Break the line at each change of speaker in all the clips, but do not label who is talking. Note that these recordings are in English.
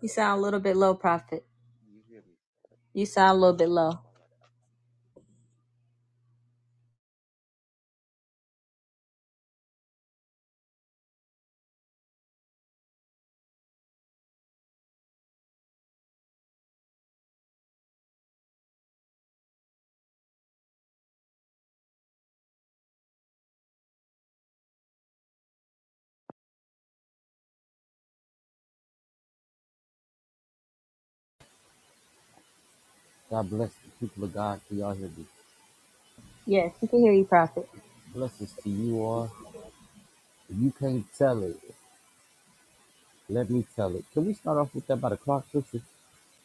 You sound a little bit low, Prophet. You sound a little bit low.
Bless the people of God for y'all here.
Yes, we can hear you, Prophet.
Blessings to you all. If you can't tell it, let me tell it. Can we start off with that by the clock, sister?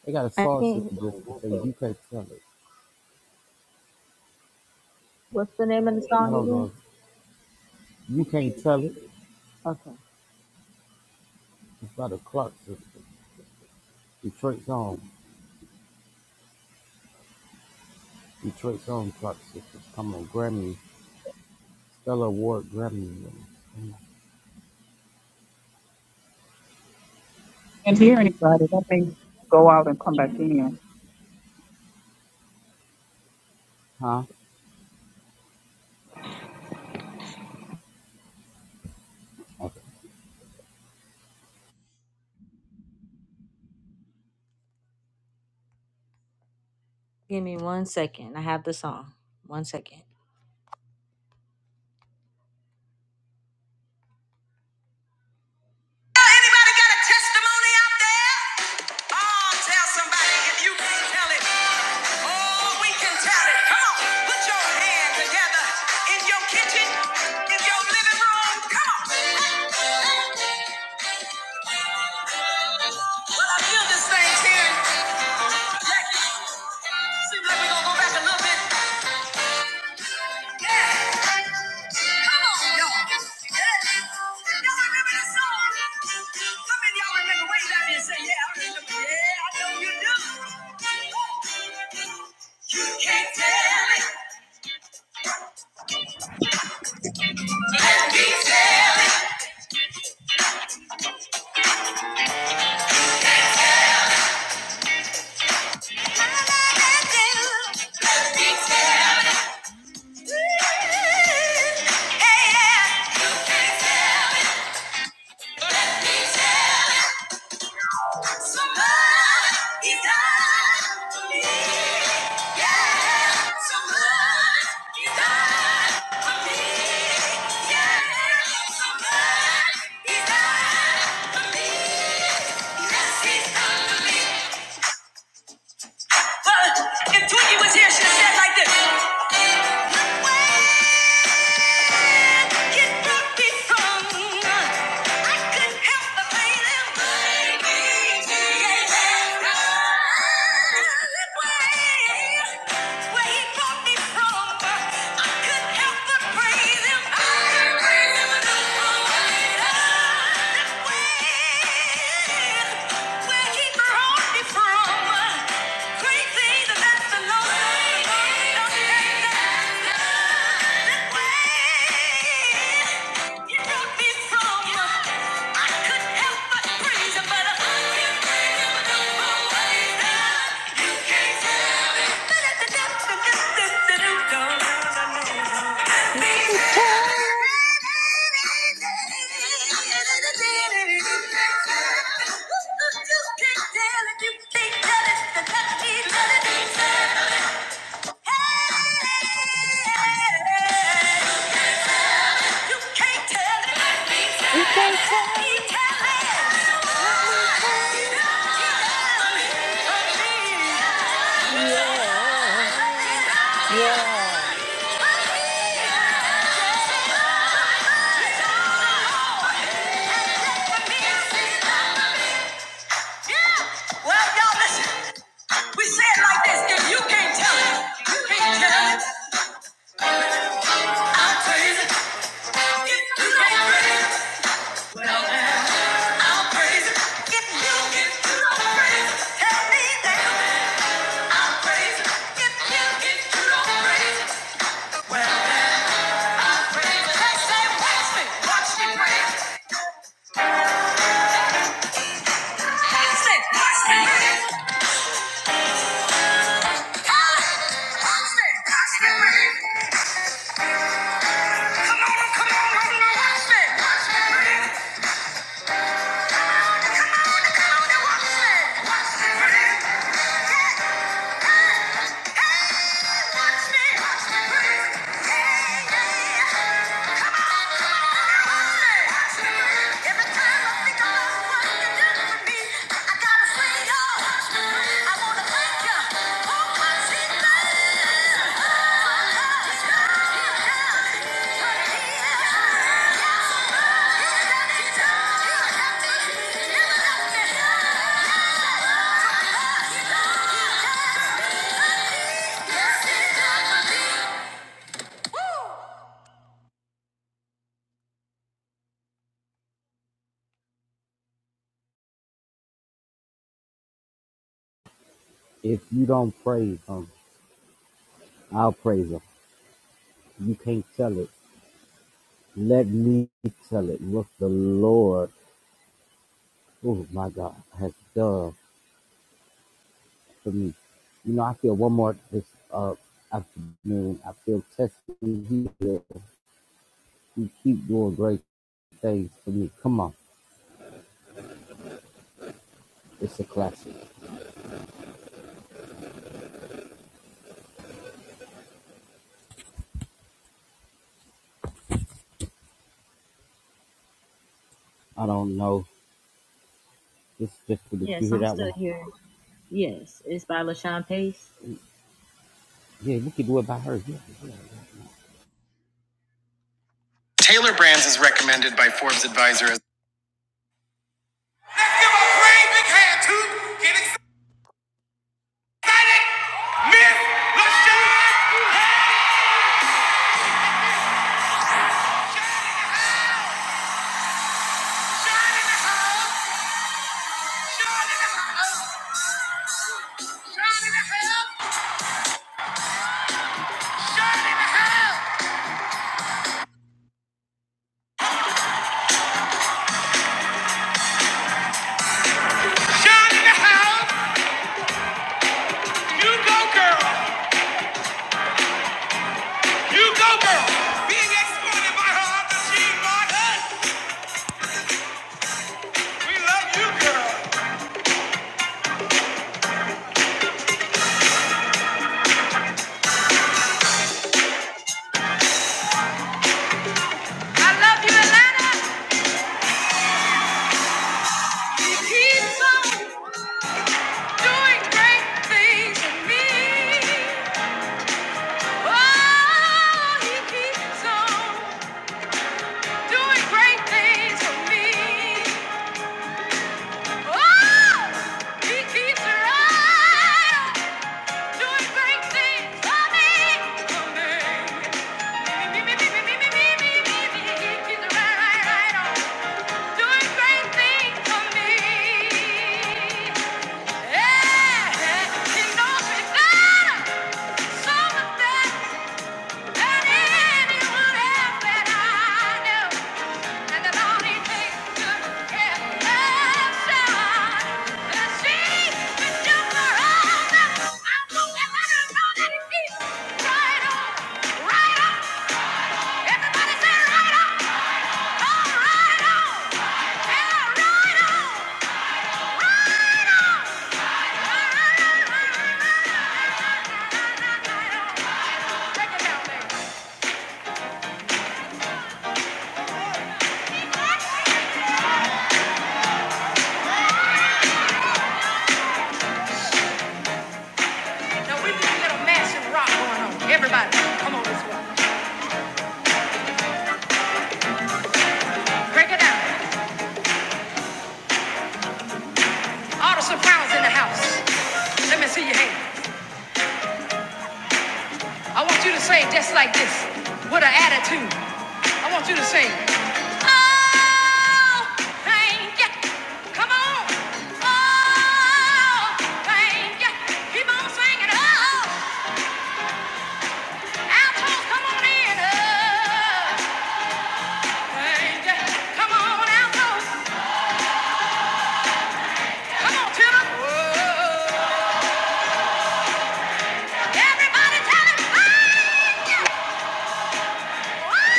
They got a
I
song,
can't.
sister, just to say you can't tell it.
What's the name of the
I
song
don't know. If you can't tell it.
again? Okay.
It's by the clock, sister. Detroit's own. Detroit's own clock, sisters. Come on, Grammy, Stella Award, Grammy winner.
Can't hear anybody. Let me go out and come back in.
Huh? Okay.
Give me one second. I have the song. One second. Anybody got a testimony out there? Oh, tell somebody if you can tell it. Oh, we can tell it. Come on, put your hand together in your kitchen, in your living room. Come on. Well, I feel this thing tearing. Seems like we're gonna go back a little bit. Yeah. Come on, y'all. Yeah. Y'all remember this song? How many of y'all remember? Wave at me and say, yeah, I remember. Yeah, I know you do. You can't tell me. what I do. You can't tell me. Yeah, yeah. You can't tell me. Somebody's died for me. Yeah. Somebody's died for me. Yeah. Somebody's died for me. Yes, he's done for me. Well, if Twiggy was here, she'd have said like this. It brought me from- I couldn't help but blame them. Where he brought me from, I couldn't help but praise him. I praise him. You broke me from, I could help but praise you, but I can't. You
You can't tell
Can't
it. You can't tell it. Let me tell it. Yeah. Yes.
Thank you. Yeah. Well, y'all, listen. We say it like this. If you can't tell it, you can't tell it. I'm crazy. If you don't praise it, well, then I'm crazy. If you, if you don't praise it, tell me that I'm crazy. If you, if you don't praise it, well, then I'm crazy. They say, watch me, watch me praise it. Watch me, watch me praise it. Ah, Watch me, watch me praise it. Come on, come on, come on, watch me, watch me praise it.
If you don't praise them, I'll praise them. You can't tell it. Let me tell it what the Lord, oh my God, has done for me. You know, I feel one more this uh afternoon. I feel testing You keep doing great things for me. Come on, it's a classic. I don't know. This just did you
Yes,
hear
I'm
that
still
one?
here. Yes, it's by LaShawn Pace.
Yeah, we can do it by her. Yeah, yeah.
Taylor Brands is recommended by Forbes Advisor as. Let's give a great big hand to getting Miss LaShawn Doing great things for me. Yeah! than anyone else that I know. And that's all it takes to get love done. And she just for all I'm gonna let her know that it is right on, right on. Everybody say right Oh, right Yeah, right right Right on, right on, right on, right on, right on, right on. Take it down, baby. Now we need get a massive rock going on. Everybody, come on this way. Break it down. All the sopranos in the house. Let me see your hand. I want you to sing just like this, with an attitude. I want you to sing. Oh, thank you. Come on. Oh, thank you. Keep on singing. Oh, altos, come on in. Oh, thank you. Come on, altos. Come on, tenor. Oh. "Wow!" Wow!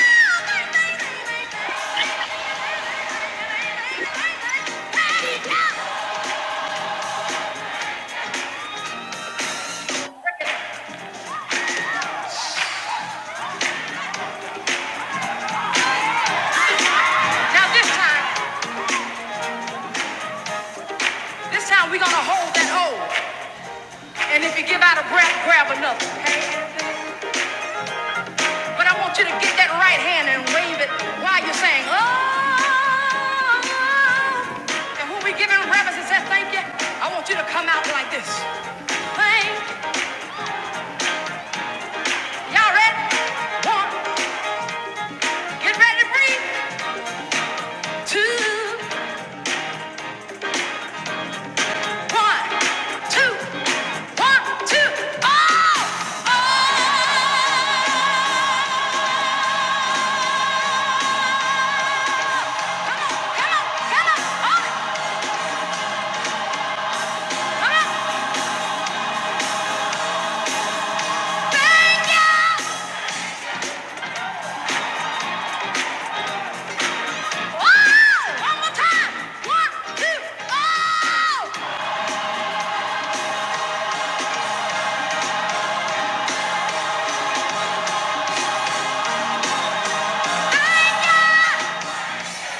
Now this time, this time we're gonna hold that hold. And if you give out a breath, grab another, okay? But I want you to get that right hand and wave it while you're saying, oh. And when we giving reverence and say thank you, I want you to come out like this. Thank, y'all ready? One, get ready to breathe. Two, One, two, one, two, oh, oh. Come on, come on, oh, come on. Thank you. Oh, one more time. One, two, oh.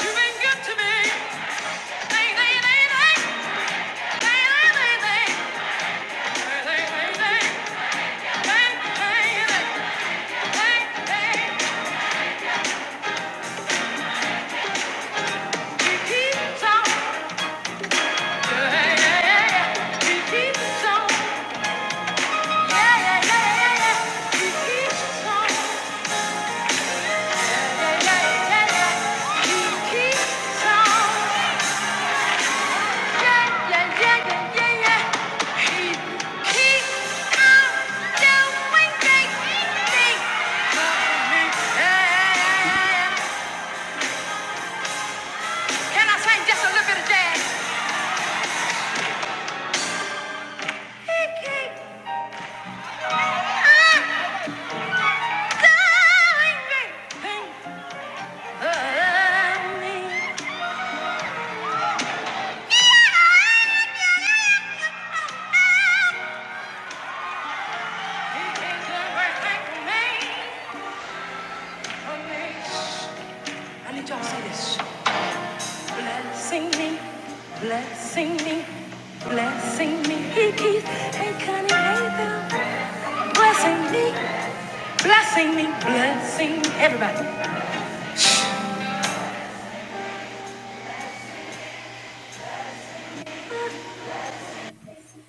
You've been good to me. Thank, thank, thank, thank, thank, thank, thank, thank, thank, thank, thank, thank, thank, thank. He keeps on, yeah, yeah, yeah, yeah. He keeps on, yeah, he keeps on. Can I sing just a little bit of jazz? I need y'all to say this. Blessing me, blessing me, blessing me. He keeps, hey, Connie, hey, them. Blessing me, blessing me, blessing me. Everybody.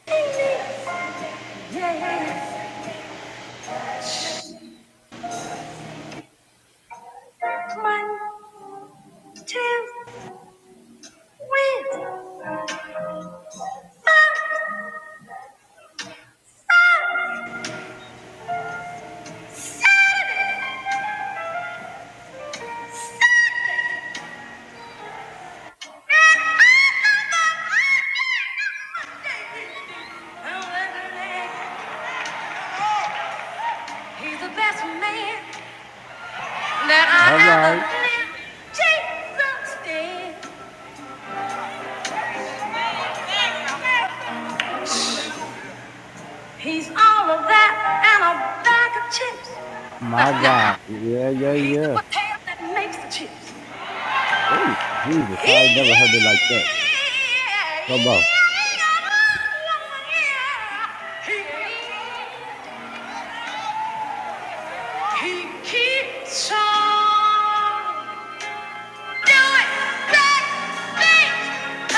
Blessing me, yeah, yeah, yeah. One, two, three, four, five, seven. He's the best man that I
All right,
ever lived. Jesus. He's all of that and a bag of chips. No,
my
no,
God. Yeah, yeah,
he's the
yeah.
potato that makes the chips.
Oh, Jesus,
He
I ain't never heard it like that. Come on,
he he, keeps on doing great things.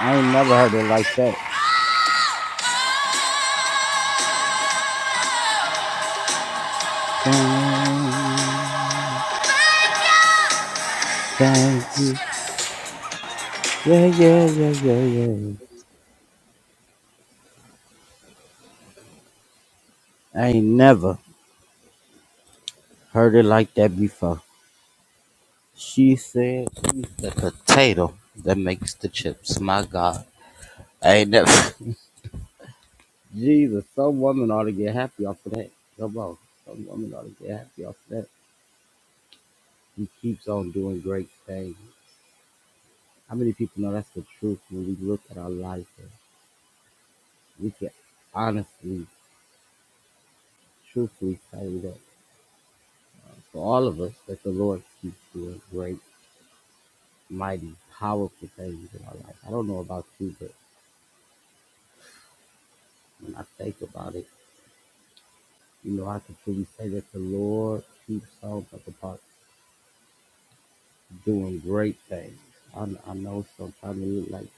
I ain't never heard it like that. Thank you. thank you. Yeah, yeah, yeah, yeah, yeah. I ain't never. Heard it like that before. She said, "It's the potato that makes the chips." My God, I ain't never. Jesus, some woman ought to get happy off of that. Come on, some woman ought to get happy off of that. He keeps on doing great things. How many people know that's the truth when we look at our life? And we can honestly, truthfully say that for all of us, that the Lord keeps doing great, mighty, powerful things in our life. I don't know about you, but when I think about it. You know, I can truly say that the Lord keeps on up about doing great things. I, I know sometimes it look like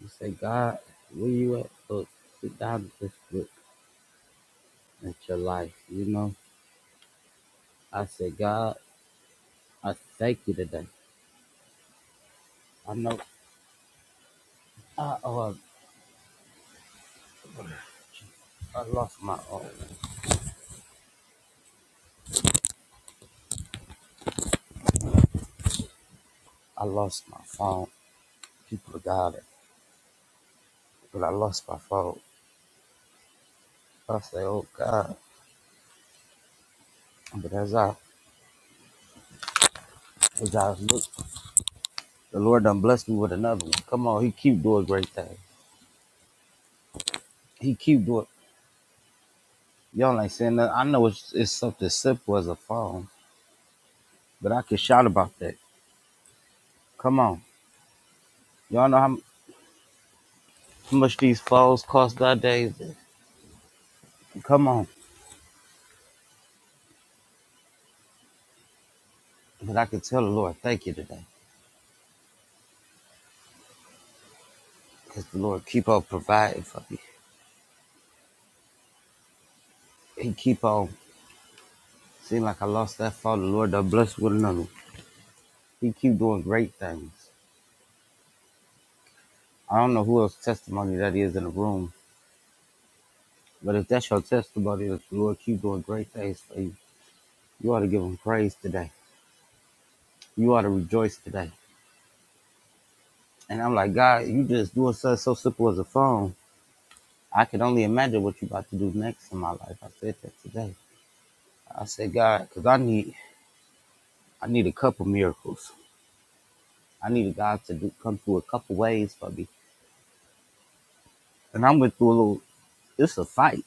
you say, God, where you at? Look, sit down and just look at your life. You know, I say, God, I thank you today. I know I, oh, I lost my oh, I lost my phone. People got it, but I lost my phone. I say, oh God. But as I as I look, the Lord done blessed me with another one. Come on, He keep doing great things. He keep doing. Y'all ain't saying nothing. I know it's, it's something simple as a phone, but I can shout about that. Come on. Y'all know how much these phones cost nowadays? Come on. But I can tell the Lord, thank you today. Because the Lord keep on providing for me. He keep on, seem like I lost that phone. The Lord done blessed with another. He keep doing great things. I don't know who else testimony that is in the room, but if that's your testimony, the Lord keep doing great things for you, you ought to give him praise today. You ought to rejoice today. And I'm like, God, you just doing something so simple as a phone. I can only imagine what you about to do next in my life. I said that today. I said, God, because I need I need a couple miracles. I need God to do, come through a couple ways for me. And I went through a little. It's a fight.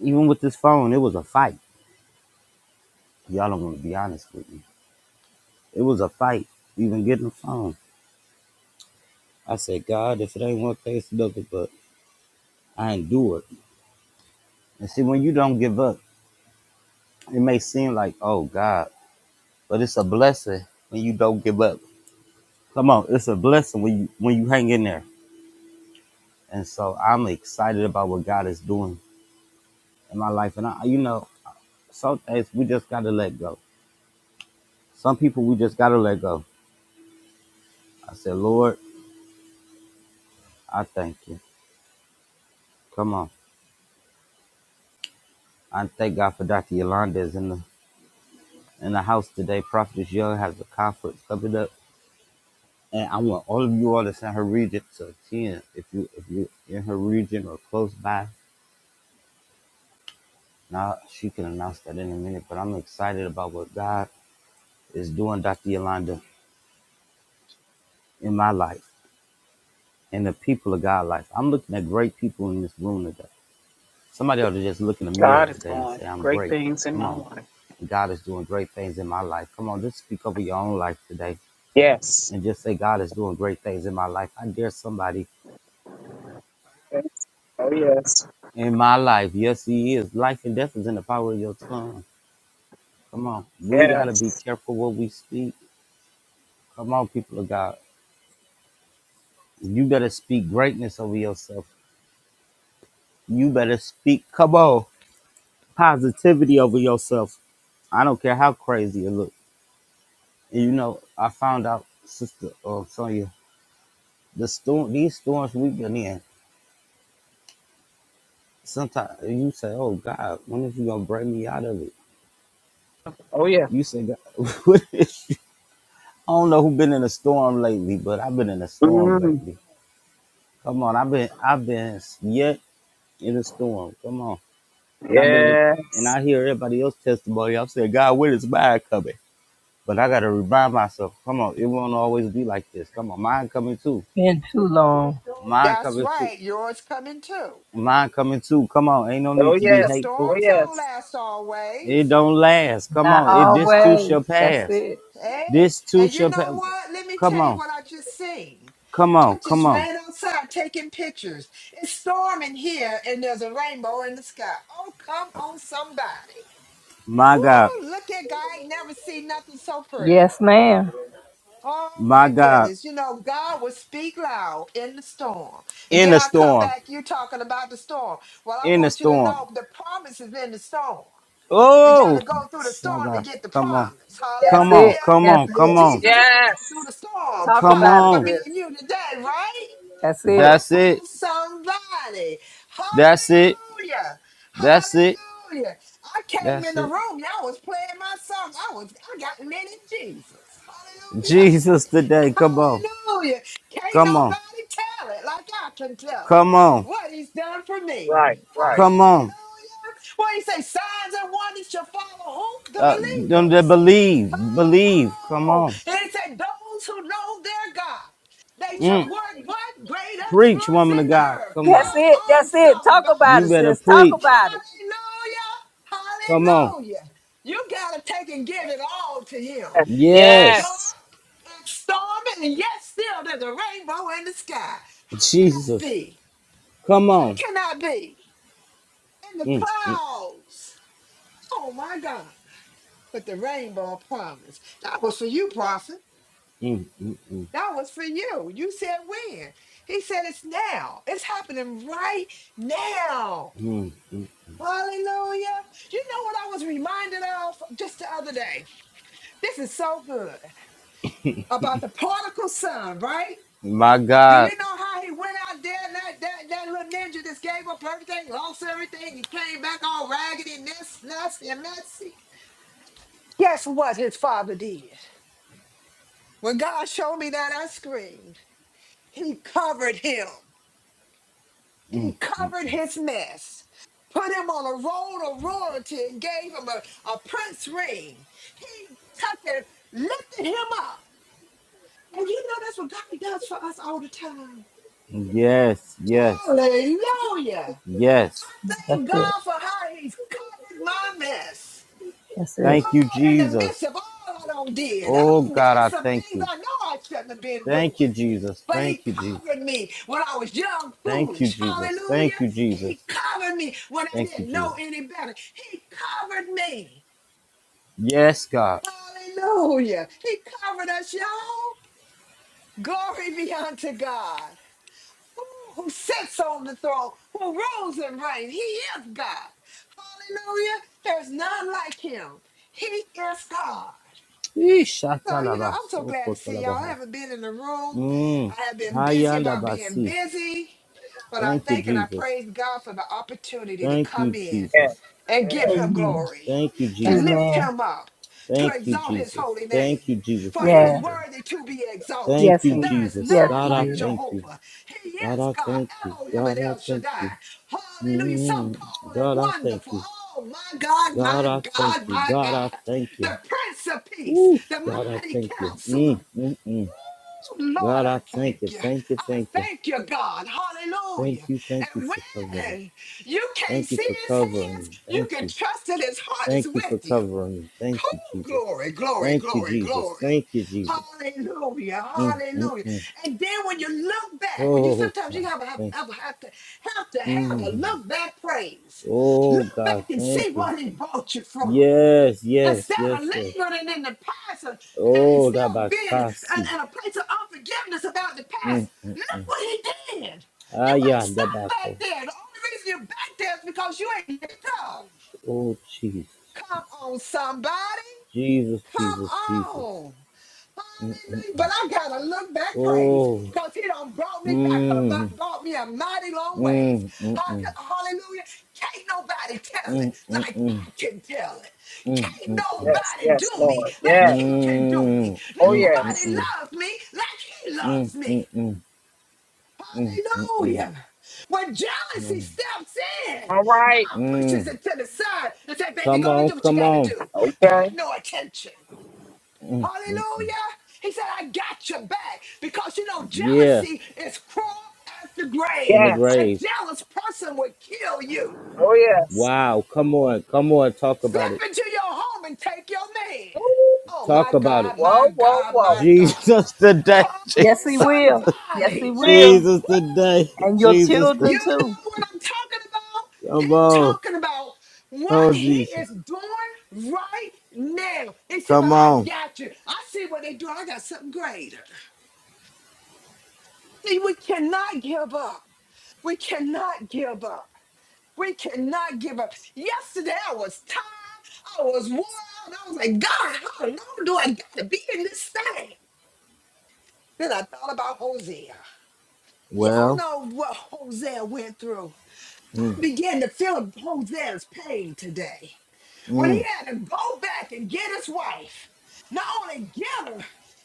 Even with this phone, it was a fight. Y'all don't want to be honest with me. It was a fight. Even getting the phone. I said, God, if it ain't one thing, it's another. But I endure it. And see, when you don't give up, it may seem like, oh God, but it's a blessing when you don't give up Come on, it's a blessing when you when you hang in there. And so I'm excited about what God is doing in my life. And I, you know, some days we just gotta let go. Some people we just gotta let go. I said, Lord, I thank you. Come on, I thank God for Dr. Yolanda is in the in the house today. Prophetess Young has a conference coming up, and I want all of you all that's in her region to attend. If you if you in her region or close by, now she can announce that in a minute. But I'm excited about what God is doing, Dr. Yolanda in my life and the people of God's life. I'm looking at great people in this room today. Somebody ought to just look in the mirror
God is
today and
doing
say, I'm
great
great.
things in
Come
my
on.
life.
God is doing great things in my life. Come on, just speak over your own life today
Yes.
and just say, God is doing great things in my life. I dare somebody
yes. Oh yes.
in my life. Yes, He is. Life and death is in the power of your tongue. Come on. We got to be
Yes.
careful what we speak. Come on, people of God. You better speak greatness over yourself. You better speak. Come on. positivity over yourself. I don't care how crazy it looks. And you know, I found out, Sister uh, Sonia, the storm, these storms we've been in. Sometimes you say, "Oh God, when is you gonna bring me out of it?"
Oh yeah.
You say, God, what is, "I don't know who been in a storm lately, but I've been in a storm
Mm.
lately." Come on, I've been, I've been yet in a storm. Come on, and I've been looking, and
Yes.
I hear everybody else's testimony. I'm saying, "God, when is mine coming?" But I gotta remind myself, come on, it won't always be like this. Come on, mine coming too.
Been too long.
Mine
That's
coming too.
right. Yours coming too.
Mine coming too. Come on, ain't no
Oh
need to
Yeah,
be
the
yes.
hateful.
Oh
storms don't
yes.
last
It
always.
don't last. Come
Not
on, it this too
Uh-uh.
always.
shall
That's
pass.
it.
Hey,
This too
and you
shall
know
pass.
what? Let me
Come
tell you
on,
what I just seen.
come
I
on, come
just
on.
ran outside taking pictures. It's storming here and there's a rainbow in the sky. Oh, come on, somebody.
My God,
Woo, look at God. I ain't never seen nothing so pretty.
Yes, ma'am.
Oh
my
my
God.
goodness. You know, God will speak loud in the storm. And
In
then
the
I come
storm,
back, you're talking about the storm. Well, I
in the
want you to
storm.
know the promise is in the storm. You got
Oh,
to go through the storm to
Shabba.
get the
Come on,
promise.
That's
come on,
Hallelujah.
it.
come
That's
on,
it.
come on,
Jesus had to go through
Yes.
the storm
Talk
come
about it,
for
on.
me and
sis.
you today, right?
That's it.
Come
That's it.
on, somebody.
That's it.
Hallelujah.
That's it.
Hallelujah. I came in
That's
the
it.
room. Y'all was playing my song. I was I got in it in Jesus.
Jesus today. Come on.
Hallelujah. Can't
Come on.
nobody tell it like I can tell it.
Come on.
What he's done for me.
Right. Right.
Come on.
Hallelujah. What he say, signs and wonders shall follow who? The
Uh, them that
believers.
believe, believe. Come
Come on.
on.
And he said, those who know their God, they shall
Mm.
work what? Great
Preach,
exploits
woman
in
of
the
God.
earth.
Come
That's
on.
it.
Come on,
That's it. Talk about
You
it,
somebody.
better
sis. Talk
preach.
about it.
Hallelujah.
Come on.
Hallelujah. You got to take and give it all to him. It's
Yes.
dark,
Yes.
it's stormy, and yet still there's a rainbow in the sky. How can I
Jesus.
be?
Come
How
on.
can I be? In the
Mm, mm,
clouds. Oh my God. But the rainbow promise. That was for you, prophet.
mm, mm, mm,
That was for you. You said when. He said it's now. It's happening right now.
mm, mm.
Hallelujah. You know what I was reminded of just the other day? This is so good about the particle son, right?
My
Do
God.
you know how he went out there and that, that, that little ninja just gave up everything, lost everything? He came back all raggedy, this, nasty, and messy. Guess what his father did? When God showed me that, I screamed. He covered him. He
Mm.
covered his mess, put him on a roll of royalty, and gave him a, a prince ring. He took and lifted him up. And you know that's what God does for us all the time.
Yes. Yes.
Hallelujah.
Yes.
I
That's
thank
it.
God for how he's covered my mess.
That's it.
Thank you,
Oh, in the midst
Jesus.
of all I done did. I
Oh,
done did
God, I
some
thank
things
you.
I know I shouldn't have been
Thank
doing.
you, Jesus.
but he
Thank you, Jesus.
covered me when I was young,
Thank you,
foolish.
Jesus.
Hallelujah.
Thank you, Jesus.
He covered me when I
Thank you,
didn't know
Jesus.
any better. He covered me.
Yes, God.
Hallelujah. He covered us, y'all. Glory be unto God. Ooh, Who sits on the throne, who rules and reigns. He is God. Hallelujah. There's none like him. He is God. So, you know, I'm so glad to see y'all. I
Ishatalabasokotorabaha.
haven't been in the room.
Mm.
I have been busy about being
Hayandabasi.
busy, but I
Thank you,
thank and I
Jesus.
praise God for the opportunity to
Thank
come
you,
in
Yes.
Jesus.
and give
Yes.
him
Amen.
glory,
Thank you,
to
Jesus.
lift
Amen.
him up, to
Thank you,
exalt his
Jesus.
holy
Thank you,
name.
Jesus,
For
for
Yeah.
he's
covering.
worthy to be exalted.
Thank
Yes,
you,
he is.
There is
Jesus.
Yes,
none
he
God, I
like
is.
thank you.
Jehovah. He
God,
is
I
God,
thank you.
Elohim and
God, I
El
thank
Shaddai.
you.
Hallelujah. Some
Mm.
call it
God, I thank
wonderful.
you.
Oh, my God, my
God, I thank
God,
you.
my
God, I
God.
thank you.
The Prince of Peace,
Ooh,
the
God, I
mighty
thank you. Mm,
counselor,
mm, mm.
Lord,
God, I
I
thank you.
thank you.
Thank you,
I
thank you.
thank you, God.
Thank
Hallelujah.
you, thank you
And
for covering.
when you can't
Thank you
see
for
his
covering
hands,
me.
you
Thank
can
you.
trust that his heart is
Thank you
with
for
you.
covering me. Thank you,
Cool
Jesus.
glory, glory,
Thank you,
glory,
Jesus.
glory.
Thank you, Jesus.
Hallelujah,
Mm, mm,
hallelujah.
mm.
And then when you look back, when you
Oh,
sometimes you
God.
have, have,
Thank
have, have to have to
you.
have a
Mm.
look back praise.
Oh,
Look
God.
back and
Thank
see
you.
what he brought you from.
Yes, yes,
Instead of
yes, yes.
lingering in the past and, and and
Oh, that
still being in,
bakasi.
in a place of unforgiveness about the past,
Mm, mm,
look
mm.
what he did. You
Ah,
ain't
yeah,
stuck
that bako.
back there. The only reason you're back there is because you ain't let go.
Oh, Jesus.
Come on, somebody.
Jesus, Jesus,
Come
Jesus.
on.
Mm, mm. mm.
Hallelujah. But I gotta look back, praise,
Oh,
because he done brought me back a
mm,
mi- brought me a mighty long ways.
mm, mm,
Ha-
mm.
Hallelujah. Can't nobody tell it
Mm, mm,
like
mm,
I can tell it.
mm,
Can't
mm,
Yes.
nobody do
Yes.
me
Lord.
mm, mm,
like
Yes.
he can do me.
mm, mm, mm,
Oh
mm,
yes.
Nobody
mm,
loves me like he
mm,
loves me.
mm, mm,
Hallelujah. When
mm,
jealousy
mm.
steps in,
All right.
God pushes
mm.
it to the side and says, baby,
Come
go and
on,
do what you
come
gotta
on.
do. Pay
Okay.
it no attention.
Mm, mm, mm.
Hallelujah. He said, I got your back because you know,
Yeah,
jealousy is cruel as the
in
grave.
the
Yes.
A
grave.
jealous person would kill you.
Oh yes.
Wow, come on, come on, talk
Slip
about it.
into your home and take your man. Oh
Woo.
my
Talk about it.
God, my
Whoa. Whoa.
God,
Whoa.
my God.
Jesus today,
Come
Yes,
on,
he
Jesus,
will. Yes, he
somebody.
Think.
will.
Jesus
Woo!
today,
And your
Jesus
children
You
today.
too.
know what I'm talking about?
Come
I'm
on,
talking about what
oh
he
Jesus,
is doing right now. He said, But
come
I
on.
got you. I see what they're doing. I got something greater. See, we cannot give up. We cannot give up. We cannot give up. Yesterday I was tired. I was worn out. I was like, God, how long do I got to be in this thing? Then I thought about Hosea. Y'all
Well,
know what Hosea went through.
mm,
I began to feel Hosea's pain today. when he
mm,
had to go back and get his wife, not only get her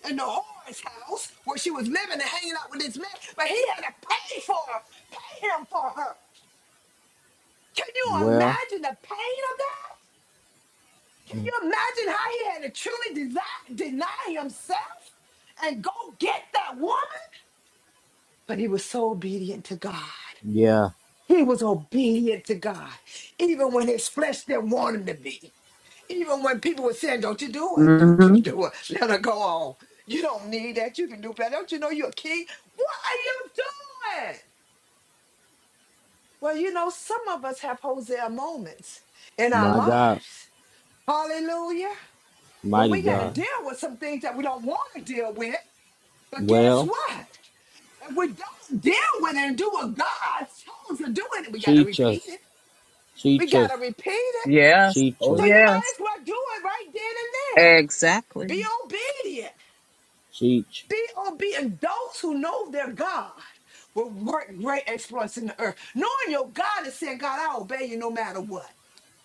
in the whore's house where she was living and hanging out with this man, but he had to pay for her, pay him for her. Can you
well,
imagine the pain of that? Can
mm,
you imagine how he had to truly desi- deny himself and go get that woman? But he was so obedient to God.
yeah,
He was obedient to God, even when his flesh didn't want him to be. Even when people were saying, Don't you do it, don't you
Mm-hmm.
do it, let her go on. You don't need that, you can do better. Don't you know you're a king? What are you doing? Well, you know, some of us have Hosea moments in our
my God.
lives. Hallelujah. When
Mighty
we got to
God.
deal with some things that we don't want to deal with, but guess
Well,
what? If we don't deal with it and do what God chose to do it, we got to
teach
repeat
us,
it. We
teach
got
us,
to repeat it.
Yes.
teach
Oh,
So
us,
you might
yes.
as well do it right then and there.
Exactly.
Be obedient.
teach,
B.O.B. adults who know their God will work great exploits in the earth. Knowing your God is saying, God, I obey you no matter what.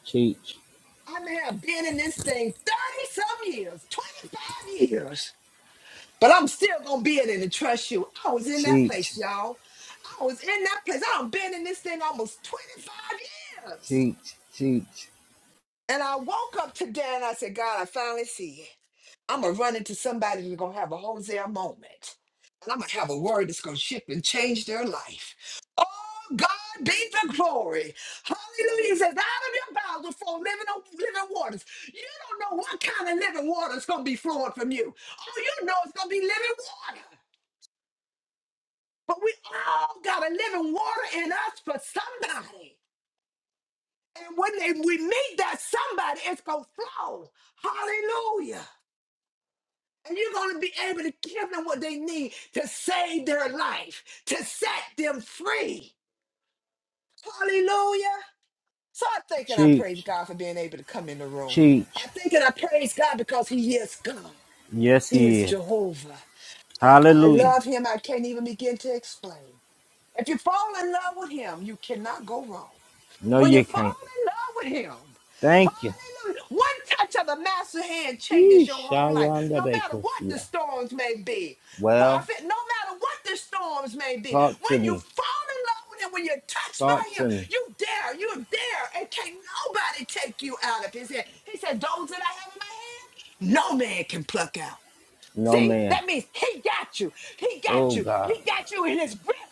teach,
I may have been in this thing 30 some years, 25 years, but I'm still going to be in it and trust you. I was in that
teach,
place, y'all. I was in that place. I've been in this thing almost 25 years.
teach, teach,
And I woke up today and I said, God, I finally see it. I'm gonna run into somebody that's gonna have a Hosea moment. And I'm gonna have a word that's gonna shift and change their life. Oh God be the glory. Hallelujah. It says out of your mouth will flow living living waters. You don't know what kind of living water is gonna be flowing from you. All you know is gonna be living water. But we all got a living water in us for somebody. And when they- we meet that somebody, it's gonna flow. Hallelujah. And you're going to be able to give them what they need to save their life, to set them free. Hallelujah. So I think and I praise
teach,
God for being able to come in the room. I
teach.
think and I praise God because He is God,
Yes,
He
He
is
is.
Jehovah. How I
Hallelujah.
love Him, I can't even begin to explain. If you fall in love with Him, you cannot go wrong.
No,
When you
you
fall
can't.
in love with him,
Thank you.
hallelujah. One touch of the master hand changes your
Yeesh,
whole life,
Ayanda
no matter what the
Bacosia.
storms may be.
Well,
Prophet, no matter what the storms may be,
talk
when
to
you
me.
fall in love with him, when you're touched
Talk
by him,
to me.
you dare, you dare, and can't nobody take you out of his hand. He said, Those that I have in my hand, no man can pluck out.
No,
See,
man.
that means he got you. He got
Oh,
you.
God.
He got you in his grip.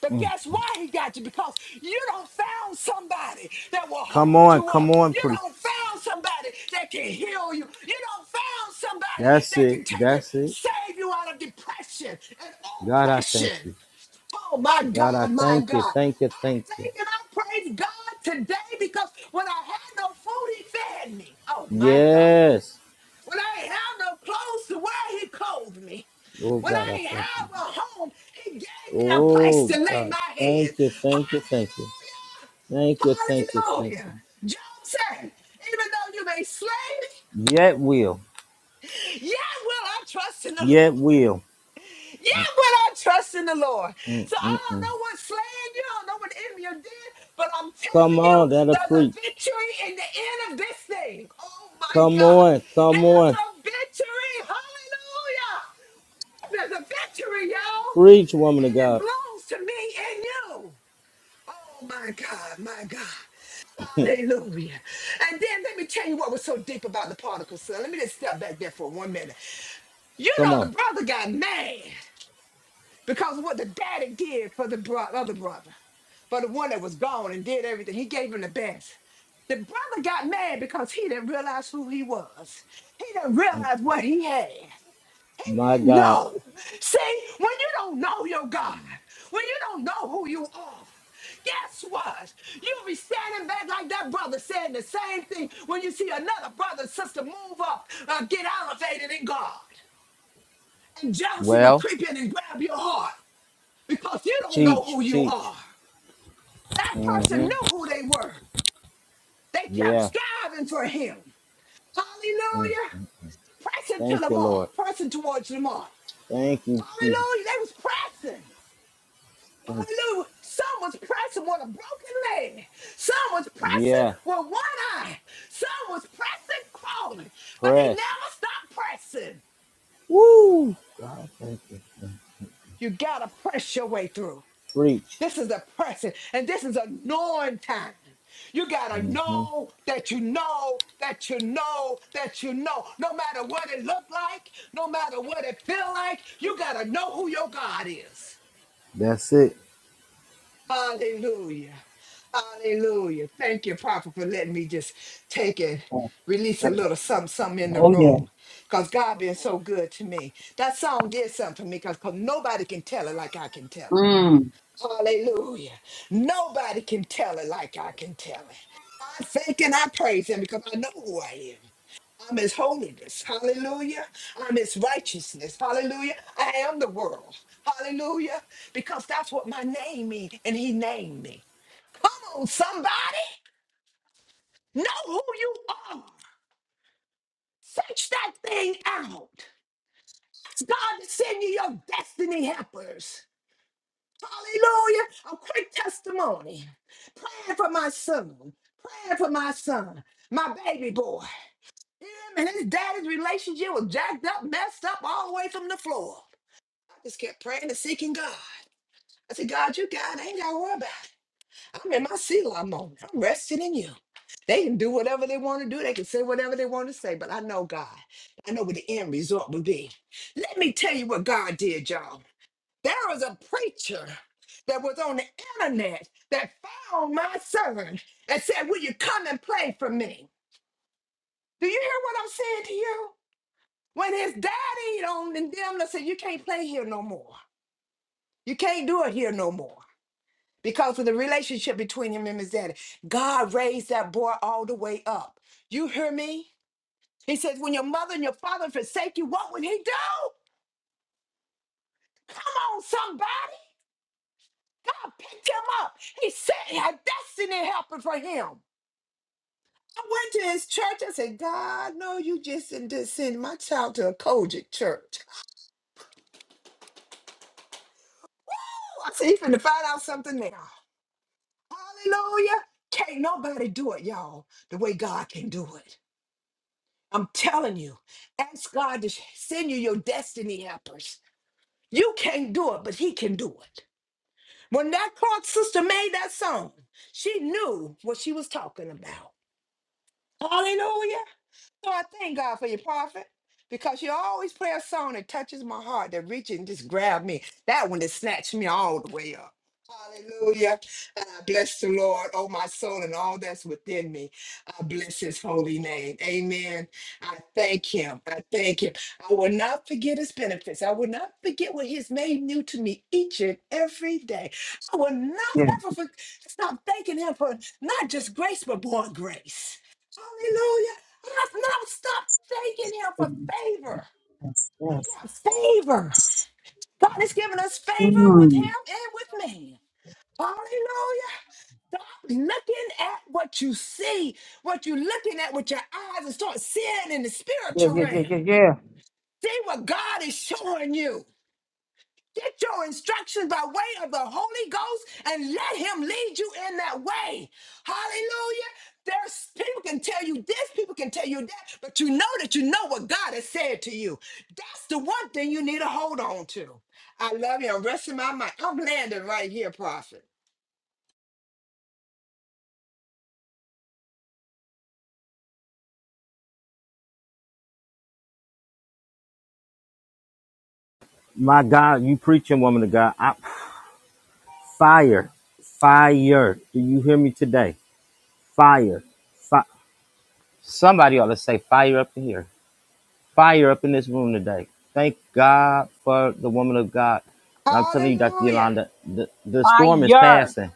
But
Mm.
guess why he got you? Because you don't found somebody that will
Come
hold
on,
you
come
up.
on,
You
preacher.
don't found somebody that can heal you. You don't found somebody
That's
that
it.
can take you,
That's it.
save you out of depression and
God, I thank
oppression.
you.
Oh my
God, I
God, my
thank you.
God.
Thank you. Thank
I
you.
thank and I praise God today because when I had no food, he fed me. Oh my God.
Yes.
When I ain't have no clothes to wear, he clothed me.
Oh
When
God, I
I ain't
thank you.
have a home, he gave me a place
Oh
to lay
God,
my head.
thank you, thank you, thank you,
Hallelujah!
thank you, thank you, thank you.
Hallelujah! Job said, even though you may slay
Yet will,
me, yet will I trust in the Lord.
yet will.
Yeah, but I trust in the Lord. So I don't
Mm-mm-mm.
know what's slaying you. I don't know what the enemy did, but I'm
Come
telling you,
on, that'll
there's a
preach.
victory in the end of this thing. Oh my
Come
God.
on, come
There's
on,
a victory. Hallelujah. There's a victory, y'all.
preach, woman of
And it
God.
belongs to me and you. Oh my God, my God. Hallelujah. And then let me tell you what was so deep about the particle, son. Let me just step back there for one minute. You
Come
know, the
on,
brother got mad. Because of what the daddy did for the bro- other brother, for the one that was gone and did everything, he gave him the best. The brother got mad because he didn't realize who he was. He didn't
Mm,
realize what he had. He
my
didn't
God.
know. See, when you don't know your God, when you don't know who you are, guess what? You'll be standing back like that brother saying the same thing when you see another brother sister move up, uh, get elevated in God. And jealousy would
Well,
creep in and grab your heart because you don't know
teach,
who you
teach.
are. That person
hmm
knew who they were. They kept
Yeah.
striving for him.
Mm.
Hallelujah.
mm.
Pressing to
Thank
the
you,
mark,
Lord.
pressing towards the mark.
Thank you, Jesus.
Hallelujah. They was pressing.
Thank
Hallelujah. Some was pressing with a broken leg. Some was
you.
pressing
Yeah.
with one eye. Some was pressing crawling, but they
Press.
never stopped pressing.
Woo. God, thank you. Mm.
You gotta press your way through.
Preach.
This is a pressing and this is a knowing time. You gotta
Mhm.
know that you know that you know that you know. No matter what it look like, no matter what it feel like, you gotta know who your God is.
That's it.
Hallelujah. Hallelujah. Thank you, Prophet, for letting me just take it,
Oh,
release a little something, something in the
yeah.
room. Because God been so good to me. That song did something for me because nobody can tell it like I can tell it.
Mm.
Hallelujah. Nobody can tell it like I can tell it. I thank and I praise him because I know who I am. I'm his holiness. Hallelujah. I'm his righteousness. Hallelujah. I am the world. Hallelujah. Because that's what my name means. And he named me. Come on, somebody. Know who you are. Search that thing out. It's God to send you your destiny helpers. Hallelujah. A quick testimony. Praying for my son. Praying for my son, my baby boy. Him and his daddy's relationship was jacked up, messed up all the way from the floor. I just kept praying and seeking God. I said, God, you God, I ain't got to worry about it. I'm in my Selah moment. I'm resting in you. They can do whatever they want to do. They can say whatever they want to say, but I know God. I know what the end result will be. Let me tell you what God did, y'all. There was a preacher that was on the internet that found my son and said, Will you come and play for me? Do you hear what I'm saying to you? When his daddy on and them that said, You can't play here no more. You can't do it here no more. Because of the relationship between him and his daddy. God raised that boy all the way up. You hear me? He says, when your mother and your father forsake you, what would he do? Come on, somebody. God picked him up. He said, a destiny helper for him. I went to his church. I said, God, no, you just didn't just send my child to a Kojic church. I said, you finna find out something now. Hallelujah. Can't nobody do it, y'all, the way God can do it. I'm telling you, ask God to sh- send you your destiny helpers. You can't do it, but He can do it. When that Clark sister made that song, she knew what she was talking about. Hallelujah. So I thank God for your prophet because you always play a song that touches my heart, that reaches and just grab me. That one that snatched me all the way up. Hallelujah. And I bless the Lord, oh my soul, and all that's within me. I bless his holy name. Amen. I thank him. I thank him. I will not forget his benefits. I will not forget what he's made new to me each and every day. I will
Yeah.
not ever for- stop thanking him for not just grace, but more grace. Hallelujah. Let's not stop thanking him for
Yes.
favor. We
Yes.
got favor. God has given us favor with
Mm.
him and with man. Hallelujah. Stop looking at what you see, what you're looking at with your eyes, and start seeing in the
Yeah,
spiritual
yeah, yeah, yeah,
realm.
yeah.
See what God is showing you. Get your instructions by way of the Holy Ghost and let Him lead you in that way. Hallelujah. There's people can tell you this, people can tell you that, but you know that you know what God has said to you. That's the one thing you need to hold on to. I love you. I'm resting my mind. I'm landing right here, prophet.
My God, you preaching, woman of God. I, fire, fire. Do you hear me today? Fire. Fi- Somebody ought to say fire up in here. Fire up in this room today. Thank God for the woman of God. And I'm telling you, Dr.
Hallelujah.
Yolanda, the, the storm is
Fire.
passing.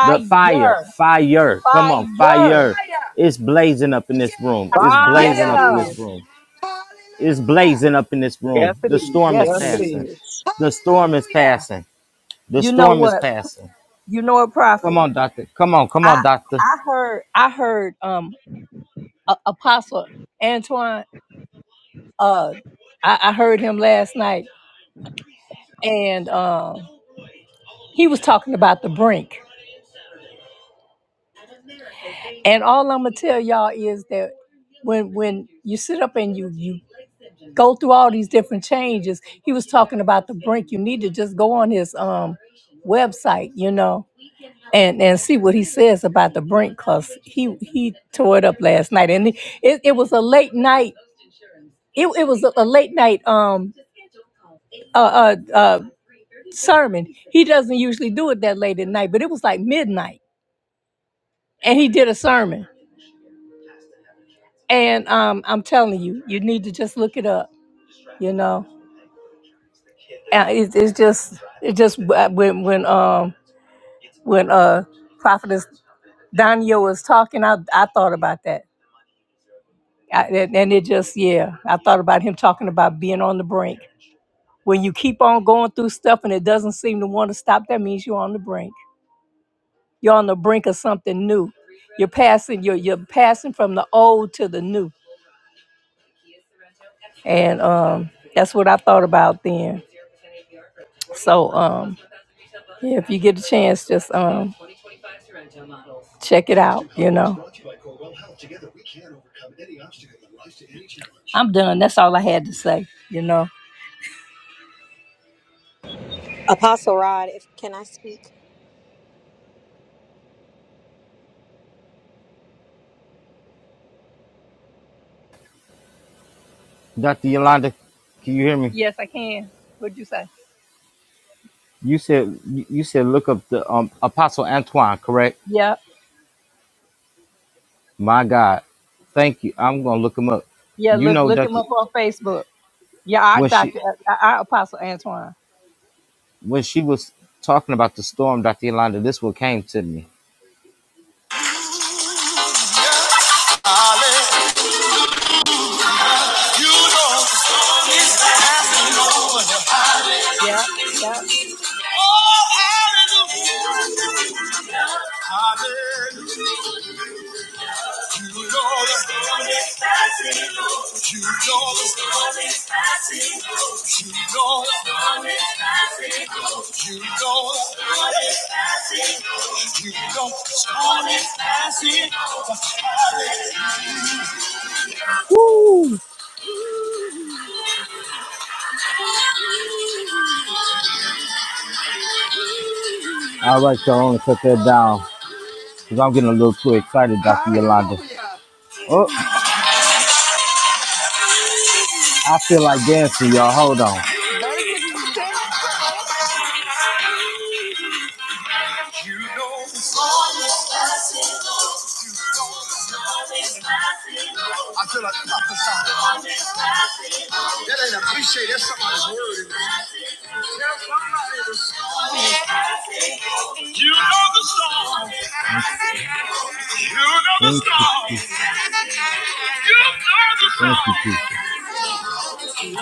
The fire, fire. Come on,
Fire.
Fire.
fire.
Fire.
It's blazing up in this room.
Yes.
It's
Yes,
blazing
it
up in
Fire.
this
is.
Yes.
room. It's
Hallelujah.
blazing up in this room.
Yes, it
The
is.
storm
Yes,
is
Yes,
it
it
Yes.
is.
passing.
is.
The storm is
Hallelujah.
passing. The
You know
storm is
what?
passing.
You know a prophet.
Come on, doctor. Come on, come
I
on, doctor.
I heard I heard um a- Apostle Antoine. Uh, I, I heard him last night, and um he was talking about the brink. And all I'm gonna tell y'all is that when when you sit up and you you go through all these different changes, he was talking about the brink. You need to just go on his um website, you know, and and see what he says about the brink, cause he he tore it up last night, and it, it it was a late night it, it was a, a late night um uh, uh uh sermon he doesn't usually do it that late at night but it was like midnight and he did a sermon and um i'm telling you you need to just look it up you know and it, it's just it just uh, when when um when uh prophetess Daniel was talking i i thought about that I, and and it just yeah i thought about him talking about being on the brink when you keep on going through stuff and it doesn't seem to want to stop that means you're on the brink You're on the brink of something new. You're passing you're you're passing from the old to the new. And um that's what I thought about then. So um yeah, if you get a chance, just um check it out, you know. I'm done. That's all I had to say, you know.
Apostle Rod, if can I speak?
Doctor Yolanda, can you hear me?
Yes, I can. What'd you say?
You said you you said look up the um, Apostle Antoine, correct?
Yeah,
My God, thank you. I'm gonna look him up.
yeah,
You
look
know,
look him
Doctor,
up on Facebook. Yeah, our
when she
doctor our our apostle Antoine.
when she was talking about the storm, Doctor Yolanda, this what came to me. You know it's happening, Lord.
Yep, yep.
Oh, hallelujah. Hallelujah. You know that. You know that. You know that. You know that. You know that. Woo! All right, y'all. I'm gonna cut that down because I'm getting a little too excited, Dr. Yolanda.
Hallelujah.
Oh, I feel like dancing, y'all. Hold on.
Better get your dance on.
You know it's always possible. You know it's always possible. I feel like prophesying. That ain't appreciate. That's somebody's word. Tell somebody the story. You know the song. You know the Thank you, song. You know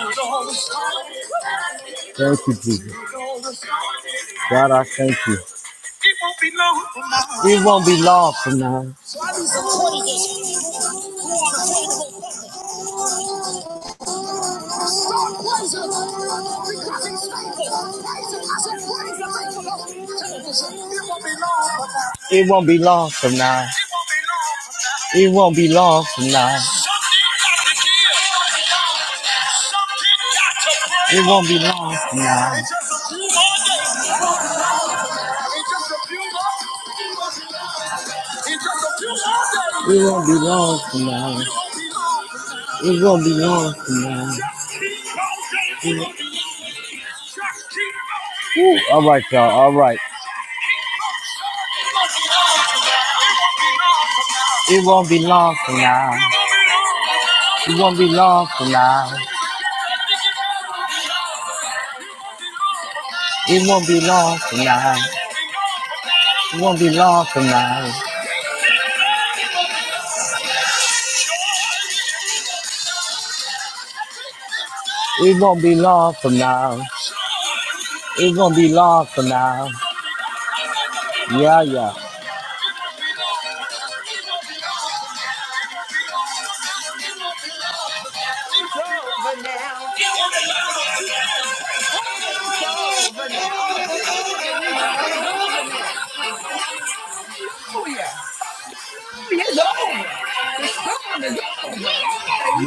the song. Thank you, Jesus. Thank you, Jesus. God, I thank you. We won't be long from now. So It won't be long for now. It won't be long from now. It won't be long from now. It won't be long from now. It won't be long from now. It won't be long from now. Woo. All right, y'all. All right. It won't be long from now. It won't be long from now. It won't be long from now. It won't be long from now. It won't be long from now. It won't be long from now. Yeah, yeah.
It's over now. Hey, it's over now. I'm gonna say, I'm gonna take a rewrite. It's over now. Hallelujah. Hallelujah. It's over. The storm is over.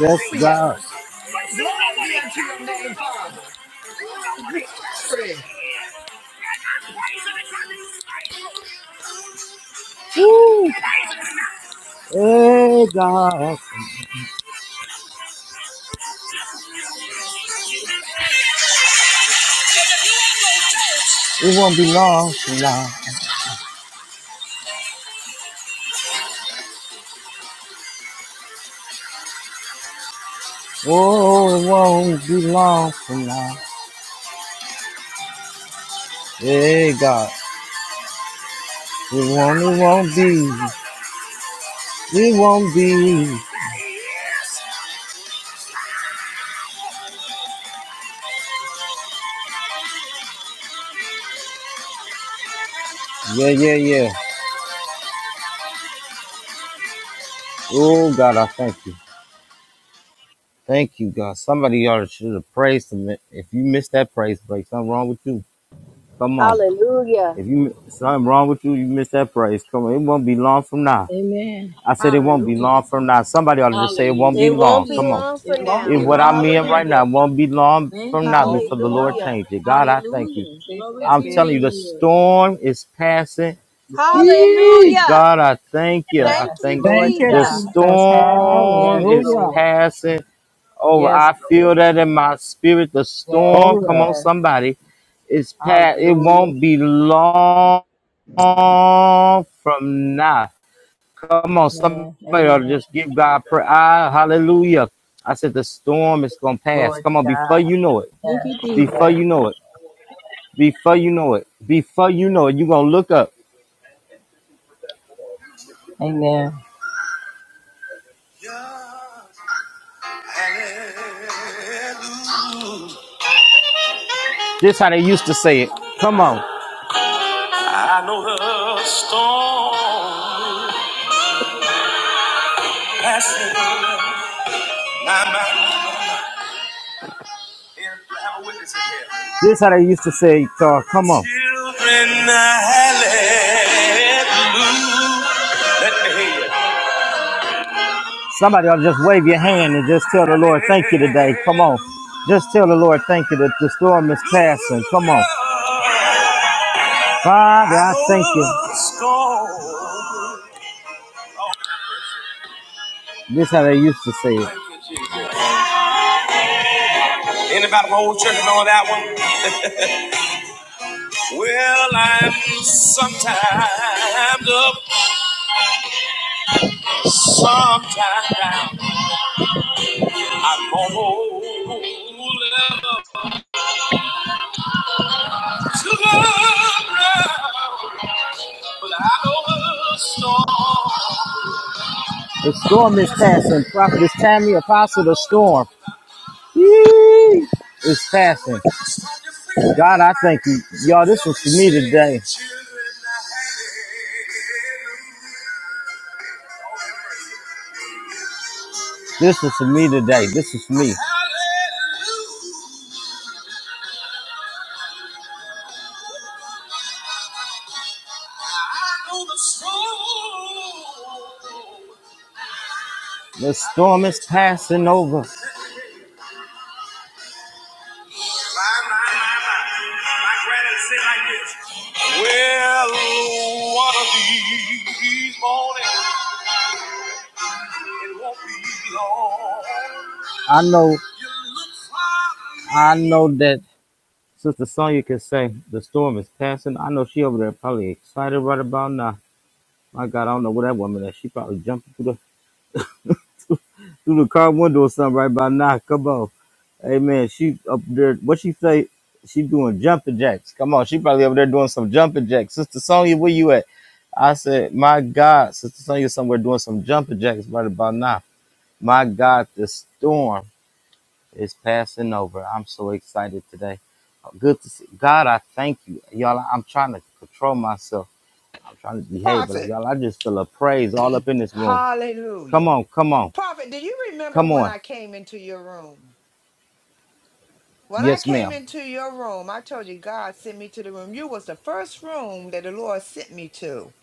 Yes, God.
Ooh, glory be unto your name, Father. Oh, glory.
Woo. Hey, God. It won't be long from now. Oh, it won't be long from now. Hey, God. It won't, it won't be. It won't be. Yeah, yeah, yeah. Oh, God, I thank you. Thank you, God. Somebody ought to should have praised him. If you missed that praise break, something wrong with you. Come on.
Hallelujah.
If you something wrong with you, you missed that praise. Come on. It won't be long from now.
Amen.
I said it won't be
Hallelujah.
long from now. Somebody ought to just say it won't be
It
Thank
Hallelujah.
you,
won't
long.
be
Come
Jesus.
on.
long for
It
It
won't
won't
now.
be
If
be
what
long
I'm
long.
for
in
him.
right
Hallelujah.
now won't be long
Thank
from
you,
now
Won't be
before
Jesus.
the Lord
long.
Hallelujah.
change it. God, I thank you.
Hallelujah.
See,
Glory
that's
to
I'm
your
it.
telling
name,
you, the
Lord.
storm is passing.
Yes.
Eee,
Hallelujah.
God, I thank you.
Yes,
I
Thank you,
thank
glory
Thank
to
you,
the
God.
Jesus.
Jesus.
Yes,
storm is
Hallelujah.
Lord.
passing. Oh,
Yes,
I
Lord.
feel that in my spirit. The
Yes,
storm,
Oh,
come
yeah.
on,
yes.
somebody, is past. It
Hallelujah.
won't be long from now. Come on, somebody
Amen.
ought
Amen.
to just give God prayer. Ah, hallelujah. I said the storm is gonna pass.
Glory to
Come on, before
God.
you know it,
Thank
Yes,
you, Jesus.
before you
yes.
know it, before you know it, before you know it, you're gonna look up.
Amen.
This how they used to say it. Come on. I know the storm. This is how they used to say, uh, come on. Somebody ought to just wave your hand and just tell the Lord, thank you today. Come on. Just tell the Lord, thank you that the storm is passing. Come on. Father, I thank you. This is how they used to say it. Anybody from the old church know that one? Well, I'm sometimes up. Sometimes I almost to the ground, but I know the storm. The storm is passing. Prophetess Tammy, Apostle, the storm is passing. God, I thank you. Y'all, this was for me today. This was for me today. This is me. The storm is passing over. My, granddad said like this. Well, one of these mornings, it won't be long. I know, I know that Sister Sonya can say the storm is passing. I know she over there probably excited right about now. My God, I don't know what that woman is. She probably jumping through the through the car window or something right by now. Come on, Amen. She up there. What she say? She doing jumping jacks. Come on, she probably over there doing some jumping jacks. Sister Sonya, where you at? I said, my God, Sister Sonia's somewhere doing some jumping jacks right about now. My God, the storm is passing over. I'm so excited today. Uh, Good to see. God, I thank you. Y'all, I'm trying to control myself. I'm trying to behave, but like,
Prophet.
y'all, I just feel a praise all up in this room. Come
Hallelujah.
on, come on,
Prophet, do you remember
come
when
on.
I came into your room? When I
Yes,
came
ma'am.
into your room, I told you God sent me to the room. You was the first room that the Lord sent me to.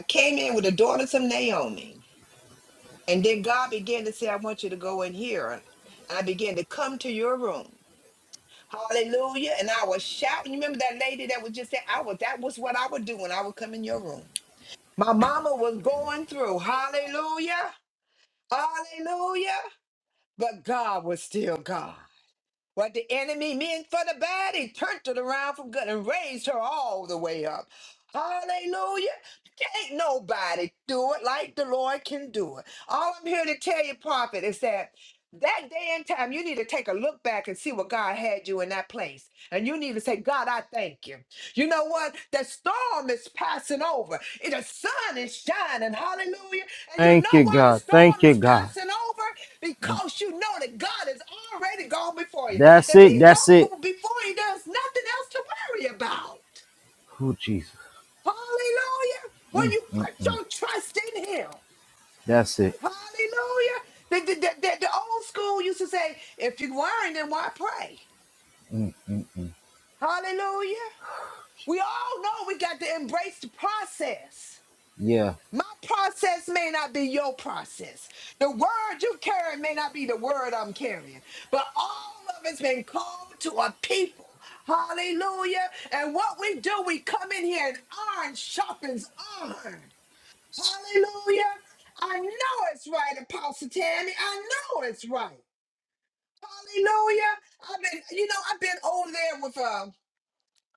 I came in with the daughters of Naomi. And then God began to say, I want you to go in here. And I began to come to your room. Hallelujah. And I was shouting. You remember that lady that was just saying, I was that was what I would do when I would come in your room. My mama was going through. Hallelujah. Hallelujah. But God was still God. What the enemy meant for the bad, he turned it around from good and raised her all the way up. Hallelujah. Can't nobody do it like the Lord can do it. All I'm here to tell you, prophet, is that that day and time, you need to take a look back and see what God had you in that place. And you need to say, God, I thank you. You know what? The storm is passing over. And The sun is shining. Hallelujah. And you
Thank
know
you,
why the
God. Thank
storm
you,
is
God.
passing over?
Mm.
Because you know that God has already gone before you.
That's
If
it.
he's has
That's it.
before he does nothing else to worry about.
Oh, Jesus.
Hallelujah. When
Mm,
you
mm,
put
mm.
your trust in him.
That's it.
Hallelujah. The, the, the, the- the old school used to say, if you're worrying, then why pray?
Mm, mm, mm.
Hallelujah. We all know we got to embrace the process.
Yeah,
My process may not be your process. The word you carry may not be the word I'm carrying. But all of it's been called to a people. Hallelujah. And what we do, we come in here and iron sharpens iron. Hallelujah. I know it's right, Apostle Tammy. I know it's right. Hallelujah. I've been, you know, I've been over there with her.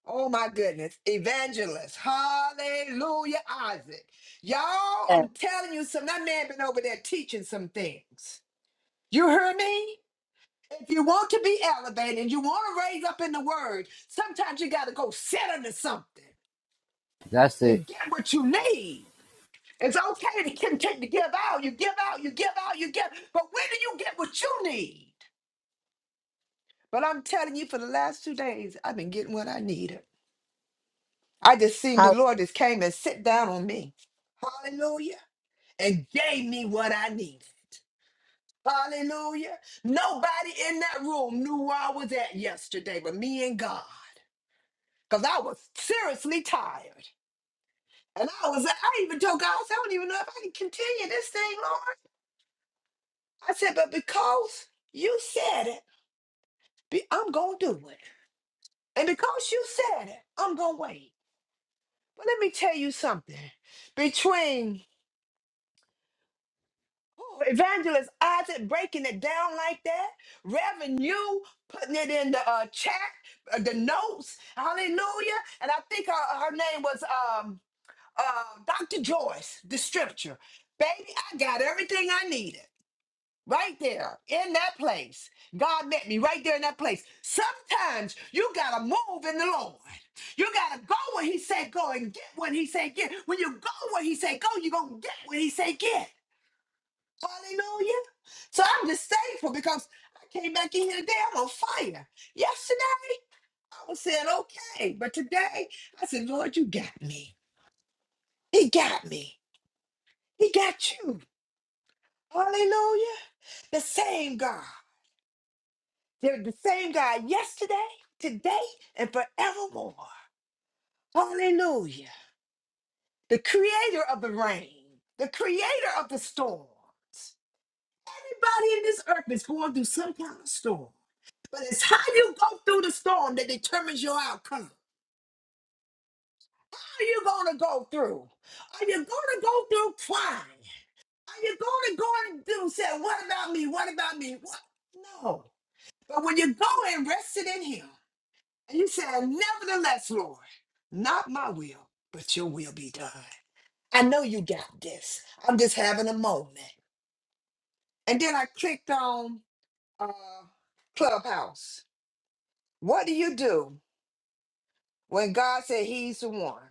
Oh my goodness. Evangelist. Hallelujah, Isaac. Y'all,
Yes.
I'm telling you some that man been over there teaching some things. You hear me? If you want to be elevated and you want to raise up in the word, sometimes you gotta go sit under something
that's it.
and get what you need. It's okay to continue to give out. You give out, you give out, you give, but when do you get what you need? But I'm telling you, for the last two days, I've been getting what I needed. I just seen the
How
Lord just came and sit down on me. Hallelujah. And gave me what I needed. Hallelujah. Nobody in that room knew where I was at yesterday but me and God. Because I was seriously tired. And I was, I even told God, I said, I don't even know if I can continue this thing, Lord. I said, but because you said it, be- I'm going to do it. And because you said it, I'm going to wait. But let me tell you something. Between Oh, Evangelist Isaac breaking it down like that. Reverend, you putting it in the uh, chat, uh, the notes. Hallelujah. And I think her, her name was um, uh, Dr. Joyce, the scripture. Baby, I got everything I needed right there in that place. God met me right there in that place. Sometimes you got to move in the Lord. You got to go where He said go and get what He said get. When you go where He said go, you're going to get what He said get. Hallelujah. So I'm just thankful because I came back in here today. I'm on fire. Yesterday, I was saying, okay. But today, I said, Lord, you got me. He got me. He got you. Hallelujah. The same God. They're the same God yesterday, today, and forevermore. Hallelujah. The creator of the rain, the creator of the storms, Everybody in this earth is going through some kind of storm. But it's how you go through the storm that determines your outcome. Are you going to go through? Are you going to go through crying? Are you going to go and do say, what about me? What about me? What? No. But when you go and rest it in him, and you say, nevertheless, Lord, not my will, but your will be done. I know you got this. I'm just having a moment. And then I clicked on uh, Clubhouse What do you do when God said he's the one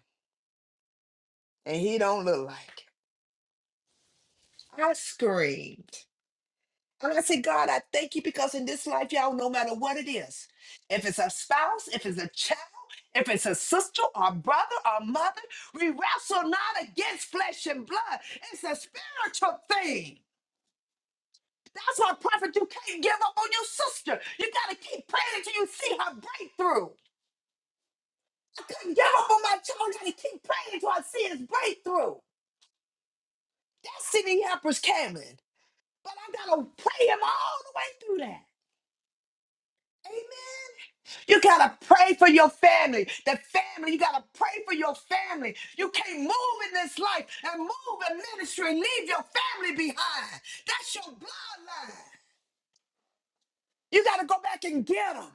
and he don't look like it? I screamed. And I said, God, I thank you because in this life, y'all, no matter what it is, if it's a spouse, if it's a child, if it's a sister or brother or mother, we wrestle not against flesh and blood. It's a spiritual thing. That's why, prophet, you can't give up on your sister. You got to keep praying until you see her breakthrough. I couldn't give up on my child. I got to keep praying until I see his breakthrough. That city helper's coming, but I gotta pray him all the way through that. Amen. You gotta pray for your family. The family, you gotta pray for your family. You can't move in this life and move in ministry and leave your family behind. That's your bloodline. You gotta go back and get them.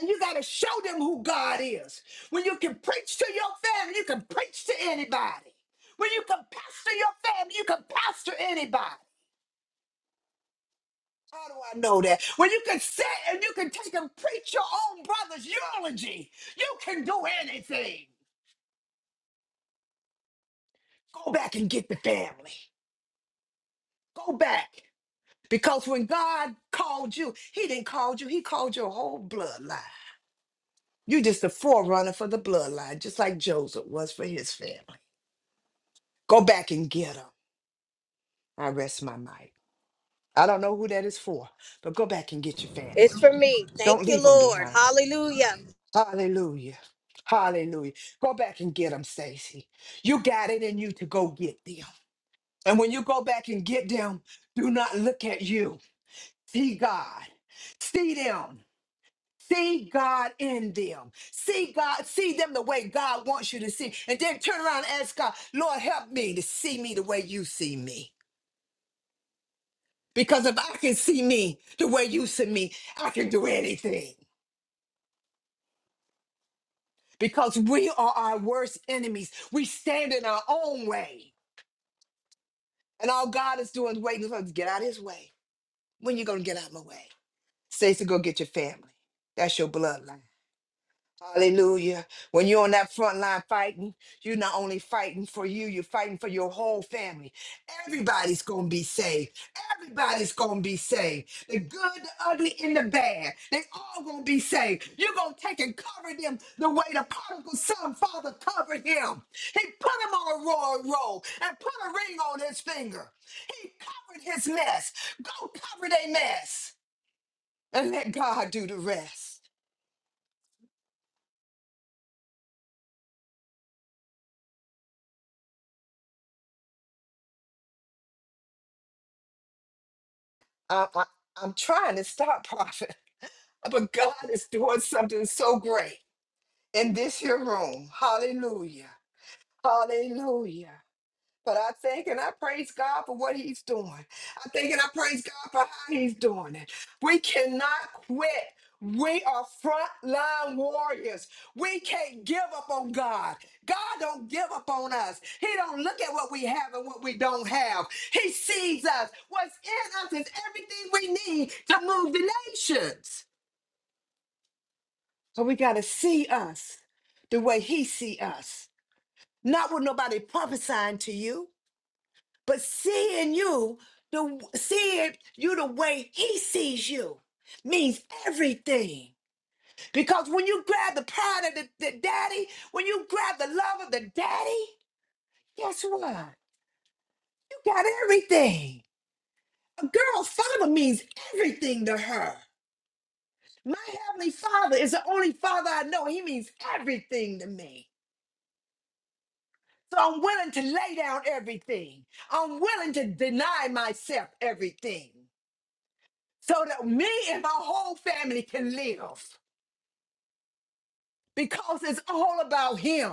And you gotta show them who God is. When you can preach to your family, you can preach to anybody. When you can pastor your family, you can pastor anybody. How do I know that? When you can sit and you can take and preach your own brother's eulogy, you can do anything. Go back and get the family. Go back. Because when God called you, He didn't call you, He called your whole bloodline. you just a forerunner for the bloodline, just like Joseph was for his family. Go back and get them. I rest my mic. I don't know who that is for, but go back and get your family.
It's for me. Thank
Don't
you,
leave them
Lord.
behind.
Hallelujah.
Hallelujah. Hallelujah. Go back and get them, Stacy. You got it in you to go get them. And when you go back and get them, do not look at you. See God. See them. See God in them. See God, see them the way God wants you to see. And then turn around and ask God, Lord, help me to see me the way you see me. Because if I can see me the way you see me, I can do anything. Because we are our worst enemies. We stand in our own way. And all God is doing is waiting for us to get out of his way. When you going to get out of my way? Stacy, go get your family. That's your bloodline. Hallelujah. When you're on that front line fighting, you're not only fighting for you, you're fighting for your whole family. Everybody's going to be saved. Everybody's going to be saved. The good, the ugly, and the bad. They all going to be saved. You're going to take and cover them the way the prodigal son father covered him. He put him on a royal robe and put a ring on his finger. He covered his mess. Go cover their mess and let God do the rest. I, I, I'm trying to stop, Prophet, but God is doing something so great in this here room. Hallelujah. Hallelujah. But I thank and I praise God for what He's doing. I thank and I praise God for how He's doing it. We cannot quit. We are frontline warriors. We can't give up on God. God don't give up on us. He don't look at what we have and what we don't have. He sees us. What's in us is everything we need to move the nations. So we got to see us the way He see us, not what nobody prophesying to you. But seeing you, the seeing you the way he sees you means everything. Because when you grab the pride of the, the daddy, when you grab the love of the daddy, guess what? You got everything. A girl's father means everything to her. My heavenly father is the only father I know. He means everything to me. So I'm willing to lay down everything. I'm willing to deny myself everything. so that me and my whole family can live because it's all about him.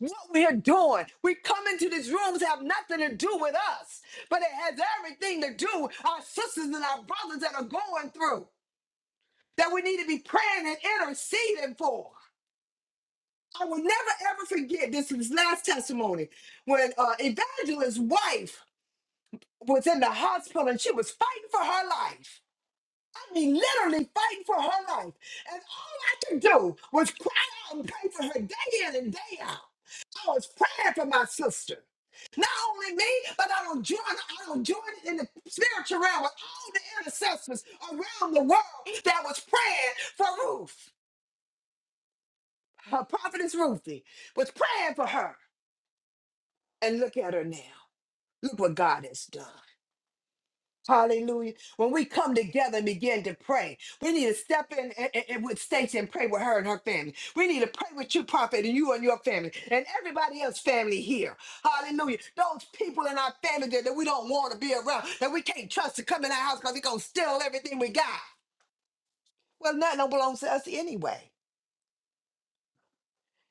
What we're doing, we come into these rooms have nothing to do with us, but it has everything to do with our sisters and our brothers that are going through that we need to be praying and interceding for. I will never ever forget this was last testimony when uh, Evangelist's wife was in the hospital and she was fighting for her life. I mean, literally fighting for her life. And all I could do was cry out and pray for her day in and day out. I was praying for my sister. Not only me, but I don't join, I don't join in the spiritual realm with all the intercessors around the world that was praying for Ruth. Her prophetess Ruthie was praying for her. And look at her now. Look what God has done. Hallelujah. When we come together and begin to pray, we need to step in and, and- and with Stacy and pray with her and her family. We need to pray with you, Prophet, and you and your family, and everybody else family here. Hallelujah. Those people in our family that, that we don't want to be around, that we can't trust to come in our house because they're going to steal everything we got. Well, nothing don't belongs to us anyway.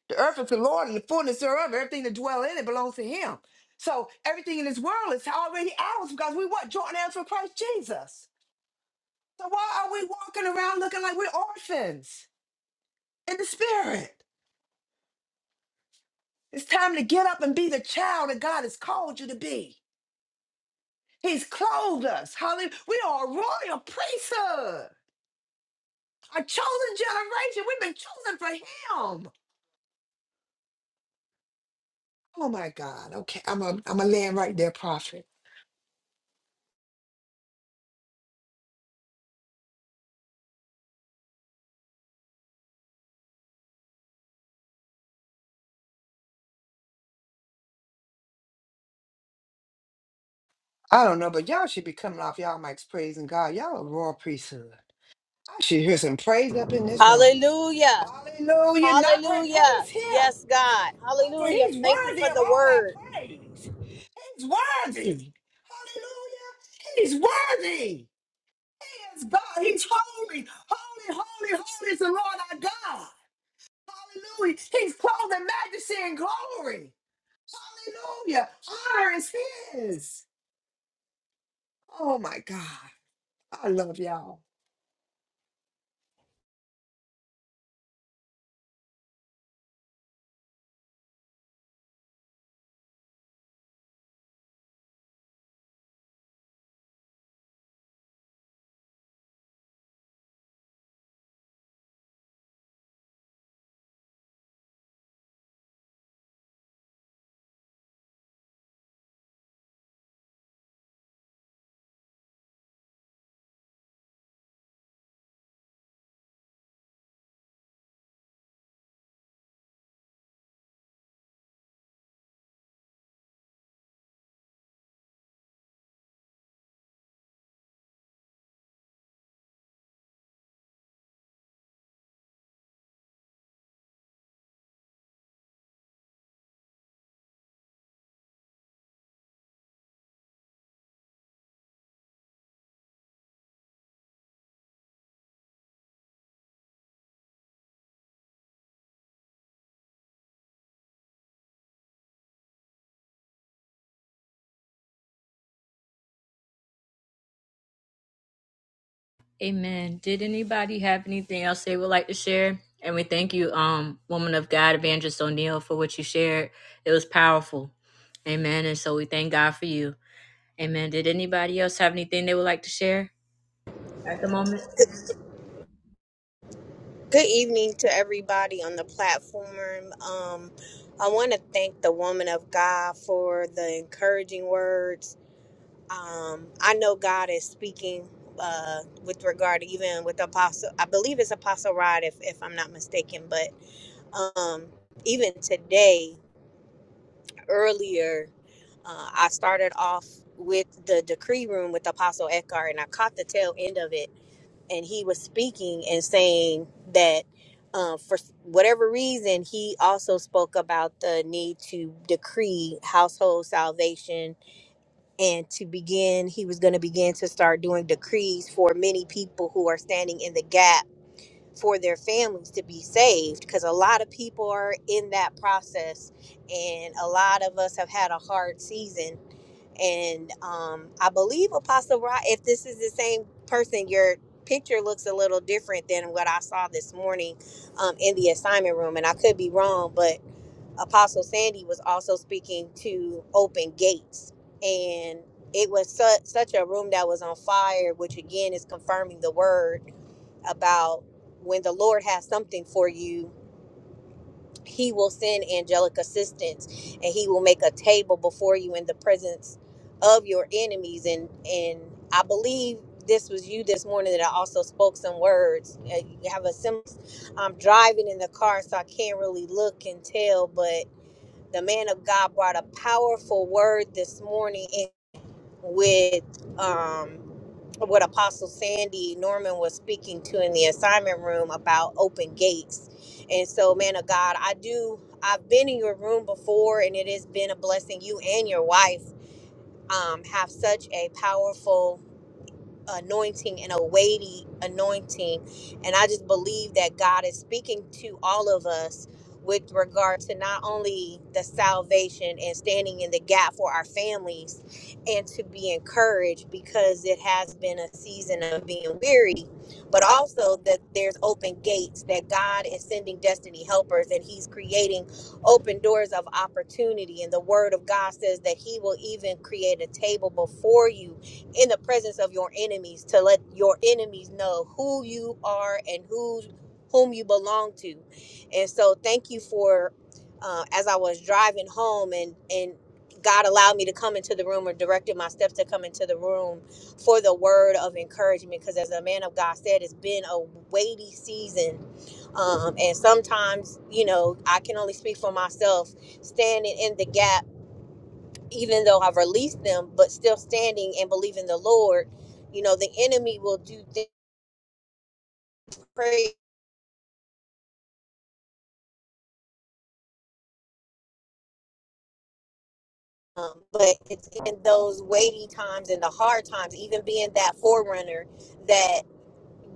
The earth is the Lord and the fullness thereof. Everything that dwell in it belongs to him. So everything in this world is already ours because we what? Joint heirs with Christ Jesus. So why are we walking around looking like we're orphans in the spirit? It's time to get up and be the child that God has called you to be. He's clothed us. Hallelujah. We are a royal priesthood, a chosen generation. We've been chosen for him. Oh my God. Okay. I'm a I'm a land right there, prophet. I don't know, but y'all should be coming off y'all mics praising God. Y'all a royal priesthood. I should hear some praise up in this room.
Hallelujah.
Hallelujah. Not pra-
Hallelujah.
praise him.
Yes, God.
Oh, For
Hallelujah.
he's
Thank you
worthy
for
of
the
all our
word.
praise. He's worthy. Hallelujah. He's worthy. He is God. He's holy. Holy, holy, holy is the Lord our God. Hallelujah. He's clothed in majesty and glory. Hallelujah. Honor is his. Oh my God. I love y'all.
Amen. Did anybody have anything else they would like to share? And we thank you, um, woman of God, Evangelist O'Neill, for what you shared. It was powerful. Amen. And so we thank God for you. Amen. Did anybody else have anything they would like to share at the moment?
Good evening to everybody on the platform. Um, I want to thank the woman of God for the encouraging words um, I know God is speaking uh, with regard to even with Apostle. I believe it's Apostle Rod, if if I'm not mistaken. But um, even today, earlier, uh, I started off with the decree room with Apostle Eckhart, and I caught the tail end of it. And he was speaking and saying that. Uh, for whatever reason, he also spoke about the need to decree household salvation and to begin he was going to begin to start doing decrees for many people who are standing in the gap for their families to be saved because a lot of people are in that process and a lot of us have had a hard season and um, i believe apostle rod if this is the same person your picture looks a little different than what i saw this morning um, in the assignment room and i could be wrong but Apostle Sandy was also speaking to Open Gates, and it was su- such a room that was on fire, which again is confirming the word about when the Lord has something for you, He will send angelic assistance, and He will make a table before you in the presence of your enemies. And and I believe this was you this morning that I also spoke some words. Uh, You have a sim. I'm driving in the car, so I can't really look and tell, but the man of God brought a powerful word this morning in- with um, what Apostle Sandy Norman was speaking to in the assignment room about open gates. And so, man of God, I do, I've been in your room before and it has been a blessing. You and your wife um, have such a powerful anointing and a weighty anointing. And I just believe that God is speaking to all of us with regard to not only the salvation and standing in the gap for our families and to be encouraged because it has been a season of being weary, but also that there's open gates, that God is sending destiny helpers and He's creating open doors of opportunity. And the Word of God says that He will even create a table before you in the presence of your enemies to let your enemies know who you are and who whom you belong to and so thank you for uh, as i was driving home and and god allowed me to come into the room or directed my steps to come into the room for the word of encouragement because as a man of god said it's been a weighty season um, and sometimes you know i can only speak for myself standing in the gap even though I've released them, but still standing and believing the Lord, you know, the enemy will do things crazy, um, but it's in those weighty times and the hard times, even being that forerunner that.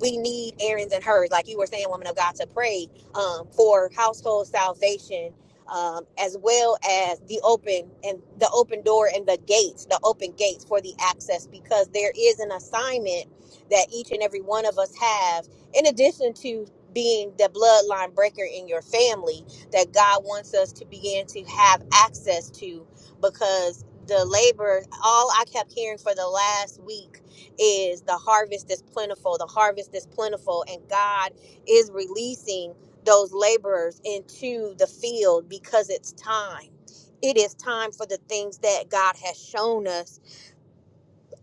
we need Aaron's and hers, like you were saying, woman of God, to pray um, for household salvation, um, as well as the open and the open door and the gates, the open gates for the access, because there is an assignment that each and every one of us have, in addition to being the bloodline breaker in your family that God wants us to begin to have access to, because the labor, all I kept hearing for the last week is the harvest is plentiful, the harvest is plentiful, and God is releasing those laborers into the field because it's time. It is time for the things that God has shown us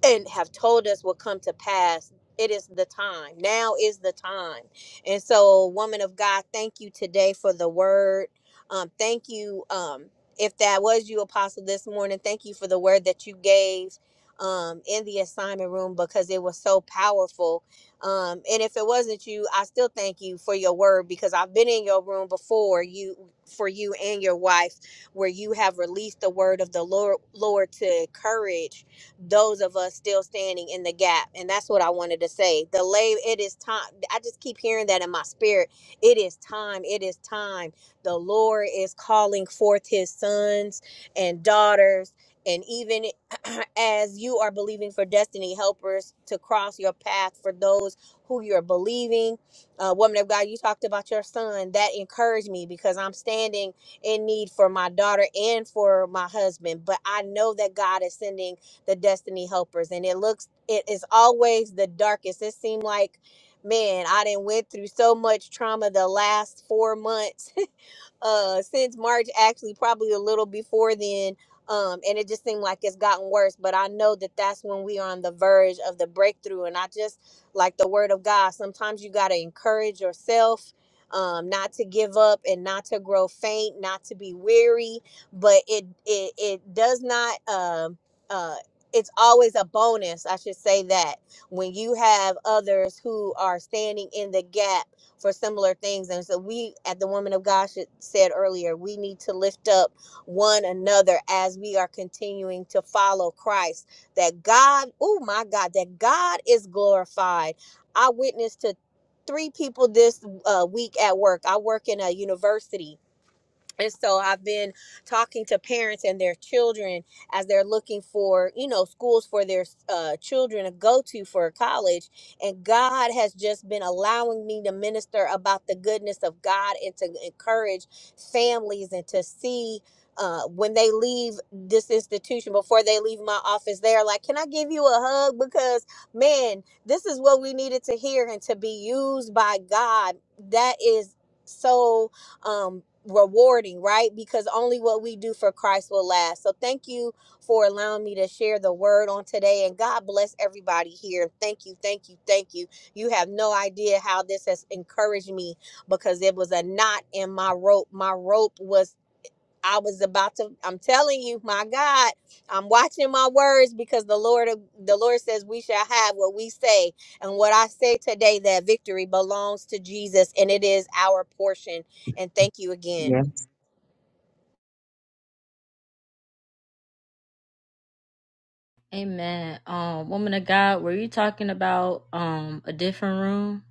and have told us will come to pass. It is the time. Now is the time. And so, woman of God, thank you today for the word. Um, thank you. Um, if that was you, Apostle, this morning, thank you for the word that you gave um, in the assignment room because it was so powerful. Um, and if it wasn't you, I still thank you for your word because I've been in your room before you for you and your wife where you have released the word of the Lord, Lord to encourage those of us still standing in the gap and that's what i wanted to say the lay it is time i just keep hearing that in my spirit it is time it is time the lord is calling forth his sons and daughters and even as you are believing for destiny helpers to cross your path for those who you're believing uh, woman of god you talked about your son that encouraged me because i'm standing in need for my daughter and for my husband but i know that god is sending the destiny helpers and it looks it is always the darkest it seemed like man i didn't went through so much trauma the last four months uh since March actually probably a little before then um and it just seemed like it's gotten worse but I know that that's when we are on the verge of the breakthrough and I just like the word of God sometimes you got to encourage yourself um not to give up and not to grow faint not to be weary but it it it does not um uh it's always a bonus I should say that when you have others who are standing in the gap for similar things. And so we, at the Woman of God, should, said earlier, we need to lift up one another as we are continuing to follow Christ. That God, oh my God, that God is glorified. I witnessed to three people this uh, week at work. I work in a university and so I've been talking to parents and their children as they're looking for, you know, schools for their uh, children to go to for college. And God has just been allowing me to minister about the goodness of God and to encourage families and to see. Uh, when they leave this institution, before they leave my office, they are like, Can I give you a hug? Because, man, this is what we needed to hear and to be used by God. That is so um rewarding right because only what we do for christ will last so thank you for allowing me to share the word on today and god bless everybody here thank you thank you thank you you have no idea how this has encouraged me because it was a knot in my rope my rope was I was about to. I'm telling you, my God, I'm watching my words because the Lord, the Lord says we shall have what we say, and what I say today, that victory belongs to Jesus, and it is our portion. And thank you again.
Yes.
Amen. Um, woman of God, were you talking about um a different room?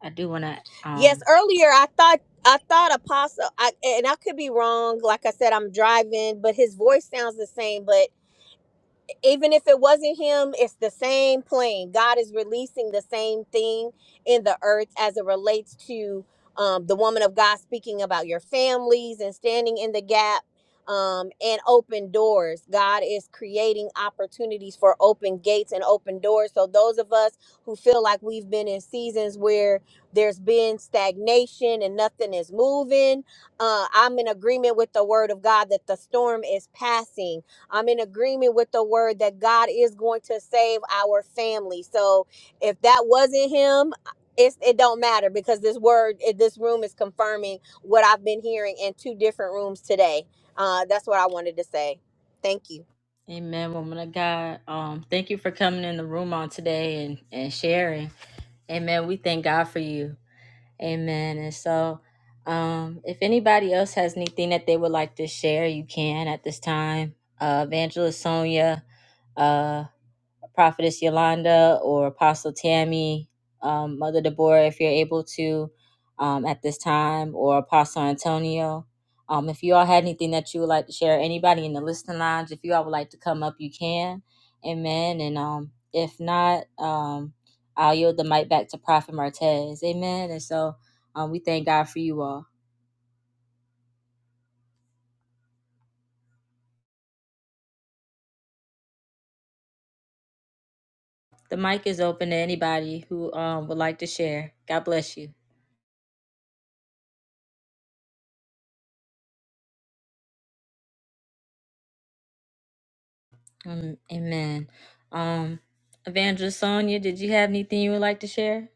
I do want to.
Yes,
um.
earlier I thought. I thought Apostle, I, and I could be wrong. Like I said, I'm driving, but his voice sounds the same. But even if it wasn't him, it's the same plane. God is releasing the same thing in the earth as it relates to um, the woman of God speaking about your families and standing in the gap um, and open doors. God is creating opportunities for open gates and open doors. So, those of us who feel like we've been in seasons where there's been stagnation and nothing is moving, uh, I'm in agreement with the word of God that the storm is passing I'm in agreement with the word that God is going to save our family. So if that wasn't him, it's, it don't matter because this word, eh, this room is confirming what I've been hearing in two different rooms today. Uh, that's what I wanted to say. Thank you.
Amen, woman of God. Um, thank you for coming in the room on today and, and sharing. Amen. We thank God for you. Amen. And so, um, if anybody else has anything that they would like to share, you can at this time. Uh, Evangelist Sonia, uh, Prophetess Yolanda or Apostle Tammy, um, Mother Deborah, if you're able to um, at this time, or Apostle Antonio. Um, if you all had anything that you would like to share, anybody in the listening lounge, if you all would like to come up, you can. Amen. And um, if not, um, I'll yield the mic back to Prophet Martez. Amen. And so um, we thank God for you all. The mic is open to anybody who um, would like to share. God bless you. Um, amen. Um, Evangelist Sonia, did you have anything you would like to share?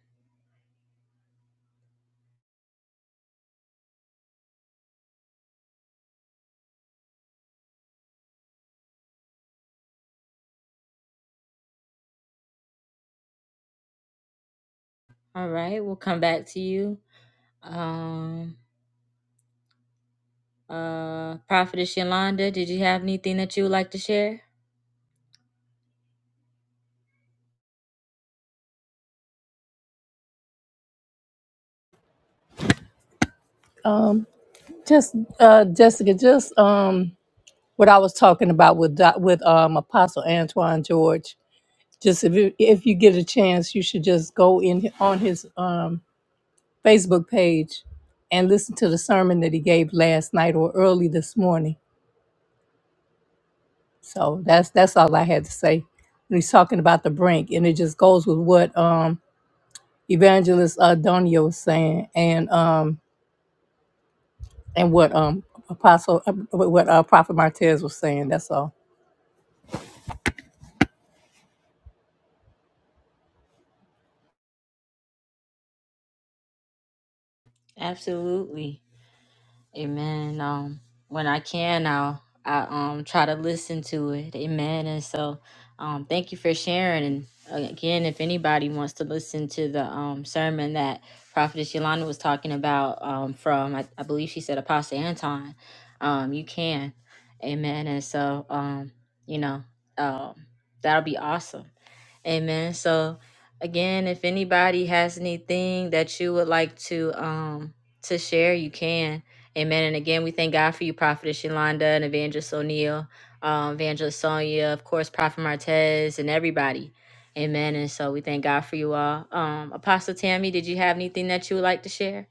All right, we'll come back to you. Um, uh, Prophetess Yolanda, did you have anything that you would like to share?
Just uh, Jessica, just um, what I was talking about with Doc- with um, Apostle Antoine George. Just if you if you get a chance, you should just go in on his um, Facebook page and listen to the sermon that he gave last night or early this morning. So that's that's all I had to say. And he's talking about the brink, and it just goes with what um, Evangelist uh, Donio was saying, and um, and what um, Apostle, uh, what uh, Prophet Martez was saying. That's all.
Absolutely. Amen. Um, when I can now, I um try to listen to it. Amen. And so, um, thank you for sharing. And uh, again, if anybody wants to listen to the um sermon that Prophetess Yolanda was talking about, um, from I, I believe she said Apostle Anton, um, you can. Amen. And so, um, you know, um, that'll be awesome. Amen. So again, if anybody has anything that you would like to um to share, you can. Amen. And again, we thank God for you, Prophetess Yolanda and Evangelist O'Neill, um, Evangelist Sonia, of course, Prophet Martez, and everybody. Amen. And so we thank God for you all. Um, Apostle Tammy, did you have anything that you would like to share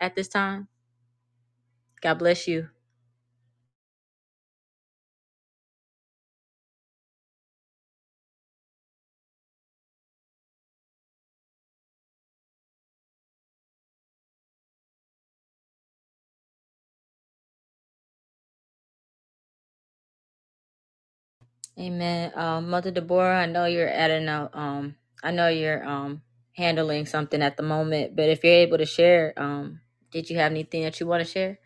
at this time? God bless you. Amen. Um, Mother Deborah, I know you're at an uh, um, I know you're um handling something at the moment, but if you're able to share, um, did you have anything that you want to share?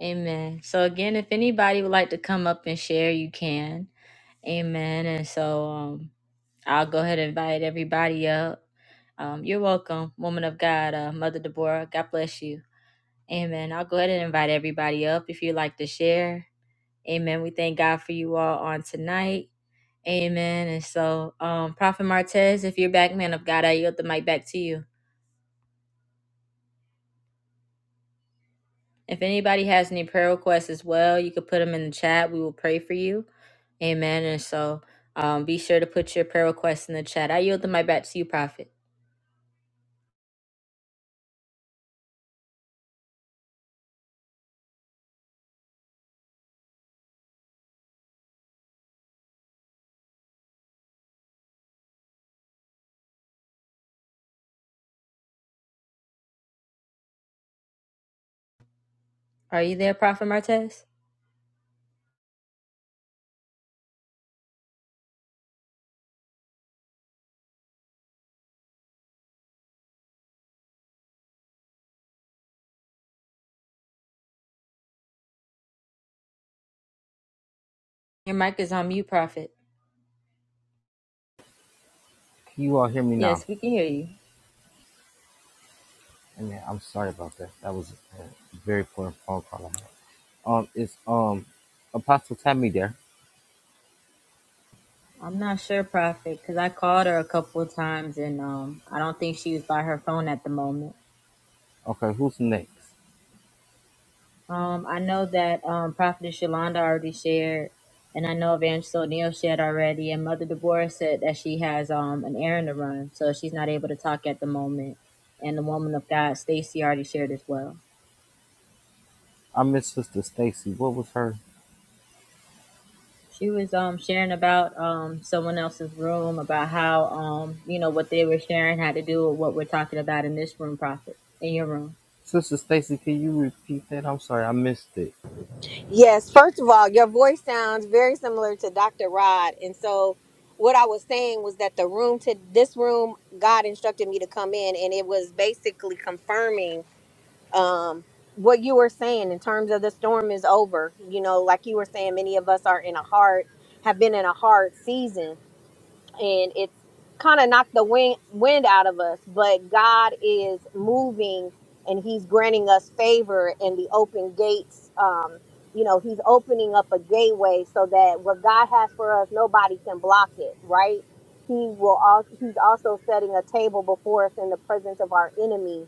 Amen. So again, if anybody would like to come up and share, you can. Amen. And so um, I'll go ahead and invite everybody up. Um, you're welcome, woman of God, uh, Mother Deborah. God bless you. Amen. I'll go ahead and invite everybody up if you'd like to share. Amen. We thank God for you all on tonight. Amen. And so, um, Prophet Martez, if you're back, man of God, I yield the mic back to you. If anybody has any prayer requests as well, you could put them in the chat. We will pray for you. Amen. And so, um, be sure to put your prayer requests in the chat. I yield the mic back to you, Prophet. Are you there, Prophet Martez? Your mic is on mute, Prophet.
Can you all hear me now?
Yes, we can hear you.
Hey man, I'm sorry about that. That was a very important phone call I had. Um, it's um, Apostle Tammy there.
I'm not sure, Prophet, because I called her a couple of times and um, I don't think she was by her phone at the moment.
Okay, who's next?
Um, I know that um, Prophetess Yolanda already shared, and I know Evangelist O'Neill shared already, and Mother Deborah said that she has um, an errand to run, so she's not able to talk at the moment. And the woman of God, Stacy, already shared as well.
I missed Sister Stacy. What was her?
She was um, sharing about um, someone else's room, about how, um, you know, what they were sharing had to do with what we're talking about in this room, Prophet, in your room.
Sister Stacy, can you repeat that? I'm sorry, I missed it.
Yes, first of all, your voice sounds very similar to Dr. Rod. And so what I was saying was that the room to this room, God instructed me to come in and it was basically confirming um what you were saying in terms of the storm is over you know like you were saying many of us are in a hard have been in a hard season and it's kind of knocked the wind wind out of us but god is moving and he's granting us favor and the open gates um you know he's opening up a gateway so that what god has for us nobody can block it right he will also he's also setting a table before us in the presence of our enemies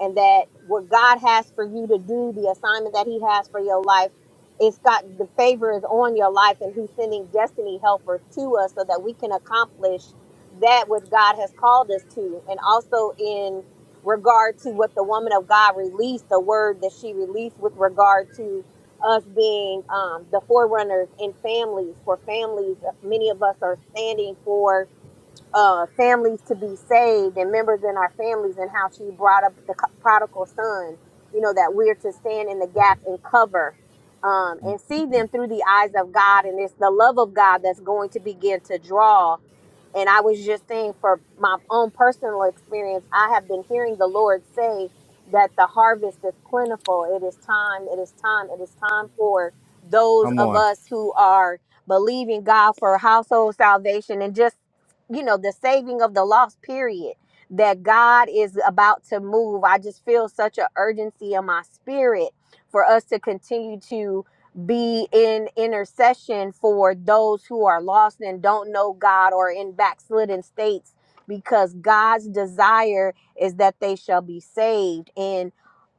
and that what god has for you to do the assignment that he has for your life it's got the favor is on your life and he's sending destiny helpers to us so that we can accomplish that which god has called us to and also in regard to what the woman of god released the word that she released with regard to us being um, the forerunners in families for families many of us are standing for uh, families to be saved and members in our families and how she brought up the prodigal son you know that we're to stand in the gap and cover um, and see them through the eyes of god and it's the love of god that's going to begin to draw and i was just saying for my own personal experience i have been hearing the lord say that the harvest is plentiful it is time it is time it is time for those
Come
of
on,
us who are believing god for household salvation and just you know the saving of the lost period that god is about to move i just feel such an urgency in my spirit for us to continue to be in intercession for those who are lost and don't know god or in backslidden states because god's desire is that they shall be saved and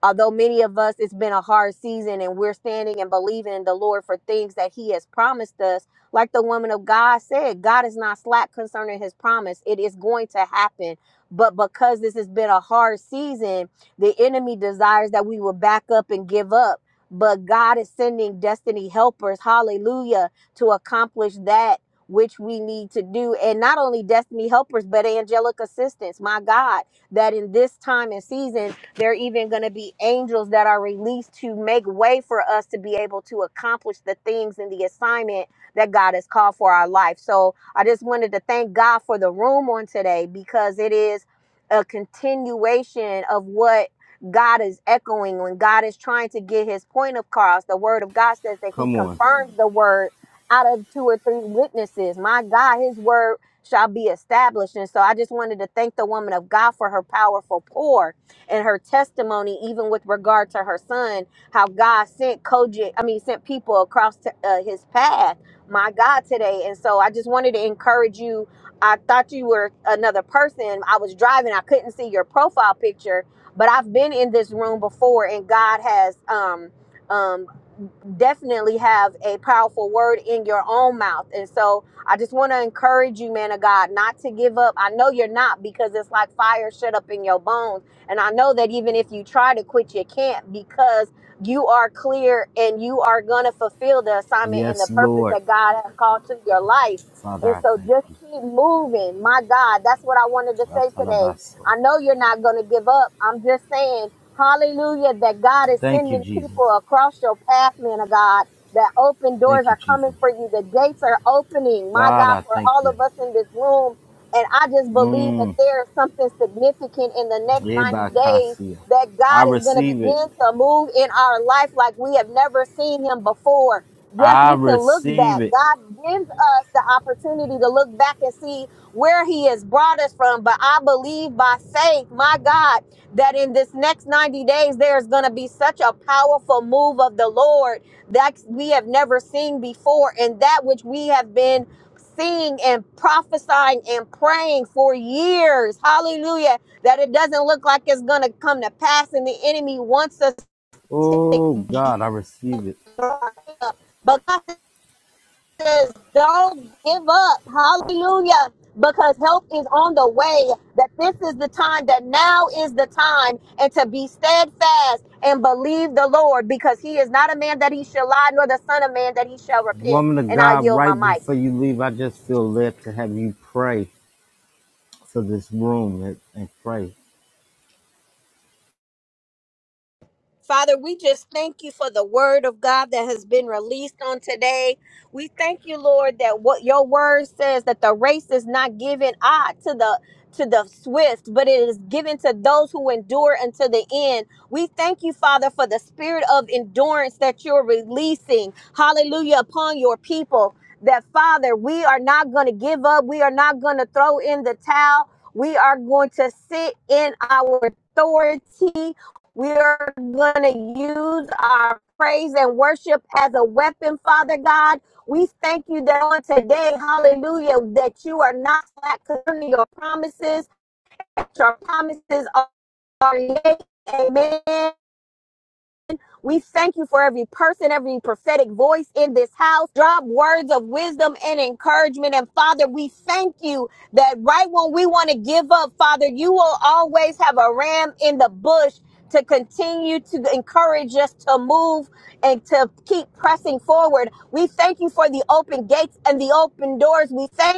although many of us it's been a hard season and we're standing and believing in the lord for things that he has promised us like the woman of God said, God is not slack concerning his promise. It is going to happen. But because this has been a hard season, the enemy desires that we will back up and give up. But God is sending destiny helpers, hallelujah, to accomplish that which we need to do. And not only destiny helpers, but angelic assistance. My God, that in this time and season, there are even going to be angels that are released to make way for us to be able to accomplish the things and the assignment that God has called for our life. So I just wanted to thank God for the room on today because it is a continuation of what God is echoing when God is trying to get his point across. The word of God says that he
come on.
confirms the word out of two or three witnesses. My God, his word shall be established. And so I just wanted to thank the woman of God for her powerful pour and her testimony, even with regard to her son, how God sent Koji, I mean, sent people across to, uh, his path my God today. And so I just wanted to encourage you. I thought you were another person. I was driving, I couldn't see your profile picture, but I've been in this room before and God has um um definitely have a powerful word in your own mouth. And so I just want to encourage you, man of God, not to give up. I know you're not because it's like fire shut up in your bones. And I know that even if you try to quit, you can't because you are clear and you are going to fulfill the assignment and the
Yes,
purpose
Lord,
that God has called to your life.
Father,
And
I
so
thank
just
you.
keep moving. My God, that's what I wanted to say today.
Atalabaso.
I know you're not going to give up. I'm just saying Hallelujah, that God is
Thank you,
sending
Jesus.
people across your path, man of God. That open doors
Thank you,
are coming
Jesus.
for you. The gates are opening, my
God,
God,
I
for
thank
all
you.
of us in this room. And I just believe that
Mm.
there is something significant in the next 90 days
Ebakasia.
that
I
God is going to
receive it.
begin to move in our life like we have never seen Him before. Yes,
I
we can look
receive
back.
it.
God gives us the opportunity to look back and see where He has brought us from. But I believe by faith, my God that in this next 90 days there's going to be such a powerful move of the Lord that we have never seen before and that which we have been seeing and prophesying and praying for years hallelujah that it doesn't look like it's going to come to pass and the enemy wants us to
Oh God, I receive it.
rise up. but God says, don't give up. Hallelujah. Because help is on the way. That this is the time, that now is the time, and to be steadfast and believe the Lord, because he is not a man that he shall lie, nor the son of man that he shall repent.
Woman of
And I
God,
yield my
right
mic.
before you leave, I just feel led to have you pray for this room and, and pray.
Father, we just thank you for the word of God that has been released on today. We thank you, Lord, that what your word says that the race is not given ah to the to the swift, but it is given to those who endure until the end. We thank you, Father, for the spirit of endurance that you're releasing. Hallelujah upon your people. That Father, we are not going to give up. We are not going to throw in the towel. We are going to sit in our authority we are going to use our praise and worship as a weapon, Father God. We thank you that on today, hallelujah, that you are not slack concerning your promises. Your promises are yea, amen, we thank you for every person, every prophetic voice in this house. Drop words of wisdom and encouragement. And Father, we thank you that right when we want to give up, Father, you will always have a ram in the bush to continue to encourage us to move and to keep pressing forward. We thank you for the open gates and the open doors. We thank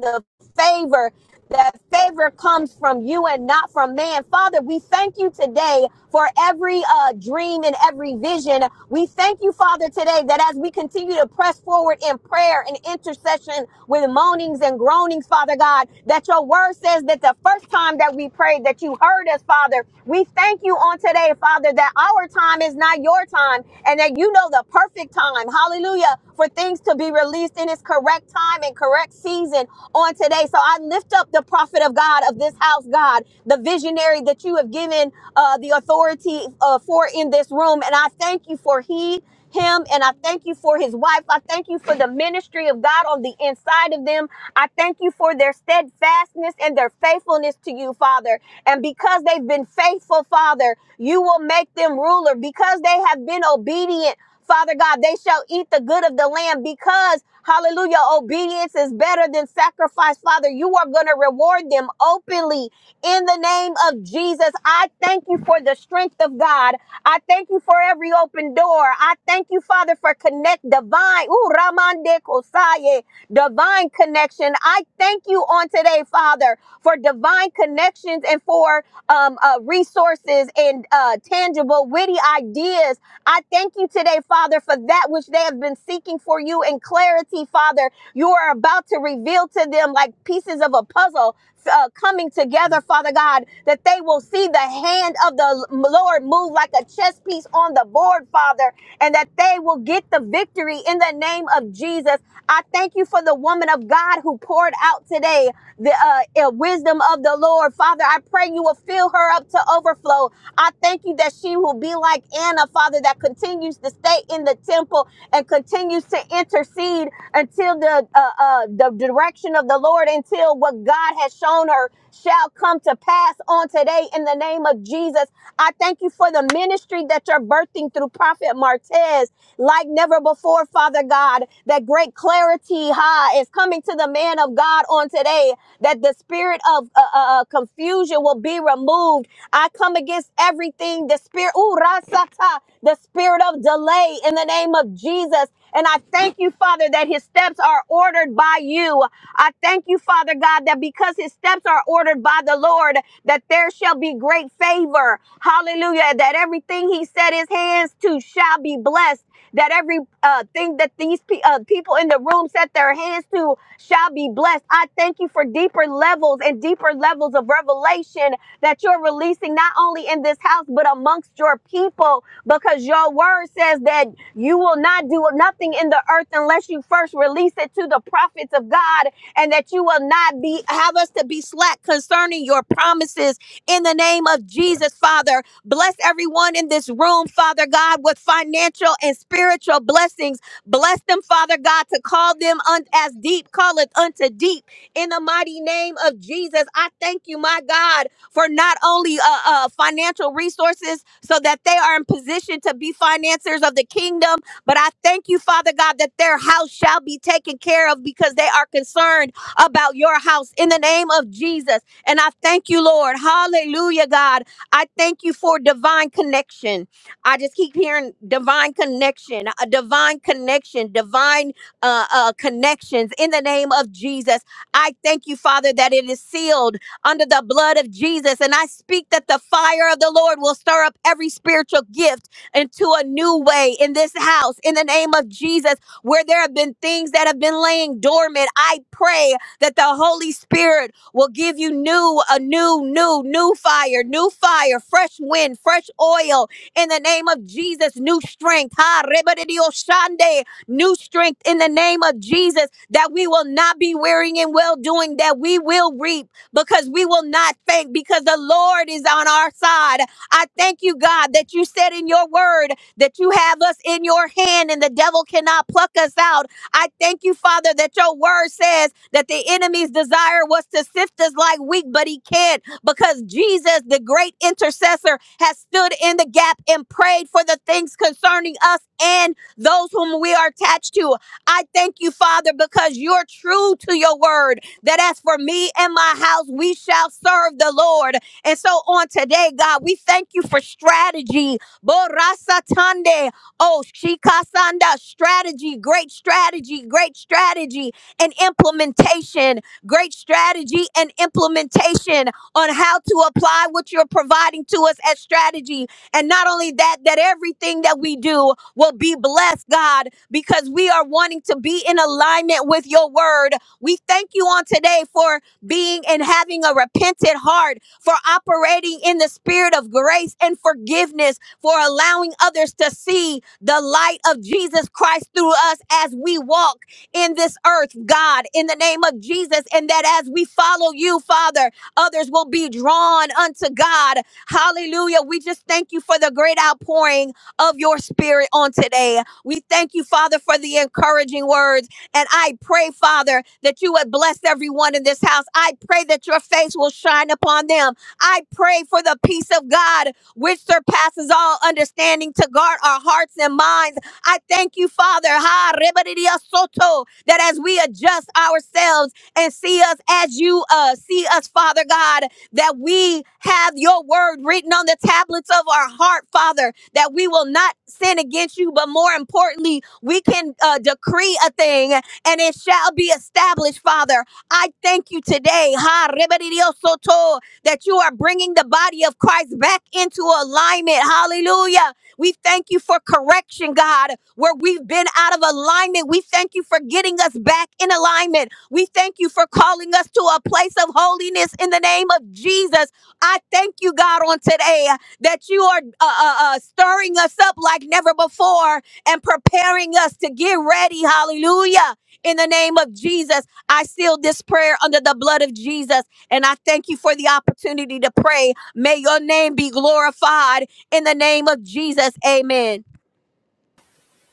the favor. That favor comes from you and not from man. Father, we thank you today for every uh, dream and every vision. We thank you, Father, today that as we continue to press forward in prayer and intercession with moanings and groanings, Father God, that your word says that the first time that we prayed that you heard us, Father. We thank you on today, Father, that our time is not your time and that you know the perfect time. Hallelujah for things to be released in its correct time and correct season on today. So I lift up the prophet of God of this house, God, the visionary that you have given uh, the authority uh, for in this room. And I thank you for he, him, and I thank you for his wife. I thank you for the ministry of God on the inside of them. I thank you for their steadfastness and their faithfulness to you, Father. And because they've been faithful, Father, you will make them ruler because they have been obedient Father God, they shall eat the good of the land because, hallelujah, obedience is better than sacrifice. Father, you are going to reward them openly in the name of Jesus. I thank you for the strength of God. I thank you for every open door. I thank you, Father, for connect divine, ooh, Ramande Kosaye, divine connection. I thank you on today, Father, for divine connections and for um, uh, resources and uh, tangible, witty ideas I thank you today, Father, for that which they have been seeking for you in clarity, Father. You are about to reveal to them like pieces of a puzzle uh, coming together, Father God, that they will see the hand of the Lord move like a chess piece on the board, Father, and that they will get the victory in the name of Jesus. I thank you for the woman of God who poured out today the uh, uh, wisdom of the Lord. Father, I pray you will fill her up to overflow I thank you that she will be like Anna, Father, that continues to stay in the temple and continues to intercede until the uh, uh, the direction of the Lord, until what God has shown her shall come to pass on today in the name of Jesus. I thank you for the ministry that you're birthing through Prophet Martez like never before, Father God. That great clarity, ha, is coming to the man of God on today. That the spirit of uh, uh, uh, confusion will be removed I come against everything, the spirit, ooh, rasata, the spirit of delay in the name of Jesus. And I thank you, Father, that his steps are ordered by you. I thank you, Father God, that because his steps are ordered by the Lord, that there shall be great favor. Hallelujah. That everything he set his hands to shall be blessed. That every uh, thing that these pe- uh, people in the room set their hands to shall be blessed. I thank you for deeper levels and deeper levels of revelation that you're releasing not only in this house, but amongst your people, because your word says that you will not do nothing in the earth unless you first release it to the prophets of God, and that you will not be have us to be slack concerning your promises in the name of Jesus, Father. Bless everyone in this room, Father God, with financial and spiritual blessings. Bless them, Father God, to call them un- as deep calleth unto deep in the mighty name of Jesus. I thank you, my God for not only uh, uh, financial resources so that they are in position to be financiers of the kingdom, but I thank you, Father God, that their house shall be taken care of because they are concerned about your house in the name of Jesus. And I thank you, Lord. Hallelujah, God. I thank you for divine connection. I just keep hearing divine connection, a divine connection, divine uh, uh, connections in the name of Jesus. I thank you, Father, that it is sealed under the blood of Jesus. And I speak that the fire of the Lord will stir up every spiritual gift into a new way in this house in the name of Jesus. Where there have been things that have been laying dormant, I pray that the Holy Spirit will give you new, a new, new, new fire, new fire, fresh wind, fresh oil in the name of Jesus, new strength. Ha, rebedidio shande, new strength in the name of Jesus, that we will not be weary in well doing, that we will reap because we will not faint because the Lord is on our side. I thank you, God, that you said in your word that you have us in your hand and the devil cannot pluck us out. I thank you, Father, that your word says that the enemy's desire was to sift us like wheat, but he can't because Jesus, the great intercessor, has stood in the gap and prayed for the things concerning us and those whom we are attached to. I thank you, Father, because you're true to your word that as for me and my house, we shall serve the Lord. And so on today, God, we thank you for strategy. Borasatande. Oh, shikasanda. Strategy, great strategy, great strategy and implementation, great strategy and implementation on how to apply what you're providing to us as strategy. And not only that, that everything that we do will be blessed, God, because we are wanting to be in alignment with your word. We thank you on today for being and having a repentant heart, for operating in the spirit of grace and forgiveness, for allowing others to see the light of Jesus Christ through us as we walk in this earth, God, in the name of Jesus, and that as we follow you, Father, others will be drawn unto God. Hallelujah. We just thank you for the great outpouring of your spirit on today. We thank you, Father, for the encouraging words. And I pray, Father, that you would bless everyone in this house. I pray that your face will shine upon them. I pray for the peace of God, which surpasses all understanding, to guard our hearts and minds. I thank you, Father, ha, rebaridia soto, that as we adjust ourselves and see us as you uh, see us, Father God, that we have your word written on the tablets of our heart, Father, that we will not sin against you, but more importantly, we can uh, decree a thing and it shall be established, Father. I thank you today, ha, rebediosoto, that you are bringing the body of Christ back into alignment. Hallelujah. We thank you for correction, God, where we've been out of alignment. We thank you for getting us back in alignment. We thank you for calling us to a place of holiness in the name of Jesus. I thank you, God, on today that you are uh, uh, uh, stirring us up like never before and preparing us to get ready. Hallelujah. In the name of Jesus, I seal this prayer under the blood of Jesus. And I thank you for the opportunity to pray. May your name be glorified in the name of Jesus. Amen.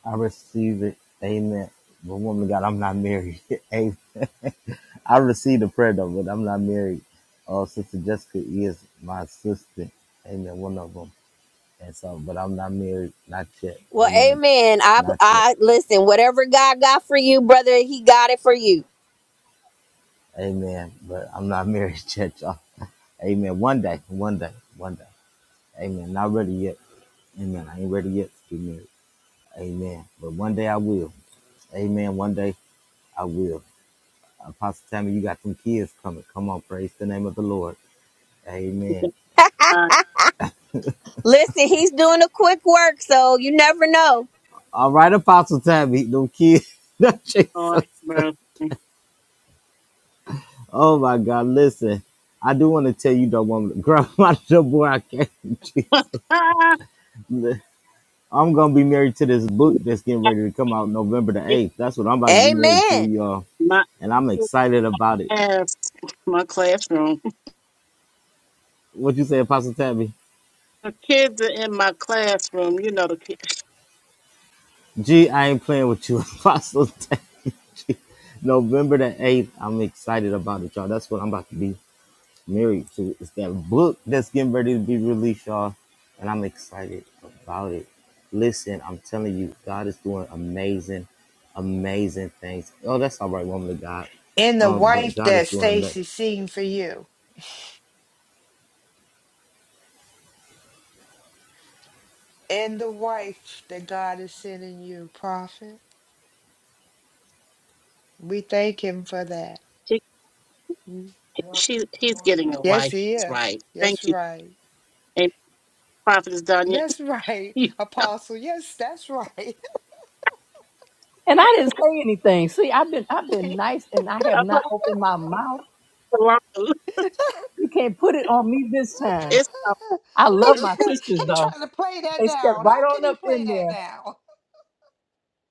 I receive it. Amen. But woman of God, I'm not married. Amen. I received a prayer though, but I'm not married. Oh, Sister Jessica is my assistant. Amen. One of them. And so, but I'm not married. Not yet.
Well,
Amen.
amen. I,
Not yet.
I listen, whatever God got for you, brother, he got it for you.
Amen. But I'm not married yet, y'all. Amen. One day. One day. One day. Amen. Not ready yet. Amen. I ain't ready yet to be married. Amen. But one day I will. Amen. One day I will. Apostle Tammy, you got some kids coming. Come on, praise the name of the Lord.
to
Amen.
God
Listen, he's doing a quick work, so you never know.
All right, Apostle Tammy, them kids.
Lord
Jesus.
mercy.
Oh my God. Listen, I do want to tell you, though, woman, grab my boy, I can't. Jesus. I'm gonna be married to this book that's getting ready to come out November the
It's
8th. That's what I'm about to be married to,
Amen.
y'all.
my
And I'm excited about it.
ass, my classroom.
What you say, Apostle Tabby?
The kids are in my classroom. You know the kid.
G, I ain't playing with you. Apostle Day, G. November the 8th, I'm excited about it, y'all. That's what I'm about to be married to. It's that book that's getting ready to be released, y'all. And I'm excited about it. Listen, I'm telling you, God is doing amazing, amazing things. Oh, that's all right, woman of God.
And the
Um, but
wife
God is
that
doing amazing.
Stacy seen for you, and the wife that God is sending you, prophet, we thank Him for that.
She,
Mm.
she, he's getting a
Yes,
wife.
he
She's
is.
right.
That's
Thank you.
right.
And prophet is done yet.
That's right,
You know,
Apostle. Yes, that's right. he,
And I didn't say anything. See, I've been I've been nice, and I have
I'm
not
off
opened my mouth.
the line.
You can't put it on me this time.
it's
I love my
tr- he
sisters though.
trying to play that
They stepped
down.
right
How can
on
he
up
play
in
that
there.
down?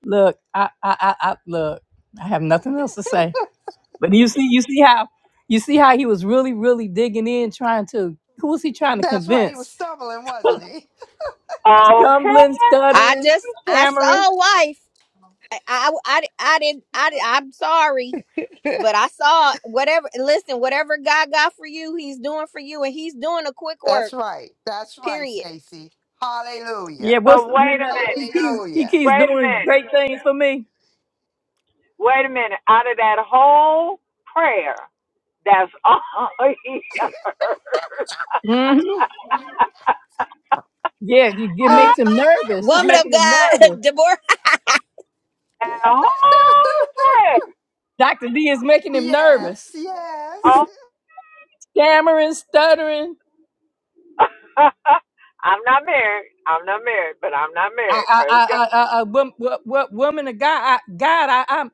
Look, I I I, I look. I have nothing else to say. But you see, you see how you see how he was really, really digging in, trying to who was he trying to
That's right. He was
convince?
stumbling, wasn't he?
Okay,
Stumbling,
I
stuttering,
just I
stammering.
saw a wife. I, I, I, I didn't, I, I'm sorry, but I saw whatever, listen, whatever God got for you, he's doing for you and he's doing a quick
That's
work,
right. That's right,
period.
Stacy. Hallelujah.
Yeah, what's
but
the no,
wait a
no,
minute.
he keeps he
Hallelujah.
keeps
Wait a
doing
minute.
great things for me.
Wait a minute. Out of that whole prayer, that's all he heard.
hmm Yeah, you, it makes him nervous. It's
Woman of
making him
God,
nervous.
Deborah,
that whole prayer.
Doctor D is making him
yes,
nervous.
yes.
Oh,
Stammering, stuttering.
I'm not married. I'm not married, but I'm not
I,
married.
I,
Praise
I, I, I, I wom- what, what woman of God? I, God, I, I'm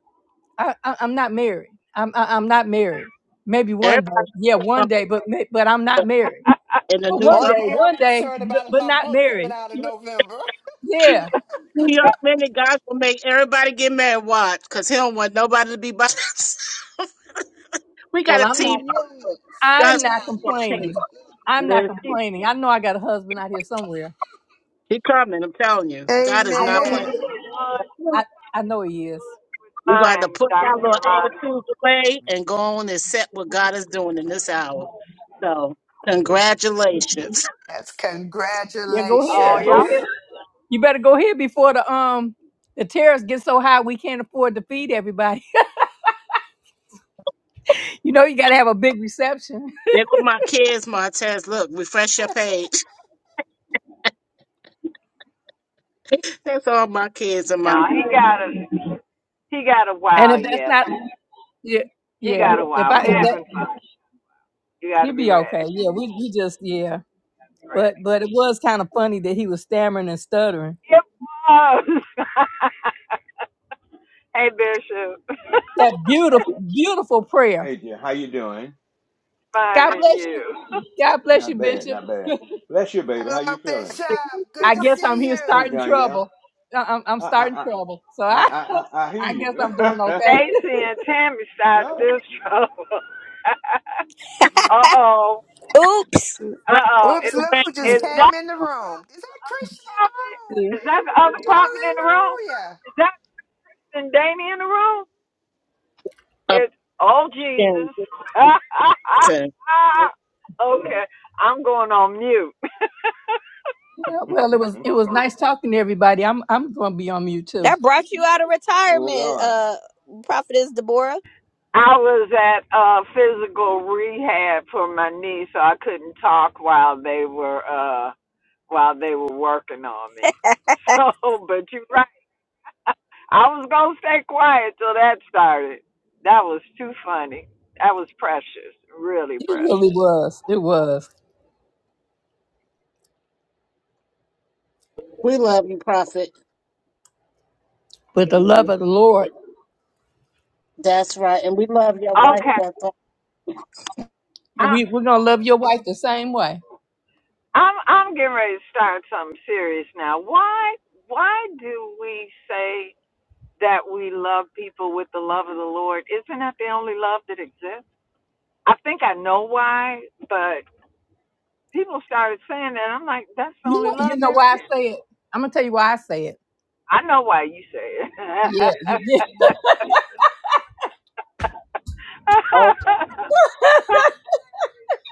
I, I I'm not married. I'm I, I'm not married. Maybe
everybody
one day, yeah,
gonna-
one day, but ma- but I'm not married.
God.
in the
But
New
one
Only
day,
York.
thing I'm
one day,
concerned
but,
about is
but
my
not
book
married.
coming out in November.
Yeah.
New York minute, God's gonna make everybody get mad. Watch, cause he don't want nobody to be by. we got
Well,
a
I'm
team.
not.
he's,
Yes,
I'm
God's
not
yes.
complaining. I'm not
team.
he's
complaining. I know I got a husband out here somewhere.
He coming, I'm telling you. God is
I know
not
he
he's
playing.
is.
in
Amen.
the one
We're
I I know he is.
going to have to
mind,
put our
Dr.
little
Yolanda.
attitudes away and go on and accept what God is doing in this hour. So, congratulations.
That's
Yeah, go
Oh,
ahead. Go ahead.
congratulations.
all
You better go ahead before the um the tariffs get so high we can't afford to feed everybody. you know you got to have a big reception.
There go my kids, Martez. Look, refresh your page. That's all my kids and my
No, he got a, he got a
And
while
if that's
yet.
not yeah,
He
yeah.
got a
If
while.
I if
We're
that
having fun. You got to
He'll
be
be
ready.
okay. Yeah, we, we just yeah. But
ready.
but it was kind of funny that he was stammering and stuttering.
It was. hey, Bishop.
That beautiful beautiful prayer.
Adrian, how you doing?
God
Finding
bless you.
you.
God bless you,
Not bad,
Bishop.
not bad. Bless you, baby. How
Hello,
you feeling?
Bishop. Good
I
to
guess I'm
see
here
Hey,
you.
starting
Danielle.
trouble. I- I'm, I'm
I
starting
I
trouble. So
I I
I
I, I I hear
I guess
you.
I'm doing okay.
Stacy and Tammy side of
no,
this trouble. uh
no.
oh.
oops,
Uh oh.
Oops,
Is
look who just
is
came
that
in the room. Is that Christian in the
prophet?
room?
Yeah.
Is that the other prophet in the room? Is that Danny in the room?
up
It's oh
in
Jesus.
Wilmington.
okay. I'm going on mute.
Well, it was it was nice talking to everybody. I'm I'm gonna be on mute too.
that brought you out of
Oh
retirement,
Lord,
uh, prophetess Deborah.
I was at uh physical rehab for my knee, so I couldn't talk while they were uh while they were working on me. So, but you're right. I was gonna stay quiet till that started. That was too funny. That was precious, really
It really
precious.
was. It was.
We love you, Prophet.
But the love of the Lord,
That's right. And we love your wife.
Okay,
That's all.
I,
we we're gonna love your wife the same way.
I'm I'm getting ready to start something serious now. Why why do we say that we love people with the love of the Lord? Isn't that the only love that exists? I think I know why, but people started saying that. I'm like, that's the
You
only
know you
love
know
there
why I
is.
say it. I'm gonna tell you why I say it
I know why you say it.
Yeah, you did.
Oh, the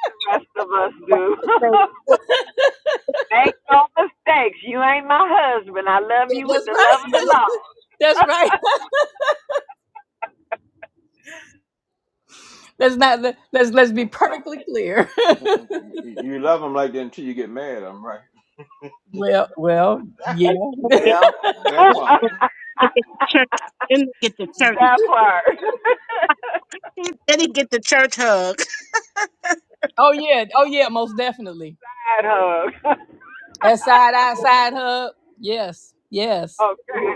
the rest of us
wife
do.
is so-
Make no mistakes. You ain't my husband. I love
That-
you with
That's
the
right.
love of the
That's right. Let's not let- let's let's be
Mm,
perfectly clear.
mm, mm, mm. you love them like that until you get mad at them, right?
well, well, yeah.
and you get-
Lord. well,
that
you
part.
get the church. You get the church.
that part.
Then he get the church hug.
Oh yeah. Oh yeah. Most definitely.
Side hug.
That side eye side hub. Yes. Yes.
okay.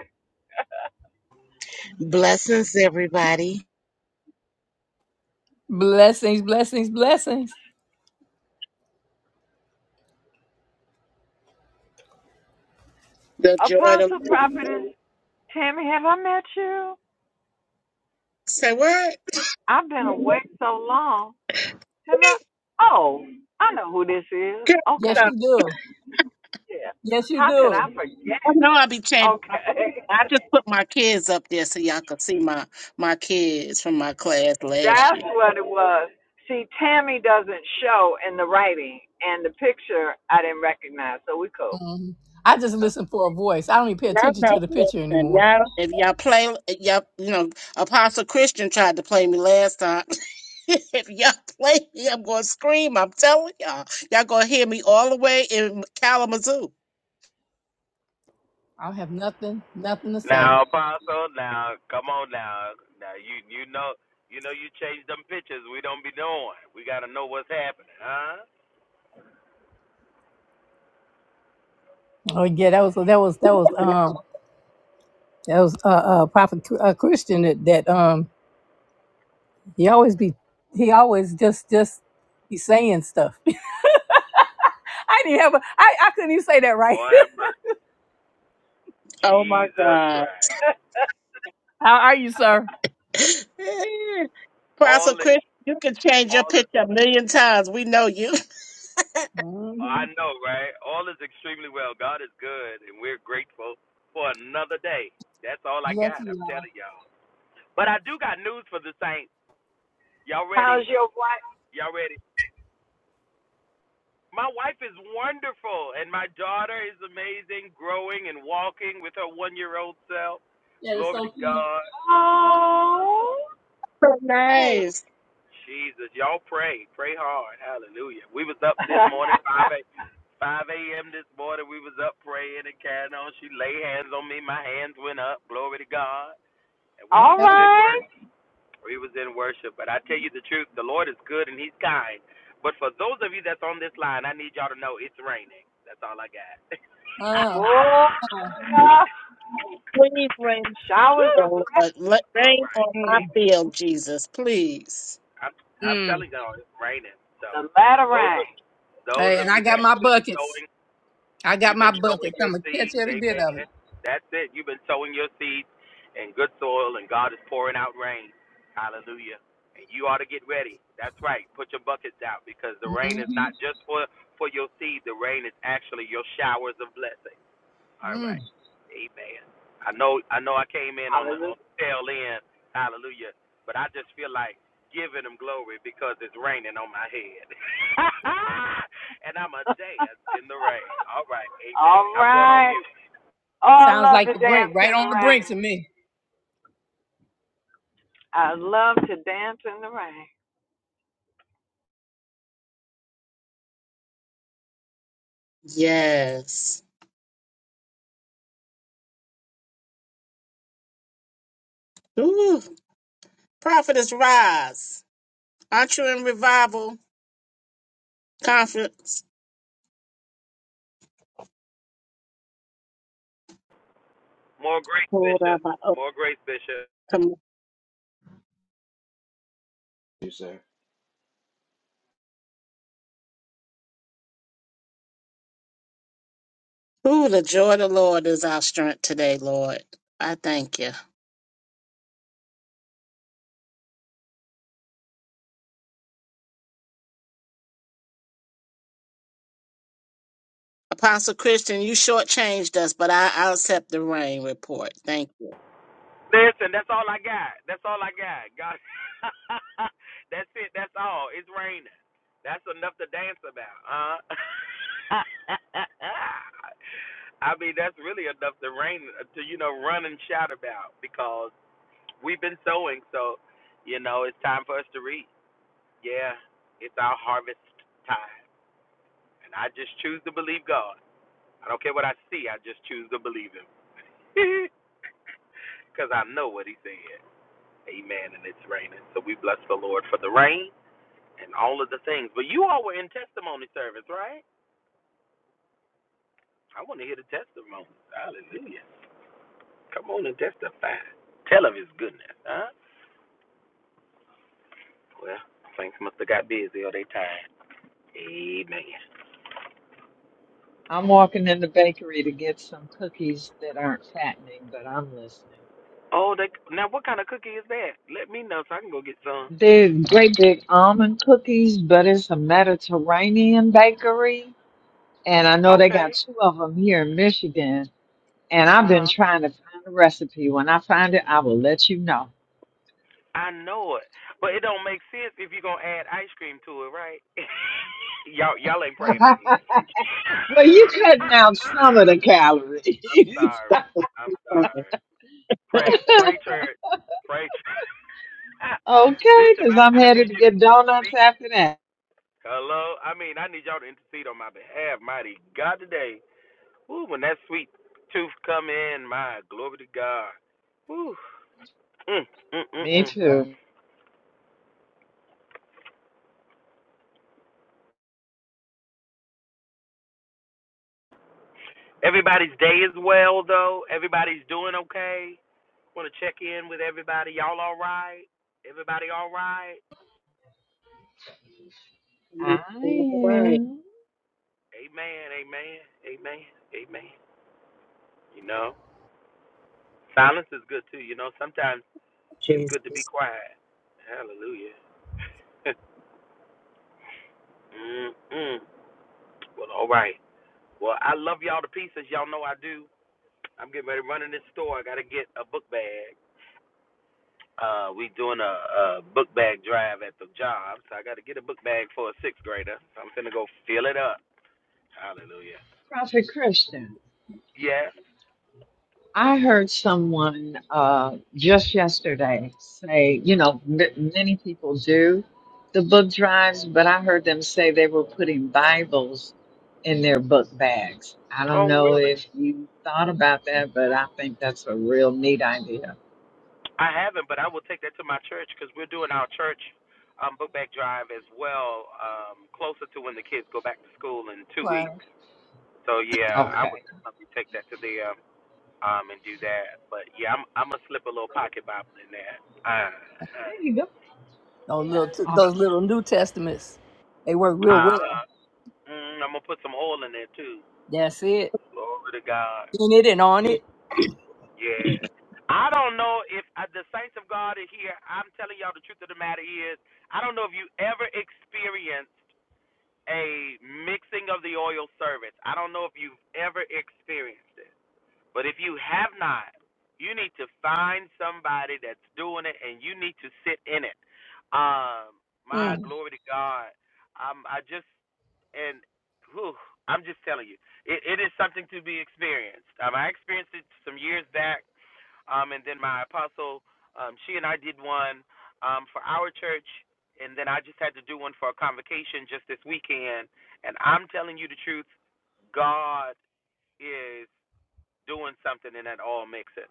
Blessings, everybody.
Blessings. Blessings. Blessings.
The joy of
Apostle Prophet Tammy, have I met you?
Say what?
I've been awake so long. Have I? Oh, I know who this is.
Girl,
Yes,
Okay.
stop.
you do.
Yeah.
Yes, you
How could
do.
I forget?
I know I be changing. my-
Okay.
I just put my kids up there so y'all can see my my kids from my class last year.
That's what it was. See, Tammy doesn't show in the writing, and the picture I didn't recognize, so we cool.
Mhm. I
We
just listen for a voice. I don't even pay
Y'all
attention
know,
to the picture
listen,
anymore.
y'all, if y'all play, y'all, you know, Apostle Christian tried to play me last time. if y'all play me, I'm gonna scream. I'm telling y'all, y'all gonna hear me all the way in Kalamazoo.
I have nothing, nothing to say.
Now, Apostle, now, come on now. Now, you you know you know you change them pictures. We don't be knowing. We got to know what's happening, huh?
Oh yeah, that was that was that was um that was uh, uh prophet Chr- uh, Christian that that um He always be he always just just be saying stuff. I didn't have a I, I couldn't even say that right.
Lord have mercy.
Oh my
Jesus
God!
Christ.
cool.
How are you, sir?
All
Apostle
is,
Chris, you can change your
all is,
picture a million times. We know you.
Mm-hmm.
I know, right? All is extremely well. God is good, and we're grateful for another day. That's all I
Yes,
got. I'm
we are.
telling y'all. But I do got news for the saints. Y'all
How's
ready?
your wife?
Y'all ready? My wife is wonderful, and my daughter is amazing, growing and walking with her one year old self.
That is
Glory
so
to
cute.
God.
Oh,
So
Yeah.
hey.
nice.
Jesus, y'all pray. Pray hard. Hallelujah. We was up this morning, 5 a, 5 a.m. this morning. We was up praying and carrying on. She laid hands on me. My hands went up. Glory to God. And we was
All
Okay.
just in
right.
worship. We was in worship. But I tell you the truth, the Lord is good and he's kind. But for those of you that's on this line, I need y'all to know it's raining. That's all I got.
Uh,
Whoa, that's enough.
Please rain,
Showers
Woo!
of
Lord.
blessings.
Let-
All
Rain
right.
on my
mm,
Amen.
field, Jesus, please.
I'm I'm
mm.
telling you, it's raining. So
The ladder
those
rang.
of those
Hey, and
of
I
you
got
that
my
have been
buckets.
sowing,
I got
you've
my
been sowing
buckets. I'm
your
gonna catch
seeds.
every bit of
Amen.
it.
That's it. You've been sowing your seeds in good soil, and God is pouring out rain. Hallelujah. And you ought to get ready. That's right. Put your buckets out because the rain is
hmm
not just for for your seed. The rain is actually your showers of blessing. All
Mm.
right. Amen. I know I know I came in on the,
Hallelujah.
on the tail end, hallelujah, but I just feel like giving him glory because it's raining on my head. and I'm a dance in the rain. All right, amen.
All
I'm going on
right.
mute.
Oh, I
Sounds
love
like
to
the
dance
brink,
in
right
the
on the brink to
rain.
me.
I love to dance in the rain.
Yes. Ooh, prophetess rise. Aren't you in revival conference?
More grace,
Lord, I-
Bishop.
I- oh,
More grace, Bishop.
come on. Ooh, the joy of the Lord is our strength today, Lord. I thank you. Apostle Christian, you shortchanged us, but I, I accept the rain report. Thank you.
Listen, that's all I got. That's all I got. God That's it, that's all. It's raining. That's enough to dance about, huh? I mean, that's really enough to rain to you know run and shout about because we've been sowing, so you know it's time for us to reap. Yeah, it's our harvest time, and I just choose to believe God. I don't care what I see; I just choose to believe Him because I know what He said. Amen. And it's raining, so we bless the Lord for the rain and all of the things. But you all were in testimony service, right? I want to hear the testimony. Hallelujah! Come on and testify. Tell of His goodness, huh? Well, things must have got busy or they tired. Amen.
I'm walking in the bakery to get some cookies that aren't fattening, but I'm listening.
Oh, they now what kind of cookie is that? Let me know so I can go get some.
They're great big almond cookies, but it's a Mediterranean bakery. And I know they got
Okay.
two of them here in Michigan. And I've been
Uh huh.
trying to find the recipe. When I find it, I will let you know.
I know it, but it don't make sense if you're gonna add ice cream to it, right? y'all, y'all ain't praying for me.
well, you cutting out some of the calories.
Sorry,
All
I'm sorry. Pray, pray, church, pray, church.
Okay,
Bishop.
because
I,
I'm
I
headed
need
to
you to
get donuts
intercede.
after that.
Hello. I mean, I need y'all to intercede on my behalf. Mighty God, today. Ooh, when that sweet tooth come in, my glory to God. Ooh. Mm, mm, mm,
Me
mm.
too.
Everybody's day is well though. Everybody's doing okay. Want to check in with everybody. Y'all all right? Everybody all right?
I
right,
am
Amen. Amen. Amen. Amen. You know, silence is good too. You know, sometimes it's good to be
Jesus.
quiet. Hallelujah. mm, mm. Well, all right. Well, I love y'all to pieces. Y'all know I do. I'm getting ready to run in this store. I gotta get a book bag. Uh, we doing a, a book bag drive at the job, so I got to get a book bag for a sixth grader. So I'm finna go fill it up. Hallelujah.
Prophet Christian.
Yes.
I heard someone uh, just yesterday say, you know, m- many people do the book drives, but I heard them say they were putting Bibles in their book bags. I don't
Oh,
know
really?
if you thought about that, but I think that's a real neat idea.
I haven't, but I will take that to my church because we're doing our church um, book bag drive as well, um, closer to when the kids go back to school in two
Right.
weeks. So yeah, I would
Okay.
definitely take that to them um, um, and do that. But yeah, I'm I'm gonna slip a little pocket Bible in there. Uh,
There you go.
Those little t-
Awesome.
those little New Testaments, they work real
uh,
well.
uh, mm, I'm gonna put some oil in there too.
That's it.
Glory to God.
In it and on it.
Yeah. I don't know if uh, the saints of God are here. I'm telling y'all the truth of the matter is, I don't know if you ever experienced a mixing of the oil service. I don't know if you've ever experienced it. But if you have not, you need to find somebody that's doing it and you need to sit in it. Um, my
Mm.
glory to God. Um, I just and whew, I'm just telling you, it, it is something to be experienced. Um, I experienced it some years back, um, and then my apostle, um, she and I did one um, for our church, and then I just had to do one for a convocation just this weekend. And I'm telling you the truth, God is doing something and that all makes it.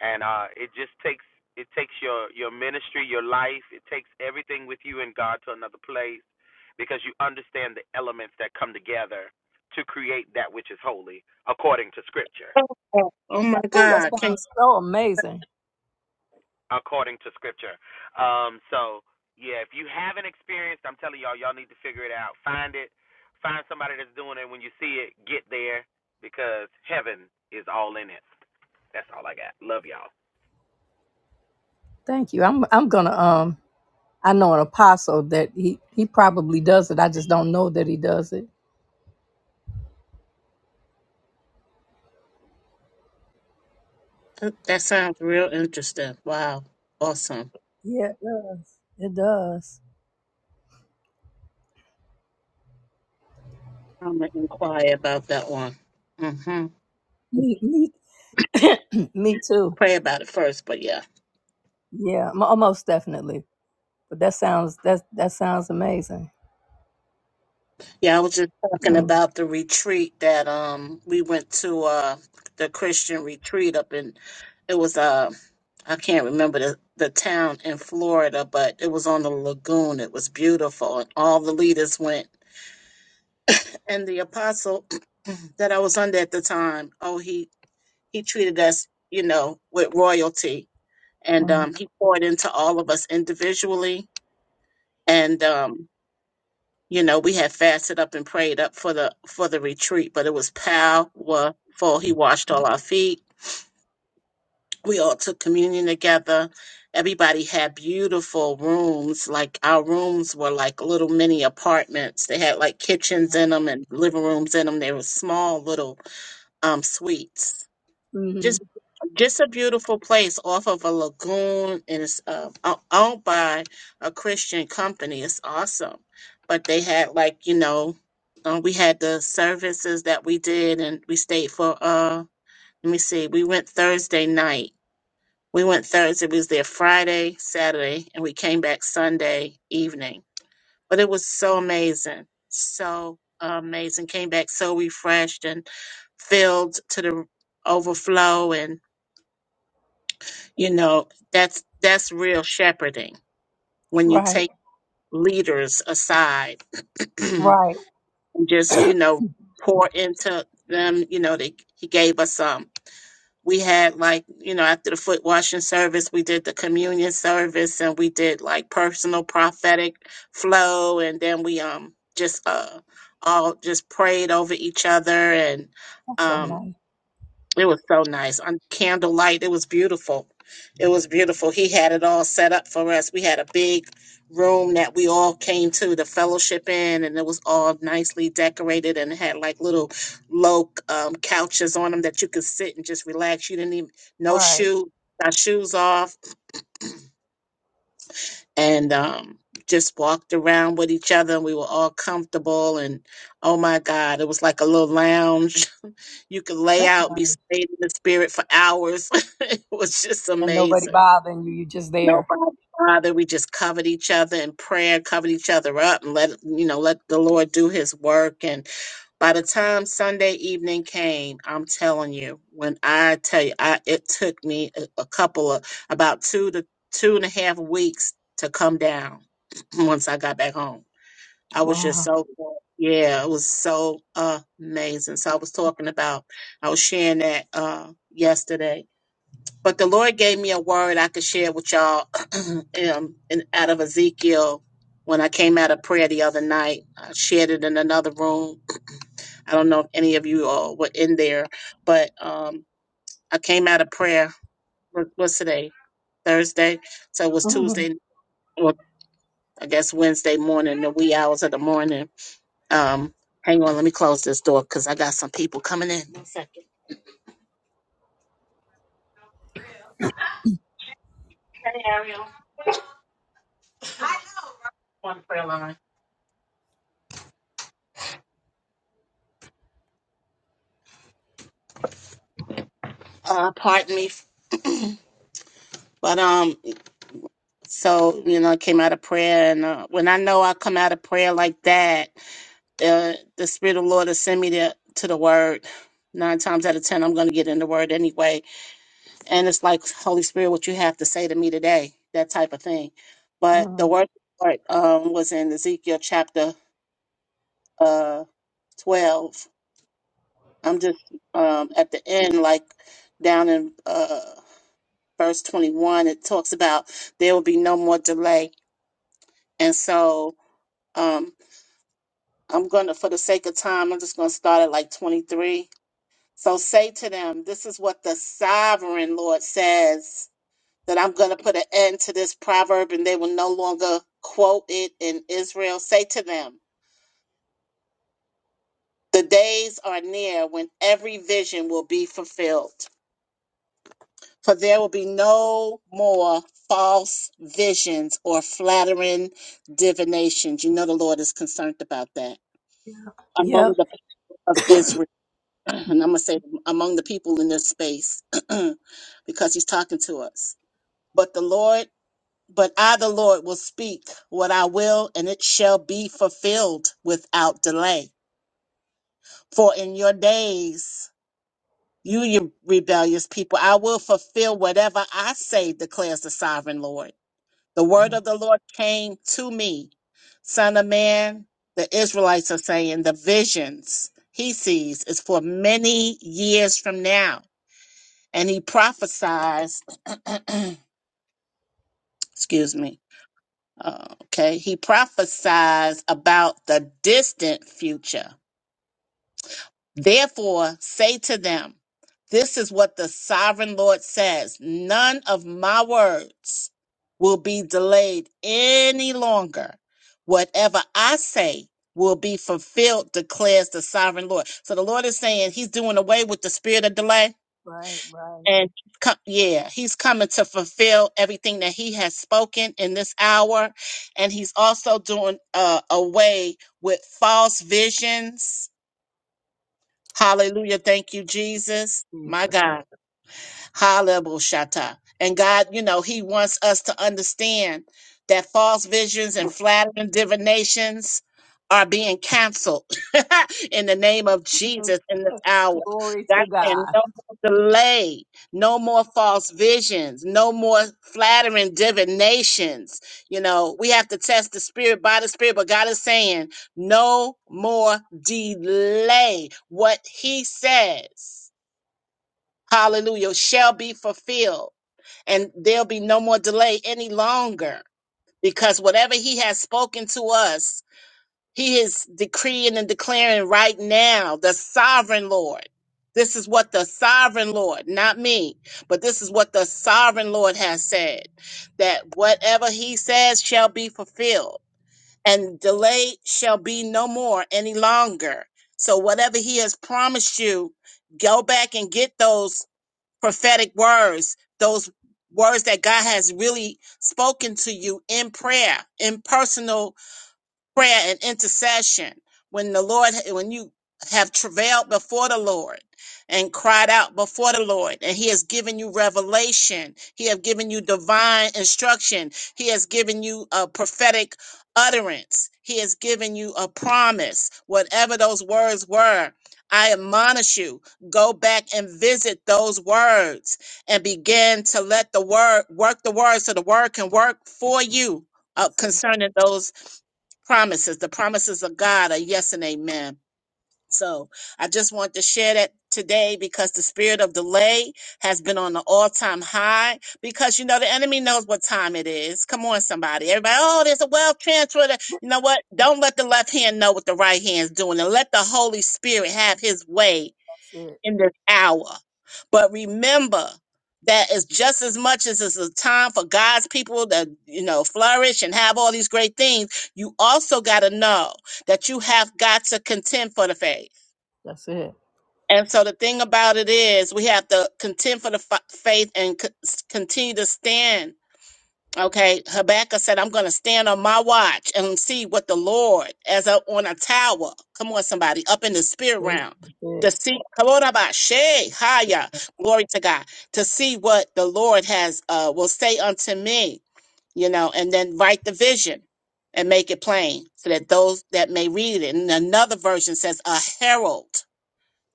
And uh it just takes it takes your your ministry, your life, it takes everything with you and God to another place because you understand the elements that come together to create that which is holy according to scripture.
Oh God. Oh, my
Oh, that
God! Can
sounds so amazing.
According to scripture. Um so yeah, if you haven't experienced, I'm telling y'all y'all need to figure it out. Find it. Find somebody that's doing it when you see it, get there because heaven is all in it. That's all I got. Love y'all.
Thank you. I'm I'm gonna um I know an apostle that he he probably does it. I just don't know that he does it.
you, that sounds real interesting? Wow, awesome.
Yeah, it does. It does.
I'm gonna inquire about that one. mm hmm
Me me me too.
Pray about it first, but yeah,
Yeah, mo- almost definitely. But that sounds that that sounds amazing.
yeah. I was just talking
Mm,
about the retreat that um we went to uh the Christian retreat up in it was uh I can't remember the the town in Florida, but it was on the lagoon. It was beautiful, and all the leaders went. And the apostle that I was under at the time. Oh, he he treated us, you know, with royalty, and
mm,
um, he poured into all of us individually, and um, you know, we had fasted up and prayed up for the for the retreat, but it was powerful. He washed all our feet. We all took communion together. Everybody had beautiful rooms. Like our rooms were like little mini apartments. They had like kitchens in them and living rooms in them. They were small little um, suites
hmm
Just, just a beautiful place off of a lagoon, and it's uh, o- owned by a Christian company. It's awesome. But they had like you know, uh, we had the services that we did, and we stayed for uh, let me see, we went Thursday night. We went Thursday. We was there Friday, Saturday, and we came back Sunday evening. But it was so amazing, so amazing. Came back so refreshed and filled to the overflow, and. You know, that's that's real shepherding when you
Right,
take leaders aside and
right.
just, you know, pour into them, you know, they he gave us um we had like, you know, after the foot washing service, we did the communion service and we did like personal prophetic flow and then we um just uh all just prayed over each other and
That's so
um,
nice.
It was so nice. On candlelight, it was beautiful. It was beautiful. He had it all set up for us. We had a big room that we all came to the fellowship in, and it was all nicely decorated and it had like little low um, couches on them that you could sit and just relax. You didn't even no
Right,
shoe, our shoes off, and um, just walked around with each other. And we were all comfortable, and oh my God, it was like a little lounge. You could lay
that's
out and be
nice.
stayed in the spirit for hours. it was just
And nobody
amazing.
bothering you. You're just
No
there.
problem. Father, we just covered each other in prayer, covered each other up, and let you know, let the Lord do His work. And by the time Sunday evening came, I'm telling you, when I tell you, I it took me a, a couple of about two to two and a half weeks to come down once I got back home I was just
Wow.
so, yeah, it was so amazing. So I was talking about, I was sharing that uh, yesterday. But the Lord gave me a word I could share with y'all um, in, out of Ezekiel when I came out of prayer the other night. I shared it in another room. I don't know if any of you all were in there, but um, I came out of prayer. What, what's today? Thursday. So it was
Mm-hmm.
Tuesday, or I guess Wednesday morning, the wee hours of the morning Um, hang on, let me close this door because I got some people coming in. One second. Hey, Ariel. One prayer line. Uh, pardon me. but um, so you know, I came out of prayer, and uh, when I know I come out of prayer like that, uh, the Spirit of the Lord has sent me to to the Word. Nine times out of ten, I'm going to get in the Word anyway, and it's like Holy Spirit, what you have to say to me today, that type of thing. But
Mm-hmm.
the Word of the Lord, um, was in Ezekiel chapter uh, 12 I'm just um, at the end, like down in uh, verse 21, it talks about there will be no more delay. And so um, I'm going to, for the sake of time, I'm just going to start at like 23. So say to them, this is what the sovereign Lord says that I'm going to put an end to this proverb and they will no longer quote it in Israel. Say to them, the days are near when every vision will be fulfilled. for there will be no more false visions or flattering divinations. You know the Lord is concerned about that
Yeah.
among the people of Israel, and I'm gonna say among the people in this space because He's talking to us. But the Lord, but I, the Lord, will speak what I will, and it shall be fulfilled without delay. For in your days, you, you rebellious people, I will fulfill whatever I say, declares the sovereign Lord. The word
Mhm.
of the Lord came to me, Son of man, the Israelites are saying the visions he sees is for many years from now. And he prophesies, excuse me, uh, okay, he prophesies about the distant future. Therefore, say to them, This is what the sovereign Lord says None of my words will be delayed any longer. Whatever I say will be fulfilled, declares the sovereign Lord. So the Lord is saying He's doing away with the spirit of delay.
Right, right,
And co- yeah, he's coming to fulfill everything that he has spoken in this hour. And he's also doing uh, away with false visions Hallelujah. Thank you, Jesus. My
Jesus.
God. Hallelujah. And God, you know, He wants us to understand that false visions and flattering divinations are being canceled in the name of Jesus in this hour.
Glory
God
to
and
God.
no more delay, no more false visions, no more flattering divinations. You know, we have to test the spirit by the spirit, but God is saying, no more delay. What He says hallelujah, shall be fulfilled. And there'll be no more delay any longer because whatever he has spoken to us, he is decreeing and declaring right now, the sovereign Lord. This is what the sovereign Lord, not me, but this is what the sovereign Lord has said that whatever he says shall be fulfilled, and delay shall be no more any longer. So, whatever he has promised you, go back and get those prophetic words, those words that God has really spoken to you in prayer, in personal prayer and intercession when the lord when you have travailed before the lord and cried out before the lord and he has given you revelation he has given you divine instruction he has given you a prophetic utterance he has given you a promise whatever those words were i admonish you go back and visit those words and begin to let the word work the word so the word can work for you uh,
That's it.
concerning those promises. The promises of God are yes and amen. So I just want to share that today because the spirit of delay has been on an all time high because you know the enemy knows what time it is. Come on, somebody. Everybody, oh, there's a wealth transfer. that-" You know what? Don't let the left hand know what the right hand's doing and let the Holy Spirit have his way
That's it.
in this hour. But remember that it's just as much as it's a time for God's people to, you know, flourish and have all these great things. You also got to know that you have got to contend for the faith.
That's it.
And so the thing about it is, we have to contend for the fa- faith and co- s- continue to stand Okay, Habakkuk said, I'm going to stand on my watch and see what the Lord, as a, on a tower, come on, somebody, up in the spirit
That's
realm, to
it.
see, come on, about Shay, Haya, glory to God, to see what the Lord has, uh, will say unto me, you know, and then write the vision and make it plain so that those that may read it. And another version says, a herald.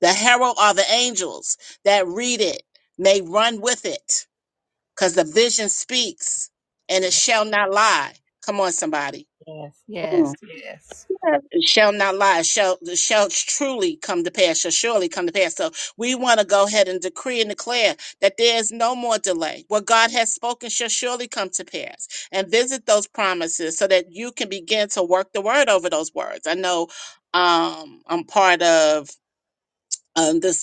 The herald are the angels that read it, may run with it because the vision speaks and it shall not lie. Come on, somebody.
Yes, yes,
Mm.
yes.
It shall not lie. It Shall it shall truly come to pass. Shall surely come to pass. So we want to go ahead and decree and declare that there is no more delay. What God has spoken shall surely come to pass. And visit those promises so that you can begin to work the word over those words. I know um, I'm part of um, this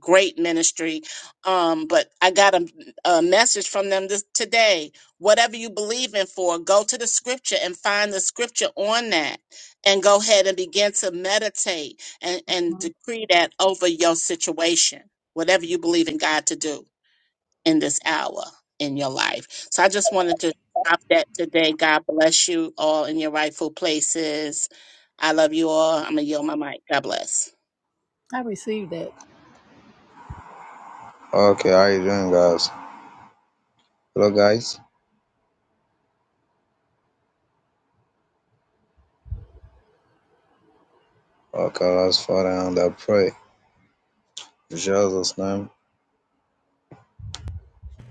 great ministry. Um, but I got a, a message from them this, today. Whatever you believe in for, go to the scripture and find the scripture on that and go ahead and begin to meditate and, and
Mhm.
decree that over your situation, whatever you believe in God to do in this hour in your life. So I just wanted to drop that today. God bless you all in your rightful places. I love you all. I'm going to yield my mic. God bless.
I received that.
Okay, how you doing, guys? Hello, guys. Okay, let's fall down and pray. In Jesus' name.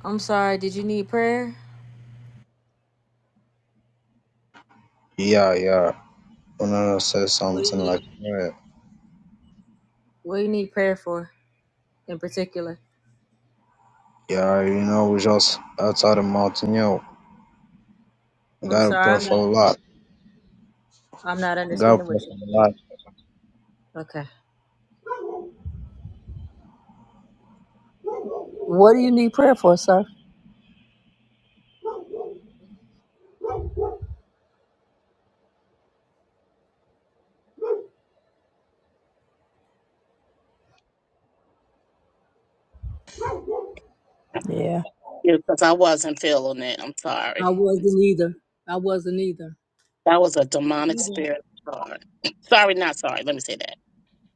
I'm sorry, did you need prayer?
Yeah, yeah. want I say
What do you
something like
need?
prayer.
What do you need prayer for in particular?
Yeah, you know, we just outside the mountain, yo. We
I'm
gotta
sorry,
pray
I'm
for
not,
a lot.
I'm not
We gotta
understanding
pray
what you
for a lot.
mean. Okay.
What do you need prayer for, sir? Yeah.
Yeah, Because I wasn't feeling it. I'm
I
sorry.
wasn't either. I wasn't either.
That was a demonic spirit. Sorry, sorry, not sorry. Let me say that.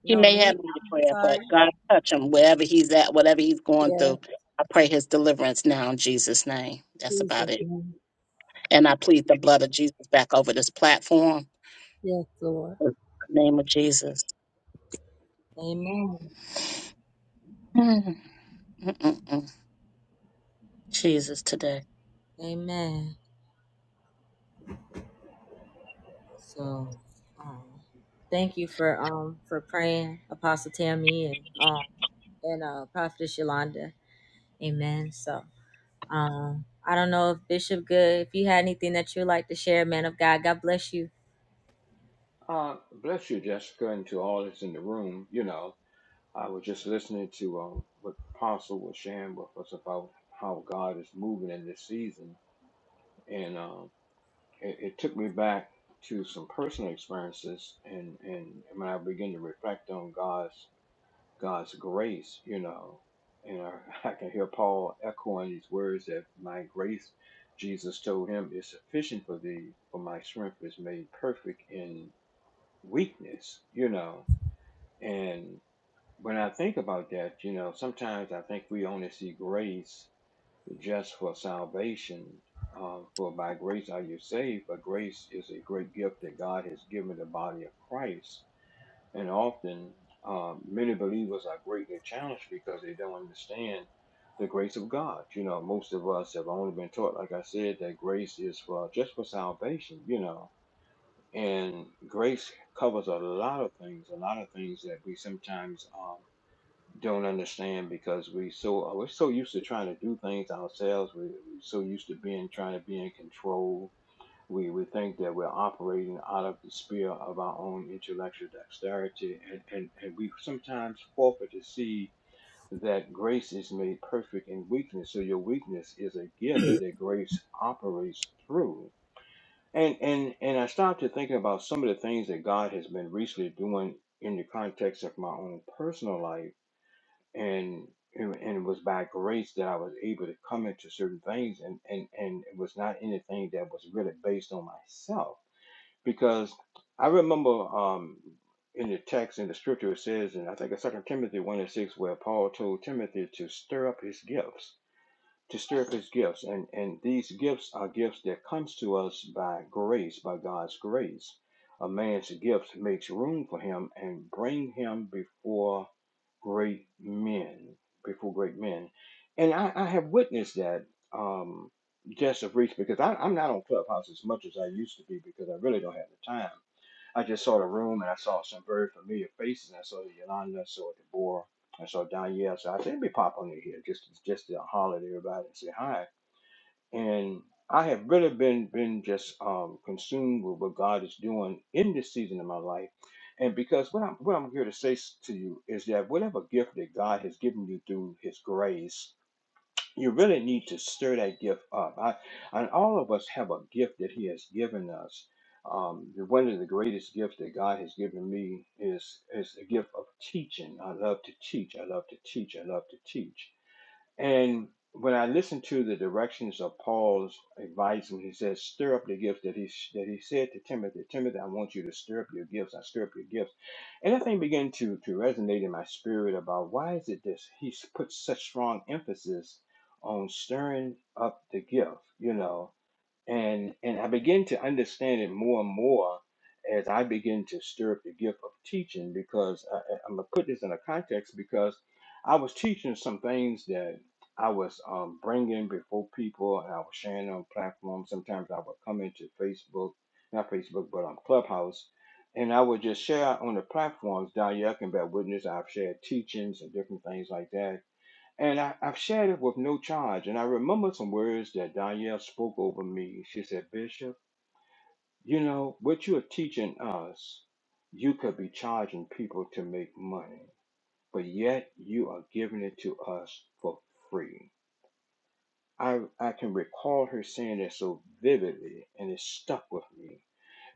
He
No,
may
me.
have need of
I'm
prayer, but
sorry.
God touch him wherever he's at, whatever he's going
Yeah,
through. I pray his deliverance now in Jesus' name. That's about
Jesus.
it.
mhm.
And I plead the blood of Jesus back over this platform.
Yes, Lord.
In the name of Jesus.
Amen.
Mm, mm, mm, mm. Jesus today.
Amen. So, um, thank you for um for praying, Apostle Tammy and um and uh Prophetess Yolanda. Amen. So, um, I don't know if Bishop Good, if you had anything that you'd like to share, man of God, God bless you.
Uh, bless you, Jessica, and to all that's in the room. You know, I was just listening to um, what Apostle was sharing with us about how God is moving in this season, and um. it, it took me back to some personal experiences and, and when I begin to reflect on God's God's grace, you know, and I, I can hear Paul echoing these words that my grace, Jesus told him, is sufficient for thee, for my strength is made perfect in weakness, you know. And when I think about that, you know, sometimes I think we only see grace just for salvation. Uh, for by grace are you saved, but grace is a great gift that God has given the body of Christ. And often, um, many believers are greatly challenged because they don't understand the grace of God. You know, most of us have only been taught, like I said, that grace is for just for salvation. You know, and grace covers a lot of things, a lot of things that we sometimes um, don't understand because we so we're so used to trying to do things ourselves. We, are so used to being trying to be in control. We we think that we're operating out of the sphere of our own intellectual dexterity, and and, and we sometimes forfeit to see that grace is made perfect in weakness. So your weakness is a gift that grace operates through. And and and I started to thinking about some of the things that God has been recently doing in the context of my own personal life and and it was by grace that I was able to come into certain things and and and it was not anything that was really based on myself because I remember um in the text in the scripture it says and I think it's second Timothy one and six where Paul told Timothy to stir up his gifts to stir up his gifts and and these gifts are gifts that comes to us by grace by god's grace a man's gift makes room for him and bring him before great men before great men and i, I have witnessed that um just of reach because I, i'm not on clubhouse as much as i used to be because i really don't have the time I just saw the room and I saw some very familiar faces. And I saw Yolanda, I saw Deborah, and so down here, so I said, let pop on in here just just to holler at everybody and say hi. And I have really been been just um, consumed with what God is doing in this season of my life. And because what I'm what I'm here to say s- to you is that whatever gift that God has given you through His grace you really need to stir that gift up. I, and all of us have a gift that He has given us. Um, the- one of the greatest gifts that God has given me is is the gift of teaching. I love to teach. I love to teach. I love to teach. And when I listened to the directions of Paul's advice, when he says, "Stir up the gifts," that he that he said to Timothy, "Timothy, I want you to stir up your gifts. I stir up your gifts," and that thing began to to resonate in my spirit about why is it this he s- puts such strong emphasis on stirring up the gift, you know, and and I begin to understand it more and more as I begin to stir up the gift of teaching because I, I- I'm gonna put this in a context because I was teaching some things that I was um, bringing before people and I was sharing on platforms. Sometimes I would come into Facebook, not Facebook, but on Clubhouse, and I would just share on the platforms. Don Yuck and Bad Witness, I've shared teachings and different things like that and I, I've shared it with no charge. And I remember some words that Danielle spoke over me. She said, Bishop, you know, what you are teaching us, you could be charging people to make money, but yet you are giving it to us for free. I I can recall her saying that so vividly, and it stuck with me.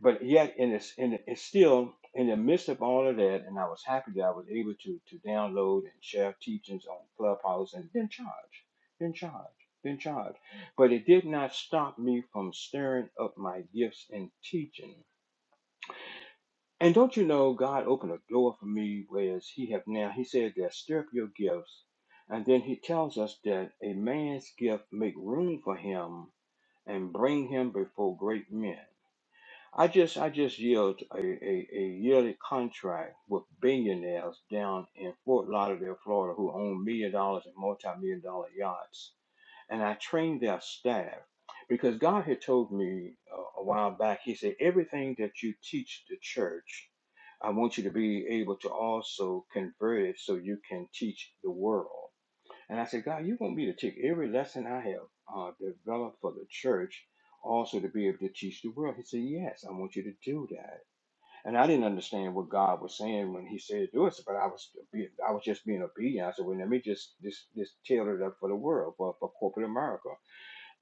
But yet, and it's and it's still in the midst of all of that, and I was happy that I was able to to download and share teachings on Clubhouse, and then charge, then charge, then charge. But it did not stop me from stirring up my gifts and teaching. And don't you know, God opened a door for me, whereas He have now. He said that stir up your gifts, and then He tells us that a man's gift make room for him and bring him before great men. I just I just yield a, a, a yearly contract with billionaires down in Fort Lauderdale, Florida, who own million dollars and multi-million dollar yachts, and I train their staff because God had told me uh, a while back. He said everything that you teach the church, I want you to be able to also convert it so you can teach the world. And I said, God, you want me to take every lesson I have uh, developed for the church also to be able to teach the world. He said, Yes, I want you to do that. And I didn't understand what God was saying when He said do it, but I was be- I was just being obedient. I said, Well, let me just just, just tailor it up for the world, for, for corporate America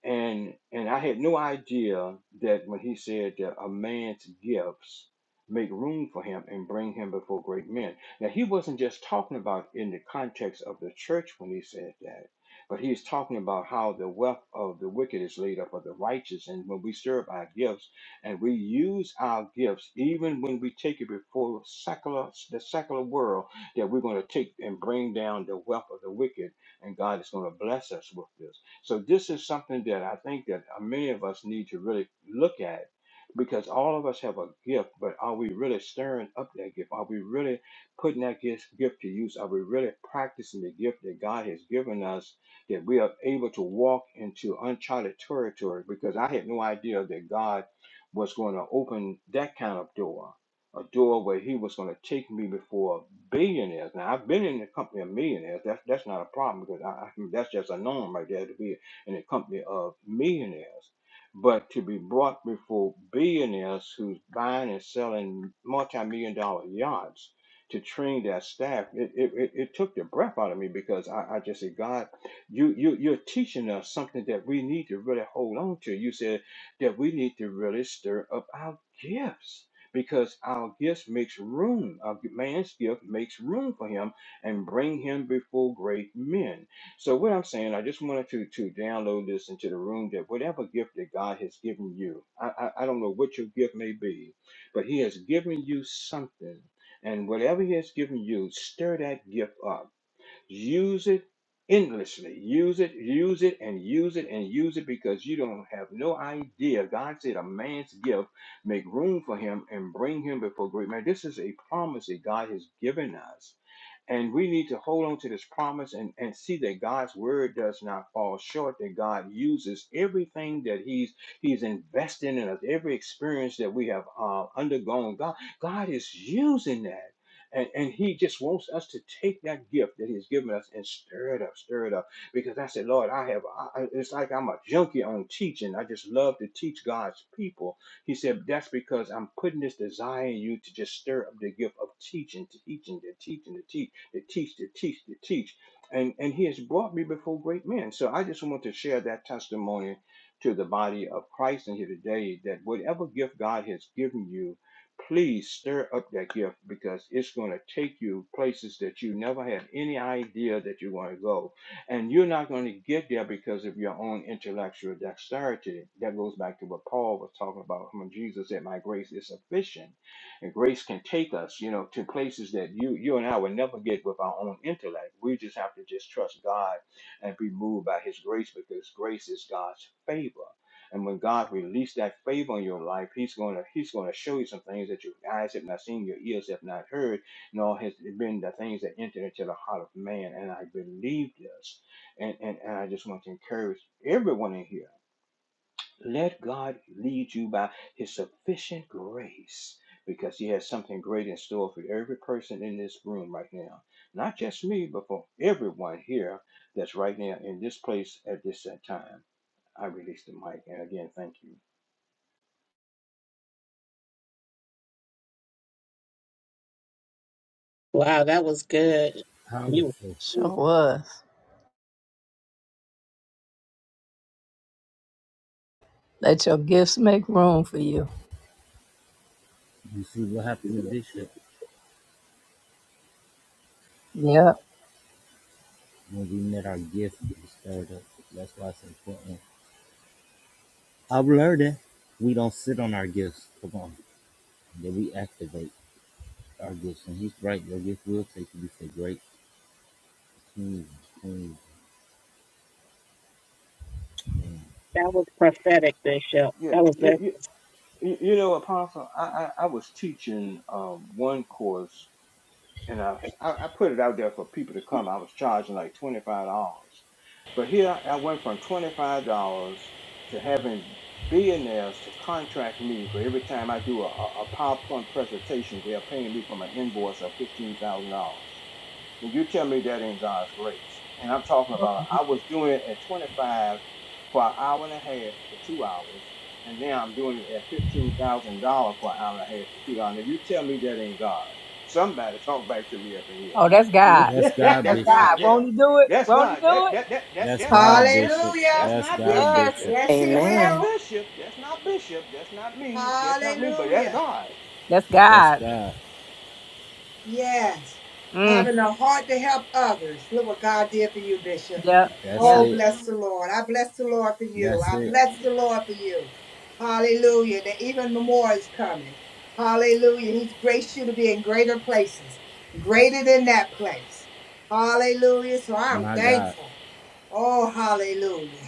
and and I had no idea that when he said that a man's gifts make room for him and bring him before great men. Now he wasn't just talking about in the context of the church when he said that, but he's talking about how the wealth of the wicked is laid up for the righteous. And when we serve our gifts and we use our gifts, even when we take it before secular the secular world, that we're going to take and bring down the wealth of the wicked, and God is going to bless us with this. So this is something that I think that uh, many of us need to really look at because all of us have a gift, but are we really stirring up that gift? Are we really putting that gift, gift to use? Are we really practicing the gift that God has given us that we are able to walk into uncharted territory? Because I had no idea that God was going to open that kind of door, a door where he was going to take me before billionaires. Now I've been in the company of millionaires. That's that's not a problem because I, I mean, that's just a norm right there to be in the company of millionaires. But to be brought before billionaires who's buying and selling multi-million dollar yachts to train their staff, it, it, it, it took the breath out of me because I, I just said, God, you, you you're teaching us something that we need to really hold on to. You said that we need to really stir up our gifts because our gifts makes room. Our man's gift makes room for him and bring him before great men. So what I'm saying, I just wanted to to download this into the room that whatever gift that God has given you, I I, I don't know what your gift may be, but He has given you something, and whatever He has given you, stir that gift up Use it endlessly. Use it, use it, and use it, and use it because you don't have no idea. God said, A man's gift, make room for him and bring him before great man. This is a promise that God has given us and we need to hold on to this promise and, and see that God's word does not fall short, that God uses everything that He's He's investing in us, every experience that we have uh, undergone. God, God is using that. And, and he just wants us to take that gift that he's given us and stir it up, stir it up. Because I said, Lord, I have, I, I- it's like I'm a junkie on teaching. I just love to teach God's people. He said, That's because I'm putting this desire in you to just stir up the gift of teaching, to teaching, to teaching, to teach to teach, to teach, to teach. And, and he has brought me before great men. So I just want to share that testimony to the body of Christ in here today that whatever gift God has given you, please stir up that gift because it's going to take you places that you never had any idea that you want to go. And you're not going to get there because of your own intellectual dexterity. That goes back to what Paul was talking about when Jesus said, My grace is sufficient and grace can take us, you know, to places that you you and I would never get with our own intellect. We just have to just trust God and be moved by his grace because grace is God's favor. And when God released that favor in your life, He's gonna He's gonna show you some things that your eyes have not seen, your ears have not heard, nor has it been the things that entered into the heart of man. And I believe this, and and, and I just want to encourage everyone in here. Let God lead you by his sufficient grace because he has something great in store for every person in this room right now. Not just me, but for everyone here that's right now in this place at this set time. I release the mic, and again, thank you.
Wow, that was good. You
Powerful.
Sure was. Let your gifts make room for you.
You see what happened to Bishop
Yeah.
when we met our gift and stirred up. That's why it's important I've learned it. We don't sit on our gifts. Come on. That we activate our gifts. And he's right. Your gift will take you to great kings and queens. Man.
that was prophetic, Bishop.
Yeah,
That was very
you, you, you know, Apostle, I, I, I was teaching um, one course and I, I put it out there for people to come. I was charging like twenty five dollars, but here I went from twenty five dollars to having billionaires to contract me for every time I do a, a PowerPoint presentation. They're paying me from an invoice of fifteen thousand dollars. Now you tell me that in God's grace. And I'm talking about I was doing it at 25 for an hour and a half to two hours, and now I'm doing it at fifteen thousand dollars for an hour and a half to two dollars. Now you tell me that ain't God. Somebody talk back to me up in
Oh, that's God.
here.
That's God,
That's
that's
God.
Bishop.
God
Won't
there.
he do it?
That's
Won't he
God.
do
That
it?
that that, that
That's
Hallelujah.
that's not
God,
that's
Bishop.
that's
Hallelujah.
That's
not
God,
bishop.
Yes.
That,
Bishop.
Yes, he
that's not
Amen.
will.
bishop. That's not bishop. That's not me. That's not me. But that's
Hallelujah.
God.
That's
That's
God.
God.
Yes.
Mm.
Having a heart to help others. Look what God did for you, Bishop.
Yeah.
That's
Yeah.
Oh,
it.
bless the Lord. I bless the Lord for you.
That's
I
it.
bless the Lord for you. Hallelujah. That even more is coming. Hallelujah. He's graced you to be in greater places, greater than that place. Hallelujah. So I'm
My God.
thankful. Oh, hallelujah.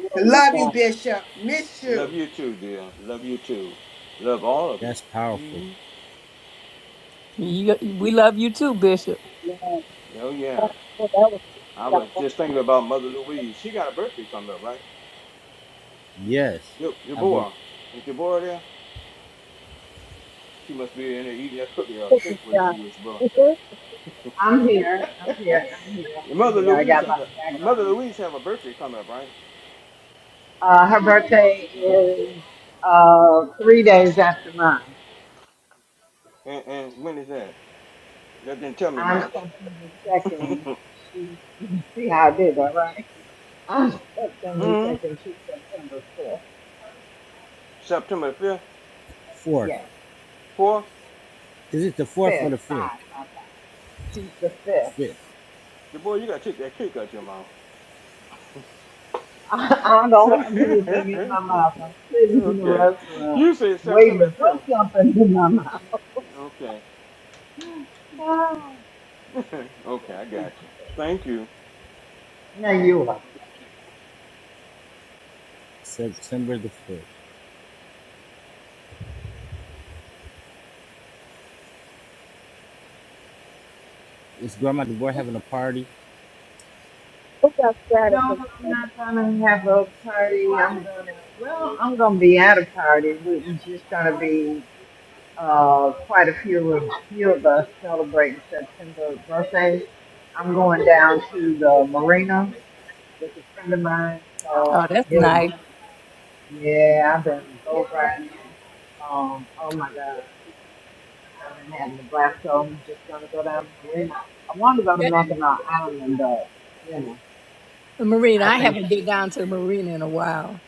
I
oh, my
love you,
God.
Bishop. Miss you.
Love you too, dear. Love you too. Love all of you.
That's powerful.
You, we love you too, Bishop.
Yeah,
Oh yeah.
that was
I
that
was
was
just thinking about Mother Louise. She got a birthday coming up, right?
Yes.
Ja-
I believe.
Deborah. Is Deborah there? She must be in there eating that cookie or
That
cake with her sugars, bro.
was.
I'm here. I'm here. I'm here.
Mother
I'm here. I
Louise
got a
has
lot
a
of
Mother
background
Louise have a birthday coming up, right?
noise. Uh, her birthday is uh, three days after mine.
And, and when is that? That didn't tell me
I'm
much.
September 2nd. She, you see how I did that, right? I'm September
hmm
2nd. She's September 5th.
September fifth,
Fourth.
Yes,
fourth.
Is it the fourth or
5th.
the fifth?
She's the 5th.
Fifth.
Deborah, you gotta take that cake out your mouth.
I, I don't
Sep-
have anything in my mouth. I'm sitting in the
okay.
restaurant
You said
waiting
September the
to put
fifth.
something in my
Okay.
mouth.
okay, I got you. Thank you.
Oh, now you are.
September the fifth. It's Grandma DeBoer having a party.
No,
That was.
I'm not gonna have a party. I'm gonna well, I'm gonna be at a party. It's just gonna be uh quite a few of few of us celebrating September birthdays. I'm going down to the marina with a friend of mine. So
Oh,
I've
that's
been
nice.
yeah, I've been boat riding. Um, oh my god, I've been having a blast. So I'm just gonna go down to the marina. I want to go to
That,
Mackinac Island, but you know,
Marina,
I
I haven't been
think.
down to the marina in a while.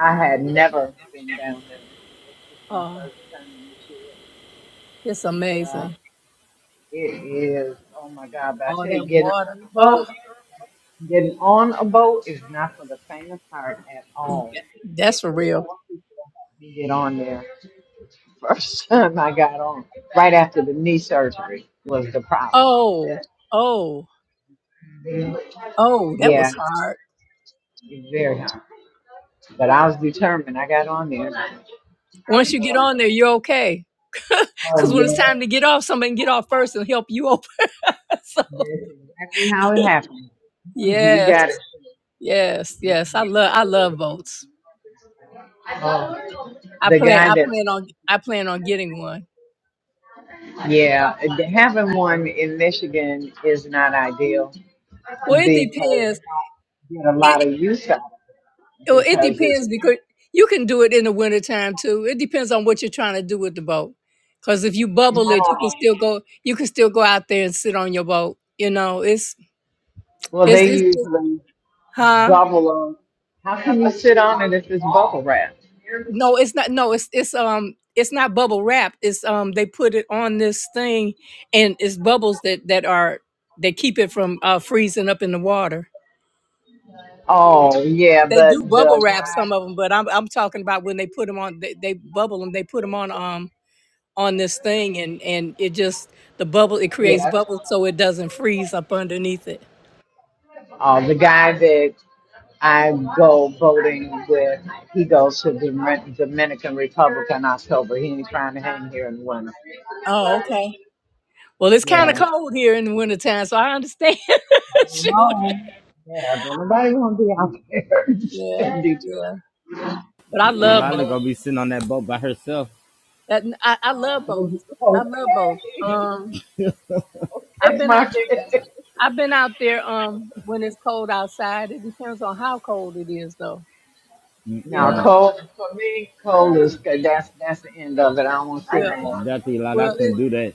I had never been down there. This is my
Oh,
first time this
it's amazing.
year. Yeah, it is. Oh my God! But I
All
tell you,
that
getting
water.
on the boat,
Oh,
getting on a boat is not for the faint of heart at all. It
that's for
took four
real.
people to help me get on there. First time I got on, right after the knee surgery, was the problem.
Oh, oh, oh, that
Yeah,
was hard.
it's very hard. But I was determined. I got on there.
Once you get on there, you're okay. Because
Oh
when it's
yeah,
time to get off, somebody can get off first and help you so
that's exactly how it happened. You
yes,
got it.
yes, yes. I love I love votes.
Oh.
I
The
plan
guy
I
that,
plan on I plan on getting one.
yeah, having one in Michigan is not ideal
Well, it
because
depends.
you get a
It
lot of
it-
use out of it
well, it
because it's
depends because you can do it in the wintertime too. It depends on what you're trying to do with the boat. Because if you
none
bubble it, you can
of them.
still go. You can still go out there and sit on your boat. You know, it's
Well,
it's
they
it's, it's
usually
huh?
bubble on. How can you sit on it if it's bubble wrap?
No, it's not. No, it's it's um it's not bubble wrap. It's um they put it on this thing, and it's bubbles that that are they keep it from uh, freezing up in the water.
Oh yeah,
They do
but
bubble
the
wrap
guy,
some of them, but I'm I'm talking about when they put them on. They, they bubble them. They put them on um on this thing, and and it just the bubble it creates
yeah,
bubbles so it doesn't freeze up underneath it.
uh, the guy that I go boating with, he goes to the Domin- Dominican Republic in October. He ain't trying to hang here in the winter.
Oh, okay. Well, it's kind
Yeah.
of cold here in the wintertime, so I understand. Shoot.
No, yeah, nobody gonna be out there
Yeah,
standing
yeah. But I
Y-
love
Yolanda
bubble
gonna be sitting on that boat by herself.
That, I, I love both.
drunk.
I love both.
Okay,
Um, I've
that's
been
my
out there.
case.
I've been out there. Um, when it's cold outside, it depends on how cold it is, though. You
Now,
know.
Mm-mm.
cold for me, cold is good. That's that's the end of it. I don't want to see no
Well,
more.
Nothing like I
well, it,
couldn't do that.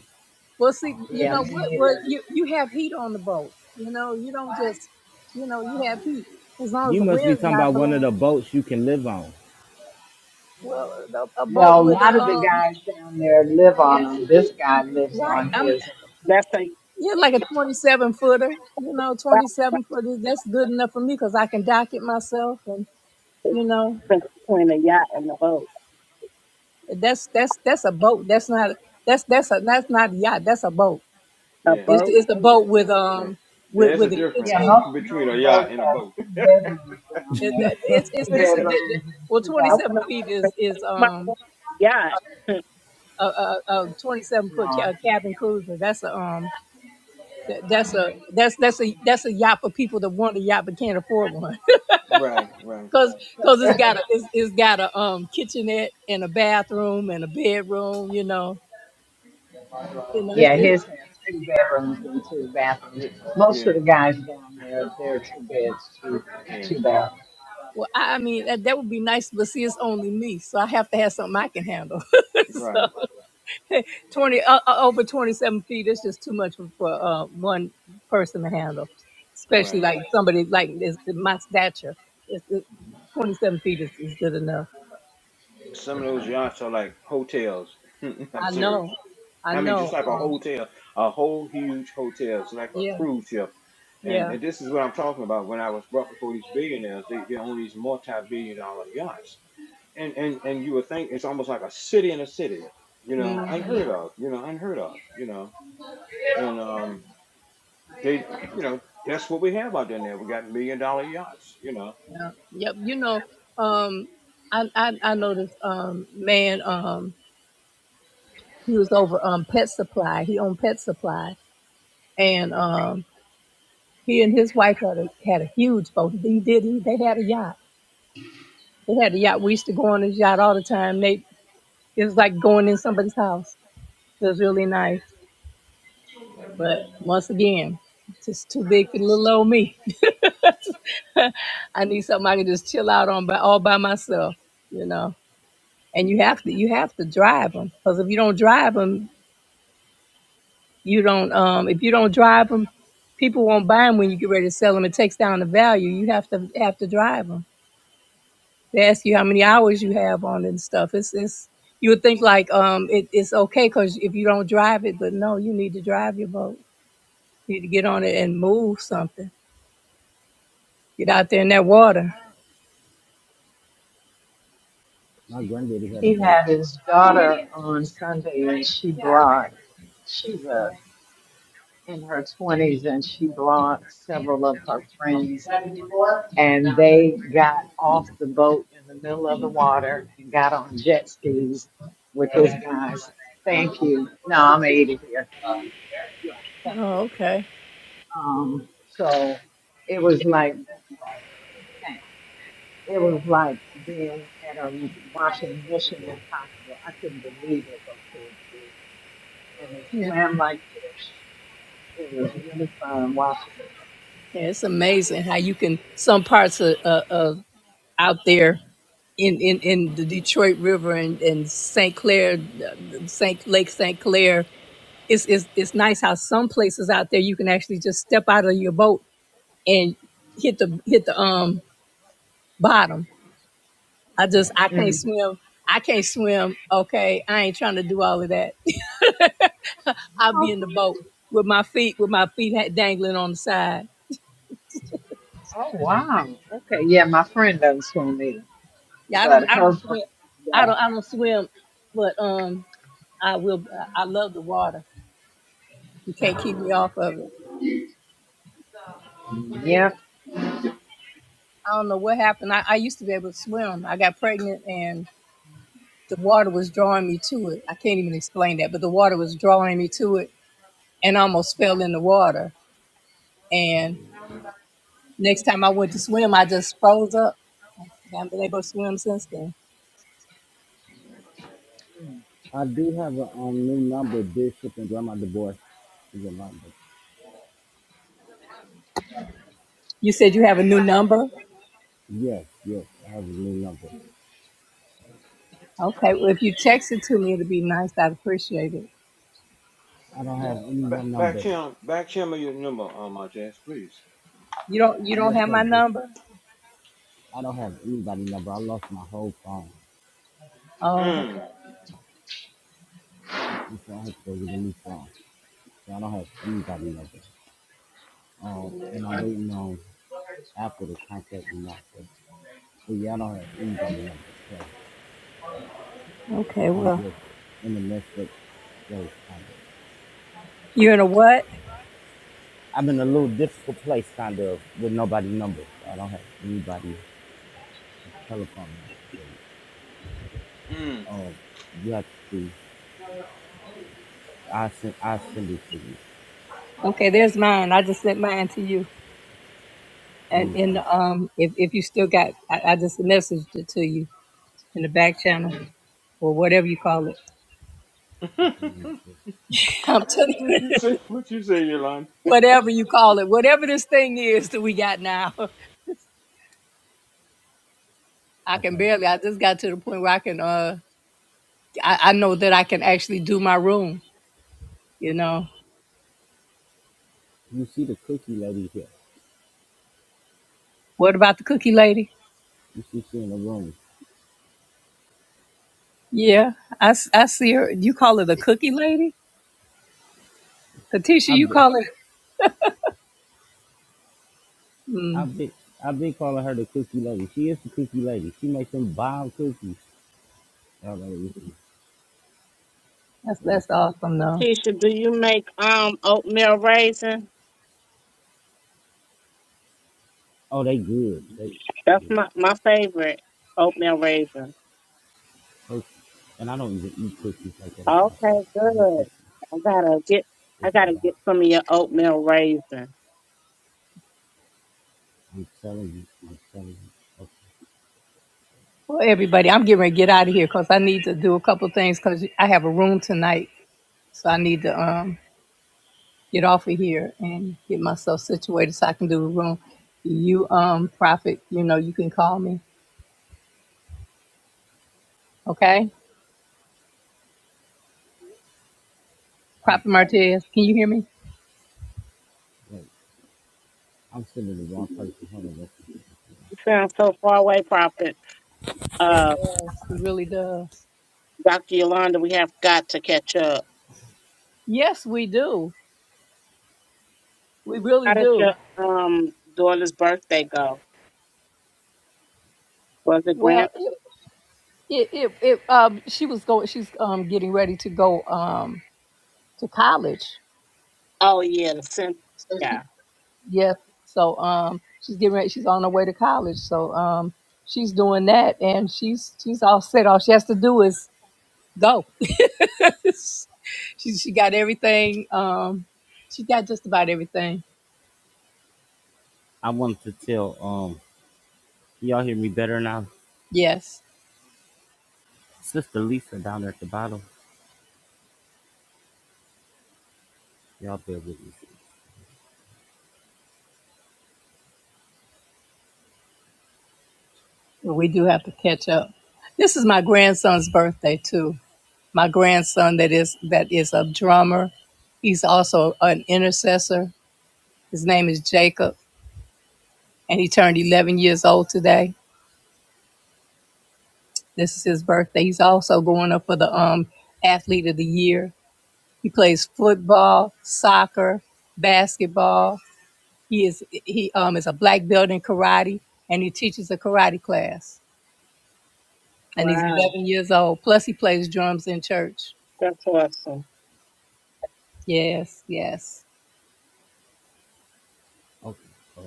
well. See, you
Yeah,
know
me
what? Well,
neither.
you you have heat on the boat. You know, you don't just. You know, you have heat as long as
You
the
must be
wind's
talking
not
about one of
blowing.
the boats you can live on.
Well, a, a boat
Well, a
with a
lot of the
um.
guys down there live on them. This guy lives
Right,
on
I'm
his.
That's a
yeah, like a 27 footer. You know,
yacht
27 footer. That's good enough for me because I can dock it myself and you know.
difference between a yacht and a boat.
That's that's that's a boat. That's not that's that's a that's not a yacht. That's a boat.
A
Yeah,
It's
boat.
yeah,
it's the
yeah,
boat
yeah.
with
yeah.
um with
There's
with
a
the
difference
Yeah, most
kitchen.
between a
of those
yacht
boats
and a
have
boat.
two bedrooms down
It,
there,
that- it's it's
two
it's a di- di-
bedrooms and
well
two
twenty
I
seven
want
bathrooms.
feet
to
is is
my
um
yacht.
a a, a twenty seven
No,
foot ca- cabin
I'm
cruiser. That's a um that, that's a that's that's a that's a yacht for people that want a yacht but can't afford one.
Right, right,
Cause, Cause it's
sorry.
got a it's, it's got a um kitchenette and a bathroom and a bedroom. You know you know it's,
Yeah,
it's
his has two bedrooms and two bathrooms.
Yeah,
Most of
yeah,
the guys down there, they're two beds, two,
yeah.
two baths.
Well, I I mean, that, that would be nice, but see, it's only me, so I have to have something I can handle.
right.
so, twenty uh, uh, over twenty-seven feet is just too much for uh, one person to handle, especially
Right.
like somebody like this, my stature. It's, it, twenty-seven feet is, is good enough.
Some of those yachts are like hotels. I'm
I
serious.
know, I
I mean, just
know.
like a
Uh,
hotel, a whole huge hotel. It's like a
yeah,
cruise ship. And,
yeah,
and this is what I'm talking about. When I was brought before these billionaires, they, they own these multi-billion-dollar yachts, and and and you would think it's almost like a city in a city. You know,
hmm
unheard of. You know, unheard of. You know, and um. They, you know, that's what we have out there now. We got million dollar yachts, you know.
yeah. Yep. You know, um, I I, I know this um man um he was over um pet supply. He owned pet supply and um, he and his wife had a had a huge boat. He did. He, they had a yacht. They had a yacht. We used to go on his yacht all the time. They it was like going in somebody's house. It was really nice. But once again, just too big for little old me. I need something I can just chill out on, by all by myself, you know. And you have to you have to drive them because if you don't drive them, you don't. Um, if you don't drive them, people won't buy them when you get ready to sell them. It takes down the value. You have to have to drive them. They ask you how many hours you have on it and stuff. It's it's you would think like um it, it's okay because if you don't drive it, but no, you need to drive your boat. You need to get on it and move something. Get out there in that water.
My granddaddy had a
He
boat.
had his daughter on Sunday and she brought, she's a, in her 20s and she brought several of her friends and they got off the boat in the middle of the water and got on jet skis with this guy's. Thank you. No, I'm 80 here. Yeah, thank you.
Oh, okay.
Um, so it was like okay, it was like being at a watching Mission Impossible. I couldn't believe what those kids did, and they
Yeah,
swam like fish. It was really fun watching
yeah it's amazing how you can some parts of, of, of out there in, in, in the Detroit River and, and St. Clair, uh, St. Lake St. Clair. It's, it's it's nice how some places out there you can actually just step out of your boat and hit the hit the um bottom. I just I
them.
can't
Mm.
swim. I can't swim. Okay, I ain't trying to do all of that. I'll be
Oh,
in the boat with my feet with my feet ha- dangling on the side.
Oh, wow. Okay, yeah, my friend doesn't swim either,
Yeah, I
but
don't I
her
don't
friend
swim. I don't
does.
I don't swim, but um I will. I love the water. You can't keep me off of it.
Yep,
I don't know what happened. I, I used to be able to swim. I got pregnant and the water was drawing me to it. I can't even explain that, but the water was drawing me to it and I almost fell in the water and. Next time I went to swim, I just froze up. I haven't been able to swim since then.
I do have a um, new number, Bishop and Grandma DeBoer is a number.
You said you have a new number.
Yes, yes, I have a new number.
Okay, well, if you text it to me, it'd be nice. I'd appreciate it.
I don't have any
Back,
one
back
number.
channel, back channel your number, um, Martez, please.
You don't. You don't
Yes,
have
sir,
my number.
Bishop. I don't have anybody number. I lost my whole phone.
Oh, okay.
Mm,
So I have to go get a new phone. So I don't have anybody number. Um, and I'm waiting on Apple to contact me now. So, but yeah, I don't have anybody number. So
Okay,
I'm
Well,
just in the messed up place, kind of.
you're in a what?
I'm in a little difficult place, kind of, with nobody number. So I don't have anybody telephone number. Really.
mm.
Um, you have to. I send. I send it to you.
Okay, there's mine. I just sent mine to you.
Let
And
me
in
see.
the, um, if if you still got, I, I just messaged it to you in the back channel or whatever you call it.
Okay, let me see.
I'm telling you,
what you say? What you say, Yolanda?
whatever you call it, whatever this thing is that we got now. I can
Okay.
barely. I just got to the point where I can. uh. I, I know that I can actually do my room. You know,
You see the cookie lady here.
what about the cookie lady?
You see she in the room.
Yeah, I, s- I see her. You call her the cookie lady, Katisha.
I've
You
been,
call her. Mm,
I've been, I've been calling her the cookie lady. She is the cookie lady. She makes them bomb cookies. Oh, let me see.
that's
Let me
that's
see.
awesome though.
Tisha, do you make um oatmeal raisin?
Oh, they good. They,
That's
yeah.
my my favorite oatmeal raisin.
Her- and I don't even eat cookies like that.
Okay,
Apostle. Her
good.
cookies
I gotta get
is
I
the
gotta
bomb.
get some of your oatmeal raisin.
I'm telling you. I'm telling you. Okay.
Well, everybody, I'm getting ready to get out of here because I need to do a couple of things because I have a room tonight, so I need to um get off of here and get myself situated so I can do the room. You um prophet, you know you can call me, okay?
I'm,
Prophet Martez, can you hear me?
wait, I'm sending the wrong person. Hold on. Let's see.
You sound so far away, Prophet.
It
Uh,
does. It really does.
Dr. Yolanda, we have got to catch up.
Yes, we do. We really
How did your
do.
um daughter's birthday go? Was it grand?
Well, it, it, it, it um, she was going, she's um, getting ready to go um, to college.
Oh yeah, the
So
sin.
she, yeah. So um, she's getting ready, she's on her way to college. So um, she's doing that and she's, she's all set. All she has to do is go. she, she got everything. Um, she got just about everything.
I wanted to tell, um, can y'all hear me better now?
Yes.
Sister Lisa down there at the bottom. Y'all bear with me.
But we do have to catch up. This is my grandson's birthday too. my grandson that is that is a drummer. He's also an intercessor. His name is Jacob, and he turned 11 years old today. This is his birthday. He's also going up for the um athlete of the year. He plays football, soccer, basketball. He is he um is a black belt in karate, and he teaches a karate class. And he's
Wow,
11 years old. Plus, he plays drums in church.
that's awesome.
Yes, yes.
Okay. Uh,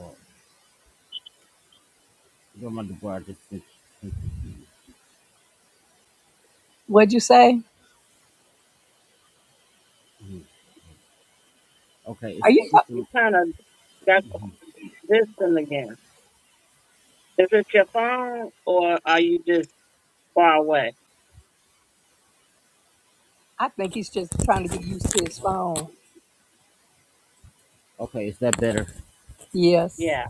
don't mind the bar. I just sent, sent it to you.
What'd you say?
Mhm. Okay,
Are
it's
you?
Sister.
You kind of got
mhm.
this thing again. Is it your phone or are you just far away?
I think he's just trying to get used to his
Hold on.
phone.
Okay, is that better?
Yes.
Yeah,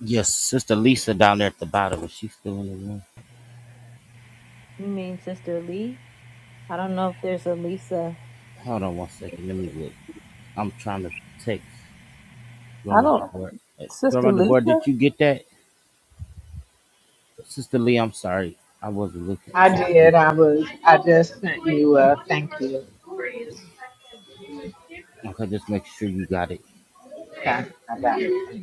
Yes, Sister Lisa down there at the bottom. Is she still in the room?
You mean Sister Lee? I don't know if there's a Lisa.
Hold on one second. Let me look. I'm trying to text
I
Grandma
don't.
DeBoer. Uh,
Sister
Grandma DeBoer,
Lisa?
did you get that? Sister Lee, I'm sorry. I wasn't looking for
I
Sister
did.
Lee.
I was. I just sent you a thank you.
Okay, just make sure you got it.
Okay, bye.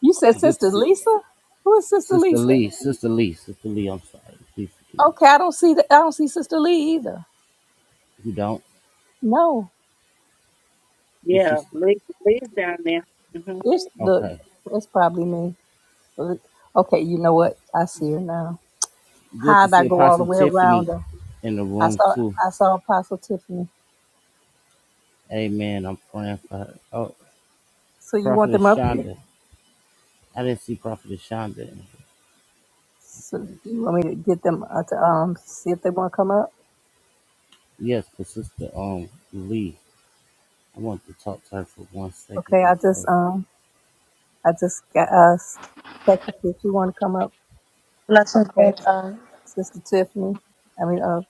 You said
Good,
Sister
si-
Lisa? Who is Sister
Sister
Lisa?
Lee, Sister Lee, Sister Lee, I'm sorry. Please forgive me.
Okay, I don't see the, I don't see Sister Lee either.
You don't?
No.
Is she
yeah.
still?
Leave, leave down there. hmm You
It's look,
Okay.
it's probably me. But- Okay, you know what? I see her now.
Good to
How'd I
see
go all the
Apostle
way around
Tiffany
her?
in the
I
room,
saw
too.
I saw Apostle Tiffany.
Amen. I'm praying for her. Oh,
So you want them
Prophetess
up here?
Shonda. I didn't see Prophetess Shonda. in
So
here.
do you want me to get them uh, to um see if they want to come up?
Yes, but Sister um, Lee, I want to talk to her for one second
Okay, I just
before.
um I just got us. Technically, if you want to come up,
Blessings
okay,
and uh,
Sister Tiffany. I mean, uh,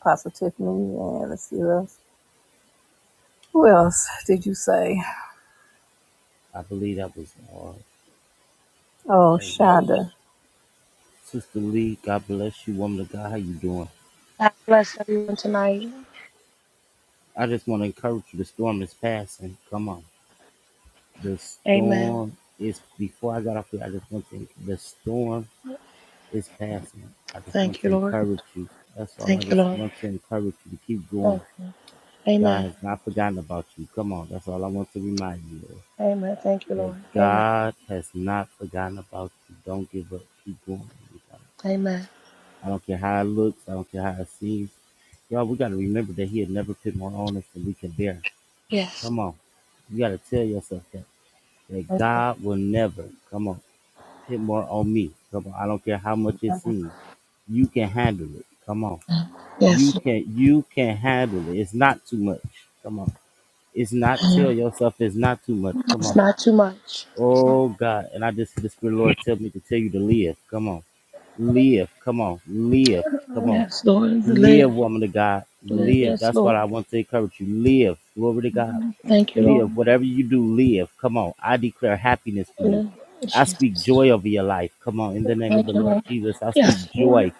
Apostle Tiffany, and let's see who else. Who else did you say?
I believe that was all.
Oh,
Amen.
Shonda.
Sister Lee, God bless you, woman of God. How you doing?
God bless everyone tonight.
I just want to encourage you. The storm is passing. Come on. The
Amen.
storm is before I got off here. I just want to. The storm is passing. I just want
Thank you,
to
Lord.
encourage you. That's all. I
Thank you,
just
Lord.
want to encourage you to keep going.
Thank you.
God
Amen.
has not forgotten about you. Come on. That's all I want to remind you of.
Amen. Thank you,
That
Lord. Amen.
God has not forgotten about you. Don't give up. Keep going.
Amen.
I don't care how it looks. I don't care how it seems. Y'all, we got to remember that He had never put more on us than we can bear.
Yes.
Come on. You got to tell yourself that, that
Amen.
God will never, come on, put more on me. Come on. I don't care how much it seems. You can handle it. Come on. You
Yes, Lord.
can, you can handle it. It's not too much. Come on. It's not, tell
Amen.
yourself it's not too much. Come
It's
on.
not too much.
Oh God. And I just, the Spirit of the Lord tell me to tell you to live. Come on. Live. Come on. Live. Come on.
Yes, Lord. Live.
Live, woman of God.
Live.
Live.
Yes,
That's what
Lord.
I want to encourage you. Live. Glory to God.
Thank you, Lord.
Live. Whatever you do, live. Come on. I declare happiness for you.
Live.
I speak
Jesus.
joy over your life. Come on. In the name of the
Thank you,
Lord
Lord.
Jesus, I speak
Yes, Lord.
joy.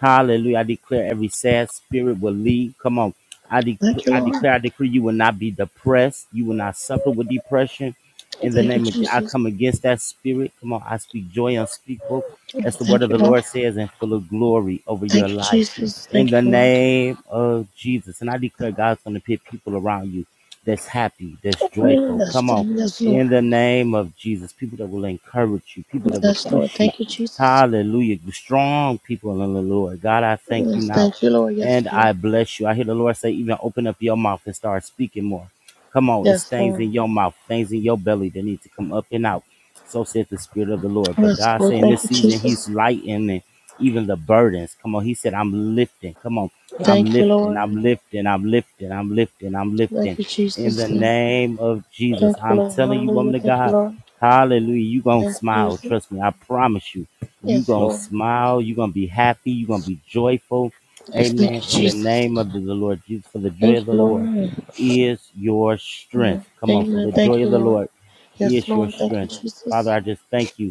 Hallelujah. I declare every sad spirit will leave. Come on. I, de-
Thank you,
I
Lord.
declare, I decree you will not be depressed. You will not suffer with depression. In the
Thank you,
name of, Je- I
Jesus.
come against that spirit. Come on. I speak joy unspeakable. As the word
Thank
of
you,
the
Lord.
Lord says, and full of glory over your
Thank you,
life.
Jesus.
In the
Thank you, Lord.
name of Jesus. And I declare God's going to put people around you that's happy, that's joyful.
Yes,
Come on.
thank- yes, Lord.
In the name of Jesus, people that will encourage you, people that will
Yes, Lord.
push you.
Thank you, Jesus.
Hallelujah. Strong people in the Lord. God, I thank you
Yes,
now.
thank you, Lord. Yes,
And
Lord.
I bless you. I hear the Lord say, even open up your mouth and start speaking more. Come on. It's
Yes,
things
Lord.
in your mouth, things in your belly that need to come up and out. So saith the Spirit of the Lord. But
Yes,
God
Lord.
say in
Thank
this
you,
season, He's
Jesus.
lightening even the burdens. Come on. He said, I'm lifting. Come on. I'm
Thank you,
lifting.
Lord.
I'm lifting. I'm lifting. I'm lifting. I'm
Thank
lifting
you,
in
Jesus.
the name of Jesus.
Thank you,
I'm
Lord.
telling you,
Hallelujah.
woman of
Thank you,
God,
Lord.
hallelujah. you going to
Thank you,
smile.
Jesus.
Trust me. I promise you. you
Yes,
going to
Lord.
smile. you going to be happy. you going to be joyful.
Yes, thank
Amen.
you,
In the
Jesus.
name of the Lord Jesus, for the joy
Thank
of the
you,
Lord
Lord.
is your
Mm.
strength. Come on. For
Amen.
the
Thank
joy
you,
of the
Lord.
Lord
Yes,
is your
Lord. Thank you,
strength.
Jesus.
Father, I just thank you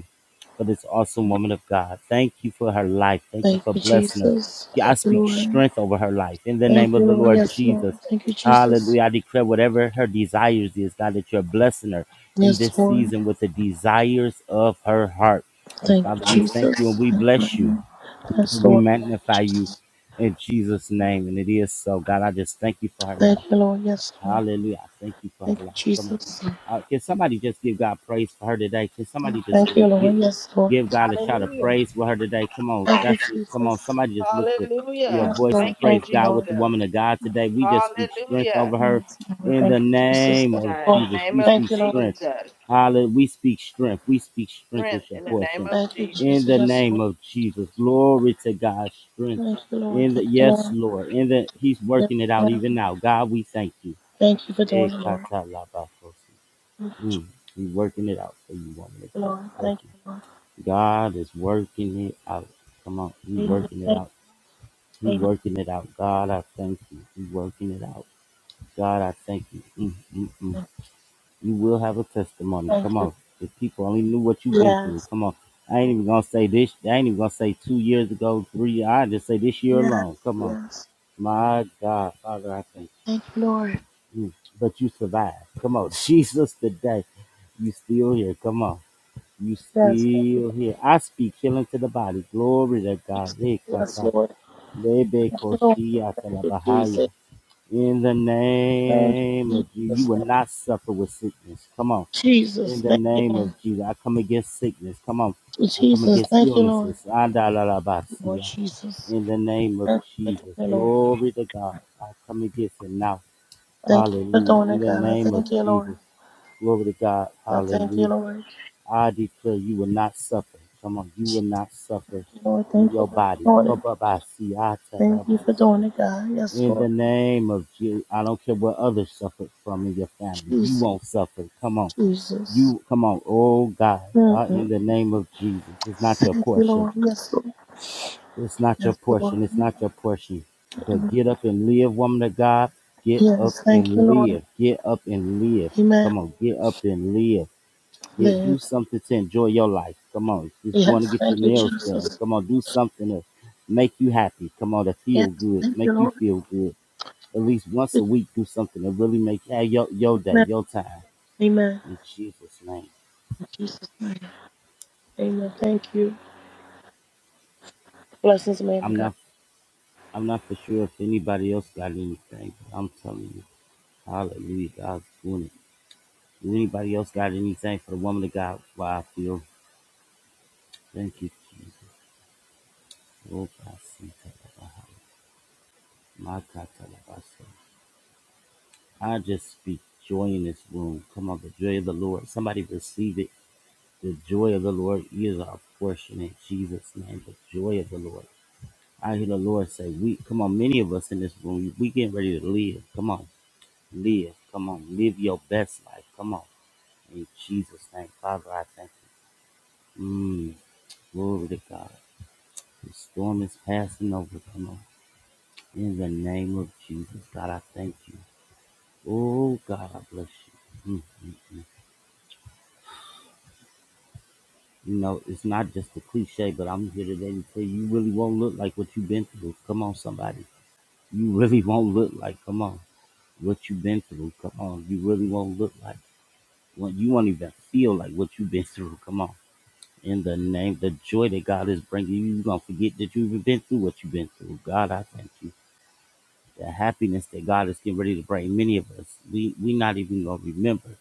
for this awesome woman of God. Thank you for her life. Thank you
Thank
for
you,
blessing her.
Jesus.
Yeah, I
Thank you,
speak
Lord.
strength over her life in the
Thank
name
you,
of the
Lord.
Lord
Yes, Lord.
Jesus.
Thank you, Jesus.
Hallelujah. I declare whatever her desires is, God, that you're blessing her in
Yes,
this
Lord.
season with the desires of her heart. And
Thank you,
Father, we thank you
Jesus.
and we bless you.
Amen. Yes,
We
Lord.
magnify you
Jesus.
in Jesus' name. And it is so. God, I just thank you for her
Thank
life.
you, Lord. Yes, Lord.
Hallelujah. I thank you for her
Thank you,
life. Come on.
Jesus.
Uh, can somebody just give God praise for her today? Can somebody just
Thank you, Lord.
give,
Yes, Lord.
give God a shout of praise for her today? Come on.
Thank you,
That's it. Come on.
Jesus.
Somebody just lift up your
Hallelujah.
Yes,
voice
Lord.
Thank
and
you,
praise
Thank you,
God with
Lord.
the
Jesus.
woman of God today. We just speak strength
Hallelujah.
over her
Yes, Lord.
in
Thank
the
you,
Yes,
Jesus.
name
Thank
of
you,
God.
Lord.
In the
Jesus.
name
We
of
Thank
speak
you, Lord.
strength.
Jesus.
Hallelujah. We speak strength. We speak strength
Strength
is your
in the name
portion.
of
Thank you,
Jesus.
In
Jesus.
the
Yes,
name
Lord.
of Jesus. Glory to God. Strength.
Thank you, Lord.
In the
Thank you,
yes,
Lord.
Lord. In the He's
Yes,
working it out
Lord.
even now. God, we thank you.
Thank you for doing
Hey,
it, Lord.
kata laba kosi.
Thank
Mm, He's working it out for you, woman of
you,
God.
Lord.
Trust
Thank
me.
you, Lord.
God is working it out. Come on, He
Amen.
working it
Thank
out. He
you.
working it out. God, I thank you. He working it out. God, I thank you. Mm, mm, mm.
Amen.
You will have a testimony. Come
Thank you.
on. If people only knew what you've been through.
Yes.
Come on. I ain't even gonna say this. I ain't even gonna say two years ago, three. I just say this year
Yes.
alone. Come on.
Yes.
My God, Father, I thank you.
Thank you, Lord.
Mm, But you survived. Come on. Jesus today. You still here. Come on. You
Yes, thank you,
still
Lord
here. I speak healing to the body. Glory to God.
Jesus.
Hey,
Yes,
kata.
Lord.
Lebe
Thank you, Lord.
koshia
Thank you,
talabahaya.
Jesus.
In the
Thank
name
you,
of Jesus, you
Jesus.
will
Thank you,
not suffer with sickness. Come on. In
Jesus.
the
Thank you,
name of Jesus, I come against sickness. Come on. I
Lord.
come
Jesus,
against
thank you, Lord.
illnesses.
Lord
Andalalabasia.
Jesus.
In the name of
Thank you for doing
Jesus.
it, Lord.
Glory to God. I come against it now.
Thank you for
Hallelujah.
doing
In
it,
the
God. I
name of
thank you, Lord.
Jesus. Glory to God.
I thank you,
Hallelujah.
Lord.
I declare you will not suffer. Come on, you
Thank
will not suffer
you, Lord.
in
Thank you
your
for
body.
doing it.
Come up, I see. I tell her
Thank you
about
for
so.
doing it, God. Yes,
In
Lord.
the name of Jesus, I don't care what others suffered from in your family. You
Jesus.
won't suffer. Come on.
Jesus.
You come on. Oh God. Ah,
Mm-mm.
In the name of Jesus. It's not your
Thank you,
portion.
Lord. Yes, Lord.
It's not your
Yes, Lord.
portion. It's not your portion. But get up and live, woman of God. Get up
Yes, thank you,
and
Lord.
live. Get up and live. Come
Amen.
on, get up and live. Get
Live.
do something to enjoy your life. Come on, just going to
Yes,
get your
thank you,
nails done.
Jesus.
Come on, do something to make you happy. Come on, to
Yes,
feel good,
thank
make
you,
you
Lord.
feel good. At least once a week, do something to really make hey, your your day,
Amen.
your time.
Amen.
In Jesus' name,
In Jesus' name. Amen. Thank you. Blessings, man of
I'm
God.
not I'm not for sure if anybody else got anything. I'm telling you, Hallelujah, God's doing it. Does anybody else got anything for the woman of God? Why I feel. Thank you, Jesus. Oh, Basita, Makata, Labasa. I just speak joy in this room. Come on, the joy of the Lord. Somebody receive it. The joy of the Lord is our portion in Jesus' name. The joy of the Lord. I hear the Lord say, "We come on." Many of us in this room, we getting ready to live. Come on, live. Come on, live your best life. Come on, in Jesus' name, Father, I thank you. Mm, glory to God. The storm is passing over. Come on. In the name of Jesus, God, I thank you. Oh, God, I bless you. mm mm mm. You know, it's not just a cliche, but I'm here today to tell you, you really won't look like what you've been through. Come on, somebody. You really won't look like, come on, what you've been through. Come on. You really won't look like, well, you won't even feel like what you've been through. Come on. In the name, the joy that God is bringing you, you're going to forget that you even been through what you've been through. God, I thank you. the happiness that God is getting ready to bring many of us. We we not even gonna remember.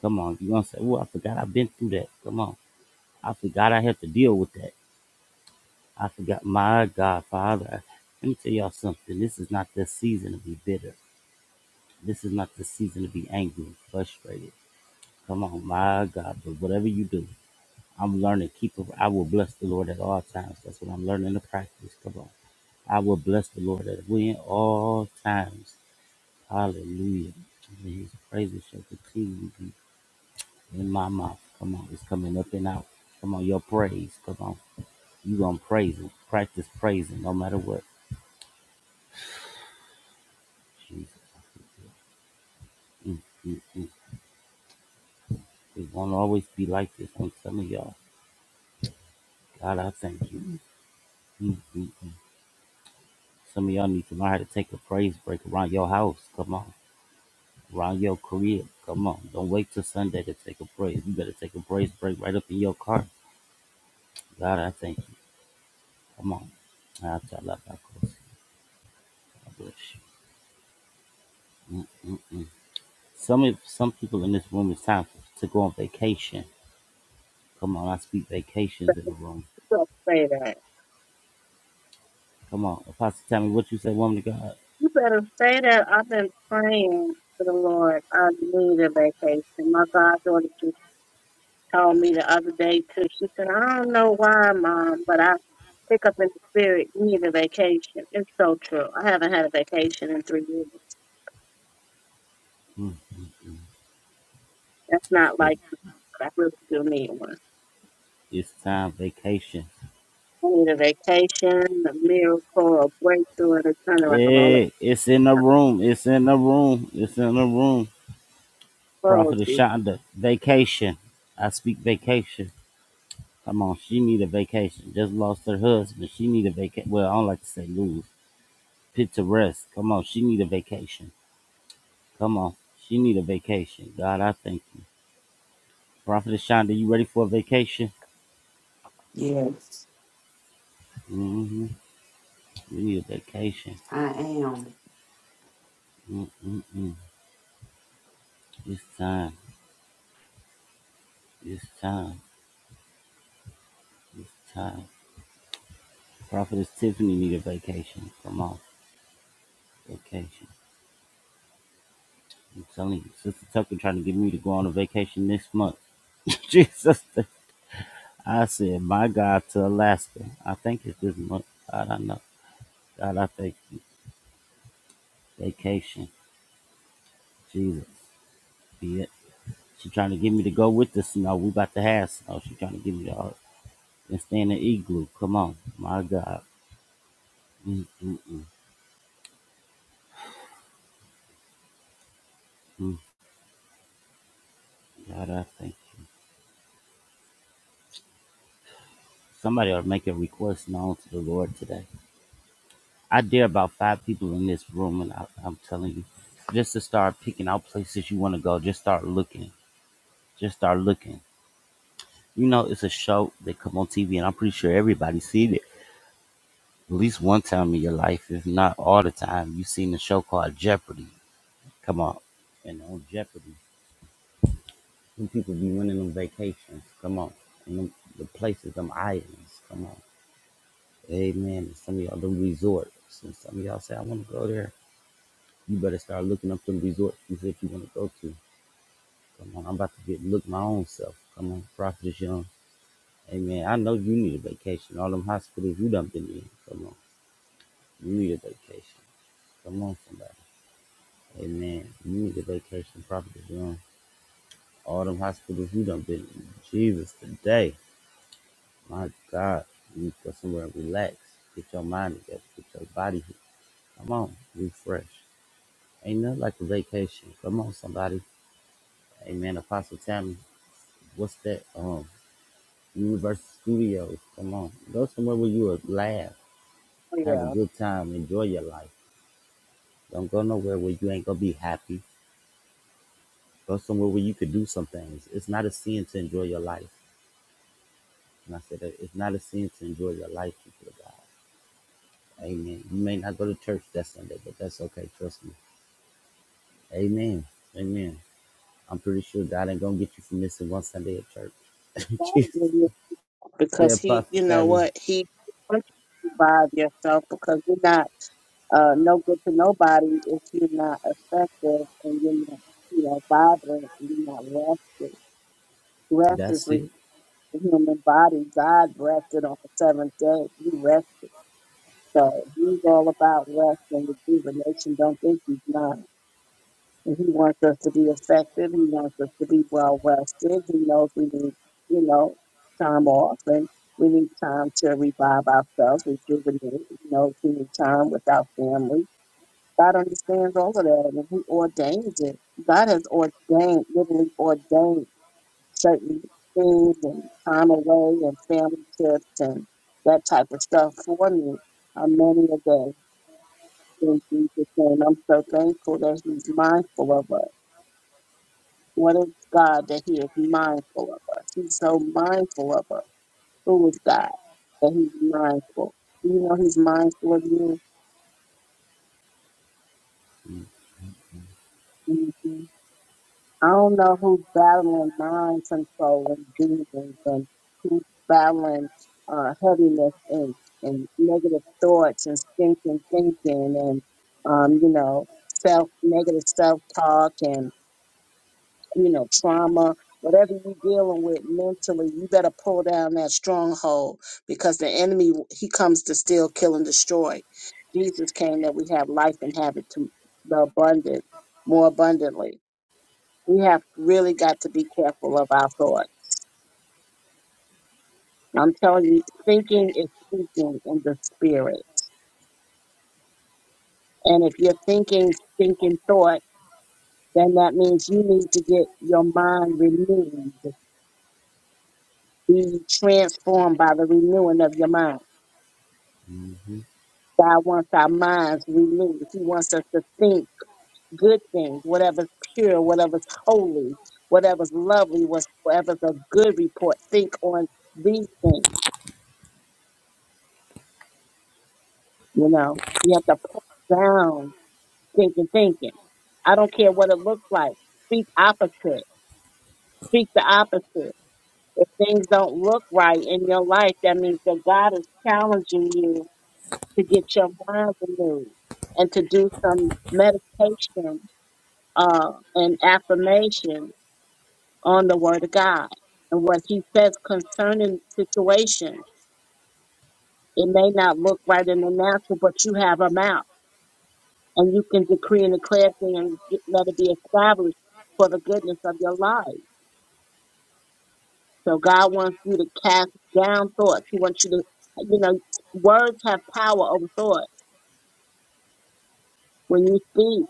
Come on, you gonna say, "Oh, I forgot I've been through that." Come on, I forgot I had to deal with that. I forgot, my God, Father. Let me tell y'all something. This is not the season to be bitter. This is not the season to be angry and frustrated. Come on, my God. But whatever you do, I'm learning. Keep. I will bless the Lord at all times. That's what I'm learning to practice. Come on, I will bless the Lord at all times. Hallelujah. His praises shall continue to be in my mouth. Come on, it's coming up and out. Come on, your praise. Come on, you gonna praise him. Practice praising, no matter what. Jesus, Mm, mm, mm. it won't always be like this on some of y'all. God, I thank you. Mm, mm, mm. mm. Some of y'all need to learn how to take a praise break around your house. Come on, around your crib. Come on, don't wait till Sunday to take a praise. You better take a praise break right up in your car. God, I thank you. Come on, I tell you, I bless you. Mm-mm-mm. Some of- some people in this room it's time to go on vacation. Come on, I speak vacations in the room.
better say that.
Come on, Apostle, tell me what you say, woman of God.
You better say that. I've been praying to the Lord. I need a vacation. My goddaughter just told me the other day too. She said, "I don't know why, Mom, but I pick up in the spirit. You need a vacation." It's so true. I haven't had a vacation in three years.
Mm-mm-mm.
That's
It's
not like
vac-
I really do need one.
it's time vacation.
I need a vacation, a miracle, a breakthrough, and a turnaround. All that
Hey, it's in the room. It's in the room. It's in the room. Prophet
poetry.
Shonda, vacation. I speak vacation. Come on, she need a vacation. Just lost her husband. She need a vacation. Well, I don't like to say lose. Pit to rest. Come on, she need a vacation. Come on. She need a vacation. God, I thank you. Prophetess Shonda, you ready for a vacation?
Yes,
mm hmm We need a vacation.
I am.
Mm-mm-mm. It's time. It's time. It's time. Prophetess Tiffany need a vacation. Come on. Vacation. I'm telling you, Sister Tucker trying to get me to go on a vacation this month. Jesus. I said, my God, to Alaska. I think it's this month. God, I know. God, I thank you. Vacation. Jesus. Yeah. She trying to get me to go with the snow. We about to have snow. She trying to get me to uh, and stay in the igloo. Come on, my God. Mm, mm, mm, mm. God, I thank you. Somebody ought to make a request known to the Lord today. I dare about five people in this room, and I, I'm telling you, just to start picking out places you want to go. Just start looking. Just start looking. You know, it's a show that come on TV, and I'm pretty sure everybody seen it at least one time in your life, if not all the time. You've seen the show called Jeopardy. Come on, and on Jeopardy. Them people be winning them vacations. Come on. And them, the places, them islands. Come on. Amen. And some of y'all, them resorts. And some of y'all say, I want to go there. You better start looking up them resorts you said you want to go to. Come on. I'm about to get look my own self. Come on. Prophet is young. Amen. I know you need a vacation. All them hospitals you done been in. Come on. You need a vacation. Come on, somebody. Amen. You need a vacation. Prophet is young. All them hospitals you done been in. Jesus, today. My God, you need to go somewhere and relax. Get your mind together. Get your body. here. Come on, refresh. Ain't nothing like a vacation. Come on, somebody. Amen. Apostle Tammy, what's that? Um, Universal Studios. Come on, go somewhere where you will laugh,
Oh,
have a
yeah.
good time, enjoy your life. Don't go nowhere where you ain't gonna be happy. Go somewhere where you could do some things. It's not a sin to enjoy your life. And I said, that it's not a sin to enjoy your life, people of God. Amen. You may not go to church that Sunday, but that's okay. Trust me. Amen. Amen. I'm pretty sure God ain't gonna get you for missing one Sunday at church.
God will
Jesus.
give you-
The
Because he,
Apostle
you know
Tabby.
what? He wants you to survive yourself because you're not uh, no good to nobody if you're not effective and you're not, you know, vibrant and you're not rested. Rest is
That's
re-
it.
the human body. God rested on the seventh day. He rested. So he's all about rest and rejuvenation. Don't think he's not. And he wants us to be effective. He wants us to be well rested. He knows we need, you know, time off and we need time to revive ourselves, rejuvenate. He knows we need time with our family. God understands all of that and he ordains it. God has ordained, literally ordained certain things and time away and family trips and that type of stuff for me on many a day in Jesus' name. I'm so thankful that he's mindful of us What is God that He is mindful of us? He's so mindful of us. Who is God that He's mindful? You know, He's mindful of you. hmm I don't know who's battling mind control and demons and who's battling uh, heaviness and, and negative thoughts and stinking thinking and, um, you know, self negative self talk you know, trauma, whatever you're dealing with mentally, you better pull down that stronghold because the enemy, he comes to steal, kill, and destroy. Jesus came that we have life and have it to the abundant, more abundantly. We have really got to be careful of our thoughts. I'm telling you, thinking is speaking in the spirit. And if you're thinking, thinking thought, then that means you need to get your mind renewed, be transformed by the renewing of your mind.
Mm-hmm.
God wants our minds renewed. He wants us to think good things, whatever's pure, whatever's holy, whatever's lovely, whatever's a good report. Think on these things, you know. We have to put down thinking, thinking. I don't care what it looks like. Speak opposite. Speak the opposite. If things don't look right in your life, that means that God is challenging you to get your mind renewed and to do some meditation uh, an affirmation on the Word of God and what He says concerning situation. It may not look right in the natural, but you have a mouth, and you can decree and declare things and get- let it be established for the goodness of your life. So God wants you to cast down thoughts. He wants you to, you know, words have power over thought. When you speak,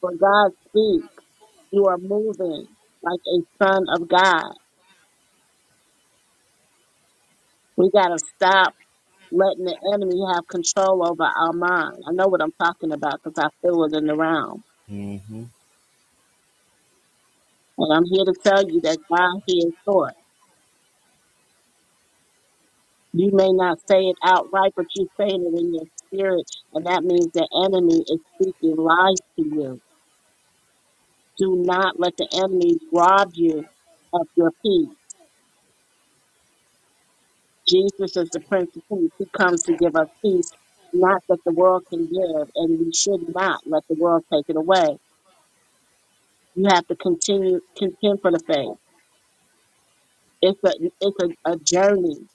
when God speaks, you are moving like a son of God. We gotta stop letting the enemy have control over our mind. I know what I'm talking about because I feel it in the realm.
Mm-hmm.
And I'm here to tell you that God hears thoughts. You may not say it outright, but you're saying it in your spirit, and that means the enemy is speaking lies to you. Do not let the enemy rob you of your peace. Jesus is the Prince of Peace. He comes to give us peace, not that the world can give, and we should not let the world take it away. You have to continue contend for the faith. It's a it's a, a journey.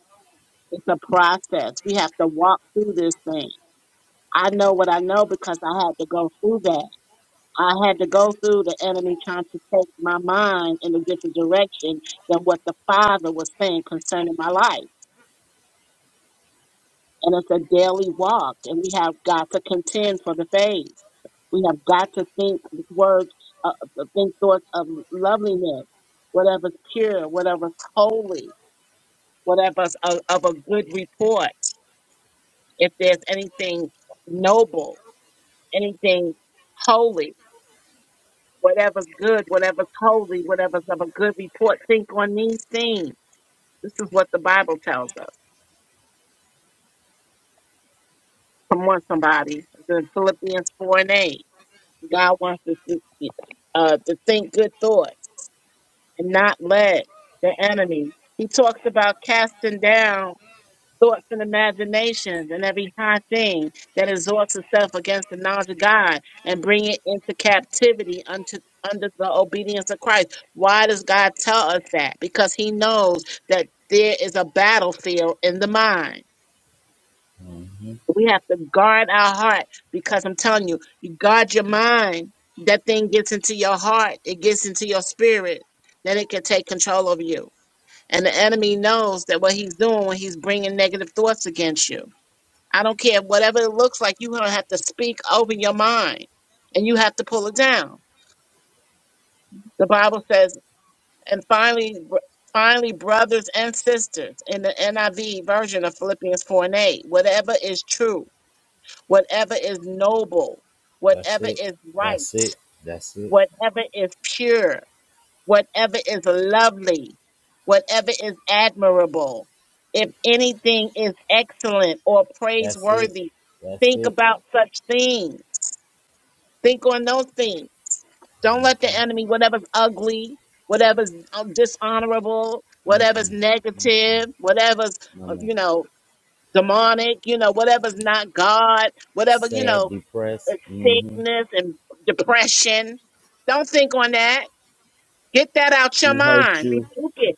It's a process. We have to walk through this thing. I know what I know because I had to go through that. I had to go through the enemy trying to take my mind in a different direction than what the Father was saying concerning my life. And it's a daily walk, and we have got to contend for the faith. We have got to think words, uh, uh, think thoughts of loveliness, whatever's pure, whatever's holy, whatever's of, of a good report if there's anything noble, anything holy, whatever's good, whatever's holy, whatever's of a good report, think on these things. This is what the Bible tells us. Come on, somebody. It's in Philippians 4 and 8. God wants us to, uh, to think good thoughts and not let the enemy. He talks about casting down thoughts and imaginations and every high thing that exalts itself against the knowledge of God and bring it into captivity unto under the obedience of Christ. Why does God tell us that? Because he knows that there is a battlefield in the mind.
Mm-hmm.
We have to guard our heart because I'm telling you, you guard your mind, that thing gets into your heart, it gets into your spirit, then it can take control of you. And the enemy knows that what he's doing when he's bringing negative thoughts against you I don't care. Whatever it looks like, you're going to have to speak over your mind and you have to pull it down. The Bible says, and finally, br- finally, brothers and sisters, in the NIV version of Philippians 4 and 8, whatever is true, whatever is noble,
That's
whatever
it.
is
That's it.
right,
That's it.
whatever is pure, whatever is lovely, whatever is admirable, if anything is excellent or
That's it.
praiseworthy,
That's
think
it.
about such things Think on those things. Don't let the
Mm-hmm.
enemy, whatever's ugly, whatever's um, dishonorable, whatever's
Mm-mm. Mm-mm.
negative, whatever's,
No
uh,
man.
you know, demonic, you know, whatever's not God, whatever, you
Sad,
know, uh,
depressed. Mm-hmm.
sickness and depression. Don't think on that. Get that out your
Who hurt
mind.
you?
Rebuke it.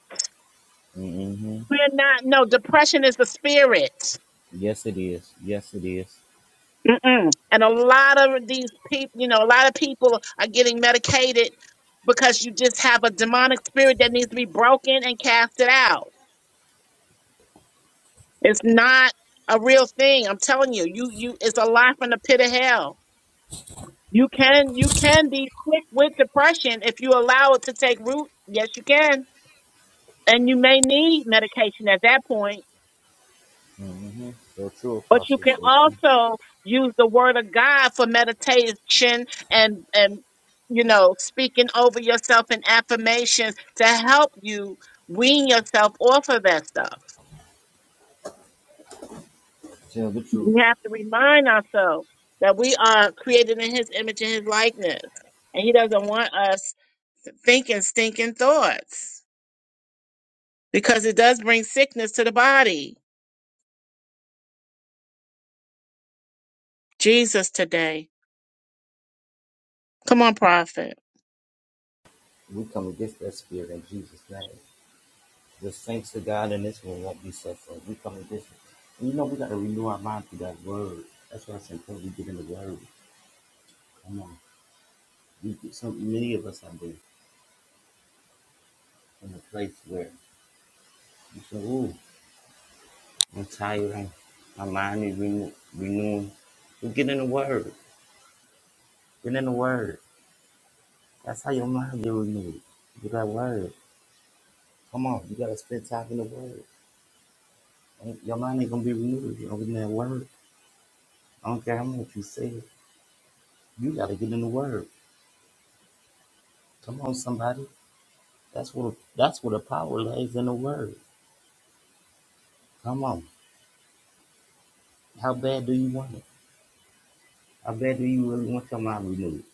Mm-hmm.
We're not, no, depression is the spirit.
Yes, it is. Yes, it is.
Mm-mm. And a lot of these people, you know, a lot of people are getting medicated because you just have a demonic spirit that needs to be broken and casted out. It's not a real thing. I'm telling you, you, you, it's a lie from the pit of hell. You can, you can be quick with depression if you allow it to take root. Yes, you can. And you may need medication at that point.
Mm-hmm. So true,
But you
Apostle.
can
So true.
also use the word of God for meditation and and you know speaking over yourself in affirmations to help you wean yourself off of that stuff.
Tell the truth.
We have to remind ourselves that we are created in his image and his likeness. And he doesn't want us thinking stinking thoughts because it does bring sickness to the body. Jesus today. Come on, prophet.
We come against that spirit in Jesus' name. Just thanks to God in this one won't be suffering. We come to this. And you know, we got to renew our mind through that word. That's why I said, "Hey, we get in the word. Come on. We, get so many of us have been in a place where you say, ooh, I'm tired. I'm, my mind is renew, renewing. We get in the word. Get in the word. That's how your mind get renewed. You got word. Come on. You got to spend time in the word. And Your mind ain't going to be renewed. if You don't get in that word. I don't care how much you say it. You got to get in the word. Come on, somebody. That's what that's what the power lies in the word. Come on. How bad do you want it? How bad do you really want your mind renewed?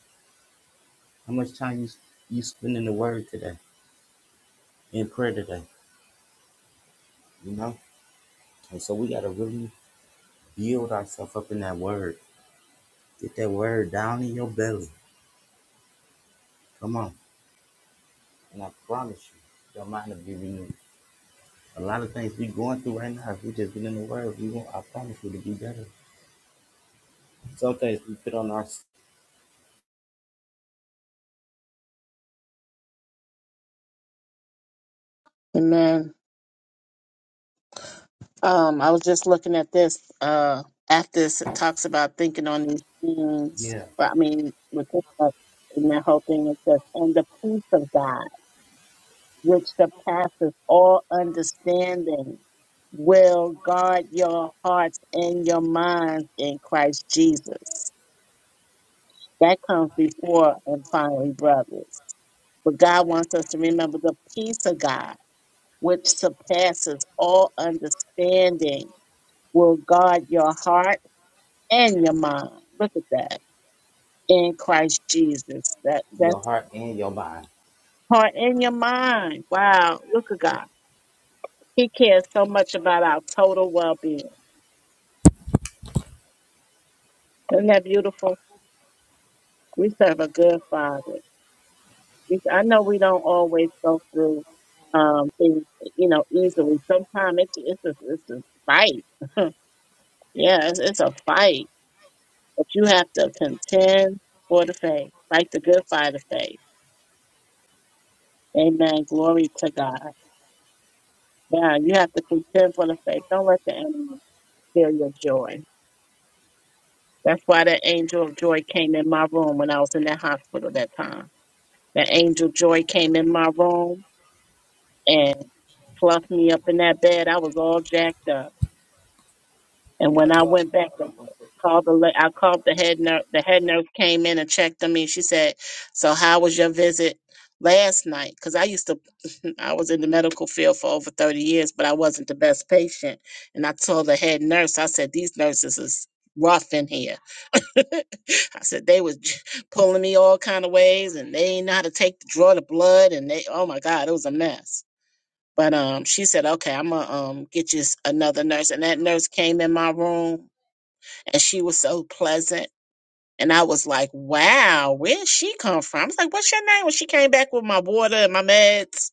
How much time you you spend in the word today, in prayer today? You know? And so we gotta really build ourselves up in that word. Get that word down in your belly. Come on. And I promise you, your mind will be renewed. A lot of things we going through right now, if we just get in the word, we won't I promise you to be better. Some things we put on our
Amen. Um, I was just looking at this. Uh, after this, it talks about thinking on these things.
yeah,
Well, I mean, with this book and that whole thing, it says, and the peace of God, which surpasses all understanding, will guard your hearts and your minds in Christ Jesus. That comes before and finally, brothers. But God wants us to remember the peace of God, which surpasses all understanding, will guard your heart and your mind. Look at that. In Christ Jesus. That
your
that's
heart and your mind.
part in your mind. Wow. Look at God. He cares so much about our total well being. Isn't that beautiful? We serve a good father. We, I know we don't always go through um things you know easily. Sometimes it's it's a it's a fight. Yeah, it's, it's a fight. But you have to contend for the faith. Fight the good fight of faith. Amen. Glory to God. Yeah, you have to contend for the faith. Don't let the enemy steal your joy. That's why that angel of joy came in my room when I was in that hospital that time. That angel of joy came in my room and fluffed me up in that bed. I was all jacked up. And when I went back and called the, la- I called the head nurse. The head nurse came in and checked on me. She said, "So how was your visit last night?" Because I used to, I was in the medical field for over thirty years, but I wasn't the best patient. And I told the head nurse, I said, "These nurses is rough in here." I said they was j- pulling me all kind of ways, and they ain't know how to take draw the blood, and they, oh my God, it was a mess. But um, she said, "Okay, I'm gonna um get you s- another nurse." And that nurse came in my room and she was so pleasant. And I was like, wow, where did she come from? I was like, what's your name? When she came back with my water and my meds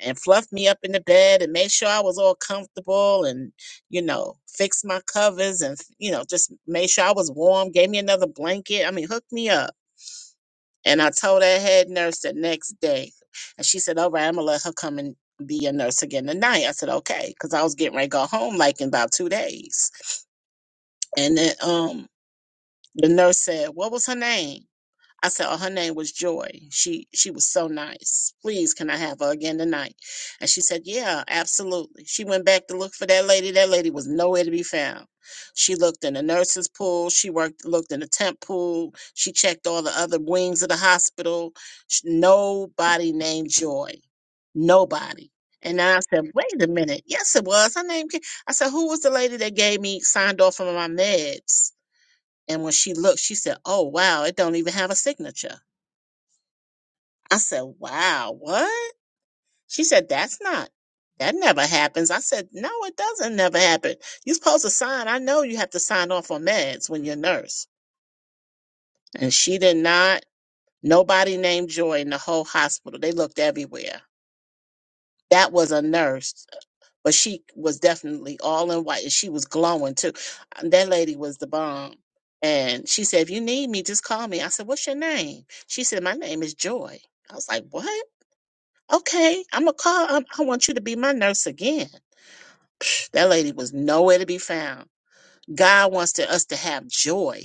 and fluffed me up in the bed and made sure I was all comfortable and, you know, fixed my covers and, you know, just made sure I was warm, gave me another blanket. I mean, hooked me up. And I told that head nurse the next day. And she said, all right, I'm going to let her come and be a nurse again tonight. I said, okay, because I was getting ready to go home like in about two days. And then um, the nurse said, what was her name? I said, "Oh, her name was Joy. She she was so nice. Please, can I have her again tonight?" And she said, "Yeah, absolutely." She went back to look for that lady. That lady was nowhere to be found. She looked in the nurses' pool. She worked looked in the temp pool. She checked all the other wings of the hospital. Sh- Nobody named Joy. Nobody. And I said, "Wait a minute. Yes, it was her name." ca- I said, "Who was the lady that gave me signed off on my meds?" And when she looked, she said, "Oh wow, it don't even have a signature." I said, wow, what? She said, that's not, that never happens. I said, no, it doesn't never happen. You're supposed to sign. I know you have to sign off on meds when you're a nurse. And she did not. Nobody named Joy in the whole hospital. They looked everywhere. That was a nurse, but she was definitely all in white and she was glowing too. That lady was the bomb. And she said, if you need me, just call me. I said, what's your name? She said, my name is Joy. I was like, what? Okay, I'm gonna call. Um, I want you to be my nurse again. That lady was nowhere to be found. God wants to, us to have joy.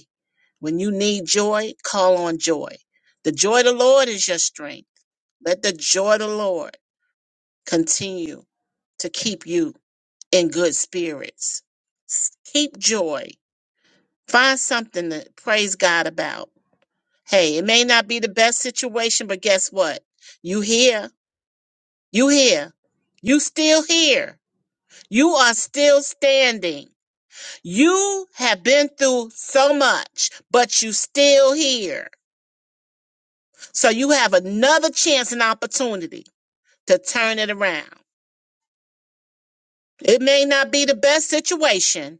When you need joy, call on joy. The joy of the Lord is your strength. Let the joy of the Lord continue to keep you in good spirits. S- Keep joy. Find something to praise God about. Hey, it may not be the best situation, but guess what? You here. You here. You still here You are still standing. You have been through so much, but you still here. So you have another chance and opportunity to turn it around. It may not be the best situation,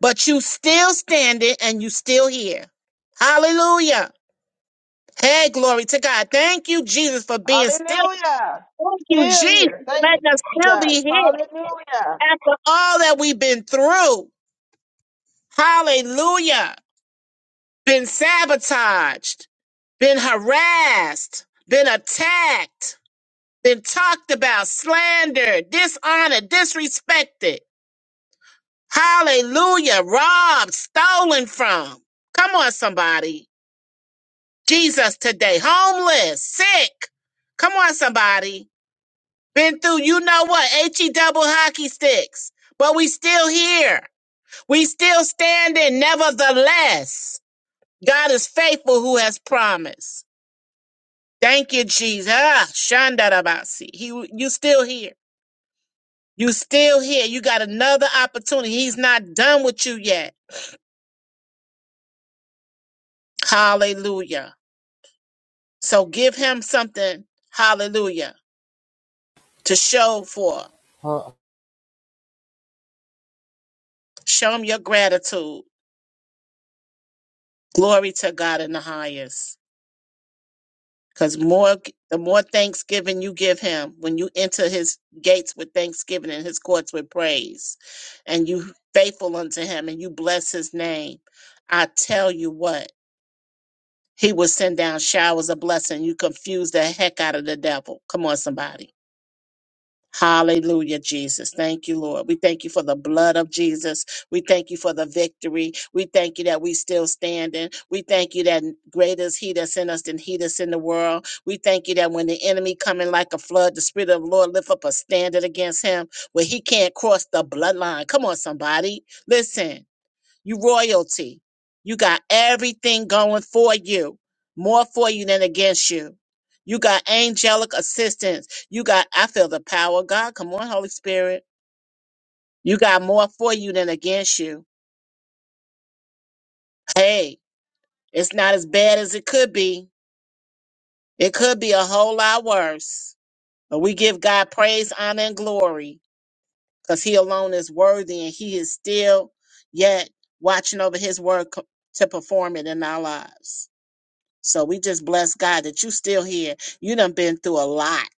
but you still standing and you still here. Hallelujah. Hey, glory to God. Thank you, Jesus, for being still.
Hallelujah.
Thank you,
Still
Jesus,
here.
for
Thank
letting us
you,
still
Jesus.
be here
Hallelujah.
after all that we've been through. Hallelujah. been sabotaged, been harassed, been attacked, been talked about, slandered, dishonored, disrespected. Hallelujah, robbed, stolen from. Come on, somebody. Jesus today, homeless, sick. Come on, somebody. Been through, you know what, H-E double hockey sticks. But we still here. We still standing, nevertheless. God is faithful who has promised. Thank you, Jesus. Ah, Shandarabasi. He, you still here. You still here. You got another opportunity. He's not done with you yet. Hallelujah. So give him something. Hallelujah. To show for.
Huh.
Show him your gratitude. Glory to God in the highest. Because more, the more thanksgiving you give him, when you enter his gates with thanksgiving and his courts with praise, and you faithful unto him and you bless his name, I tell you what. He will send down showers of blessing. You confuse the heck out of the devil. Come on, somebody. Hallelujah, Jesus. Thank you, Lord. We thank you for the blood of Jesus. We thank you for the victory. We thank you that we still standing. We thank you that greater is he that's in us than he that's in the world. We thank you that when the enemy coming like a flood, the spirit of the Lord lift up a standard against him where he can't cross the bloodline. Come on, somebody. Listen. You royalty. You got everything going for you, more for you than against you. You got angelic assistance. You got, I feel the power of God. Come on, Holy Spirit. You got more for you than against you. Hey, it's not as bad as it could be. It could be a whole lot worse. But we give God praise, honor, and glory because He alone is worthy and He is still yet watching over His word co- to perform it in our lives. So we just bless God that you still here. You done been through a lot.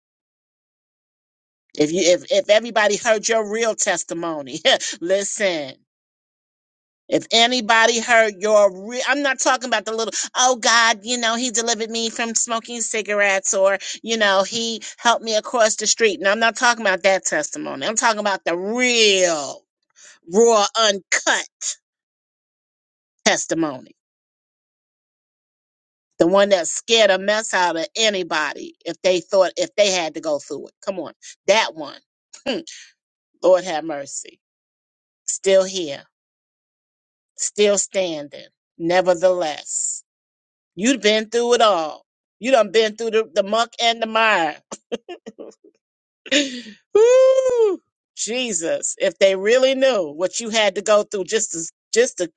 If you if if everybody heard your real testimony, listen. If anybody heard your real, I'm not talking about the little, oh God, you know, he delivered me from smoking cigarettes or, you know, he helped me across the street. And I'm not talking about that testimony. I'm talking about the real, raw, uncut testimony the one that scared a mess out of anybody if they thought if they had to go through it. Come on, that one. Lord have mercy. Still here, still standing. Nevertheless, you've been through it all. You done been through the, the muck and the mire. Woo! Jesus, if they really knew what you had to go through just to just to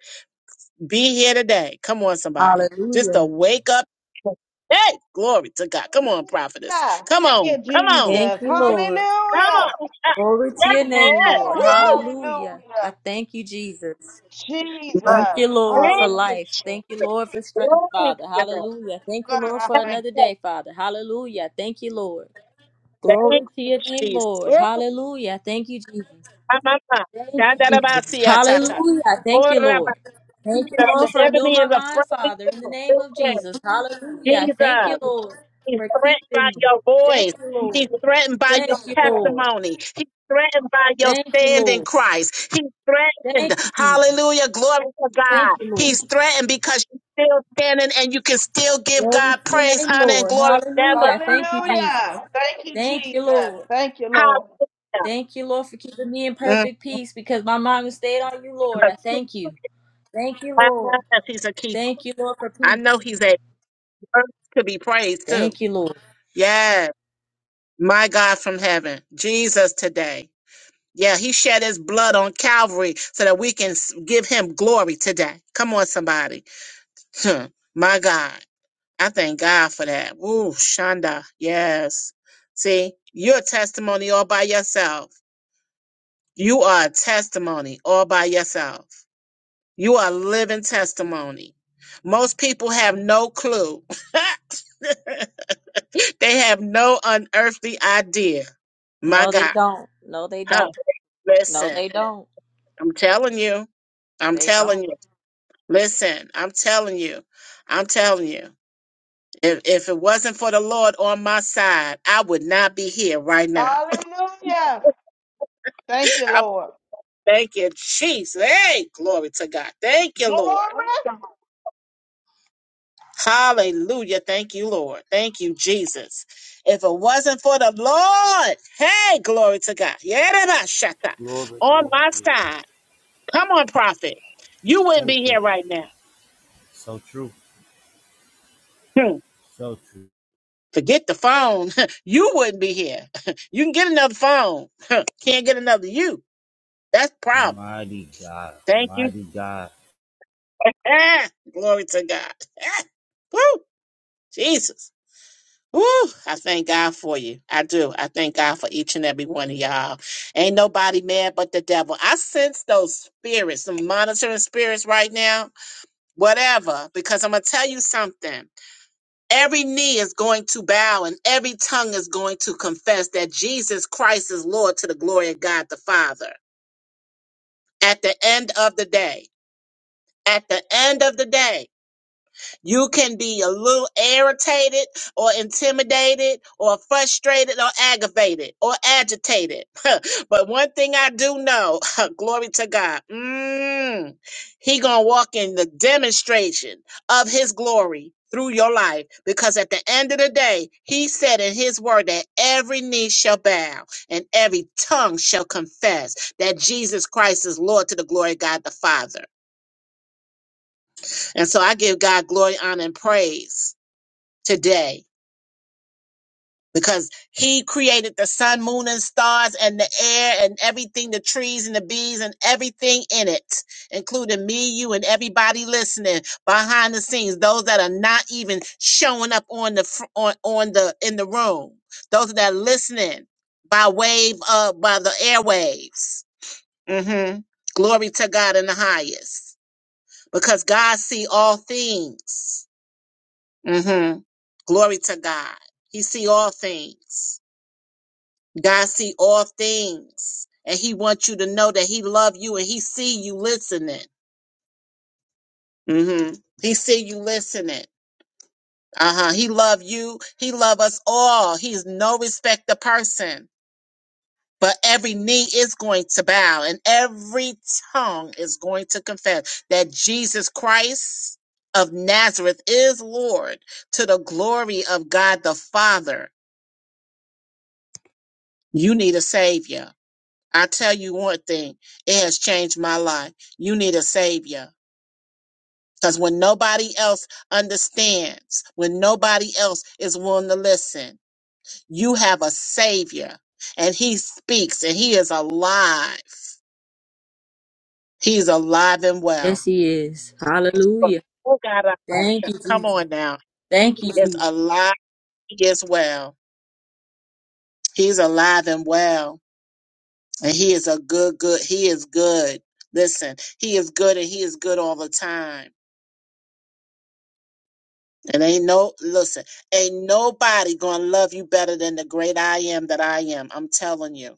Be here today. Come on, somebody. Just a
Hallelujah.
wake up. Hey, glory to God. Come on, prophetess.
Yeah.
Come
Thank
on.
you,
Come on.
Thank
Jesus.
you,
Come
Lord.
Hallelujah.
on.
Glory to
Oh,
your name,
Yes.
Lord.
Glory.
Woo!
Hallelujah. I
Hallelujah.
thank you, Jesus.
My God.
Thank you,
Jesus.
Lord, for
Thank
Hallelujah.
you,
life. Thank you,
Jesus.
Lord, for strength,
Glory
Father.
to God.
Hallelujah. Thank you,
God,
Lord,
I
for
Thank
thank
another
you,
day, Father. Hallelujah. Thank you, Lord.
Thank
Glory to
you,
your name,
Jesus.
Lord.
Woo!
Hallelujah. Thank you, Jesus.
Ah, my, my.
Thank
Da, da, da,
you,
ba,
Jesus.
si, ah, ta, ta.
Hallelujah.
Oh,
Thank you,
da, ba,
Lord. Thank you,
da.
Lord,
The
for renewing
enemy
my
is afraid.
mind, Father, in the name of
Listen,
Jesus. Hallelujah. Thank
Jesus.
you, Lord,
He's
for
threatened by
keeping me.
your
Thank
voice.
you,
He's
Lord.
threatened by your
Thank you, Lord.
testimony. He's threatened by your
Thank you,
stand in
Lord.
Christ. He's
Thank
threatened.
you, Jesus.
Hallelujah. Glory to
Thank
God.
you, Lord.
He's threatened because you're still standing and you can still give
Glory
God
to your
praise,
name,
honor, and
Lord.
glory.
you.
Never
Hallelujah. Thank you, Jesus.
Hallelujah. Thank you,
Thank you,
Jesus.
Lord.
Thank you,
how
Lord.
Thank you, Lord, for keeping me in
mm.
perfect peace because my mind was stayed on you, Lord.
The
I thank
truth
you. Thank you, Lord.
is, He's a keeper.
Thank you, Lord, for
I know
peace.
he's a worth to be praised too.
Thank you, Lord.
Yes. My God from heaven. Jesus today. Yeah, he shed his blood on Calvary so that we can s- give him glory today. Come on, somebody. Huh, My God. I thank God for that. Woo, Shonda. Yes. See, you're a testimony all by yourself. You are a testimony all by yourself. You are a living testimony. Most people have no clue. they have no unearthly idea. My
No, they
God.
don't. No, they
Huh,
don't. No,
listen,
they don't.
I'm telling you. I'm
They don't.
telling you. Listen, I'm telling you, I'm telling you, if if it wasn't for the Lord on my side, I would not be here right now.
Hallelujah. Thank you,
I'm
Lord.
thanking Jesus. Hey, glory to God. Thank you, Lord.
Glory.
Hallelujah. Thank you, Lord. Thank you, Jesus. If it wasn't for the Lord, hey, glory to God. Yerebashata,
Glory,
On
glory,
my
glory.
side. Come on, prophet. You wouldn't
Thank
be
you,
here
Lord.
right now.
So true.
Hmm.
So true.
Forget the phone. you wouldn't be here. you can get another phone. Can't get another you. That's the problem.
Mighty God.
Thank you.
Mighty God.
Ah, glory to God. Ah, woo, Jesus. Woo, I thank God for you. I do. I thank God for each and every one of y'all. Ain't nobody mad but the devil. I sense those spirits, some monitoring spirits right now. Whatever, because I'm gonna tell you something. Every knee is going to bow and every tongue is going to confess that Jesus Christ is Lord to the glory of God the Father. At the end of the day, at the end of the day, you can be a little irritated or intimidated or frustrated or aggravated or agitated. but one thing I do know, glory to God, mm, he going to walk in the demonstration of his glory through your life because at the end of the day, he said in his word that every knee shall bow and every tongue shall confess that Jesus Christ is Lord to the glory of God the Father. And so I give God glory, honor, and praise today because he created the sun, moon, and stars, and the air, and everything the trees, and the bees, and everything in it, including me, you, and everybody listening behind the scenes, those that are not even showing up on the fr- on, on the in the room, those that are listening by wave uh by the airwaves. hmm Glory to God in the highest. Because God see all things hmm Glory to God. He see all things. God see all things. And he wants you to know that he love you and he see you listening. hmm He see you listening. Uh-huh. He love you. He love us all. He's no respect the person. But every knee is going to bow and every tongue is going to confess that Jesus Christ of Nazareth is Lord to the glory of God the Father. You need a savior. I tell you one thing, it has changed my life. You need a savior. Because when nobody else understands, when nobody else is willing to listen, you have a savior. And he speaks and he is alive. He's alive and
Yes,
well.
He is. Hallelujah.
Oh, God, I thought
Thank
so.
you,
Come
Jesus.
on now.
Thank you,
He is
Jesus.
alive. He is well. He's alive and well. And he is a good, good, he is good. Listen, he is good and he is good all the time. And ain't no, listen, ain't nobody gonna love you better than the great I am that I am. I'm telling you.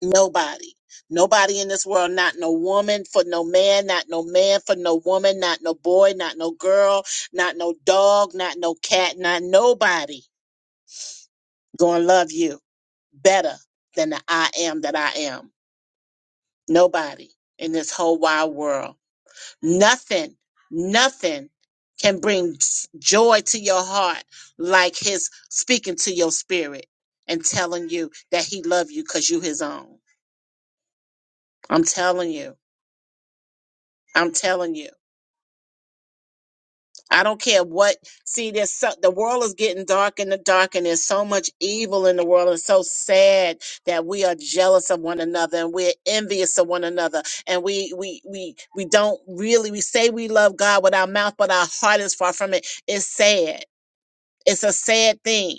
Nobody. Nobody in this world, not no woman for no man, not no man for no woman, not no boy, not no girl, not no dog, not no cat, not nobody gonna love you better than the I am that I am. Nobody in this whole wide world. Nothing, nothing can bring s- joy to your heart like his speaking to your spirit and telling you that he love you because you his own. I'm telling you. I'm telling you. I don't care what. See, there's so, the world is getting dark and the dark, and there's so much evil in the world. It's so sad that we are jealous of one another and we're envious of one another, and we we we we don't really we say we love God with our mouth, but our heart is far from it. It's sad It's a sad thing.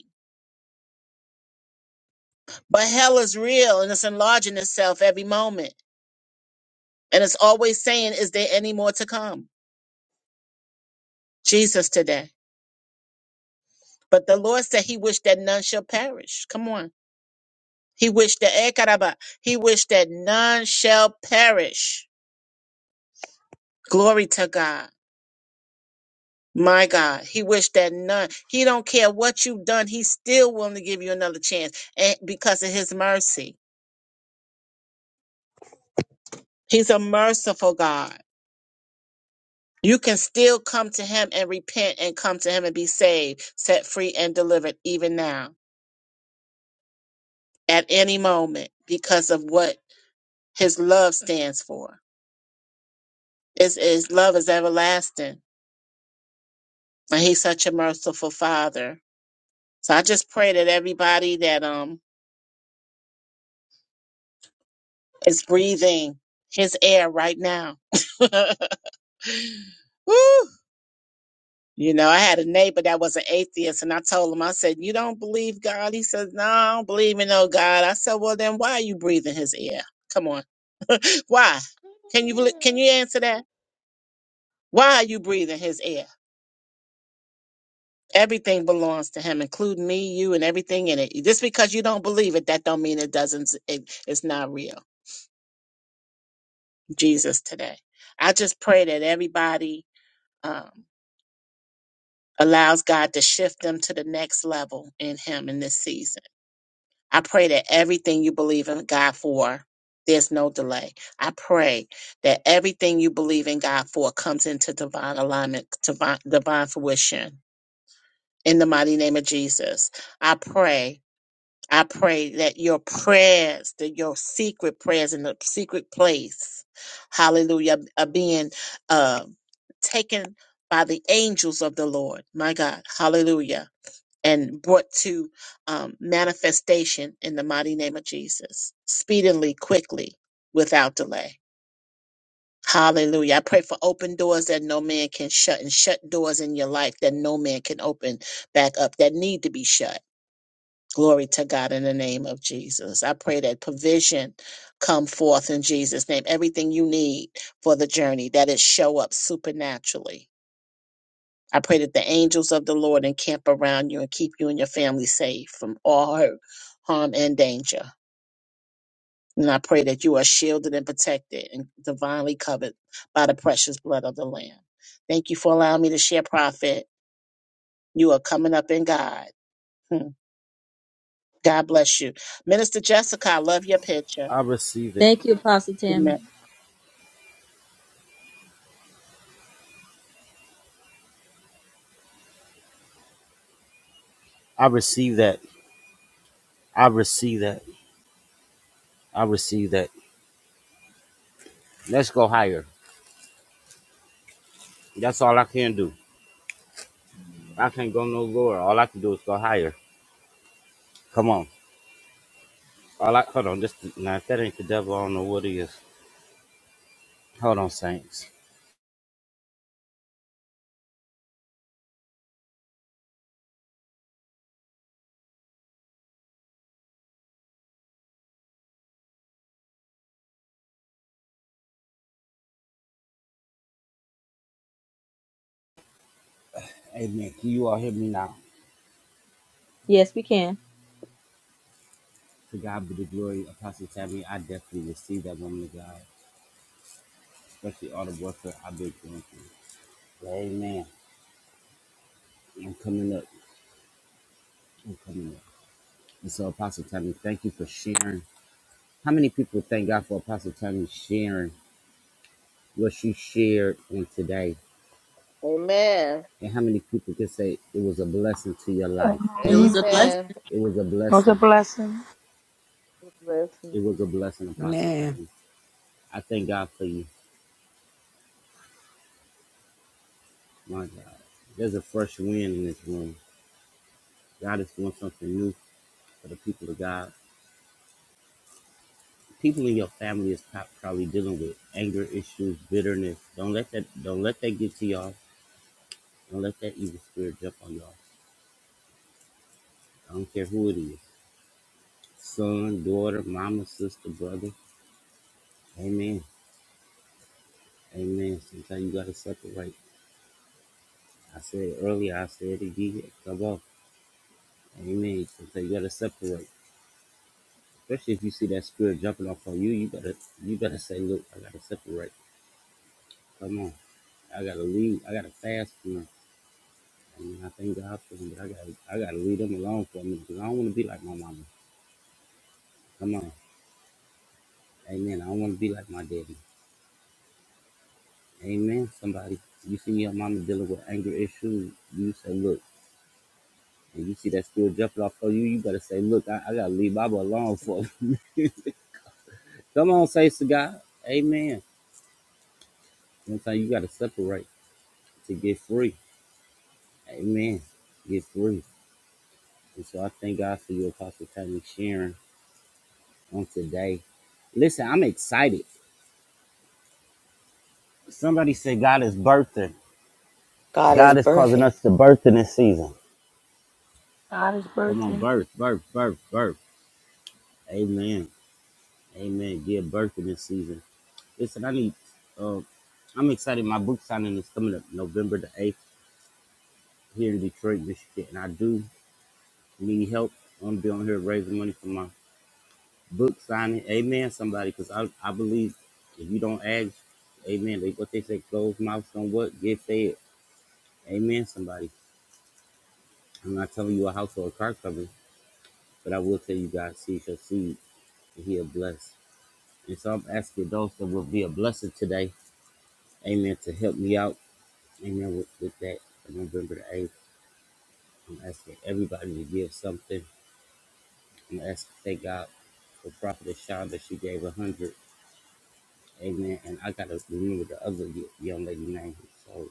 But hell is real and it's enlarging itself every moment. And it's always saying, Is there any more to come? Jesus today. But the Lord said he wished that none shall perish. Come on. He wished that eh, caraba. he wished that none shall perish. Glory to God. My God. He wished that none. He don't care what you've done. He's still willing to give you another chance and because of his mercy. He's a merciful God. You can still come to him and repent and come to him and be saved, set free, and delivered even now at any moment because of what his love stands for. His, his love is everlasting and he's such a merciful father. So I just pray that everybody that um is breathing his air right now. Woo! You know, I had a neighbor that was an atheist, and I told him, I said, You don't believe God? He says, No, I don't believe in no God. I said, Well, then why are you breathing his air? Come on. why? Can you belie- can you answer that? Why are you breathing his air? Everything belongs to him, including me, you, and everything in it. Just because you don't believe it, that don't mean it doesn't. It, it's not real. Jesus today. I just pray that everybody um, allows God to shift them to the next level in Him in this season I pray that everything you believe in God for, there's no delay. I pray that everything you believe in God for comes into divine alignment, divine, divine fruition. In the mighty name of Jesus, I pray. I pray that your prayers, that your secret prayers in the secret place, hallelujah, are being uh, taken by the angels of the Lord. My God, hallelujah and brought to um, manifestation in the mighty name of Jesus, speedily, quickly, without delay. Hallelujah. I pray for open doors that no man can shut and shut doors in your life that no man can open back up that need to be shut. Glory to God in the name of Jesus. I pray that provision come forth in Jesus' name. Everything you need for the journey, that it show up supernaturally I pray that the angels of the Lord encamp around you and keep you and your family safe from all hurt, harm, and danger. And I pray that you are shielded and protected and divinely covered by the precious blood of the Lamb. Thank you for allowing me to share, Prophet. You are coming up in God. Hmm. God bless you. Minister Jessica, I love your picture.
I receive it.
Thank you, Apostle Tammy.
Amen.
I receive that. I receive that. I receive that. Let's go higher. That's all I can do. I can't go no lower. All I can do is go higher. Come on. All I hold on. This now if that ain't the devil, I don't know what it is. Hold on, saints. Amen. Can you all hear me now?
Yes, we can.
To God be the glory, Apostle Tammy. I definitely receive that woman of God, especially all the warfare I've been going through. Amen. I'm coming up. I'm coming up. And so, Apostle Tammy, thank you for sharing. How many people thank God for Apostle Tammy sharing what she shared in today?
Amen.
And how many people can say it was a blessing to your life?
It
Come on.
was
Amen.
a blessing.
Amen.
It was a
Was a
blessing.
blessing.
It
Blessing.
was a blessing, Apostle
Man.
Tammy. I thank God for you. My God. There's a fresh wind in this room. God is doing something new for the people of God. People in your family is pro- probably dealing with anger issues, bitterness. Don't let that don't let that get to y'all. Don't let that evil spirit jump on y'all. I don't care who it is. son, daughter, mama, sister, brother. Amen. Amen. Sometimes you gotta separate. I said it earlier, I said it again. Come on. Amen. Sometimes you gotta separate. Especially if you see that spirit jumping off on you, you gotta you gotta say, Look, I gotta separate. Come on. I gotta leave. I gotta fast from them. I mean, I thank God for them, but I gotta I gotta leave them alone for me because I don't wanna be like my mama. Come on. Amen. I don't wanna be like my daddy. Amen. Somebody you see your mama dealing with anger issues, you say, Look, and you see that still jumping off of you, you better say, look, I, I gotta leave Baba alone for it. Come on, say to God. Amen. Sometimes you gotta separate to get free. Amen. Get free. And so I thank God for your Apostle Tony sharing on today. Listen, I'm excited. Somebody said God is birthing.
God is
God is causing
birthing.
us to birth in this season.
God is
Come on,
birthing.
birth, birth, birth, birth. Amen. Amen. Give birth in this season. Listen, I need uh I'm excited. My book signing is coming up November the 8th. here in Detroit, Michigan, and I do need help. I am going to be on here raising money for my book signing. Amen, somebody, because I, I believe if you don't ask, amen, they, what they say, closed mouths on what? Get fed. Amen, somebody. I'm not telling you a house or a car company, but I will tell you, God sees your seed, and he'll bless. And so I'm asking those that will be a blessing today, amen, to help me out, amen, with, with that November the 8th. I'm asking everybody to give something And I s- thank God for Prophet Shonda. She gave a hundred. Amen. And I gotta remember the other young lady name. So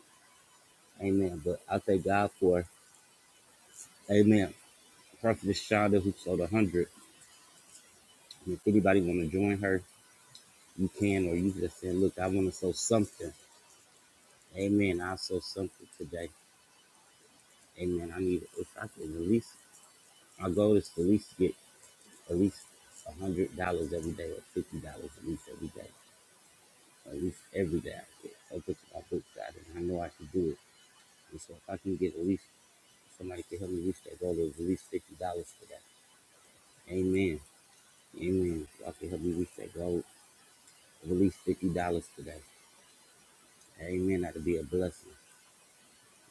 Amen. But I thank God for Amen. Prophet Shonda who sold a hundred. And if anybody wanna join her, you can or you just saying, Look, I wanna sow something. Amen. I'll sow something today. Amen. I need if I can at least my goal is to at least get at least a hundred dollars every day or fifty dollars at least every day. Or At least every day I get. So put I put God and I know I can do it. And so if I can get at least somebody can help me reach that goal of at least fifty dollars today. Amen. Amen. If I can help me reach that goal of at least fifty dollars today. Amen. That'll be a blessing.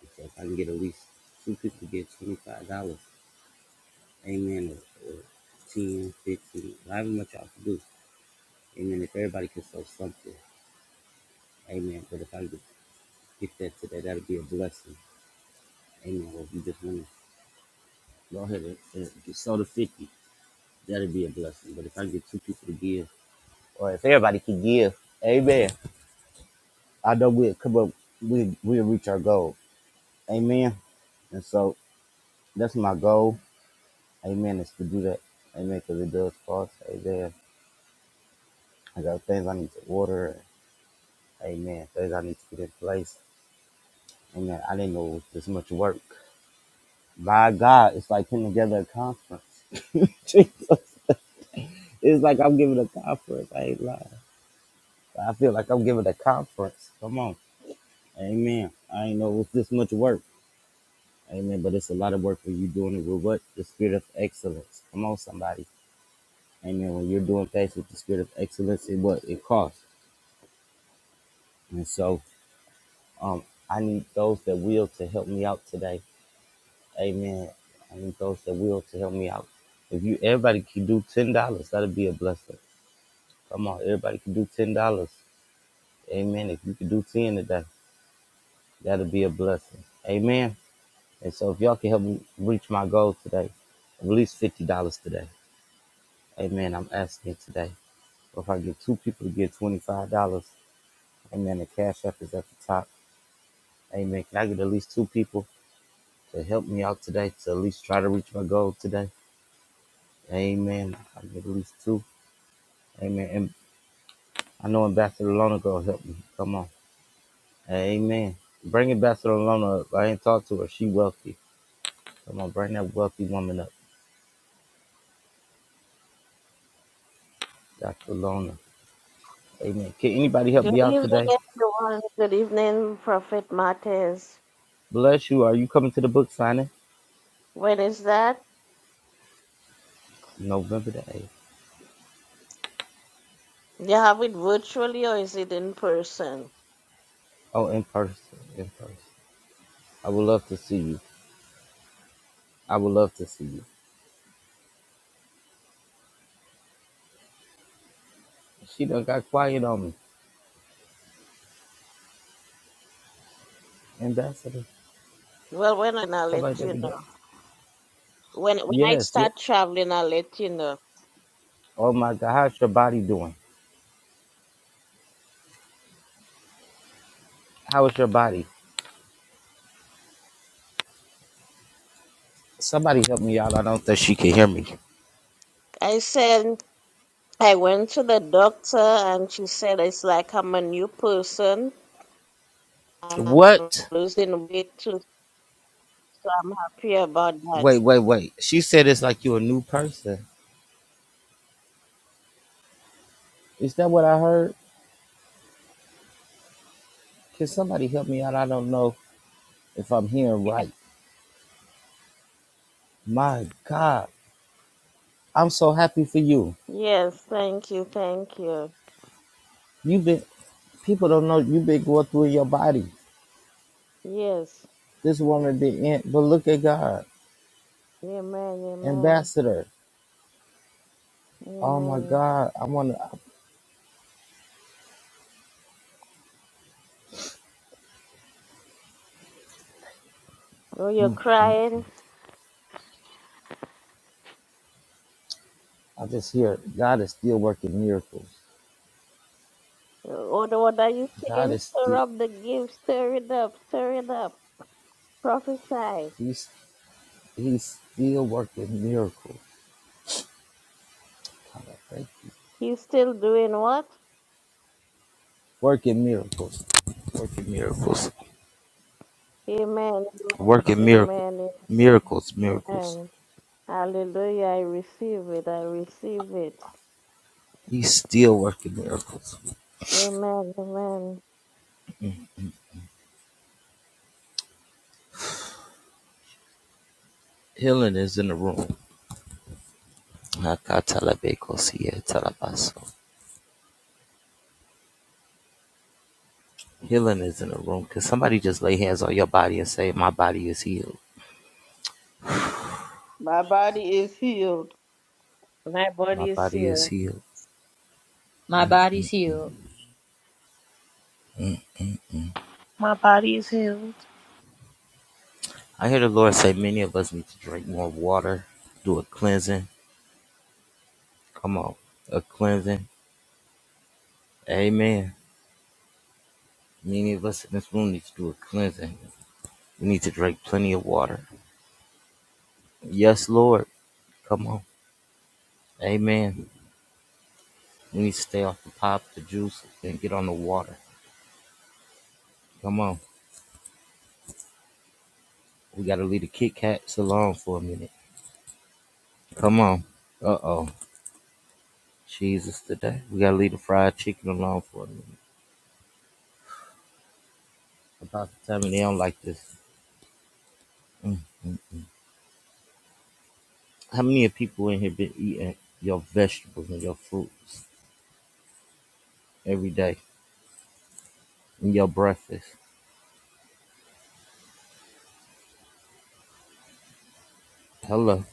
And so if I can get at least two people to get twenty five dollars. Amen. Or, or 10, 15, however much y'all can do. Amen. If everybody can sell something. Amen. But if I can get that today, that'll be a blessing. Amen. Or if you just want to go ahead and, and sell the fifty, that'll be a blessing. But if I can get two people to give or if everybody could give, amen. I know we'll come up, we we'll reach our goal, amen. And so that's my goal, amen, is to do that, amen, because it does cost, amen. I got things I need to order, amen, things I need to get in place, amen. I didn't know it was this much work. By God, it's like putting together a conference. Jesus. It's like I'm giving a conference. I ain't lying. I feel like I'm giving a conference. Come on. Amen. I ain't know it was this much work. Amen. But it's a lot of work when you're doing it with what? The spirit of excellence. Come on, somebody. Amen. When you're doing things with the spirit of excellence, it what? It costs. And so um, I need those that will to help me out today. Amen. I need those that will to help me out. If you everybody can do ten dollars, that'll be a blessing. Come on, everybody can do ten dollars. Amen. If you can do ten today, that'll be a blessing. Amen. And so if y'all can help me reach my goal today, at least fifty dollars today. Amen. I'm asking today. Or if I get two people to get $25, amen, the cash app is at the top. Amen. Can I get at least two people to help me out today to at least try to reach my goal today? Amen. I get at least two. Amen. And I know Ambassador Lona gonna help me. Come on. Amen. Bring Ambassador Lona up. I ain't talked to her. She wealthy. Come on, bring that wealthy woman up. Dr. Lona. Amen. Can anybody help
Good
me out
evening,
today?
everyone. Good evening, Prophet Martez.
Bless you. Are you coming to the book signing?
When is that?
November the 8th.
You have it virtually or is it in person?
Oh, in person. In person. I would love to see you. I would love to see you. She done got quiet on me. Ambassador,
Well, when I- I'll
stuff like
let
that.
you
we do.
know. When when I
Yes, yeah.
start traveling, I'll let you know.
Oh my God, how's your body doing? How is your body? Somebody help me out. I don't think she can hear me.
I said I went to the doctor and she said it's like I'm a new person and I'm
What?
losing weight too, so I'm happy about that.
Wait, wait, wait. She said it's like you're a new person. Is that what I heard? Can somebody help me out? I don't know if I'm hearing
Yes.
right. My God, I'm so happy for you.
Yes, thank you, thank you.
You've been, people don't know you've been going through your body.
Yes.
This woman did, not but look at God,
Amen, amen,
ambassador. Oh my
amen.
God, I want to.
Oh, you're
Mm, mm.
crying?
I just hear God is still working miracles.
What the one you
God
saying,
is
stir
still
up the gift, stir it up, stir it up, prophesy.
He's He's still working miracles. God, I thank you.
You still doing what?
Working miracles, working miracles,
Amen,
working miracle,
amen, amen,
miracles, miracles.
amen. Hallelujah, I receive it, I receive it.
He's still working miracles.
Amen, amen.
Healing is in the room. Hakatalabekosietalabaso. Healing is in the room. Cause somebody just lay hands on your body and say, "My body is healed.
My body is healed.
My
My
body is
body is
healed.
healed."
My body's healed.
My body is healed.
I hear the Lord say many of us need to drink more water, do a cleansing. Come on, a cleansing. Amen. Many of us in this room need to do a cleansing. We need to drink plenty of water. Yes, Lord. Come on. Amen. We need to stay off the pop, the juice, and get on the water. Come on. We got to leave the Kit Kats alone for a minute. Come on. Uh oh. Jesus today. We got to leave the fried chicken alone for a minute. About the time and they don't like this. Mm. mm, How many of people in here been eating your vegetables and your fruits every day and your breakfast? Hello,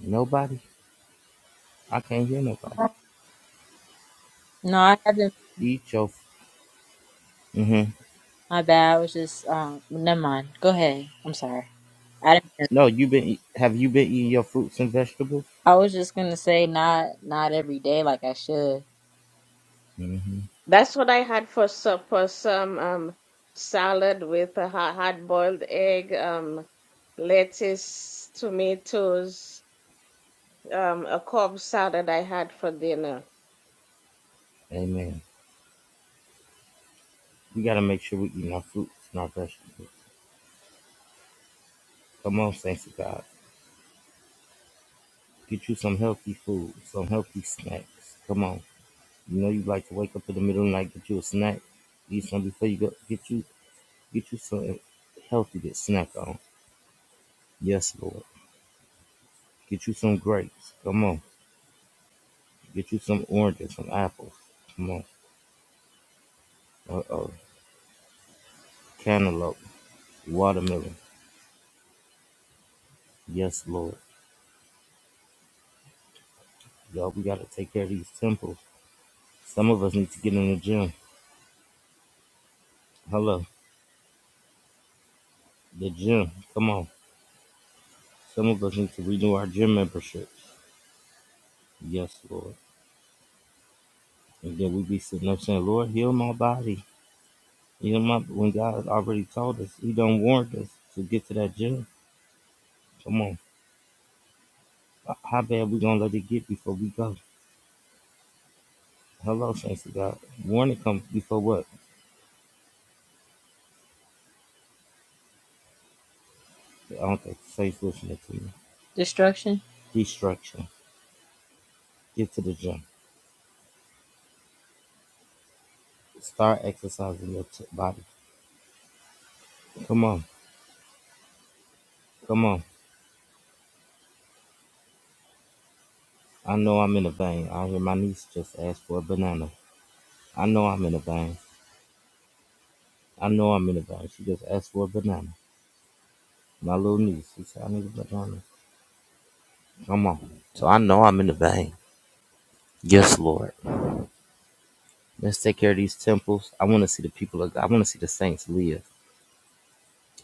nobody. I can't hear nobody.
No, I haven't
Eat your. hmm
My bad. I was just um. Never mind. Go ahead. I'm sorry. I didn't. mean to-
No, you been. eat- Have you been eating your fruits and vegetables?
I was just gonna say not not every day like I should.
hmm
That's what I had for supper, some um salad with a hard boiled egg, um lettuce, tomatoes, um a cob salad I had for dinner.
Amen. We gotta make sure we eating our fruits and our vegetables. Come on, saints of God. Get you some healthy food, some healthy snacks. Come on. You know you like to wake up in the middle of the night, get you a snack, eat some before you go. Get you, get you some healthy to snack on. Yes, Lord. Get you some grapes. Come on. Get you some oranges, some apples. Come on. Uh oh. Cantaloupe, watermelon. Yes, Lord. Y'all, we got to take care of these temples. Some of us need to get in the gym. Hello. The gym. Come on. Some of us need to renew our gym memberships. Yes, Lord. And then we be sitting up saying, Lord, heal my body. Heal my body. when God has already told us, He done warned us to get to that gym. Come on. How bad we gonna let it get before we go? Hello, saints of God. Warning comes before what? I don't think Faith listening to me.
Destruction.
Destruction. Get to the gym. Start exercising your t- body. Come on. Come on. I know I'm in a vein. I hear my niece just asked for a banana. I know I'm in a vein. I know I'm in a vein. She just asked for a banana. My little niece. She said, I need a banana. Come on. So I know I'm in the vein. Yes, Lord. Let's take care of these temples. I want to see the people of God. I want to see the saints live.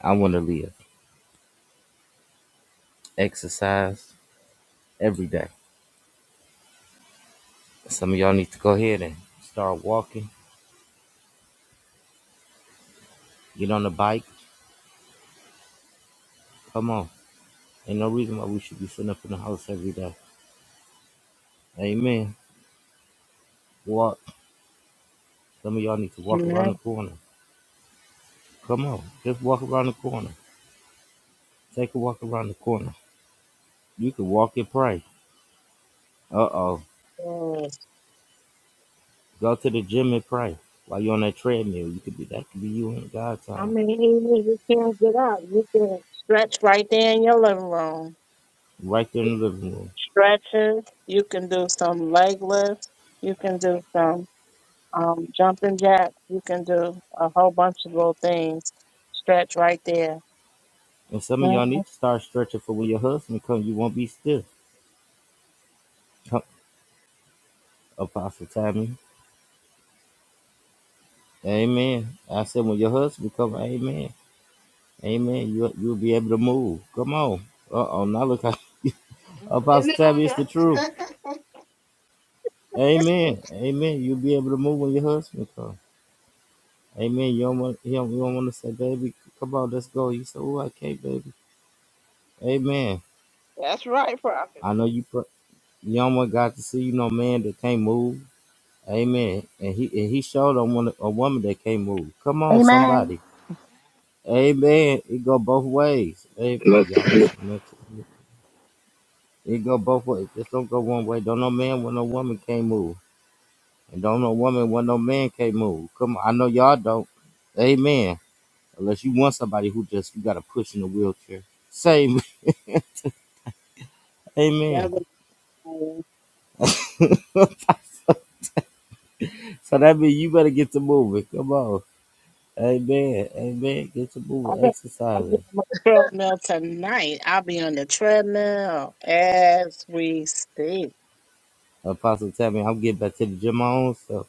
I want to live. Exercise every day. Some of y'all need to go ahead and start walking get on the bike. Come on. Ain't no reason why we should be sitting up in the house every day. Amen. Walk. Some of y'all need to walk around
Amen.
the corner. Come on. Just walk around the corner. Take a walk around the corner. You can walk and pray. Uh oh.
Yes.
Go to the gym and pray. While you're on that treadmill, you could be that could be you in God
I
time.
mean, even if you can't get up. You can Stretch right there in your living room.
Right there in the living room.
stretches. You can do some leg lifts. You can do some um, jumping jacks. You can do a whole bunch of little things. Stretch right there.
And some of y'all
Mhm.
need to start stretching for when your husband comes, you won't be stiff. Come, Apostle Tammy. Amen. I said when your husband come, amen. Amen. You you'll be able to move. Come on. Uh oh. Now look how Apostle Tabby, it's the
Hallelujah.
truth. Amen. Amen. You'll be able to move when your husband comes. Amen. You don't want you don't, you don't want to say, baby, come on, let's go. You say, oh, I can't, baby. Amen.
That's right, prophet.
I know you. Pr- you don't want God to see you no man that can't move. Amen. And he and he showed on one a woman that can't move. Come on,
Amen.
somebody. Amen. It go both ways. Amen. Y'all ain't saying nothing. It go both ways. Just don't go one way. Don't no man when no woman can't move. And don't no woman when no man can't move. Come on, I know y'all don't. Amen. Unless you want somebody who just you gotta push in a wheelchair. Same.
That
Amen.
was cool.
so that means you better get to moving. Come on. Amen. Amen. Get to
I'm
moving.
gonna I'm gonna
Exercising.
do a treadmill tonight. I'll be on the treadmill as we speak.
Apostle tell me I'm getting back to the gym my own self.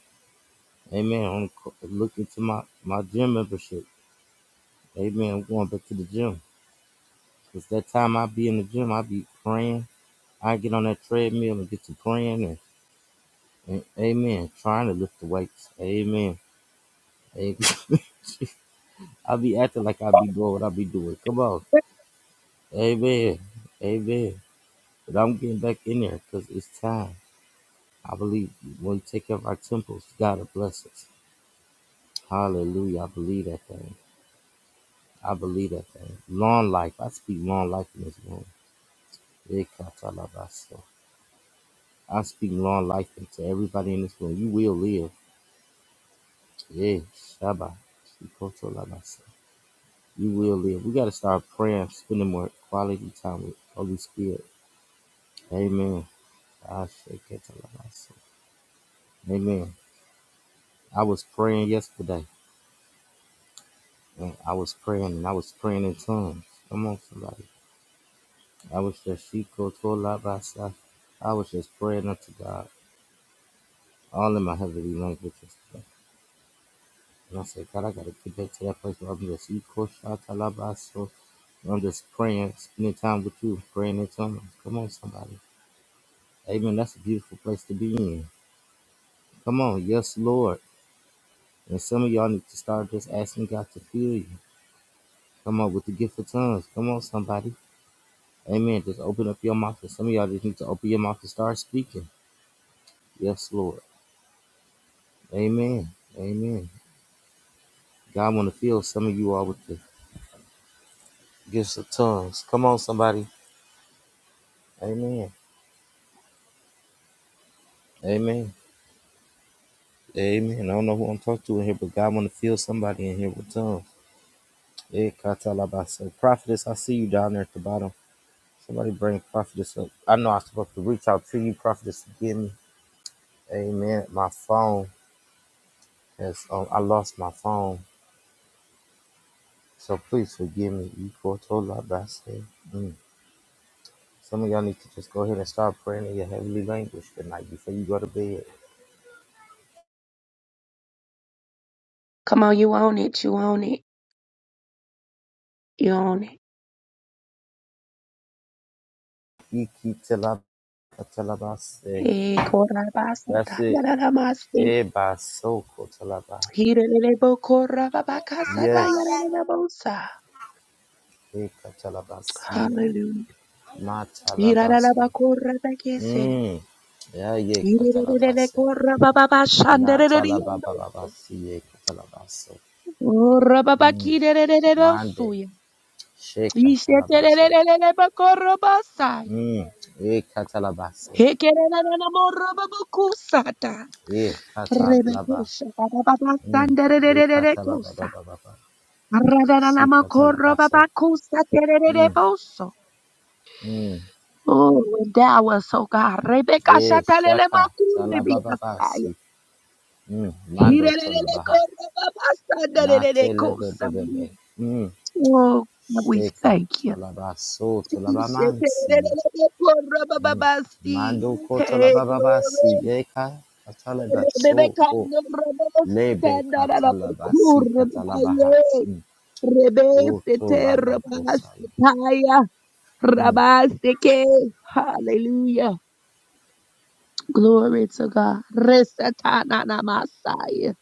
Amen. I'm co- looking to my, my gym membership. Amen. I'm going back to the gym. It's that time I be in the gym, I be praying. I get on that treadmill and get to praying and, and amen, trying to lift the weights. Amen. amen. I be acting like I be doing what I be doing. Come on. Amen. Amen. But I'm getting back in there because it's time. I believe when we take care of our temples, God will bless us. Hallelujah. I believe that thing. I believe that thing. Long life. I speak long life in this room. I speak long life into everybody in this room. You will live. Yeah. Shabbat. You will live. We got to start praying, spending more quality time with Holy Spirit. Amen. I shake it till I lost Amen. I was praying yesterday, and I was praying, and I was praying in tongues. Come on, somebody. I was just she go to a lot by side. I was just praying unto God, all in my heavenly language yesterday. And I said, God, I got to get back to that place where I'm just equal shot to la ba so. I'm just praying, spending time with you, praying in tongues. Come on, somebody. Amen. That's a beautiful place to be in. Come on, yes, Lord. And some of y'all need to start just asking God to fill you. Come on, with the gift of tongues. Come on, somebody. Amen. Just open up your mouth. And some of y'all just need to open your mouth and start speaking. Yes, Lord. Amen. Amen. God want to fill some of you all with the gifts of tongues. Come on, somebody. Amen. Amen. Amen. I don't know who I'm talking to in here, but God want to fill somebody in here with tongues. Eh, katalabasa. Prophetess, I see you down there at the bottom. Somebody bring prophetess up. I know I'm supposed to reach out to you, prophetess, forgive me. Amen. My phone has, um, I lost my phone. So please forgive me. You poor told I said. Mm. Some of y'all need to just go ahead and start praying in your heavenly language tonight before you go to bed.
Come on, you own it, you own it, you own it.
You keep till I, till I say.
Hey,
That's
korabasata,
it.
yararabase,
Eba soko talaba.
hirelelebo korababakasata,
Yes.
yarararabosa.
Eka talabasia.
Hallelujah.
Ma talabaso.
Hirararabakorabakese,
Mm. Yeah, yeah,
hirelelele
katalabase.
korabababashandereleliyando,
Natalabababasi Katalabaso. Mm. Mande.
korababakirelelelosuya,
Sheka Talabase.
ishetelelelelelebakorobasaya,
Mm. E Katalabase.
hekerelelelemorababakusata,
E Katalaba.
rebekusha,
Mm. E
babababasanderelelelekosa.
Katalababababa. Si Katalabaso. Mm.
ra
Mm.
Oh, endow us, oh God. Rebecca
E Shaka
Shatalemakuribikasaya.
Talabababasi. Mm. Mando
hirelelele
Tolabaha. Natelebebebebe. Mm.
Oh, God, we
Sheka
thank you.
Talabaso Tolabamansi.
shetelelele
Mm. Mando
Hey,
kotalababasi
glory.
eka katalaba so
Rebecca
ko lebe katalabasi
Norobositandarakurubaya.
katalabaha. Mm.
Rebecca
Oto labakosaya.
Terabasitaya.
Mm.
Rabaseke. Hallelujah. Glory to God. Resatana Masaya.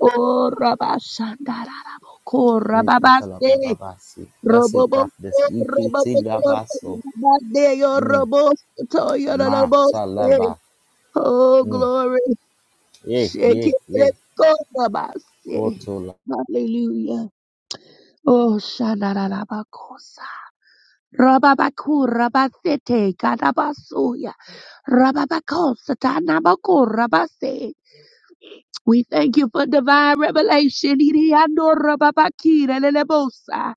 Oh Rabashandaraboko
E
Rababase.
katalabababasi. That's it,
Roboboko
prophetess. Ikiti
Roboboko
dabaso.
Rabadeyo
Mm.
Robosto
Ma
Yorobose.
talaba.
Oh
Mm.
glory.
Ye,
Shake it.
ye, ye.
Let's go Rabase.
Kotola.
Hallelujah. Oh Shandarabakosaya. Rababakura basete kadabasuya. Rababakosatanamakura base. We thank you for divine revelation. Iriando, Rababakira, lelebosa.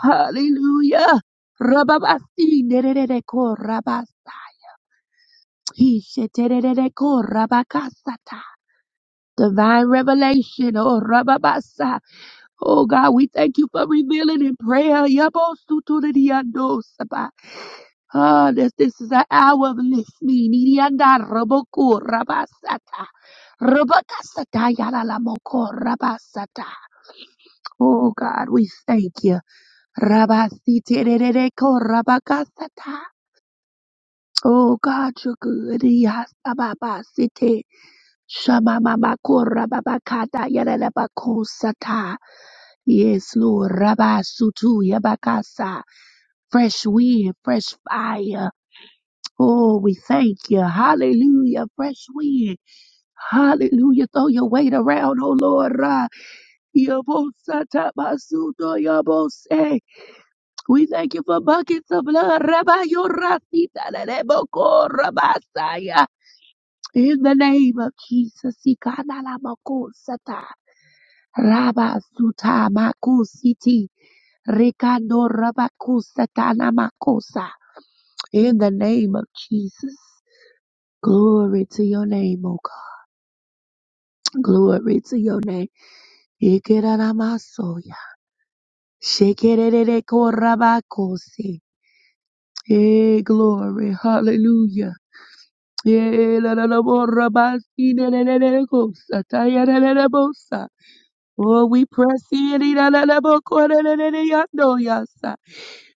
Hallelujah. Rababasi nererekora basa. Hishetererekora Rabakasata. Divine revelation, oh Rababasa. Oh God, we thank you for revealing in prayer. Yabosutuliandosaba. Ah, this, this is the hour of listening. Irianda roboko rabasata. Robakasata yalalamoko rabasata. Oh God, we thank you. Rabasiterereko rabakasata. Oh God, you're good. Yasababasite. Shamamamako rababakata yalalabakosata. Yes, Lord. Rabasutu yabakasa. Fresh wind, fresh fire. Oh, we thank you. Hallelujah. Fresh wind. Hallelujah. Throw your weight around, oh Lord. Ra. Yabosatabasunto yabose. We thank you for buckets of blood. Rabba lereboko rabasaya. In the name of Jesus. Ikanalabakosata. Rabba makusiti. Rikando rabakusata namakosa. In the name of Jesus. Glory to your name, O God. Glory to your name. Ikeraramasoya. Shekerererekorabakose. Hey, glory. Hallelujah. Hey, lararaborabasinelererekosa. Tayarelelebosa. Oh, we press in. irararabokoreleleyanoyasa.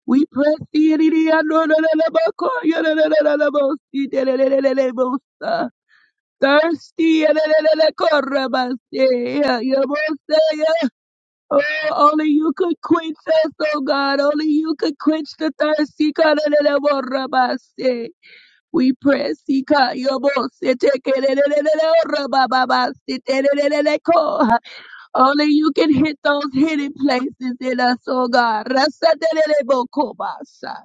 We press in. irararabokorelelebosinelelelebosa. Thirsty. irararabokorabase. Yeah, yeah, Oh, only you could quench us, oh God. Only you could quench the thirsty. We press. Ika, yobo, sete, Only you can hit those hidden places in us, oh God. Rasatererebokobasa.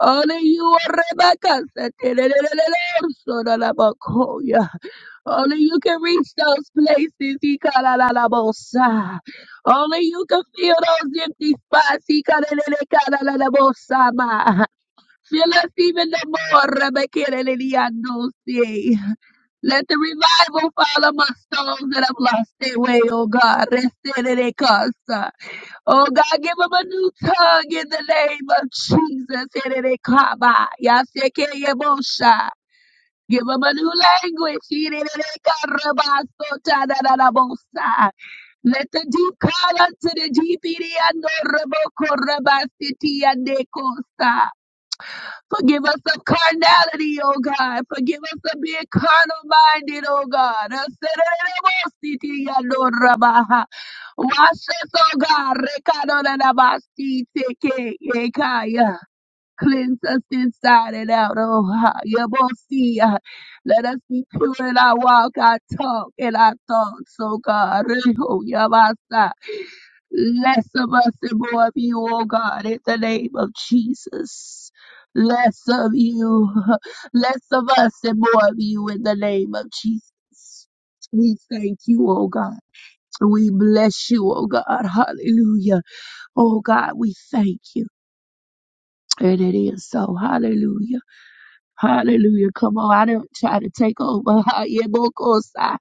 Only you are Rebecca. Satererererorsoralabakoya. Only you can reach those places. He kalalalabosa. Only you can fill those empty spots. He kalalalabosa. ma. Fill us even the more. Rebekeleleliandosi. Let the revival follow my souls that have lost their way, oh God. Reselelekasa. Oh God, give them a new tongue in the name of Jesus. Erelekaba. Yasekeyebosha. Give them a new language. Yidididikarabasotananabosa. Let the deep call unto the deep. Yididiandorobokorabasitiandekosa. Forgive us of carnality, O God. Forgive us of being carnal minded, O God. Asedededebositiandorabaha. Wash us, O God. Rekadonanabasiteke. Yekaya. Cleanse us inside and out, oh ha, Yabosia. Let us be pure in our walk, our talk, and our thoughts, oh God. Reho, Yabasa. Less of us and more of you, oh God, in the name of Jesus. Less of you, less of us and more of you in the name of Jesus. We thank you, oh God. We bless you, oh God. Hallelujah. Oh God, we thank you. And it is so. Hallelujah. Hallelujah. Come on. I don't try to take over. Yebokosa.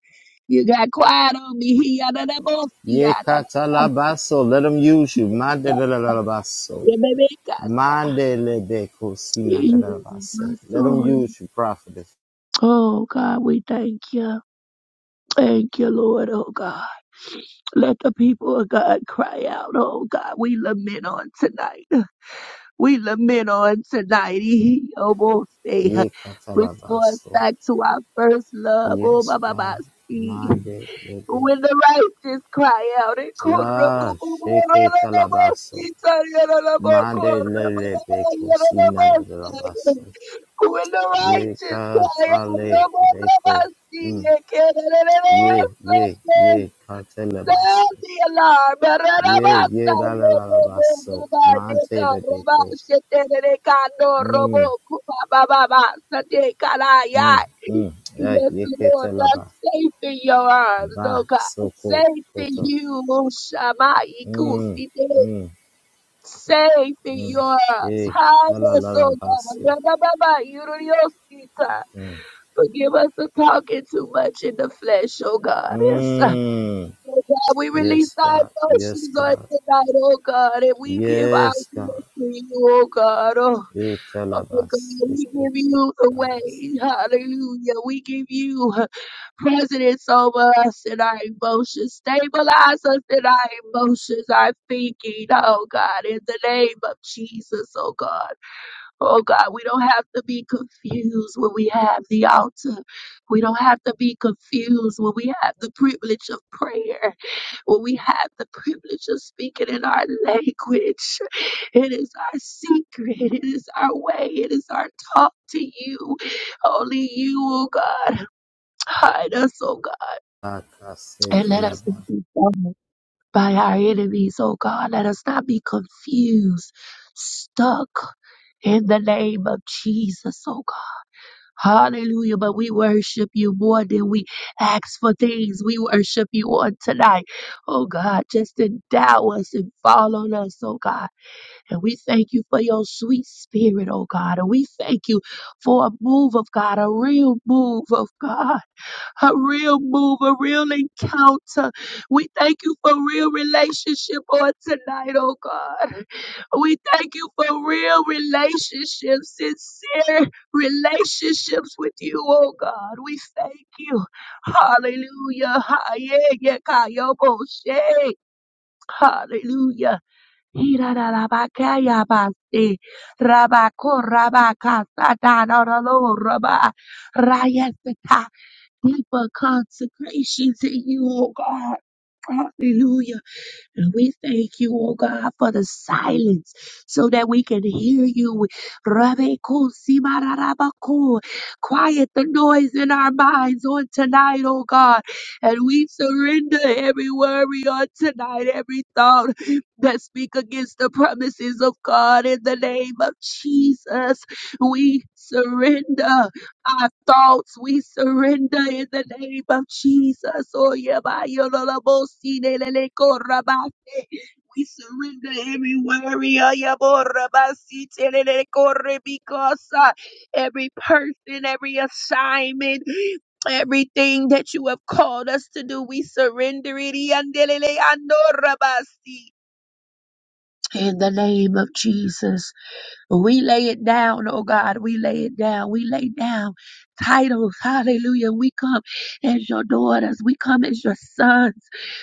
You got quiet on me. He ya- da- da- bo- si- ya-
Ye
da- da- da-
katalabaso. Let them use you.
da.
Mande lalabaso.
Yeah, baby, ka- sa.
Mande lebe kosina
Yeah, my
gadalabase. Let them
son.
use you, prophetess.
Oh God, we thank you. Thank you, Lord. Oh God. Let the people of God cry out. Oh God, we lament on tonight. We lament on tonight. He almost say,
Ye
restore us
katalabaso.
back to our first love. Oh, my,
Yes,
my,
God.
my.
Mande lebe.
When the righteous cry out, it when
Ah, sheke talabaso. Mande lele beko sinana dalabaso.
the
Ye
righteous
katale beko. Mm.
cry
Ye, ye,
out,
ye
Sound
katalabaso.
the alarm.
Ye,
Barabasa,
ye
robo,
dalalabaso.
roba,
Mante
deka, roba,
lebeko.
shete, deka, no, robo,
Mm,
kuba, baba, basa, deka, la,
mm,
ya.
mm. Eh,
Yes,
ye
Lord, I'm
ketalaba.
safe in your arms,
Ba,
oh God.
soko,
Safe in
koto.
you, Shammai,
Mm,
Kusite.
mm.
Safe in
Mm.
your arms.
Hey,
Hide us, oh God.
talalabase.
Barababa, Yuriosita.
Mm.
Forgive us for talking too much in the flesh, oh God.
Mm.
Oh God, we release
Yes,
our
God. Yes,
emotions on
God.
tonight, oh God, and we give our
Yes, God.
praise to you, oh God. Oh,
Hey,
oh God,
talabas. Hey,
we give you the
talabas.
way. Hallelujah. We give you precedence over us and our emotions. Stabilize us in our emotions, our thinking, oh God, in the name of Jesus, oh God. Oh God, we don't have to be confused when we have the altar. We don't have to be confused when we have the privilege of prayer, when we have the privilege of speaking in our language. It is our secret, it is our way, it is our talk to you. Only you, oh God, hide us, oh God,
Akase
and let us not
talaba.
be bothered by our enemies, oh God. Let us not be confused, stuck. In the name of Jesus, oh God. Hallelujah. But we worship you more than we ask for things. We worship you on tonight. Oh God, just endow us and fall on us, oh God. And we thank you for your sweet spirit, oh God. And we thank you for a move of God, a real move of God a real move, a real encounter. We thank you for real relationship on tonight, oh God. We thank you for real relationships, sincere relationships with you, oh God. We thank you. Hallelujah. Ha- yeah, yeah, ka- yo, bo- she. Hallelujah. Hira ra ra ba ka ya ba se. Ra ba ko ra ba ka sa da na ra lo ra ba. Ra ya se deeper consecration to you, oh God. Hallelujah. And we thank you, oh God, for the silence so that we can hear you. Rabeko simarabako. Quiet the noise in our minds on tonight, oh God. And we surrender every worry on tonight, every thought that speak against the promises of God in the name of Jesus. We surrender our thoughts we surrender in the name of Jesus. Oh, yeah, by your little boy, see, they, they, they, go, rabbi, say, We surrender every worry, oh, yeah, boy, rabbi, see, they, they, they, go, re, because uh, every person, every assignment, everything that you have called us to do, we surrender it. yandelele, ando, rabbi, see. In the name of Jesus. We lay it down, oh God. We lay it down. We lay down titles. Hallelujah. We come as your daughters. We come as your sons.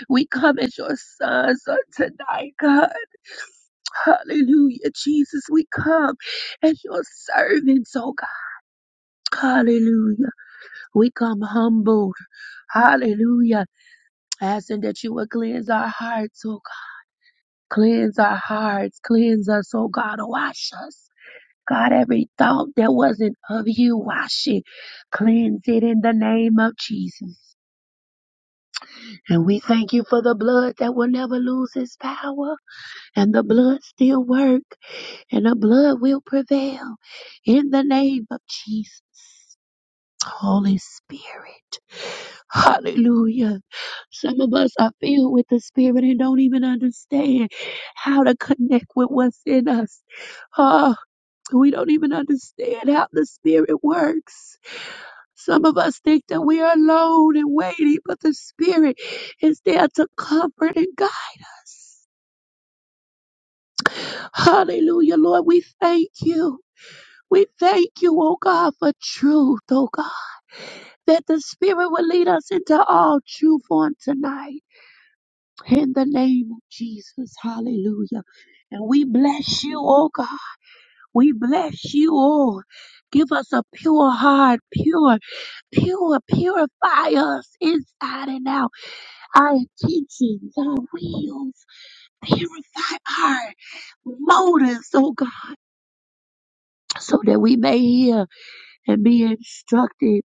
We come as your sons on tonight, God. Hallelujah. Jesus, we come as your servants, oh God. Hallelujah. We come humbled. Hallelujah. Asking that you would cleanse our hearts, oh God. Cleanse our hearts. Cleanse us, oh God. Wash us. God, every thought that wasn't of you, wash it, cleanse it in the name of Jesus. And we thank you for the blood that will never lose its power. And the blood still work. And the blood will prevail in the name of Jesus. Holy Spirit. Hallelujah. Some of us are filled with the Spirit and don't even understand how to connect with what's in us. Oh, we don't even understand how the Spirit works. Some of us think that we are alone and waiting, but the Spirit is there to comfort and guide us. Hallelujah, Lord. We thank you. We thank you, oh God, for truth, oh God, that the Spirit will lead us into all truth on tonight. In the name of Jesus, hallelujah. And we bless you, oh God. We bless you, oh. Give us a pure heart, pure, pure, purify us inside and out Our intentions, our wills, purify our motives, oh God, so that we may hear and be instructed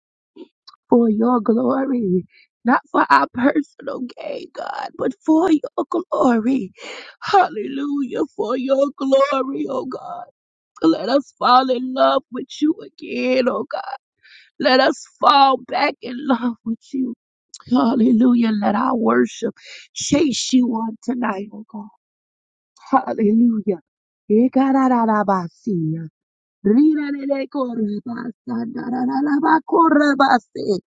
for your glory. Not for our personal gain, God, but for your glory. Hallelujah, for your glory, oh God. Let us fall in love with you again, oh God. Let us fall back in love with you. Hallelujah. Let our worship chase you on tonight, oh God. Hallelujah. Ekararabasiya. Rirarelekorabasa, darararabakorabase.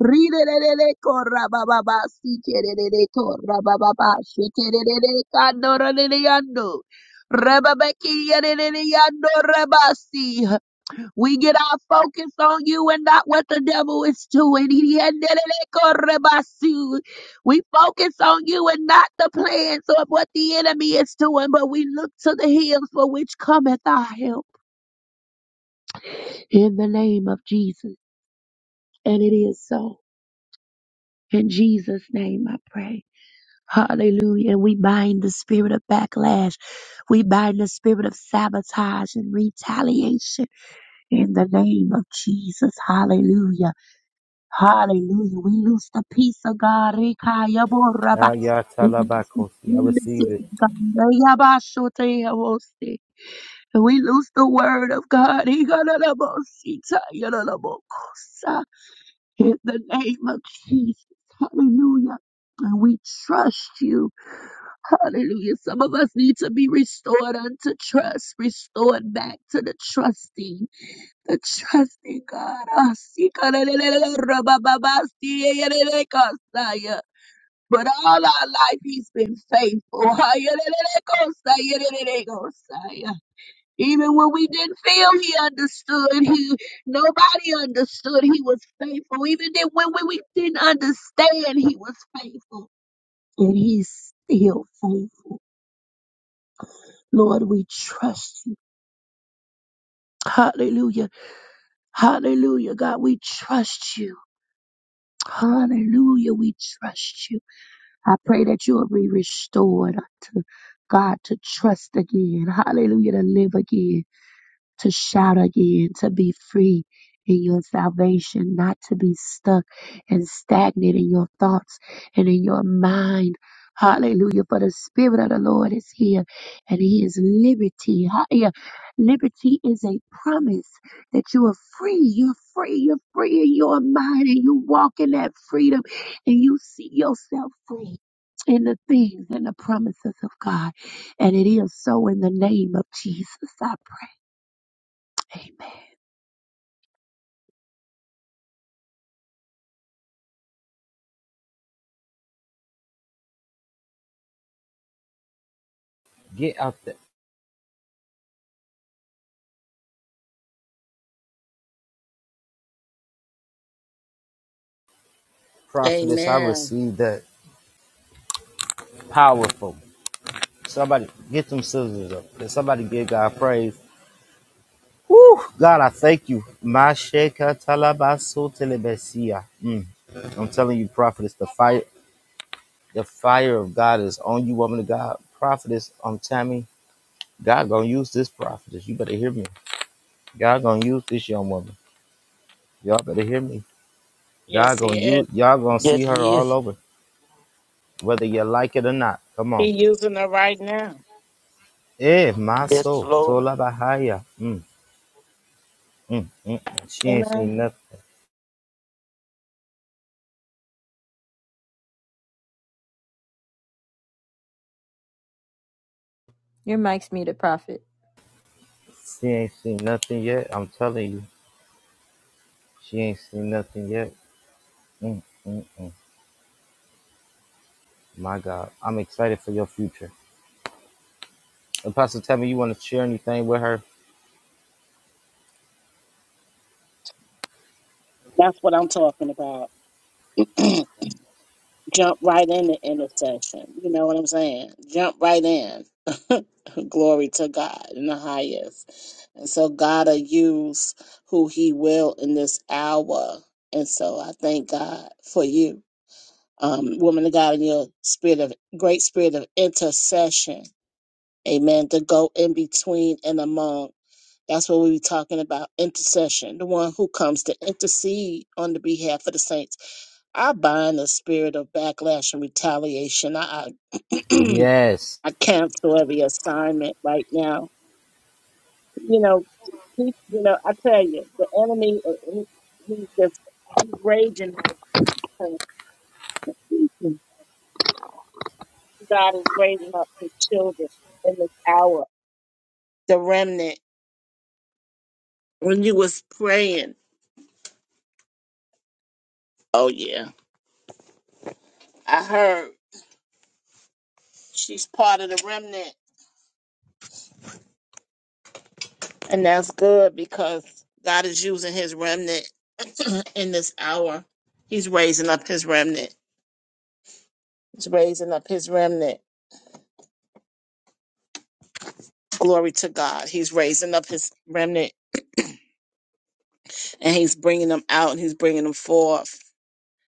Rirelelekorabababasi, kerelelekorabababasi, kerelelekandoreleyando. Rababakiyareleyando rabasi. We get our focus on you and not what the devil is doing. We focus on you and not the plans of what the enemy is doing, but we look to the hills for which cometh our help. In the name of Jesus. And it is so. In Jesus' name I pray. Hallelujah. And we bind the spirit of backlash. We bind the spirit of sabotage and retaliation in the name of Jesus. Hallelujah. Hallelujah. We lose the peace of God. Rikayaboraba.
Ah, yeah,
We lose the
talabakosi. I
fullness
receive it.
of God. Yabashoteyabosi. And We lose the word of God. Igalabosita, yalalabokosa. In the name of Jesus. Hallelujah. And we trust you. Hallelujah. Some of us need to be restored unto trust, restored back to the trusting. The trusting God. Ah, see, kalelelele, rabababa, see, yelelele, kosaya. But all our life, He's been faithful. Ah, yelelele, kosaya, yelelele, kosaya. Even when we didn't feel He understood, He nobody understood. He was faithful. Even then, when we, we didn't understand, He was faithful, and He's still faithful. Lord, we trust You. Hallelujah. Hallelujah, God, we trust you. Hallelujah. We trust you. I pray that you will be restored unto God to trust again. Hallelujah. To live again to shout again, to be free in your salvation, not to be stuck and stagnant in your thoughts and in your mind. Hallelujah. For the Spirit of the Lord is here and He is liberty. Ha- yeah. Liberty is a promise that you are free. You're free. You're free in your mind and you walk in that freedom and you see yourself free in the things and the promises of God. And it is so in the name of Jesus. I pray. Amen.
Get out there. Prophetess, I
Amen.
receive that. Powerful. Somebody get them scissors up. Let somebody give God praise. God, I thank you. My sheka talabaso telebesia. Mm. I'm telling you, prophetess, the fire. The fire of God is on you, woman of God. Prophetess, um, Tammy, God gonna use this prophetess. You better hear me. God gonna use this young woman. Y'all better hear me. God
Yes,
gonna
he is.
use y'all gonna see
Yes,
her
he
all
is.
over, whether you like it or not. Come
He
on.
using it right now.
Eh, my
Yes,
soul.
Lord.
Tola Bahia. Mm, mm, mm. mm. She ain't
Amen.
seen nothing.
Your mic's muted, Prophet.
She ain't seen nothing yet. I'm telling you. She ain't seen nothing yet. Mm, mm, mm. My God. I'm excited for your future. Apostle, tell me you want to share anything with her?
That's what I'm talking about. jump right in the intercession. You know what I'm saying? Jump right in. Glory to God in the highest. And so God will use who He will in this hour. And so I thank God for you, um, woman of God, in your spirit of great spirit of intercession. Amen. To go in between and among. That's what we be talking about intercession, the one who comes to intercede on the behalf of the saints I bind the spirit of backlash and retaliation. I I,
Yes.
I cancel every assignment right now. You know, he, you know, I tell you, the enemy, uh, he, he's just he's raging. right now. God is raising up his children in this hour. The remnant. When you was praying, oh yeah, I heard she's part of the remnant, and that's good because God is using His remnant in this hour. He's raising up his remnant. He's raising up his remnant. Glory to God. He's raising up his remnant and he's bringing them out and he's bringing them forth.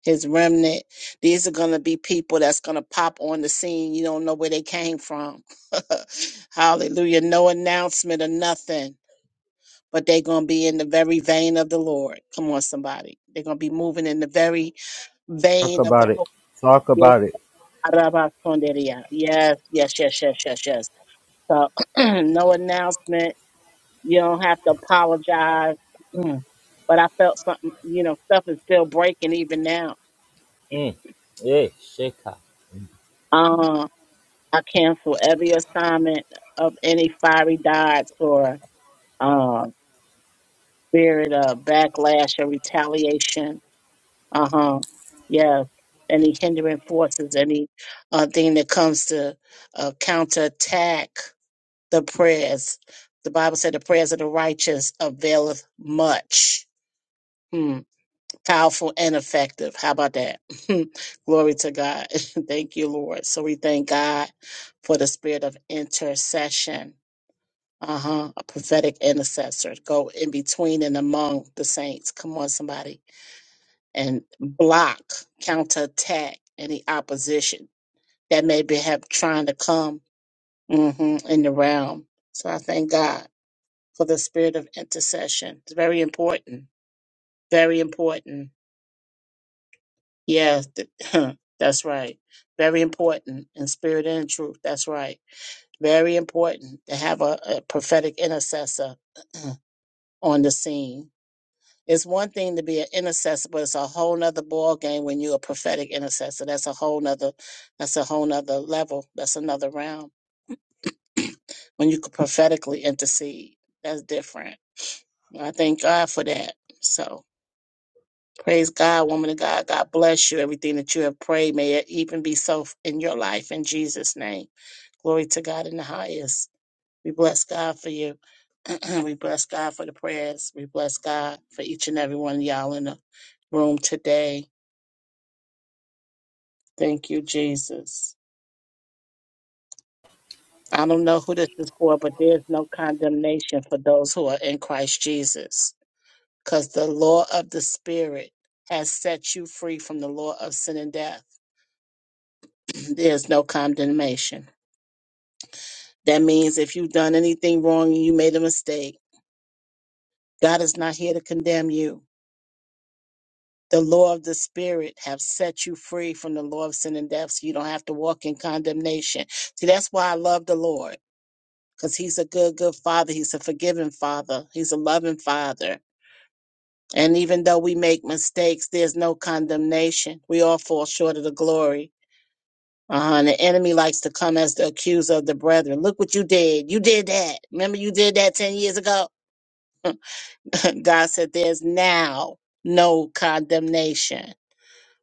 His remnant. These are going to be people that's going to pop on the scene. You don't know where they came from. Hallelujah. No announcement or nothing, but they're going to be in the very vein of the Lord. Come on, somebody. They're going to be moving in the very
Talk
vein of the
about it.
Holy.
Talk about it.
Yes, yes, yes, yes, yes, yes. So no announcement. You don't have to apologize. Mm. But I felt something, you know, stuff is still breaking even now.
Mm. Yeah, shaka.
Uh, I cancel every assignment of any fiery darts or uh, spirit of backlash or retaliation. Uh huh. Yeah. Any hindering forces, any uh, thing that comes to uh, counterattack the prayers. The Bible said the prayers of the righteous availeth much. Hmm. Powerful and effective. How about that? Glory to God. thank you, Lord. So we thank God for the spirit of intercession. Uh huh. A prophetic intercessor. Go in between and among the saints. Come on, somebody. And block, counterattack any opposition that may be have trying to come hmm in the realm. So I thank God for the spirit of intercession. It's very important. Very important. Yes, th- that's right. Very important in spirit and in truth. That's right. Very important to have a, a prophetic intercessor on the scene. It's one thing to be an intercessor, but it's a whole nother ball game when you're a prophetic intercessor. That's a whole nother that's a whole nother level. That's another round. when you could prophetically intercede. That's different. I thank God for that. So Praise God, woman of God. God bless you. Everything that you have prayed, may it even be so in your life in Jesus' name. Glory to God in the highest. We bless God for you. we bless God for the prayers. We bless God for each and every one of y'all in the room today. Thank you, Jesus. I don't know who this is for, but there's no condemnation for those who are in Christ Jesus because the law of the Spirit has set you free from the law of sin and death. there's no condemnation. That means if you've done anything wrong and you made a mistake, God is not here to condemn you. The law of the spirit have set you free from the law of sin and death, so you don't have to walk in condemnation. See, that's why I love the Lord, because He's a good, good Father. He's a forgiving Father. He's a loving Father. And even though we make mistakes, there's no condemnation. We all fall short of the glory. Uh-huh. And the enemy likes to come as the accuser of the brethren. Look what you did. You did that. Remember you did that 10 years ago? God said, There's now no condemnation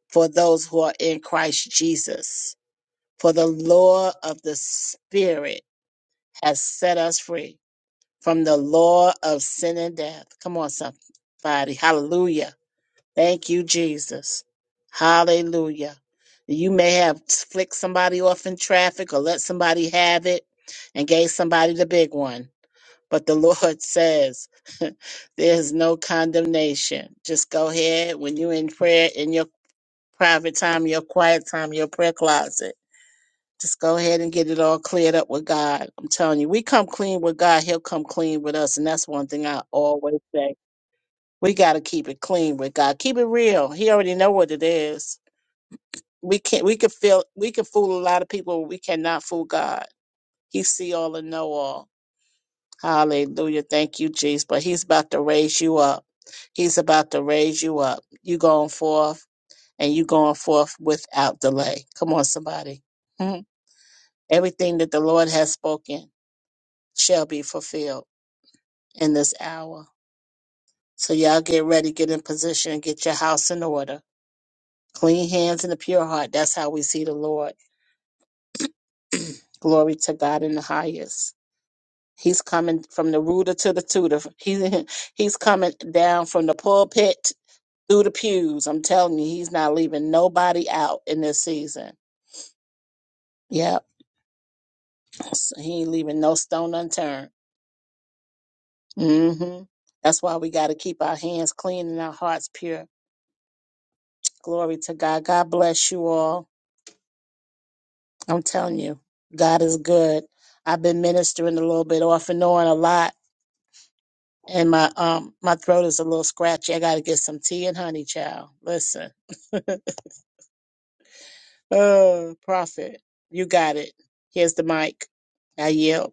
for those who are in Christ Jesus. For the law of the Spirit has set us free from the law of sin and death. Come on, somebody. Hallelujah. Thank you, Jesus. Hallelujah. You may have flicked somebody off in traffic or let somebody have it and gave somebody the big one. But the Lord says there's no condemnation. Just go ahead when you're in prayer, in your private time, your quiet time, your prayer closet. Just go ahead and get it all cleared up with God. I'm telling you, we come clean with God, He'll come clean with us. And that's one thing I always say. We got to keep it clean with God. Keep it real. He already know what it is. We can't, we can feel, we can fool a lot of people, but we cannot fool God. He see all and know all. Hallelujah. Thank you, Jesus. But he's about to raise you up. He's about to raise you up. You going forth and you going forth without delay. Come on, somebody. Mhm. Everything that the Lord has spoken shall be fulfilled in this hour. So y'all get ready, get in position, get your house in order. Clean hands and a pure heart. That's how we see the Lord. Glory to God in the highest. He's coming from the rooter to the tutor. He, he's coming down from the pulpit through the pews. I'm telling you, he's not leaving nobody out in this season. Yep, so he ain't leaving no stone unturned. hmm That's why we got to keep our hands clean and our hearts pure. Glory to God. God bless you all. I'm telling you, God is good. I've been ministering a little bit off and on a lot, and my um my throat is a little scratchy. I got to get some tea and honey, child. Listen, oh prophet, you got it. Here's the mic. I yield.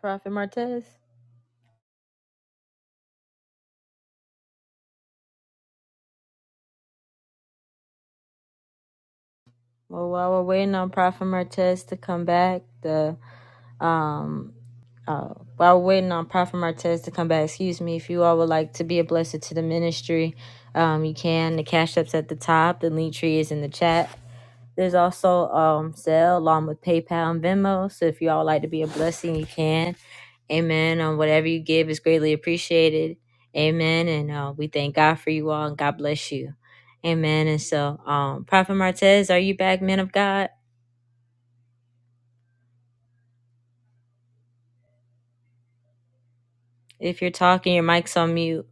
Prophet Martez. Well, while we're waiting on Prophet Martez to come back, the um. Uh, while we're waiting on Prophet Martez to come back, excuse me, if you all would like to be a blessing to the ministry, um, you can. The cash app's at the top. The link tree is in the chat. There's also um Zelle along with PayPal and Venmo. So if you all would like to be a blessing, you can. Amen. Um, whatever you give is greatly appreciated. Amen. And uh, we thank God for you all and God bless you. Amen. And so, um, Prophet Martez, are you back, man of God? If you're talking, your mic's on mute.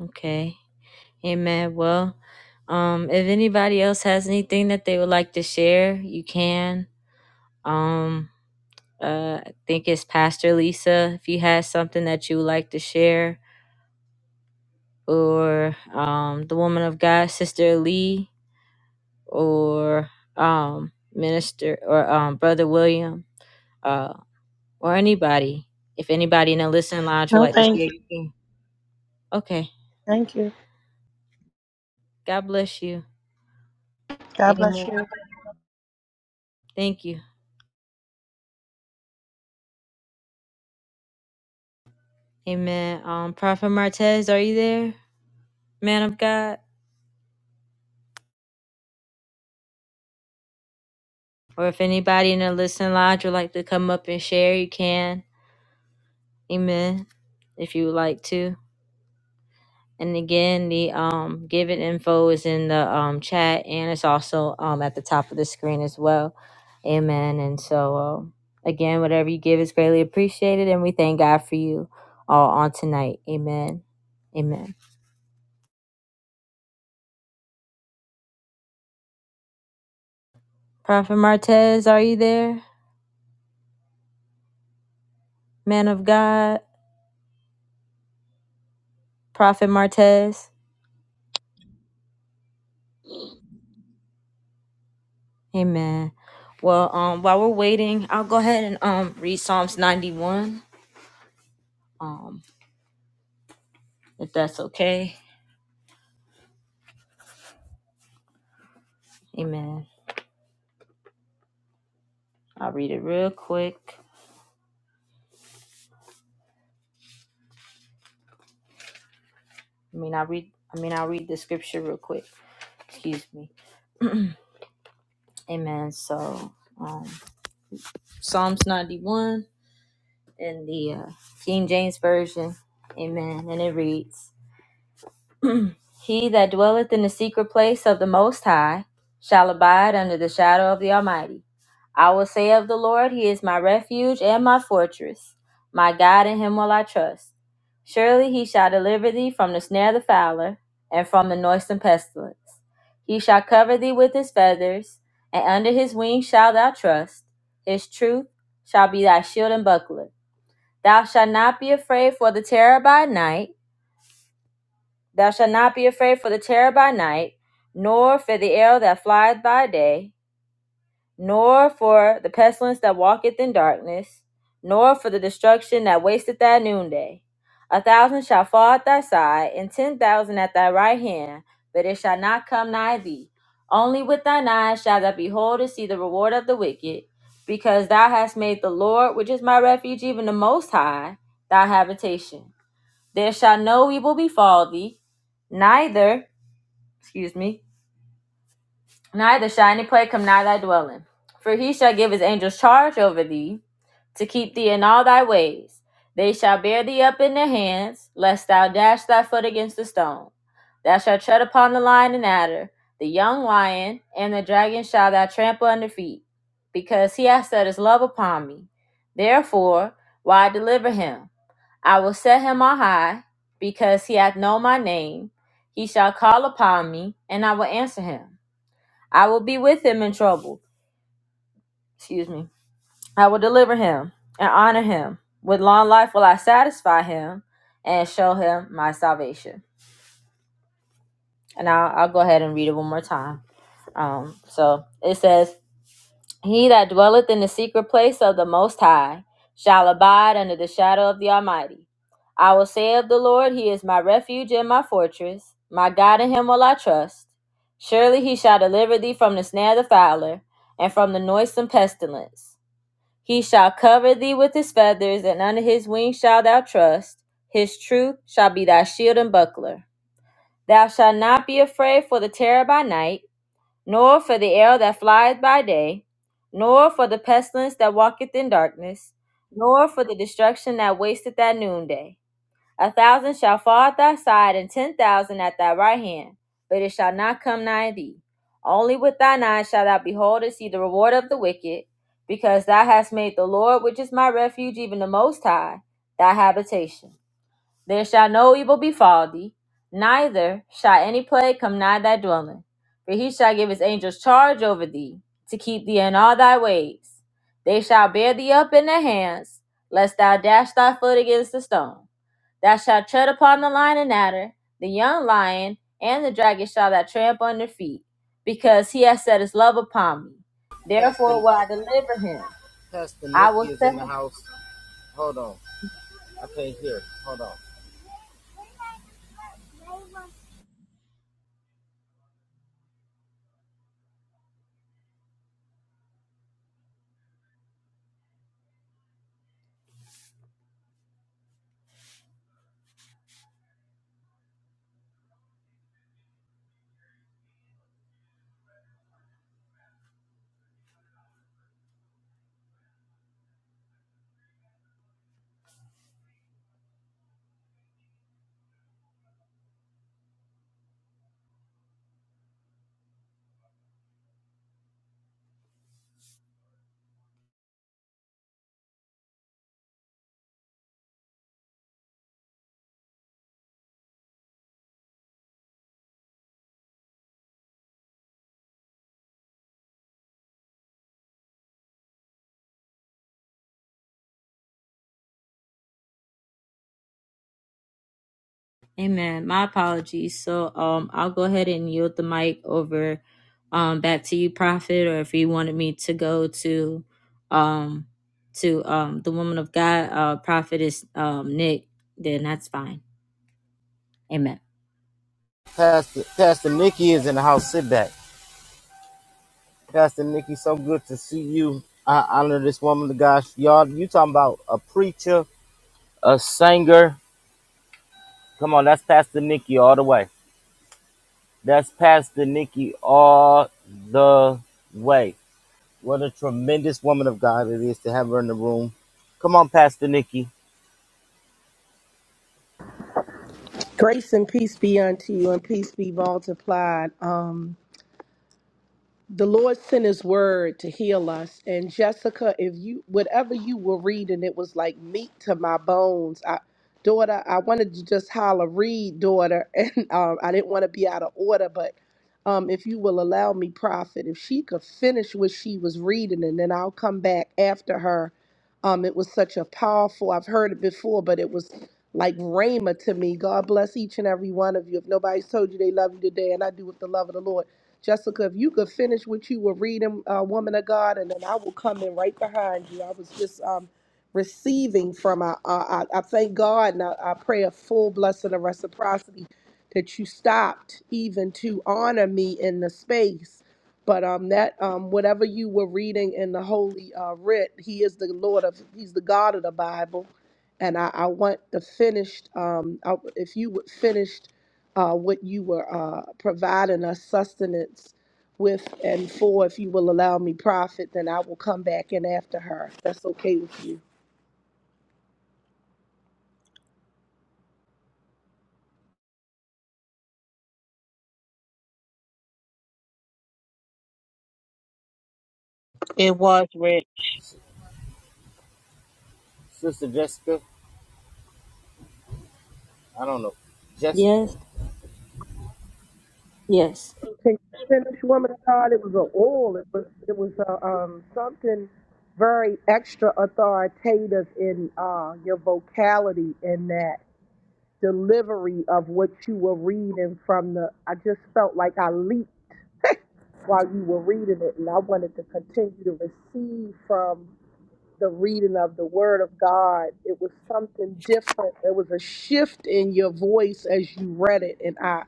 Okay. Amen. Well, um, if anybody else has anything that they would like to share, you can. Um, Uh, I think it's Pastor Lisa. If you had something that you would like to share, or um, the woman of God, Sister Lee, or um, Minister or um, Brother William, uh, or anybody. If anybody in the listening lounge would
No,
like to share,
thank you.
you can. Okay.
Thank you.
God bless you.
God bless
Amen.
you.
Thank you. Amen. Um, Prophet Martez, are you there, man of God? Or if anybody in the listening lodge would like to come up and share, you can. Amen. If you would like to. And again, the um, given info is in the um, chat and it's also um, at the top of the screen as well. Amen. And so, um, again, whatever you give is greatly appreciated. And we thank God for you all on tonight. Amen. Amen. Prophet Martez, are you there? Man of God, Prophet Martez. Amen. Well, um, while we're waiting, I'll go ahead and um, read Psalms 91, um, if that's okay. Amen. I'll read it real quick. I mean, I read. I mean, I'll read the scripture real quick. Excuse me. Amen. So, um, Psalms 91 in the uh, King James version. Amen. And it reads. He that dwelleth in the secret place of the Most High shall abide under the shadow of the Almighty. I will say of the Lord, He is my refuge and my fortress. My God, in Him will I trust. Surely He shall deliver thee from the snare of the fowler and from the noisome pestilence. He shall cover thee with His feathers, and under His wings shalt thou trust. His truth shall be thy shield and buckler. Thou shalt not be afraid for the terror by night Thou shalt not be afraid for the terror by night, nor for the arrow that flieth by day, nor for the pestilence that walketh in darkness, nor for the destruction that wasteth at noonday. A thousand shall fall at thy side, and ten thousand at thy right hand, but it shall not come nigh thee. Only with thine eyes shalt thou behold and see the reward of the wicked, because thou hast made the Lord, which is my refuge, even the Most High, thy habitation. There shall no evil befall thee, neither, excuse me, neither shall any plague come nigh thy dwelling. For he shall give his angels charge over thee, to keep thee in all thy ways. They shall bear thee up in their hands, lest thou dash thy foot against a stone. Thou shalt tread upon the lion and adder, the young lion, and the dragon shall thou trample under feet, because he hath set his love upon me. Therefore, why deliver him? I will set him on high, because he hath known my name. He shall call upon me, and I will answer him. I will be with him in trouble. Excuse me. I will deliver him and honor him. With long life will I satisfy him and show him my salvation. And I'll, I'll go ahead and read it one more time. Um, so it says, He that dwelleth in the secret place of the Most High shall abide under the shadow of the Almighty. I will say of the Lord, He is my refuge and my fortress. My God in Him will I trust. Surely He shall deliver thee from the snare of the fowler and from the noisome pestilence. He shall cover thee with His feathers, and under His wings shalt thou trust. His truth shall be thy shield and buckler. Thou shalt not be afraid for the terror by night nor for the arrow that flieth by day, nor for the pestilence that walketh in darkness, nor for the destruction that wasteth at noonday. A thousand shall fall at thy side, and ten thousand at thy right hand, but it shall not come nigh thee. Only with thine eyes shalt thou behold and see the reward of the wicked, because thou hast made the Lord, which is my refuge, even the Most High, thy habitation. There shall no evil befall thee, neither shall any plague come nigh thy dwelling. For he shall give his angels charge over thee, to keep thee in all thy ways. They shall bear thee up in their hands, lest thou dash thy foot against a stone. Thou shalt tread upon the lion and adder, the young lion, and the dragon shall thou tramp under feet, because he has set his love upon me. Therefore
Pastor,
will I deliver him.
Pastor
I will
Nikki is
set
in
him.
the house. Hold on. I can't hear. Hold on.
Amen. My apologies. So um I'll go ahead and yield the mic over um back to you, Prophet, or if you wanted me to go to um to um the woman of God, uh Prophet is um Nick, then that's fine. Amen.
Pastor, Pastor Nikki is in the house. Sit back. Pastor Nikki, so good to see you. I honor this woman of God. Y'all, you talking about a preacher, a singer. Come on, that's Pastor Nikki all the way. That's Pastor Nikki all the way. What a tremendous woman of God it is to have her in the room. Come on, Pastor Nikki.
Grace and peace be unto you, and peace be multiplied. Um, the Lord sent his word to heal us. And Jessica, if you whatever you were reading, it was like meat to my bones. I daughter, I wanted to just holler, read, daughter, and um, I didn't want to be out of order, but um, if you will allow me, Prophet, if she could finish what she was reading and then I'll come back after her. Um, it was such a powerful, I've heard it before, but it was like Rhema to me. God bless each and every one of you. If nobody's told you they love you today, and I do with the love of the Lord. Jessica, if you could finish what you were reading, uh, Woman of God, and then I will come in right behind you. I was just um, receiving from, I, I, I thank God and I, I pray a full blessing of reciprocity that you stopped even to honor me in the space. But um, that um, whatever you were reading in the Holy uh, Writ, He is the Lord of, He's the God of the Bible, and I, I want the finished. Um, I, if you would finish uh, what you were uh, providing us sustenance with and for. If you will allow me, Prophet, then I will come back in after her. If that's okay with you.
It was red.
Sister Jessica. I don't know. Jessica,
Yes, yes.
Can you finish, woman of God? It was an oil. It was it was uh, um, something very extra authoritative in uh, your vocality in that delivery of what you were reading from the. I just felt like I leaped while you were reading it, and I wanted to continue to receive from the reading of the word of God. It was something different. There was a shift in your voice as you read it. And I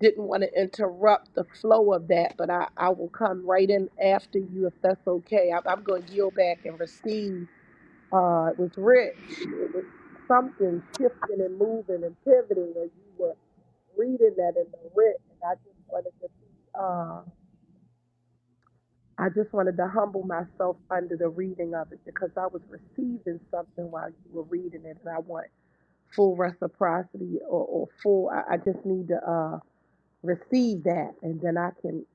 didn't want to interrupt the flow of that, but I, I will come right in after you if that's okay. I, I'm going to yield back and receive. Uh, it was rich. It was something shifting and moving and pivoting as you were reading that in the rich, And I just wanted to be. uh, I just wanted to humble myself under the reading of it because I was receiving something while you were reading it, and I want full reciprocity or, or full. I, I just need to uh, receive that, and then I can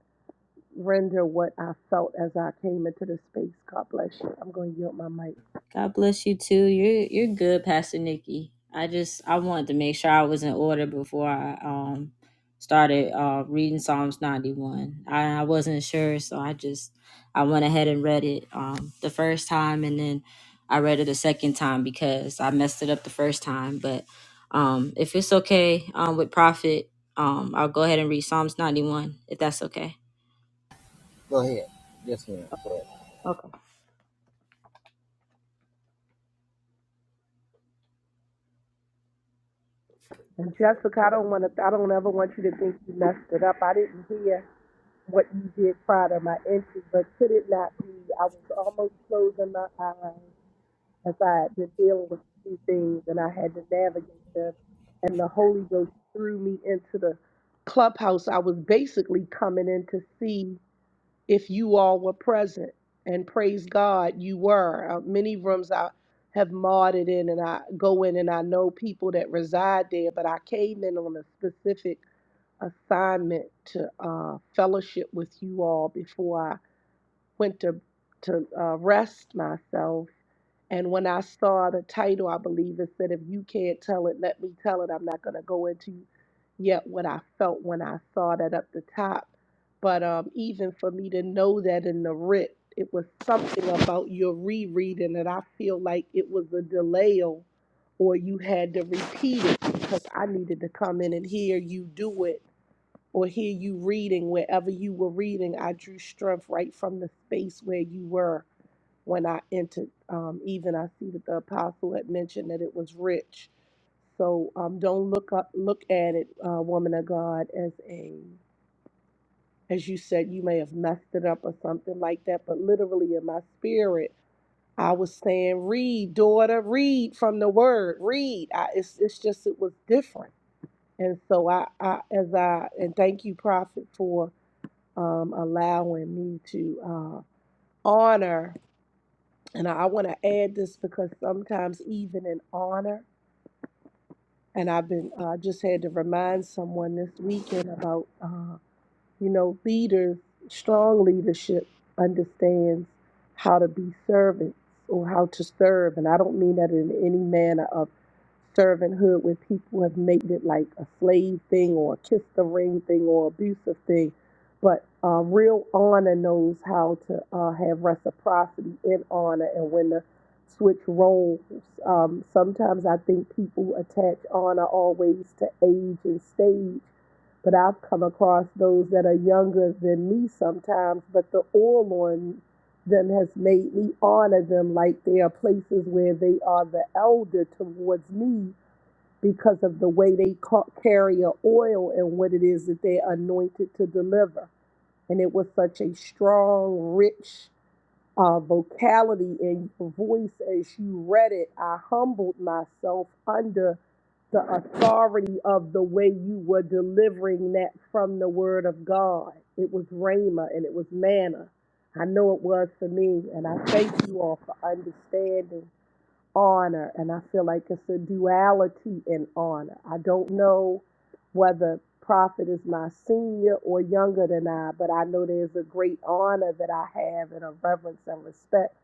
render what I felt as I came into the space. God bless you. I'm going to yield my mic.
God bless you too. You're you're good, Pastor Nikki. I just I wanted to make sure I was in order before I um started uh reading Psalms 91. I, I wasn't sure, so I just I went ahead and read it um the first time and then I read it a second time because I messed it up the first time. But um if it's okay um with Prophet, um I'll go ahead and read Psalms 91 if that's okay.
go ahead. Yes, ma'am.
Okay.
And Jessica, I don't want to. I don't ever want you to think you messed it up. I didn't hear what you did prior to my entry, but could it not be? I was almost closing my eyes as I had been dealing with a few things and I had to navigate them. And the Holy Ghost threw me into the clubhouse. I was basically coming in to see if you all were present. And praise God, you were. Uh, many rooms I have modded in and I go in and I know people that reside there, but I came in on a specific assignment to uh, fellowship with you all before I went to to uh, rest myself and when I saw the title, I believe it said, If you can't tell it, let me tell it. I'm not going to go into yet what I felt when I saw that up the top. But um, even for me to know that in the writ, it was something about your rereading that I feel like it was a delay or or you had to repeat it because I needed to come in and hear you do it or hear you reading wherever you were reading. I drew strength right from the space where you were when I entered. Um, even I see that the apostle had mentioned that it was rich. So um, don't look up, look at it, uh, woman of God, as a as you said, you may have messed it up or something like that. But literally in my spirit, I was saying, read, daughter, read from the word, read. I, it's it's just it was different. And so I, I as I and thank you, prophet, for um, allowing me to uh, honor. And I, I want to add this because sometimes, even in honor, and I've been, I uh, just had to remind someone this weekend about. uh, you know, leaders, strong leadership understands how to be servants or how to serve. And I don't mean that in any manner of servanthood where people have made it like a slave thing or a kiss the ring thing or abusive thing. But uh, real honor knows how to uh, have reciprocity in honor. And when the switch roles, um, sometimes I think people attach honor always to age and stage but I've come across those that are younger than me sometimes, but the oil on them has made me honor them like they are places where they are the elder towards me because of the way they ca- carry a oil and what it is that they're anointed to deliver. And it was such a strong, rich uh, vocality and your voice as you read it, I humbled myself under the authority of the way you were delivering that from the Word of God. It was Rhema and it was manna. I know it was for me, and I thank you all for understanding honor, and I feel like it's a duality in honor. I don't know whether Prophet is my senior or younger than I, but I know there's a great honor that I have and a reverence and respect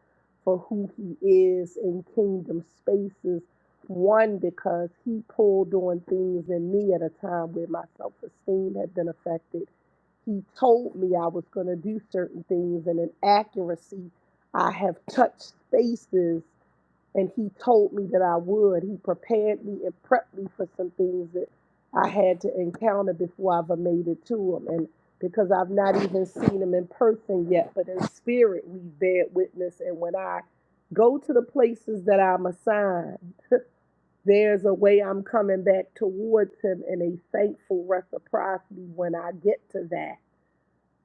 for who he is in kingdom spaces. One, because he pulled on things in me at a time where my self esteem had been affected. He told me I was going to do certain things, and in accuracy, I have touched spaces and he told me that I would. He prepared me and prepped me for some things that I had to encounter before I ever made it to him. And because I've not even seen him in person yet, but in spirit we bear witness. And when I go to the places that I'm assigned, there's a way I'm coming back towards him in a thankful reciprocity when I get to that.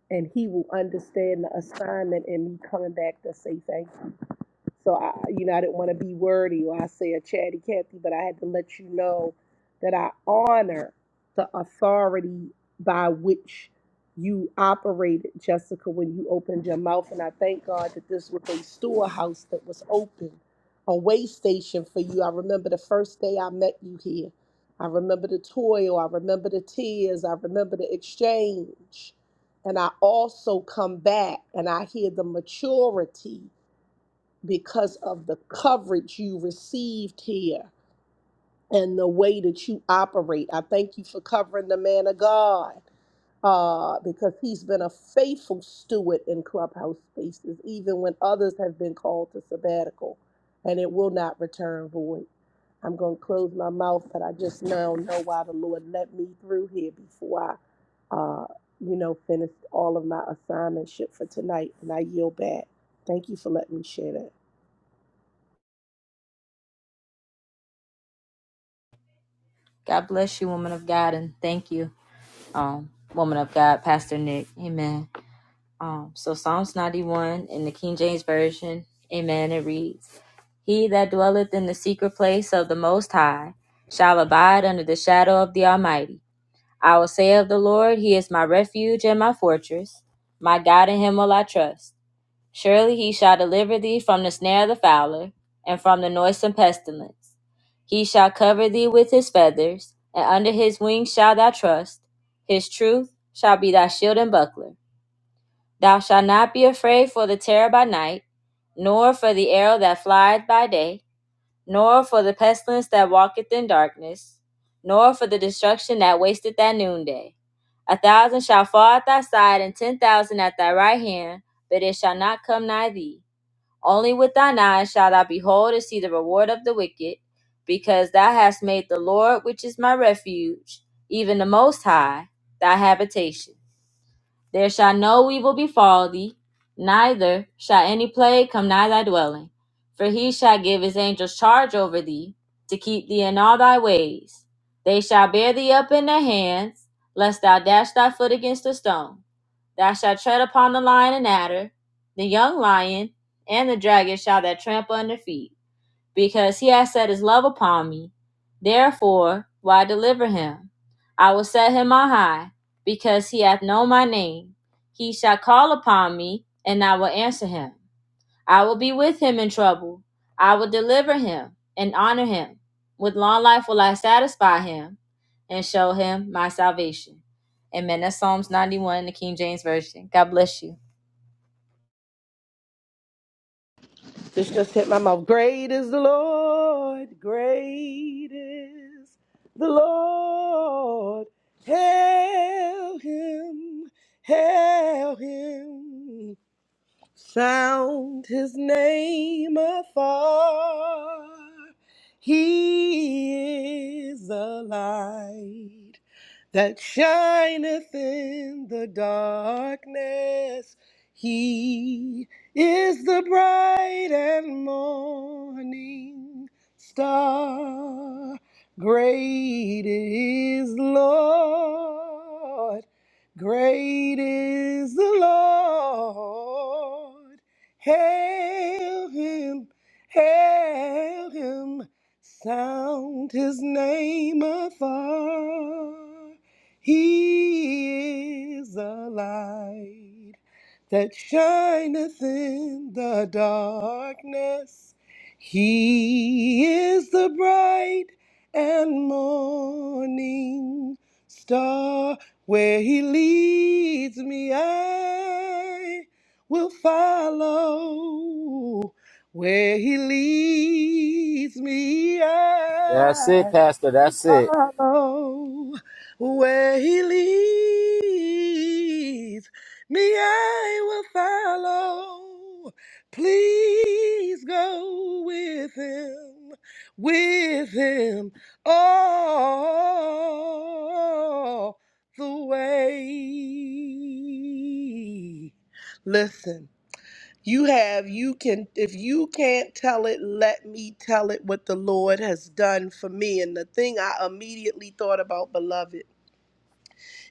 And he will understand the assignment and me coming back to say thank so I, you know, I didn't want to be wordy or I say a chatty Cathy, but I had to let you know that I honor the authority by which you operated, Jessica, when you opened your mouth. And I thank God that this was a storehouse that was open, a way station for you. I remember the first day I met you here. I remember the toil. I remember the tears. I remember the exchange. And I also come back and I hear the maturity because of the coverage you received here and the way that you operate. I thank you for covering the man of God uh, because he's been a faithful steward in clubhouse spaces, even when others have been called to sabbatical, and it will not return void. I'm going to close my mouth, but I just now know why the Lord let me through here before I, uh, you know, finished all of my assignment ship for tonight, and I yield back. Thank you for letting me share that.
God bless you, woman of God, and thank you. um, woman of God, Pastor Nick. Amen. Um, so Psalms 91 in the King James Version, amen, it reads, He that dwelleth in the secret place of the Most High shall abide under the shadow of the Almighty. I will say of the Lord, He is my refuge and my fortress. My God in Him will I trust. Surely he shall deliver thee from the snare of the fowler, and from the noisome pestilence. He shall cover thee with his feathers, and under his wings shalt thou trust. His truth shall be thy shield and buckler. Thou shalt not be afraid for the terror by night, nor for the arrow that flieth by day, nor for the pestilence that walketh in darkness, nor for the destruction that wasteth at noonday. A thousand shall fall at thy side, and ten thousand at thy right hand, but it shall not come nigh thee. Only with thine eyes shalt thou behold and see the reward of the wicked, because thou hast made the Lord, which is my refuge, even the Most High, thy habitation. There shall no evil befall thee, neither shall any plague come nigh thy dwelling. For he shall give his angels charge over thee, to keep thee in all thy ways. They shall bear thee up in their hands, lest thou dash thy foot against a stone. Thou shalt tread upon the lion and adder, the young lion, and the dragon shall thou trample under feet because he has set his love upon me. Therefore, why deliver him? I will set him on high, because he hath known my name. He shall call upon me, and I will answer him. I will be with him in trouble. I will deliver him and honor him. With long life will I satisfy him and show him my salvation. Amen. That's Psalms 91 in the King James Version. God bless you.
This just hit my mouth. Great is the Lord. Great is the Lord. Hail him. Hail him. Sound his name afar. He is the light that shineth in the darkness. He is the bright and morning star. Great is the Lord. Great is the Lord. Hail him, hail him, sound his name afar. He is the light that shineth in the darkness. He is the bright and morning star. Where he leads me, I will follow. Where he leads me,
That's it,
I
Pastor.
will
That's it.
follow. Where he leads me, I will follow. Please go with him, with him all the way. Listen, you have, you can, if you can't tell it, let me tell it what the Lord has done for me. And the thing I immediately thought about, beloved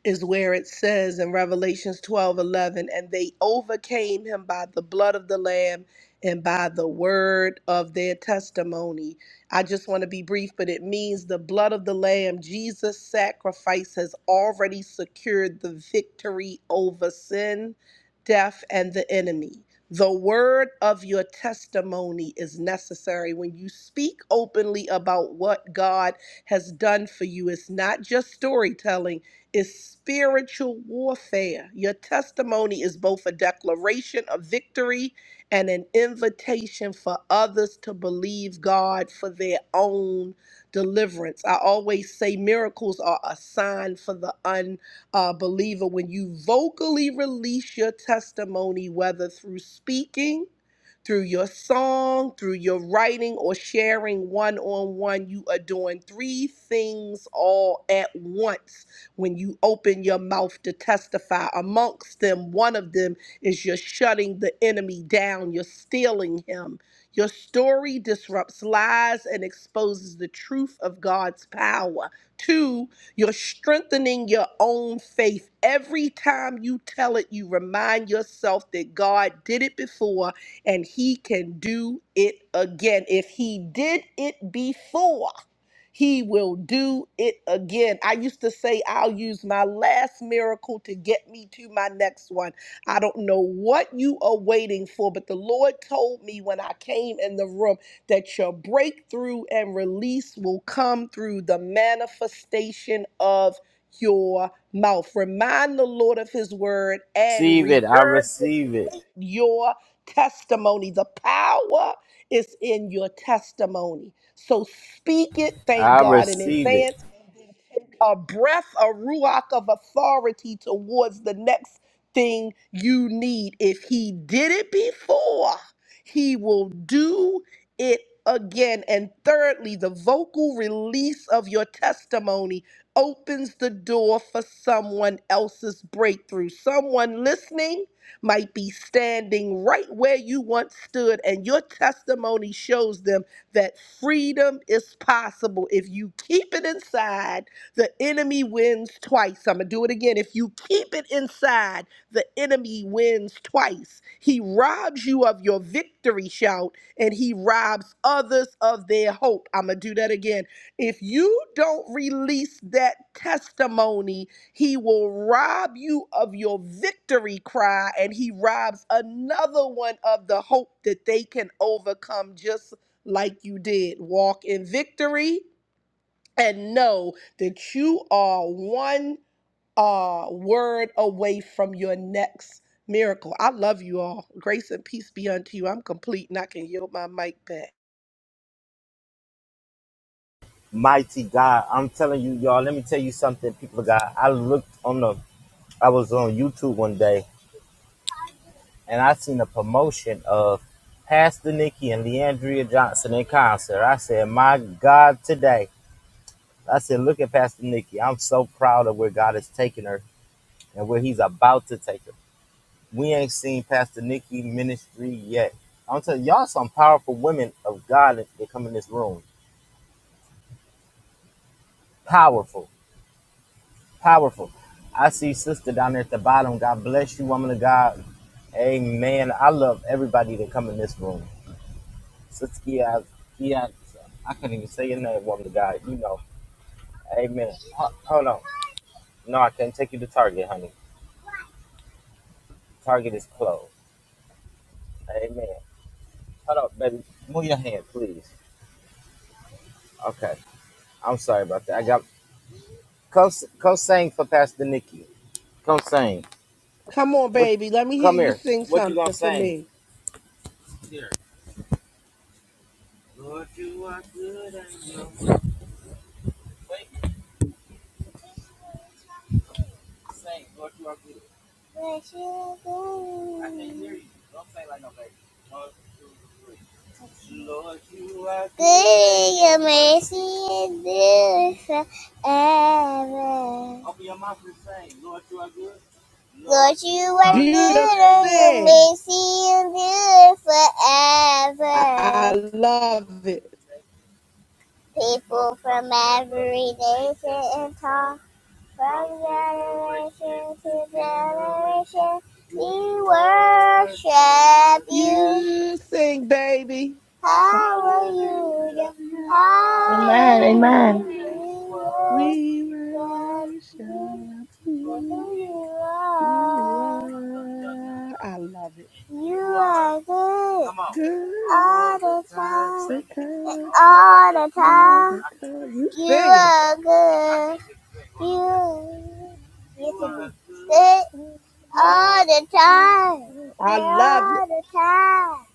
is where it says in Revelations 12 11, and they overcame him by the blood of the Lamb and by the word of their testimony. I just want to be brief, but it means the blood of the Lamb, Jesus' sacrifice, has already secured the victory over sin, death, and the enemy. The word of your testimony is necessary. When you speak openly about what God has done for you, it's not just storytelling is spiritual warfare. Your testimony is both a declaration of victory and an invitation for others to believe God for their own deliverance. I always say miracles are a sign for the unbeliever. When you vocally release your testimony, whether through speaking, through your song, through your writing, or sharing one on one. You are doing three things all at once when you open your mouth to testify. Amongst them, one of them is you're shutting the enemy down, you're stealing him. Your story disrupts lies and exposes the truth of God's power. Two, you're strengthening your own faith. Every time you tell it, you remind yourself that God did it before and he can do it again. If he did it before, he will do it again. I used to say, I'll use my last miracle to get me to my next one. I don't know what you are waiting for, but the Lord told me when I came in the room that your breakthrough and release will come through the manifestation of your mouth. Remind the Lord of his word and
Receive it. I
regurgitate
receive it.
your testimony. The power is in your testimony. So speak it, thank
I
God in
receive it.
advance a breath, a ruach of authority towards the next thing you need. If he did it before, he will do it again. And thirdly, the vocal release of your testimony opens the door for someone else's breakthrough. Someone listening might be standing right where you once stood, and your testimony shows them that freedom is possible if you keep it inside the enemy wins twice. I'm going to do it again. If you keep it inside, the enemy wins twice. He robs you of your victory shout and he robs others of their hope. I'm going to do that again. If you don't release that testimony, he will rob you of your victory cry and he robs another one of the hope that they can overcome just like you did. Walk in victory and know that you are one uh, word away from your next miracle. I love you all. Grace and peace be unto you. I'm complete and I can yield my mic back.
Mighty God. I'm telling you, y'all, let me tell you something, people of God. I looked on the, I was on YouTube one day and I seen a promotion of Pastor Nikki and Leandria Johnson in concert. I said, my God, today. I said, look at Pastor Nikki. I'm so proud of where God has taken her and where he's about to take her. we ain't seen Pastor Nikki ministry yet. I'm telling y'all, some powerful women of God that that come in this room. Powerful, powerful. I see sister down there at the bottom. God bless you, woman of God. Amen. I love everybody that come in this room. Sister Kia, Kia, I couldn't even say your name, woman of God. You know. Amen. Ho- Hold on. No, I can't take you to Target, honey. Target is closed. Amen. Hold up, baby. Move your hand, please. Okay. I'm sorry about that. I got Come, s- come sing for Pastor Nikki. Come sing.
Come on,
What?
baby. Let me hear
Come
you
here.
sing
What you gonna
something for
sing?
me.
What you gonna do? Good, amazing, and good forever. Lord, you are good,
Beautiful
and your
sing.
mercy and good
I
forever.
I love it.
People from every nation and tongue. From generation to generation, we worship you.
You sing, baby. Hallelujah.
Hallelujah,
Amen.
hallelujah.
Amen.
Hallelujah.
We worship
We
you
worship
for
you.
who you
You
are.
are. I love it.
You are good
Good.
all the time,
Because
all the time.
because you
You
singing.
are good. You You are good all the time, and
I love it.
all the time.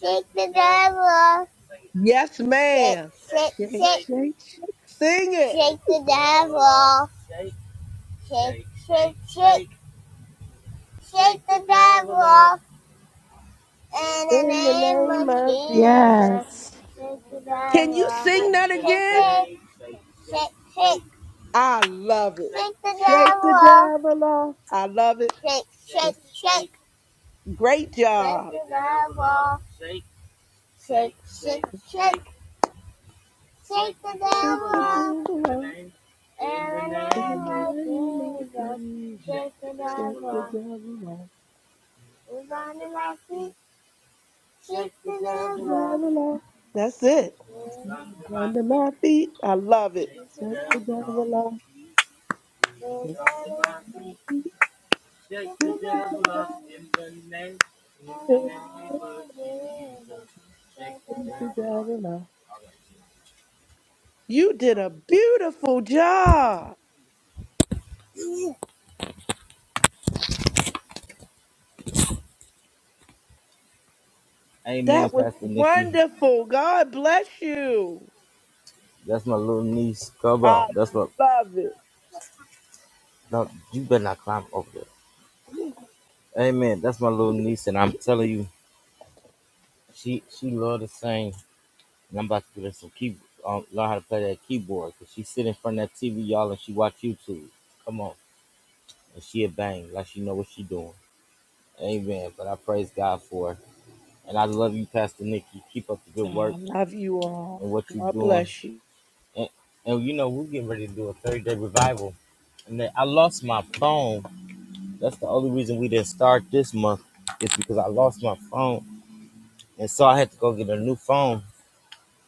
Shake the devil,
Yes,
shake,
ma'am.
shake,
Shake,
shake,
shake, shake. Sing it.
shake the devil, shake, shake, shake, shake the devil In the
In the
name
name
of
of Jesus.
Jesus,
Yes.
shake the
Can
devil
you sing that
Shake,
again?
shake, shake, shake,
I love it.
shake the
Shake the
devil
devil off. I love it.
Shake, shake,
Shake.
shake,
Great
shake
job.
the devil Shake, shake, shake, Shake the devil
Shake the
off
devil
In the
off.
name, in the name
In
of
the name of
Jesus.
Jesus,
Shake the
shut
devil
the
off.
devil
Who's under my feet? Shake the
off,
devil off.
devil off. That's it.
who's under my
Under
feet,
my feet, I love it.
shake the
Shut the
devil off.
devil off,
Who's Who's
shut
under my
the
feet? feet,
feet,
shake
shut
the
the
devil
devil
off. In
off.
the name, in the
In the
name of
name of
Jesus, shake the
Jesus, shut the
devil off.
devil off. You did a beautiful job.
Amen,
That was
Pastor Nikki.
wonderful. God bless you.
That's my little niece. Come
I
on. That's what.
love it.
No, you better not climb over there. Amen. That's my little niece, and I'm telling you, she she love to sing. And I'm about to give her some key, um, learn how to play that keyboard. Cause she sit in front of that TV, y'all, and she watch YouTube. Come on, and she a bang like she know what she doing. Amen. But I praise God for her, and I love you, Pastor Nikki. Keep up the
Oh,
good work
I love you all.
and what you
God
doing.
bless you.
And and you know we getting ready to do a 30 day revival. And then I lost my phone. That's the only reason we didn't start this month. It's because I lost my phone, and so I had to go get a new phone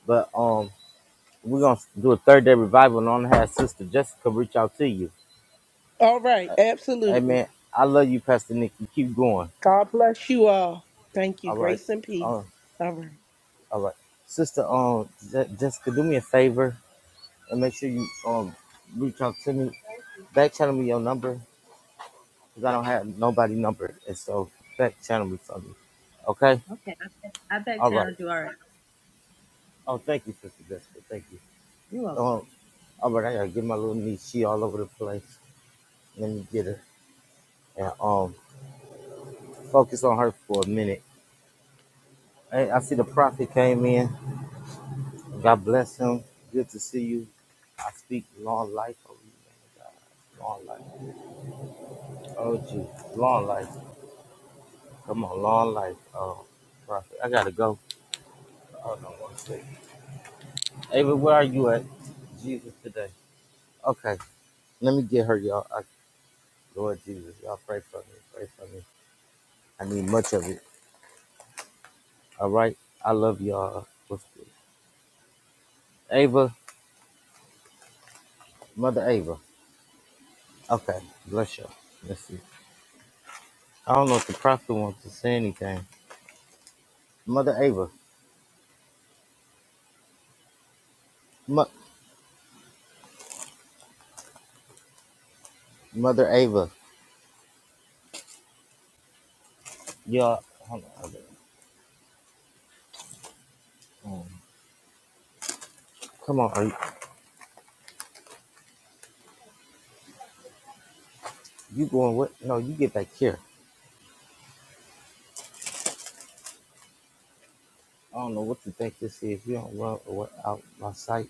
But um, we're gonna do a third day revival, and I'm gonna have Sister Jessica reach out to you.
All right,
Hey
absolutely.
man, I love you, Pastor Nick. You keep going.
God bless you all. Thank you.
All right,
Grace and peace.
um,
All right.
all right, Sister um Je- Jessica, do me a favor and make sure you um reach out to me. Back channel me your number because I don't have nobody number, and so back channel me something. Okay.
Okay, I, back
All right.
channeled you. All right,
Oh, thank you, Sister Jessica. Thank you.
you're welcome.
Um, all right, I gotta get my little niece. She all over the place. Let me get her and um focus on her for a minute Hey, I see the prophet came in. God bless him. Good to see you. I speak long life over you, man of God. Long life. Oh, gee. Long life. Come on, long life. Oh, prophet. I got to go. Hold on one second. Ava, where are you at? Jesus today. Okay. Let me get her, y'all. I, Lord Jesus, y'all pray for me. Pray for me. I need much of it. All right. I love y'all. What's good? Ava, Mother Ava. Okay. Bless you. Let's see. I don't know if the prophet wants to say anything. Mother Ava. Mo- Mother Ava, y'all, hold on. Um, come on, are you, you going what? No, you get back here. I don't know what you think this is. You don't run away out my sight.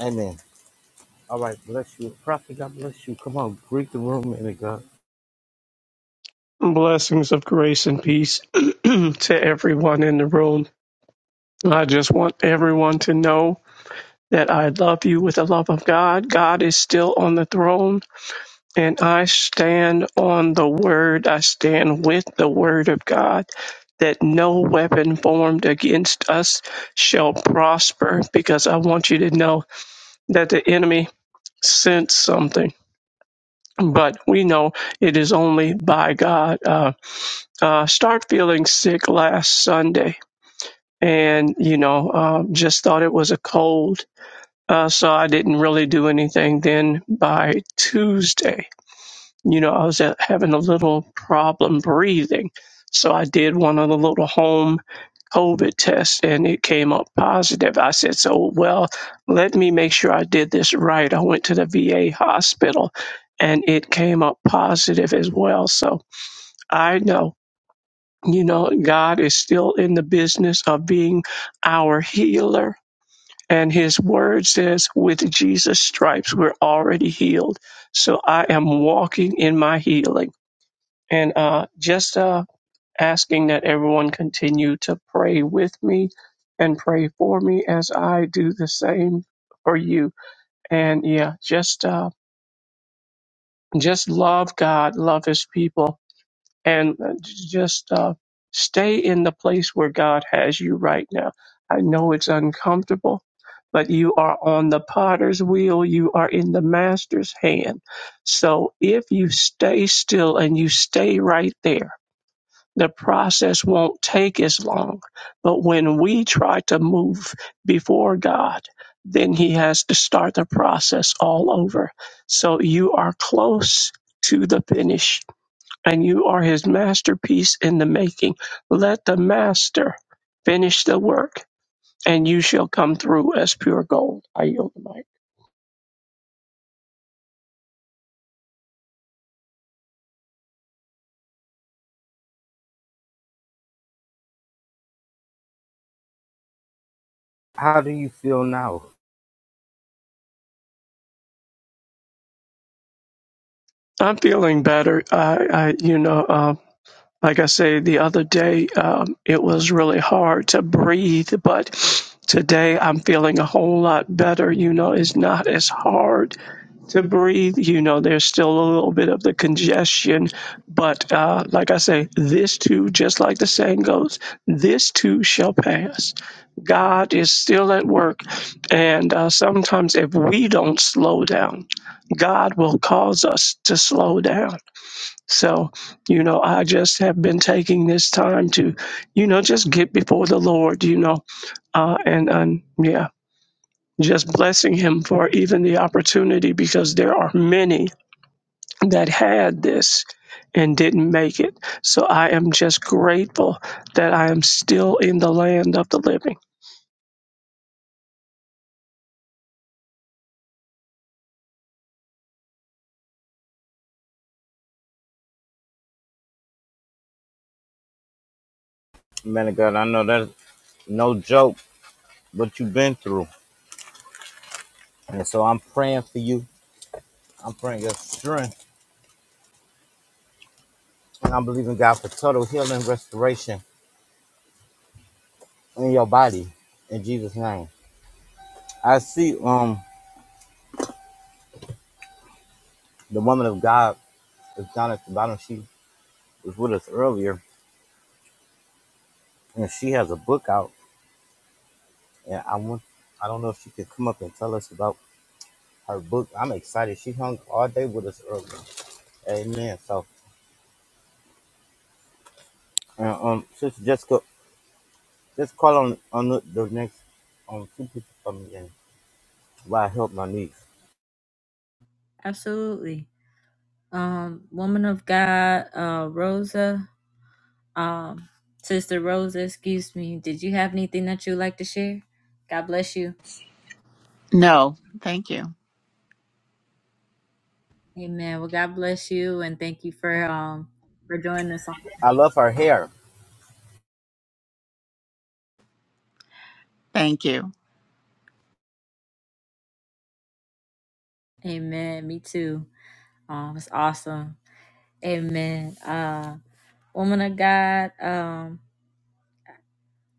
Amen. All right, bless you. Prophet, God bless you. Come on, greet the room, man of God.
Blessings of grace and peace to everyone in the room. I just want everyone to know that I love you with the love of God. God is still on the throne, and I stand on the word. I stand with the word of God that no weapon formed against us shall prosper, because I want you to know that the enemy sent something. But we know it is only by God. Uh, uh, start feeling sick last Sunday, and you know, uh, just thought it was a cold, uh, so I didn't really do anything. Then by Tuesday, you know, I was uh, having a little problem breathing, so I did one of the little home COVID tests, and it came up positive. I said, "So well, let me make sure I did this right." I went to the VA hospital, and it came up positive as well. So I know. You know, God is still in the business of being our healer. And his word says, with Jesus' stripes, we're already healed. So I am walking in my healing. And uh, just uh, asking that everyone continue to pray with me and pray for me as I do the same for you. And yeah, just uh, just love God, love his people and just uh, stay in the place where God has you right now. I know it's uncomfortable, but you are on the potter's wheel, you are in the master's hand. So if you stay still and you stay right there, the process won't take as long. But when we try to move before God, then he has to start the process all over. So you are close to the finish and you are his masterpiece in the making. Let the master finish the work, and you shall come through as pure gold. I yield the mic.
How do you feel now?
I'm feeling better. I, I you know, uh, Like I said the other day, um, it was really hard to breathe, but today I'm feeling a whole lot better. You know, it's not as hard to breathe. You know, there's still a little bit of the congestion, but uh, like I say, this too, just like the saying goes, this too shall pass. God is still at work, and uh, sometimes if we don't slow down, God will cause us to slow down so, you know, I just have been taking this time to, you know, just get before the Lord, you know, uh, and, and yeah, just blessing Him for even the opportunity because there are many that had this and didn't make it. So I am just grateful that I am still in the land of the living.
Man of God, I know that's no joke, what you've been through. And so I'm praying for you. I'm praying your strength. And I'm believing God for total healing and restoration in your body. In Jesus' name. I see um the woman of God is down at the bottom. She was with us earlier, and she has a book out. And I want, I don't know if she could come up and tell us about her book. I'm excited. She hung all day with us earlier. Amen. So, and, um, Sister Jessica, just call on on the, the next um two people for me and why I help my niece.
Absolutely. um, woman of God, uh, Rosa, um, Sister Rosa, excuse me. Did you have anything that you'd like to share? God bless you.
No, thank you.
Amen. Well, God bless you, and thank you for um for joining us.
I love her hair.
Thank you.
Amen. Me too. Um, it's awesome. Amen. Uh, woman of God, um,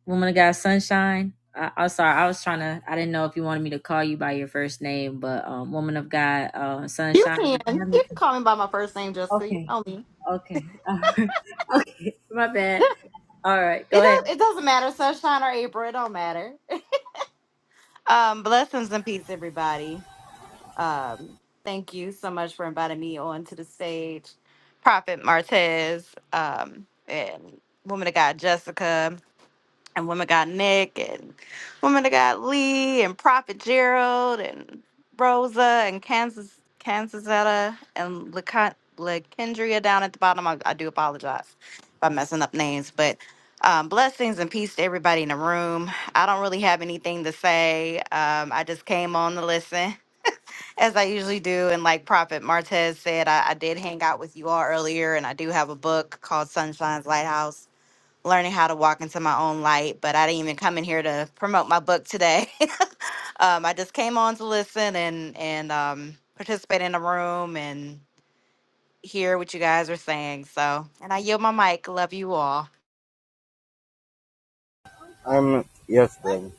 woman of God, sunshine. I, I'm sorry, I was trying to. I didn't know if you wanted me to call you by your first name, but um, woman of God, uh,
You
sunshine. did
can.
you have
You can
anything?
call me by my first name, Jessica. You
Okay.
know me.
Okay. Alright. okay. My bad. All right. Go
It
ahead.
does it doesn't matter, sunshine or April, it don't matter. Um, blessings and peace, everybody. Um, thank you so much for inviting me onto the stage. Prophet Martez, um, and woman of God Jessica. and women got Nick and women got Lee and Prophet Gerald and Rosa and Kansas Kansasetta and LaKen- LaKendria down at the bottom. I, I do apologize if I'm messing up names, but um, blessings and peace to everybody in the room. I don't really have anything to say. Um, I just came on to listen as I usually do. And like Prophet Martez said, I, I did hang out with you all earlier, and I do have a book called Sunshine's Lighthouse learning how to walk into my own light, but I didn't even come in here to promote my book today. um, I just came on to listen and and um, participate in the room and hear what you guys are saying. So, and I yield my mic. Love you all.
Um, yes, baby.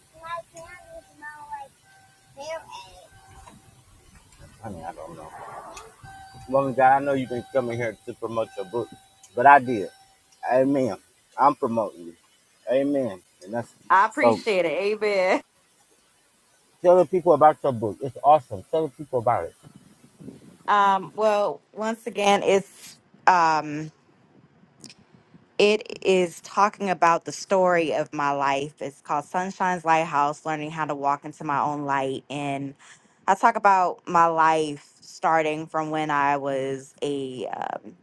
I mean, I don't know. Woman of God, I know you have been coming here to promote your book, but I did. Amen. I'm promoting you. Amen. And that's
I
so
appreciate it. Amen.
tell the people about your book. It's awesome. Tell the people about it.
Um, well, once again, it's um, It is talking about the story of my life. It's called Sunshine's Lighthouse Learning How to Walk into My Own Light. And I talk about my life starting from when I was a, um,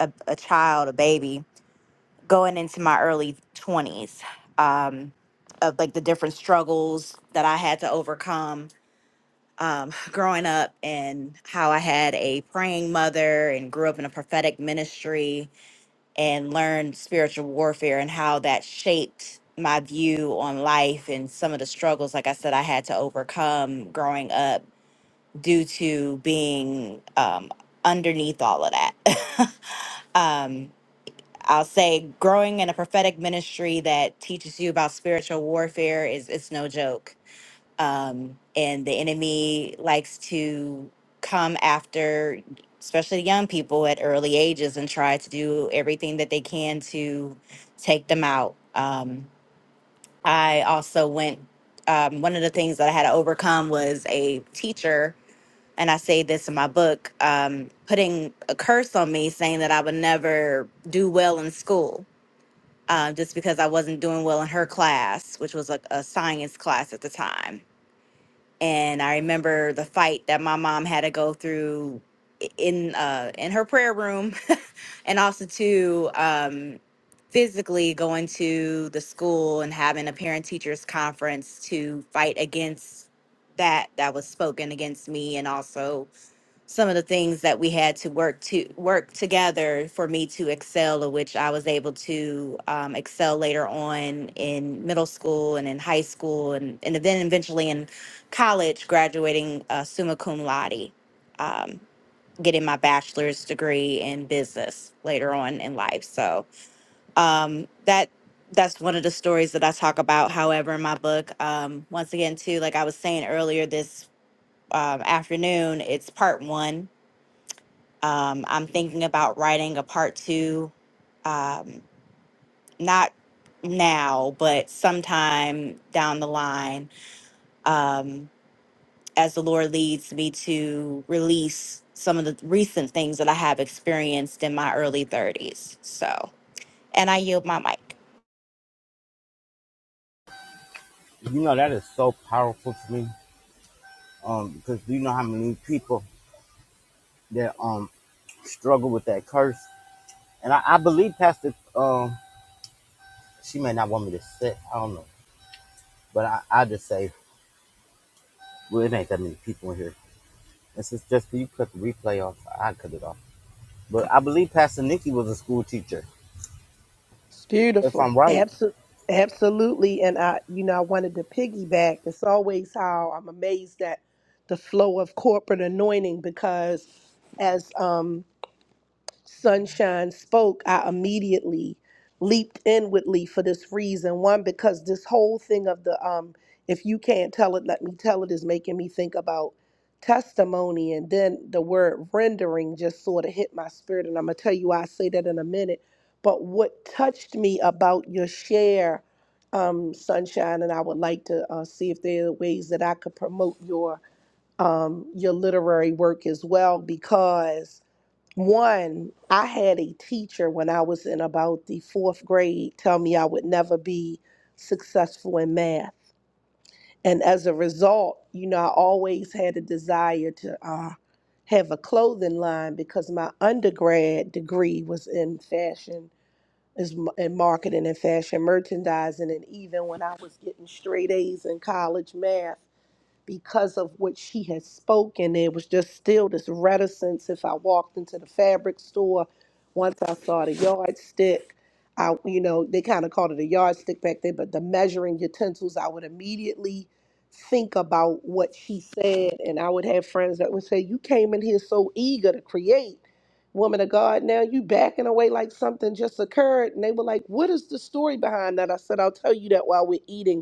a, a child, a baby, going into my early 20s, um, of like the different struggles that I had to overcome um, growing up and how I had a praying mother and grew up in a prophetic ministry and learned spiritual warfare and how that shaped my view on life and some of the struggles, like I said, I had to overcome growing up due to being um, underneath all of that. um, I'll say growing in a prophetic ministry that teaches you about spiritual warfare is it's no joke um, and the enemy likes to come after especially young people at early ages and try to do everything that they can to take them out um, i also went um, one of the things that i had to overcome was a teacher and i say this in my book um, putting a curse on me saying that i would never do well in school uh, just because i wasn't doing well in her class which was a, a science class at the time and I remember the fight that my mom had to go through i- in uh, in her prayer room, and also to um, physically going to the school and having a parent teachers conference to fight against that that was spoken against me, and also some of the things that we had to work to work together for me to excel, of which I was able to um, excel later on in middle school and in high school, and and then eventually in college, graduating uh, summa cum laude, um, getting my bachelor's degree in business later on in life. So um, that that's one of the stories that I talk about. However, in my book, um, once again, too, like I was saying earlier this um, afternoon, it's part one um, I'm thinking about writing a part two, um, not now, but sometime down the line, um, as the Lord leads me to release some of the recent things that I have experienced in my early 30s. So, and I yield my mic.
You know that is so powerful to me. Um, because do you know how many people that um struggle with that curse? And I, I believe Pastor um she may not want me to sit, I don't know. But I, I just say, well, it ain't that many people in here. This is just for you cut the replay off. I cut it off. But I believe Pastor Nikki was a school teacher
It's
If
beautiful.
I'm right,
Absolutely. Absolutely. And I, you know, I wanted to piggyback. It's always how I'm amazed at the flow of corporate anointing because as um, Sunshine spoke, I immediately leaped inwardly for this reason. One, because this whole thing of the um, if you can't tell it, let me tell it is making me think about testimony. And then the word rendering just sort of hit my spirit. And I'm going to tell you why I say that in a minute. But what touched me about your share, um, Sunshine, and I would like to uh, see if there are ways that I could promote your um, your literary work as well because one, I had a teacher when I was in about the fourth grade tell me I would never be successful in math. And as a result, you know, I always had a desire to uh, have a clothing line because my undergrad degree was in fashion, is m- in marketing and fashion merchandising. And even when I was getting straight A's in college math, because of what she had spoken. There was just still this reticence. If I walked into the fabric store, once I saw the yardstick, I you know they kind of called it a yardstick back then, but the measuring utensils, I would immediately think about what she said, and I would have friends that would say, "You came in here so eager to create." Woman of God, now you backing away like something just occurred. And they were like, What is the story behind that? I said, I'll tell you that while we're eating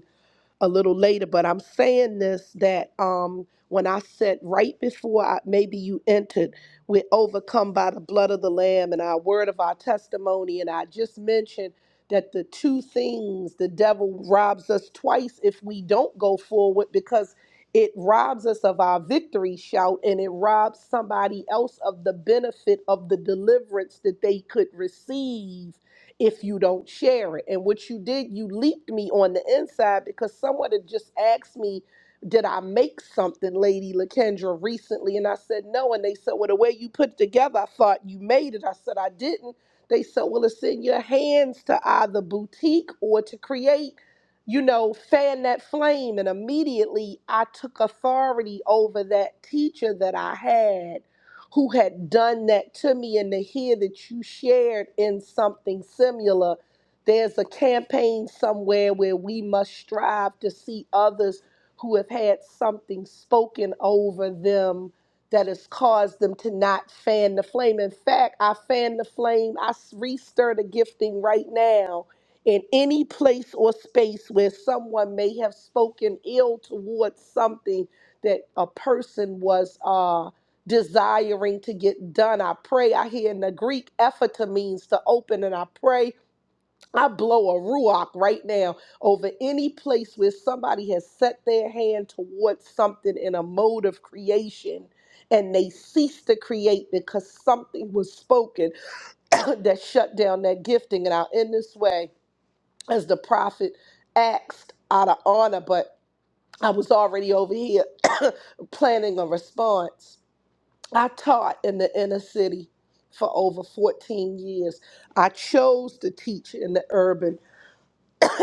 a little later, but I'm saying this that um when I said right before I, maybe you entered, we're overcome by the blood of the Lamb and our word of our testimony. And I just mentioned that the two things the devil robs us twice if we don't go forward because it robs us of our victory shout and it robs somebody else of the benefit of the deliverance that they could receive if you don't share it. And what you did, you leaped me on the inside because someone had just asked me, Did I make something, Lady Lakendra, recently? And I said, No. And they said, Well, the way you put it together, I thought you made it. I said, I didn't. They said, Well, it's in your hands to either boutique or to create. You know, fan that flame. And immediately I took authority over that teacher that I had who had done that to me and to hear that you shared in something similar. There's a campaign somewhere where we must strive to see others who have had something spoken over them that has caused them to not fan the flame. In fact, I fan the flame, I s- restir the gifting right now in any place or space where someone may have spoken ill towards something that a person was uh, desiring to get done. I pray. I hear in the Greek, ephata means to open, and I pray. I blow a ruach right now over any place where somebody has set their hand towards something in a mode of creation and they cease to create because something was spoken that shut down that gifting. And I'll end this way as the prophet asked out of honor, but I was already over here planning a response. I taught in the inner city for over 14 years. I chose to teach in the urban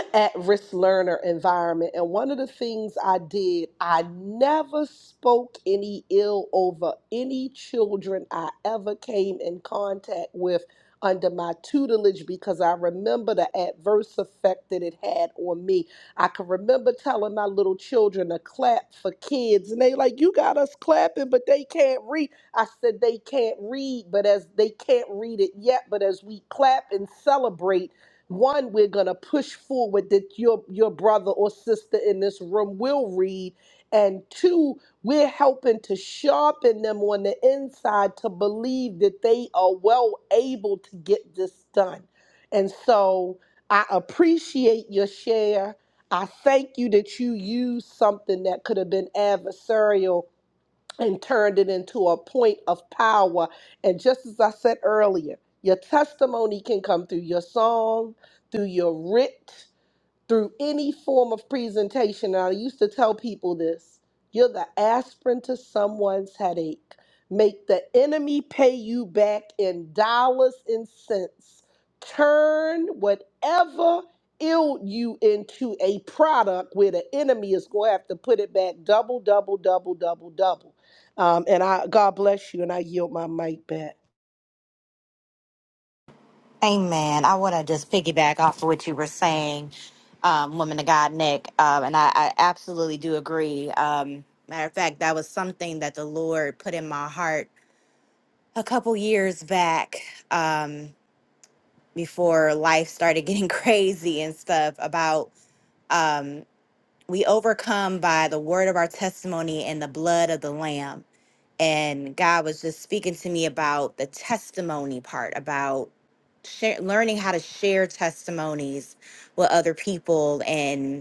at risk learner environment. And one of the things I did, I never spoke any ill over any children I ever came in contact with under my tutelage because I remember the adverse effect that it had on me. I can remember telling my little children to clap for kids and they like, you got us clapping, but they can't read. I said they can't read, but as they can't read it yet, but as we clap and celebrate, one, we're gonna push forward that your your brother or sister in this room will read. And two, we're helping to sharpen them on the inside to believe that they are well able to get this done. And so I appreciate your share. I thank you that you used something that could have been adversarial and turned it into a point of power. And just as I said earlier, your testimony can come through your song, through your writ through any form of presentation. And I used to tell people this you're the aspirin to someone's headache. Make the enemy pay you back in dollars and cents. Turn whatever ill you into a product where the enemy is going to have to put it back double, double, double, double, double. Um, and I, God bless you, and I yield my mic back.
Amen. I want to just piggyback off of what you were saying, um, woman of God, Nick, um, and I, I absolutely do agree. Um, matter of fact, that was something that the Lord put in my heart a couple years back um before life started getting crazy and stuff about um we overcome by the word of our testimony and the blood of the lamb and god was just speaking to me about the testimony part about share, learning how to share testimonies with other people and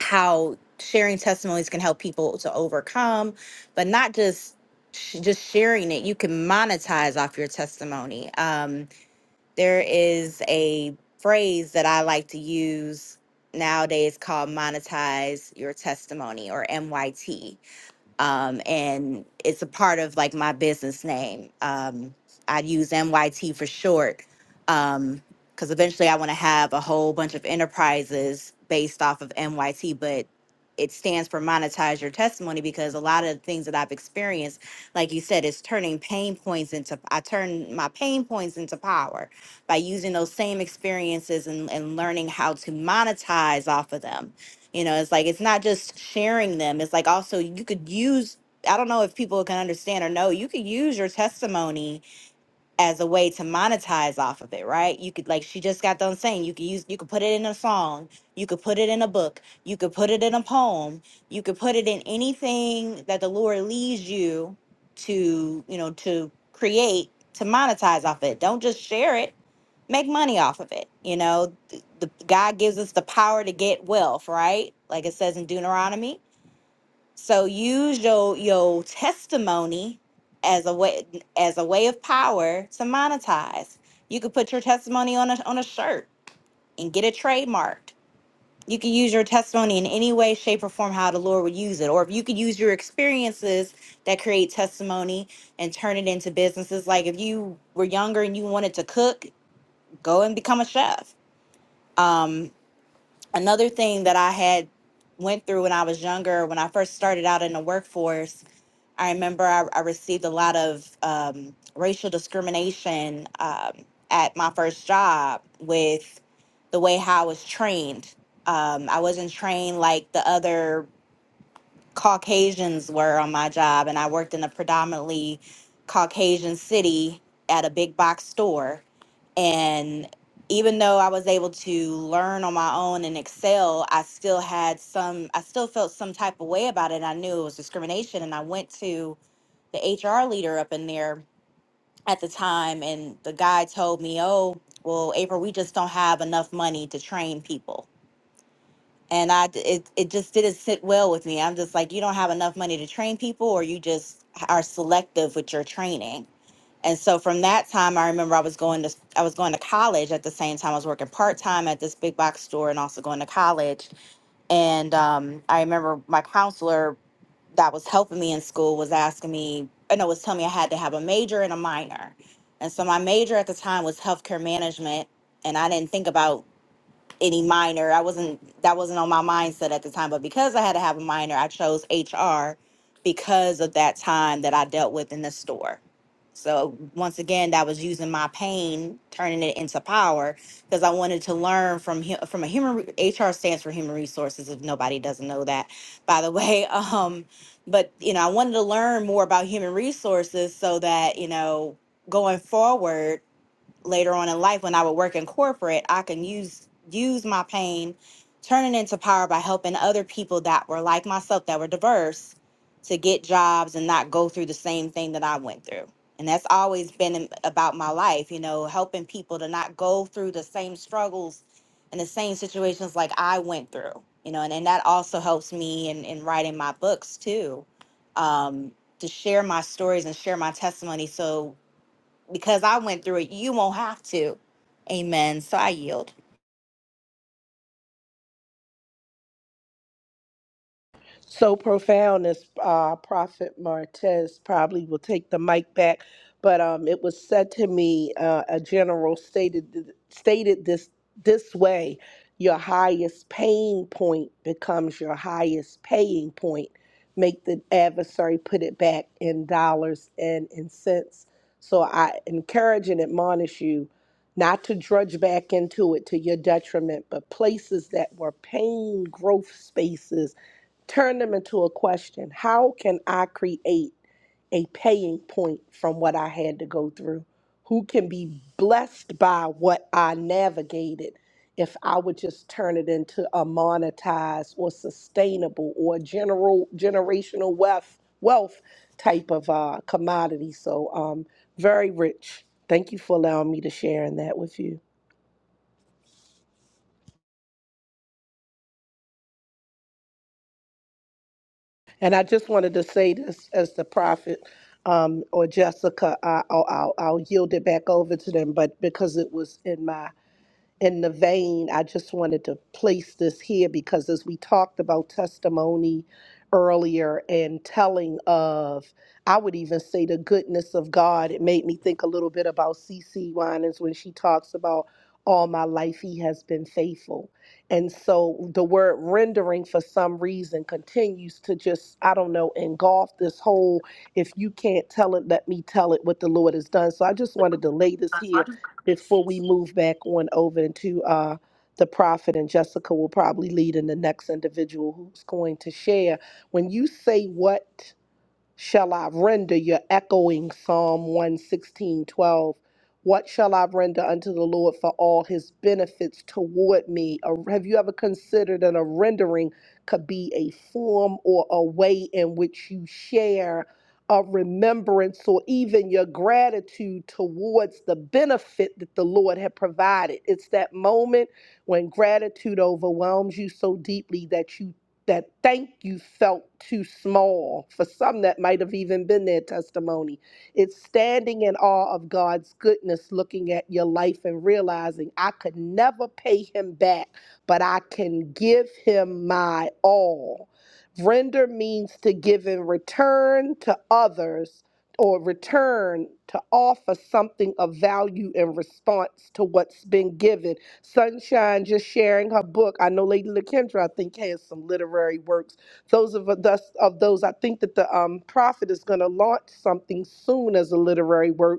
how sharing testimonies can help people to overcome, but not just sh- just sharing it. You can monetize off your testimony. Um, there is a phrase that I like to use nowadays called monetize your testimony or MYT um, and it's a part of like my business name. Um, I use MYT for short because eventually I want to have a whole bunch of enterprises based off of MYT, but it stands for monetize your testimony because a lot of the things that I've experienced, like you said, is turning pain points into I turn my pain points into power by using those same experiences and, and learning how to monetize off of them you know, it's like it's not just sharing them. It's like also you could use I don't know if people can understand or know, you could use your testimony as a way to monetize off of it, right? You could like she just got done saying you could use you could put it in a song, you could put it in a book, you could put it in a poem, you could put it in anything that the Lord leads you to, you know, to create to monetize off it. Don't just share it make money off of it. You know, the, the God gives us the power to get wealth, right? Like it says in Deuteronomy. So use your your testimony as a way as a way of power to monetize. You could put your testimony on a on a shirt and get it trademarked. You can use your testimony in any way, shape, or form how the Lord would use it. Or if you could use your experiences that create testimony and turn it into businesses. Like if you were younger and you wanted to cook, go and become a chef um another thing that i had went through when i was younger when i first started out in the workforce i remember i, I received a lot of um, racial discrimination um, at my first job with the way how i was trained um, i wasn't trained like the other Caucasians were on my job, and I worked in a predominantly Caucasian city at a big box store. And even though I was able to learn on my own and excel, I still had some, I still felt some type of way about it. and I knew it was discrimination. And I went to the HR leader up in there at the time, and the guy told me, Oh, well, April, we just don't have enough money to train people and I d- it it just didn't sit well with me. I'm just like, you don't have enough money to train people, or you just are selective with your training. And so from that time, I remember I was going to I was going to college at the same time. I was working part time at this big box store and also going to college. And um, I remember my counselor that was helping me in school was asking me, I know, was telling me I had to have a major and a minor. And so my major at the time was healthcare management, and I didn't think about any minor. I wasn't that wasn't on my mindset at the time, but because I had to have a minor, I chose HR because of that time that I dealt with in the store. So once again, that was using my pain, turning it into power, because I wanted to learn from hu- from a human re- HR stands for human resources. If nobody doesn't know that, by the way, um, but you know, I wanted to learn more about human resources so that you know going forward later on in life when I would work in corporate, I can use use my pain, turn it into power by helping other people that were like myself that were diverse to get jobs and not go through the same thing that I went through. And that's always been in- about my life, you know, helping people to not go through the same struggles and the same situations like I went through, you know, and, and that also helps me in, in writing my books too. Um, to share my stories and share my testimony. So because I went through it. You won't have to. Amen. So I yield.
so profound as uh, Prophet Martez probably will take the mic back. But um, it was said to me, uh, a general stated th- stated this this way: your highest pain point becomes your highest paying point. Make the adversary put it back in dollars and in cents. So I encourage and admonish you not to drudge back into it to your detriment, but places that were pain growth spaces turn them into a question. How can I create a paying point from what I had to go through? Who can be blessed by what I navigated if I would just turn it into a monetized or sustainable or general generational wealth wealth type of uh, commodity? So um very rich. Thank you for allowing me to share in that with you. And I just wanted to say this as the prophet um, or Jessica, I, I'll, I'll, I'll yield it back over to them, but because it was in my in the vein, I just wanted to place this here because as we talked about testimony earlier and telling of, I would even say the goodness of God, it made me think a little bit about C. C. Winans when she talks about all my life he has been faithful. And so the word rendering for some reason continues to just, I don't know, engulf this whole if you can't tell it, let me tell it what the Lord has done. So I just wanted to
That's
lay this here
why I just-
before we move back on over into uh, the prophet, and Jessica will probably lead in the next individual who's going to share. When you say what, shall I render? You're echoing Psalm one sixteen twelve? What shall I render unto the Lord for all his benefits toward me? Or have you ever considered that a rendering could be a form or a way in which you share a remembrance or even your gratitude towards the benefit that the Lord had provided? It's that moment when gratitude overwhelms you so deeply that you that thank you felt too small for some that might have even been their testimony. It's standing in awe of God's goodness, looking at your life and realizing I could never pay him back, but I can give him my all. Render means to give in return to others or return to offer something of value in response to what's been given Sunshine just sharing her book. I know Lady LaKendra, I think, has some literary works. Those of us of those, I think that the um, prophet is going to launch something soon as a literary work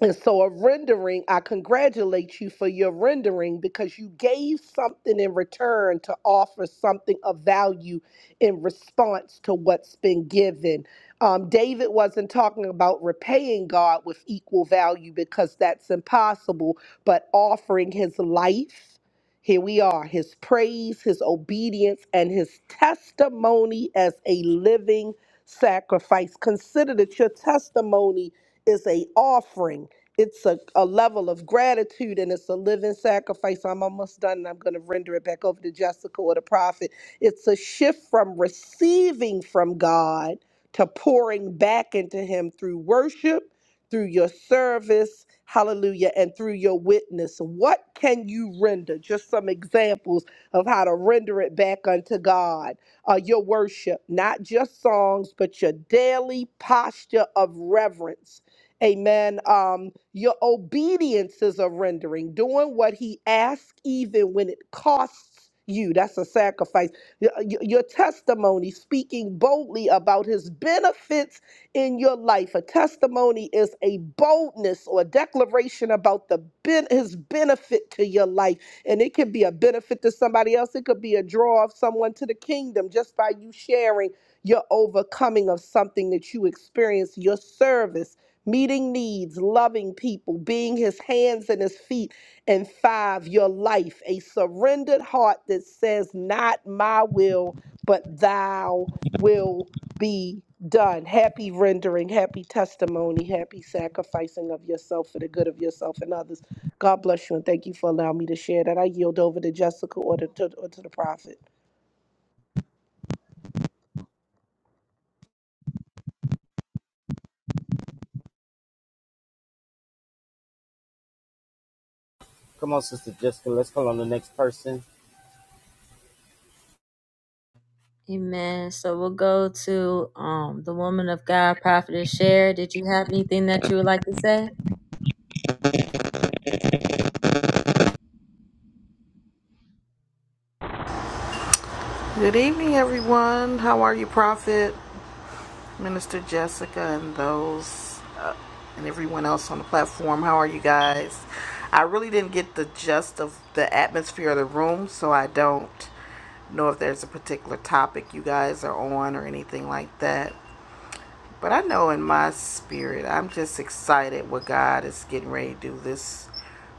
and so, a rendering, I congratulate you for your rendering because you gave something in return to offer something of value in response to what's been given. Um, David wasn't talking about repaying God with equal value because that's impossible, but offering his life. Here we are, his praise, his obedience, and his testimony as a living sacrifice. Consider that your testimony is a offering it's a, a level of gratitude and it's a living sacrifice. I'm almost done and I'm going to render it back over to Jessica or the prophet. It's a shift from receiving from God to pouring back into Him through worship, through your service, hallelujah, and through your witness. What can you render? Just some examples of how to render it back unto God. Uh, your worship, not just songs, but your daily posture of reverence Amen. Um, your obedience is a rendering, doing what he asks, even when it costs you. That's a sacrifice. Y- uh, y- Your testimony, speaking boldly about his benefits in your life. A testimony is a boldness or a declaration about the ben- his benefit to your life. And it can be a benefit to somebody else, it could be a draw of someone to the kingdom just by you sharing your overcoming of something that you experienced, your service meeting needs, loving people, being his hands and his feet. And five, your life, a surrendered heart that says, Not my will, but thou will be done. Happy rendering, happy testimony, happy sacrificing of yourself for the good of yourself and others. God bless you and thank you for allowing me to share that. I yield over to Jessica or to, to- or to the prophet.
come on, Sister Jessica, let's call on the next person.
Amen. So we'll go to um the woman of God, prophetess share. Did you have anything that you would like to say?
Good evening, everyone. How are you, Prophet, Minister Jessica, and those uh, and everyone else on the platform? How are you guys? I really didn't get the gist of the atmosphere of the room, so I don't know if there's a particular topic you guys are on or anything like that. But I know in my spirit, I'm just excited what God is getting ready to do this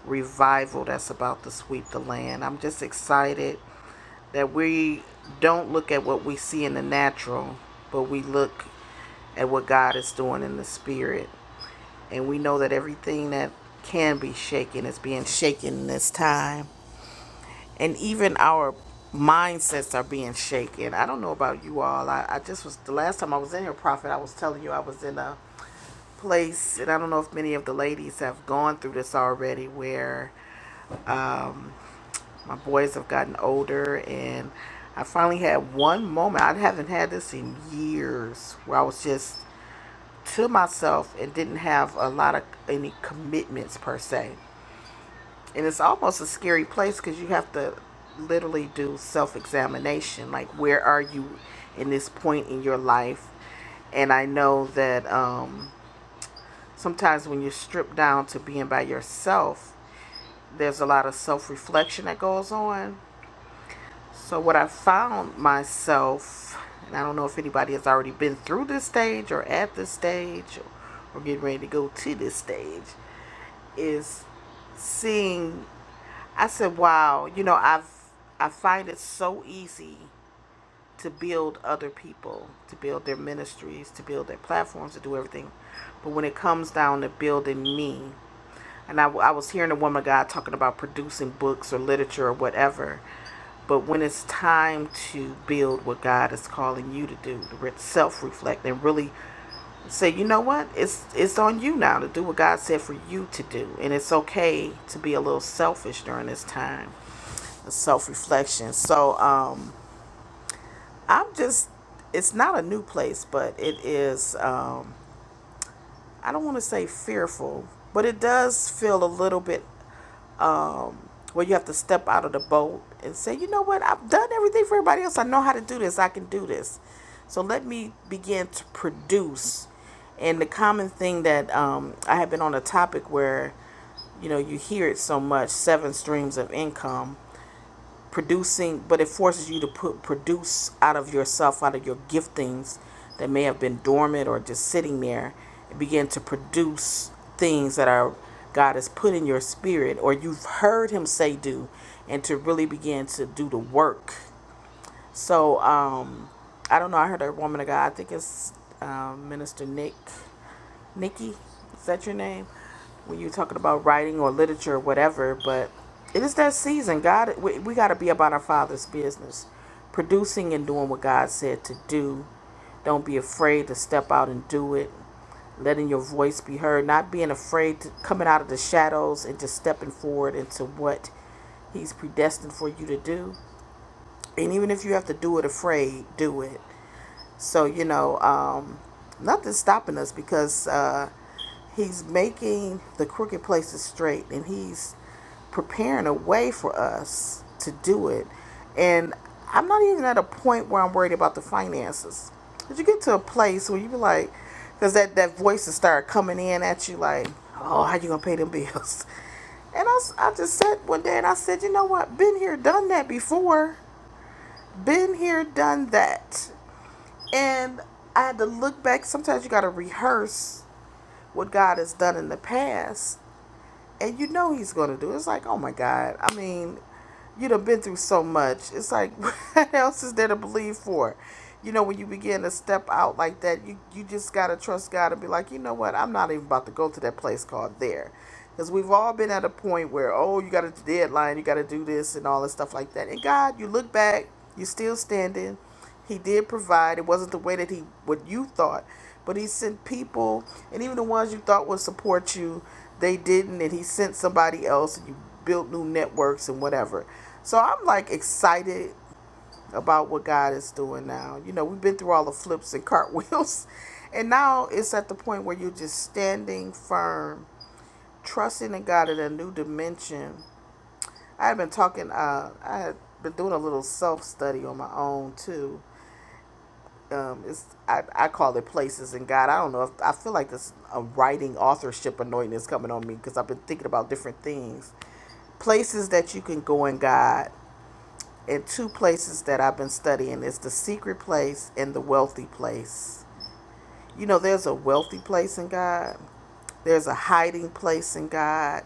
revival that's about to sweep the land. I'm just excited that we don't look at what we see in the natural, but we look at what God is doing in the spirit. And we know that everything that can be shaken is being shaken in this time. And even our mindsets are being shaken. I don't know about you all. I, I just was, the last time I was in here, Prophet, I was telling you I was in a place, and I don't know if many of the ladies have gone through this already, where um, my boys have gotten older, and I finally had one moment. I haven't had this in years where I was just to myself and didn't have a lot of any commitments per se. And it's almost a scary place because you have to literally do self examination like, where are you in this point in your life? And I know that um, sometimes when you're stripped down to being by yourself, there's a lot of self reflection that goes on So, what I found myself, and I don't know if anybody has already been through this stage or at this stage or, or getting ready to go to this stage, is seeing. I said, "Wow, you know, I've I find it so easy to build other people, to build their ministries, to build their platforms, to do everything, but when it comes down to building me." and I, I was hearing a woman of God talking about producing books or literature or whatever. But when it's time to build what God is calling you to do, to re- self-reflect and really say, you know what, it's it's on you now to do what God said for you to do, and it's okay to be a little selfish during this time, of self-reflection. So um, I'm just, it's not a new place, but it is. Um, I don't want to say fearful, but it does feel a little bit where you have to step out of the boat and say, you know what, I've done everything for everybody else. I know how to do this. I can do this. So let me begin to produce. And the common thing that um, I have been on a topic where, you know, you hear it so much seven streams of income producing, but it forces you to put produce out of yourself, out of your giftings that may have been dormant or just sitting there, and begin to produce things that are God has put in your spirit or you've heard Him say do, and to really begin to do the work. So um, I don't know. I heard a woman of God. I think it's um, Minister Nick Nikki, is that your name? When you're talking about writing or literature or whatever, but it is that season. God, we, we got to be about our Father's business, producing and doing what God said to do. Don't be afraid to step out and do it. Letting your voice be heard, not being afraid to coming out of the shadows and just stepping forward into what He's predestined for you to do. And even if you have to do it afraid, do it. So, you know, um, nothing's stopping us because uh, he's making the crooked places straight and he's preparing a way for us to do it. And I'm not even at a point where I'm worried about the finances. Did you get to a place where you be like, because that, that voices start coming in at you like, oh, how you going to pay them bills? And I I just said one day, and I said, you know what? Been here, done that before. Been here, done that. And I had to look back. Sometimes you got to rehearse what God has done in the past, and you know He's going to do. it. It's like, oh my God. I mean, you done been through so much. It's like, what else is there to believe for? You know, when you begin to step out like that, you, you just got to trust God and be like, you know what? I'm not even about to go to that place called there. Because we've all been at a point where, oh, you got a deadline, you got to do this and all this stuff like that. And God, you look back, you're still standing he did provide. It wasn't the way that he what you thought, but he sent people, and even the ones you thought would support you, they didn't, and he sent somebody else, and you built new networks and whatever. So I'm like excited about what God is doing now. You know, we've been through all the flips and cartwheels, and now it's at the point where you're just standing firm, trusting in God in a new dimension. I have been talking. Uh, I have been doing a little self study on my own too um, it's I, I call it places in God. I don't know if I feel like this a writing authorship anointing is coming on me because I've been thinking about different things. Places that you can go in God, and two places that I've been studying is the secret place and the wealthy place. You know, there's a wealthy place in God. There's a hiding place in God.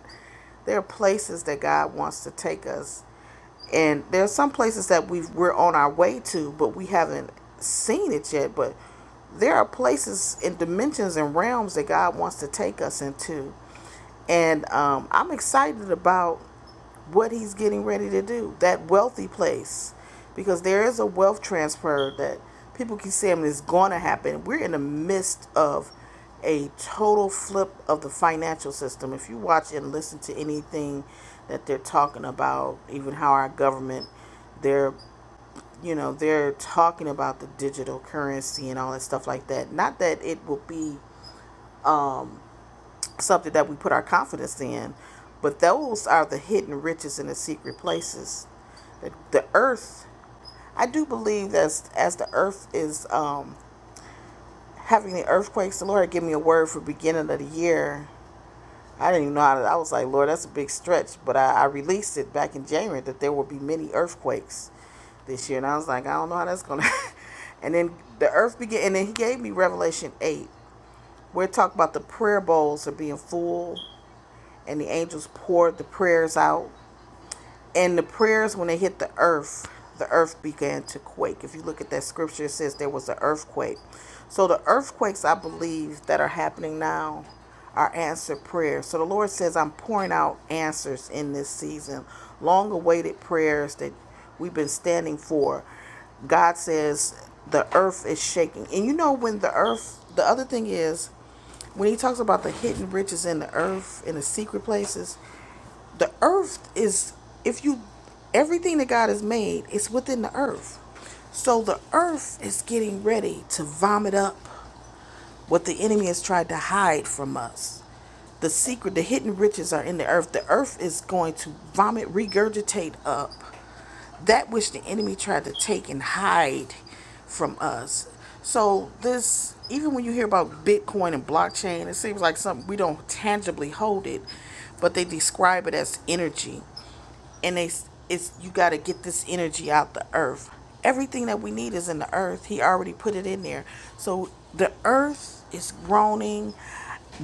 There are places that God wants to take us and there's some places that we have we're on our way to, but we haven't seen it yet. But there are places and dimensions and realms that God wants to take us into, and um, I'm excited about what he's getting ready to do, that wealthy place. Because there is a wealth transfer that people keep saying is going to happen. We're in the midst of a total flip of the financial system. If you watch and listen to anything that they're talking about, even how our government, they're you know they're talking about the digital currency and all that stuff like that. Not that it will be something that we put our confidence in. But those are the hidden riches and the secret places. The, the earth, I do believe that as, as the earth is um, having the earthquakes, the Lord gave me a word for beginning of the year. I didn't even know how to, I was like, Lord, that's a big stretch. But I, I released it back in January that there will be many earthquakes this year. And I was like, I don't know how that's going to. and then the earth began, and then he gave me Revelation 8. We're talking about the prayer bowls are being full and the angels poured the prayers out. And the prayers, when they hit the earth, the earth began to quake. If you look at that scripture, it says there was an earthquake. So the earthquakes, I believe, that are happening now are answered prayers. So the Lord says, I'm pouring out answers in this season, long awaited prayers that we've been standing for. God says, the earth is shaking. And you know, when the earth, the other thing is, when he talks about the hidden riches in the earth, in the secret places, the earth is if you everything that God has made is within the earth. So the earth is getting ready to vomit up what the enemy has tried to hide from us. The secret, the hidden riches are in the earth. The earth is going to vomit, regurgitate up that which the enemy tried to take and hide from us. So this even when you hear about Bitcoin and blockchain, it seems like something we don't tangibly hold it, but they describe it as energy and they it's you got to get this energy out the earth everything that we need is in the earth he already put it in there so the earth is groaning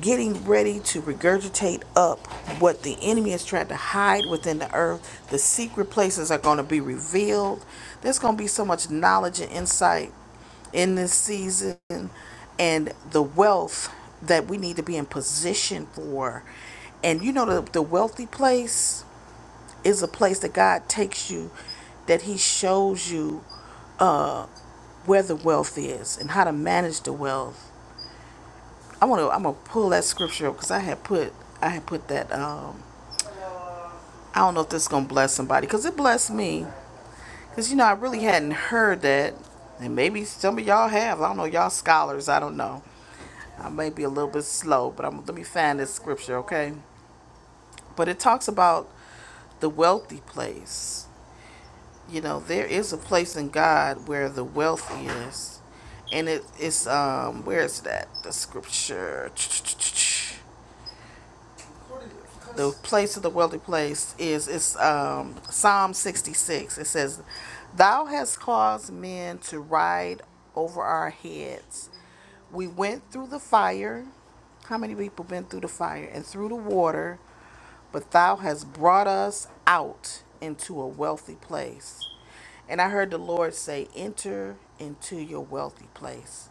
getting ready to regurgitate up what the enemy has tried to hide within the earth the secret places are going to be revealed there's going to be so much knowledge and insight in this season and the wealth that we need to be in position for and you know the, the wealthy place is a place that God takes you, that He shows you where the wealth is and how to manage the wealth. I want to. I'm gonna pull that scripture up because I had put. I had put that. Um, I don't know if this is gonna bless somebody because it blessed me. Because you know I really hadn't heard that, and maybe some of y'all have. I don't know. Y'all scholars. I don't know. I may be a little bit slow, but I'm, let me find this scripture, okay? But it talks about the wealthy place You know, there is a place in God where the wealth is, and it is um where is that the scripture? The place of the wealthy place is it's um Psalm sixty six. It says, "Thou hast caused men to ride over our heads. We went through the fire. How many people been through the fire and through the water?" but thou hast brought us out into a wealthy place. And I heard the Lord say, Enter into your wealthy place.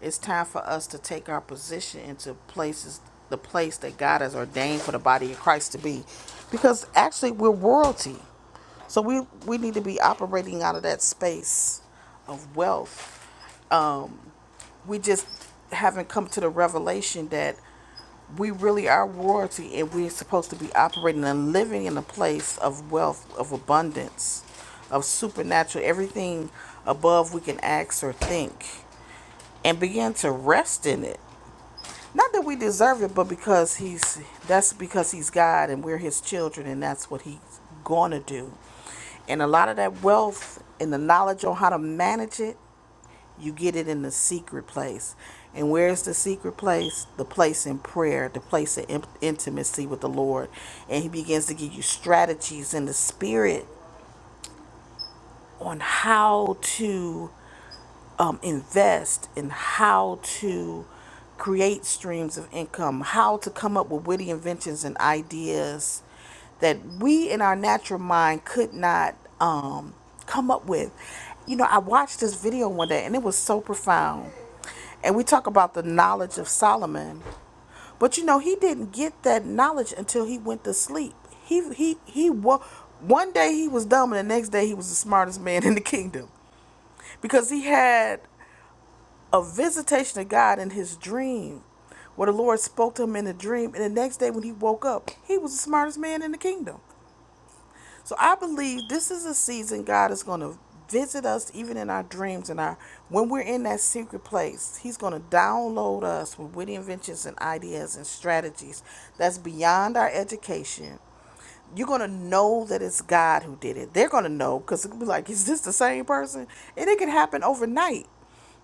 It's time for us to take our position into places, the place that God has ordained for the body of Christ to be. Because actually, we're royalty. So we, we need to be operating out of that space of wealth we just haven't come to the revelation that we really are royalty and we're supposed to be operating and living in a place of wealth, of abundance, of supernatural, everything above we can ask or think, and begin to rest in it. Not that we deserve it, but because he's that's because he's God and we're his children and that's what he's gonna do. And a lot of that wealth and the knowledge on how to manage it you get it in the secret place. And where is the secret place? The place in prayer, the place of in- intimacy with the Lord. And He begins to give you strategies in the spirit on how to um, invest in how to create streams of income, how to come up with witty inventions and ideas that we in our natural mind could not um, come up with. You know, I watched this video one day and it was so profound. And we talk about the knowledge of Solomon, but you know he didn't get that knowledge until he went to sleep. He he he wa- one day he was dumb and the next day he was the smartest man in the kingdom because he had a visitation of God in his dream, where the Lord spoke to him in a dream. And the next day when he woke up, he was the smartest man in the kingdom. So I believe this is a season God is going to visit us even in our dreams and our when we're in that secret place he's going to download us with witty inventions and ideas and strategies that's beyond our education you're gonna know that it's God who did it. They're gonna know because it will be like, is this the same person? And it can happen overnight.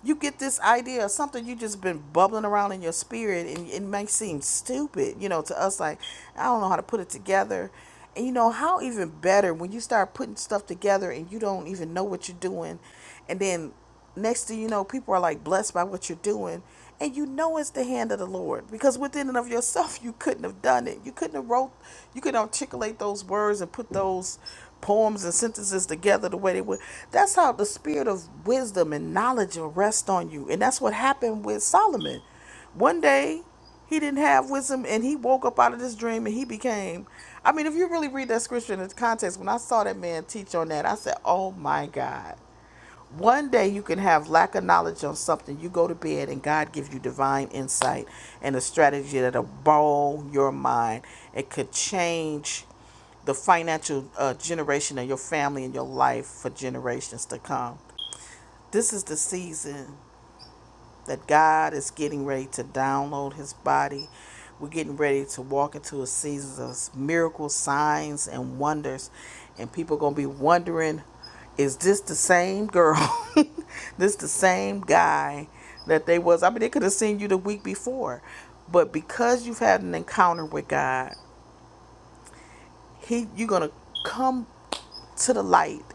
You get this idea of something you just been bubbling around in your spirit, and it may seem stupid, you know, to us like I don't know how to put it together. And you know how even better when you start putting stuff together and you don't even know what you're doing. And then next thing you know, people are like blessed by what you're doing. And you know it's the hand of the Lord. Because within and of yourself you couldn't have done it. You couldn't have wrote you couldn't articulate those words and put those poems and sentences together the way they would. That's how the spirit of wisdom and knowledge will rest on you. And that's what happened with Solomon. One day he didn't have wisdom and he woke up out of this dream and he became I mean, if you really read that scripture in its context, when I saw that man teach on that, I said, Oh my God. One day you can have lack of knowledge on something. You go to bed and God gives you divine insight and a strategy that'll blow your mind. It could change the financial uh, generation of your family and your life for generations to come. This is the season that God is getting ready to download his body. We're getting ready to walk into a season of miracles, signs, and wonders. And people are going to be wondering, is this the same girl? this the same guy that they was. I mean, they could have seen you the week before. But because you've had an encounter with God, he you're going to come to the light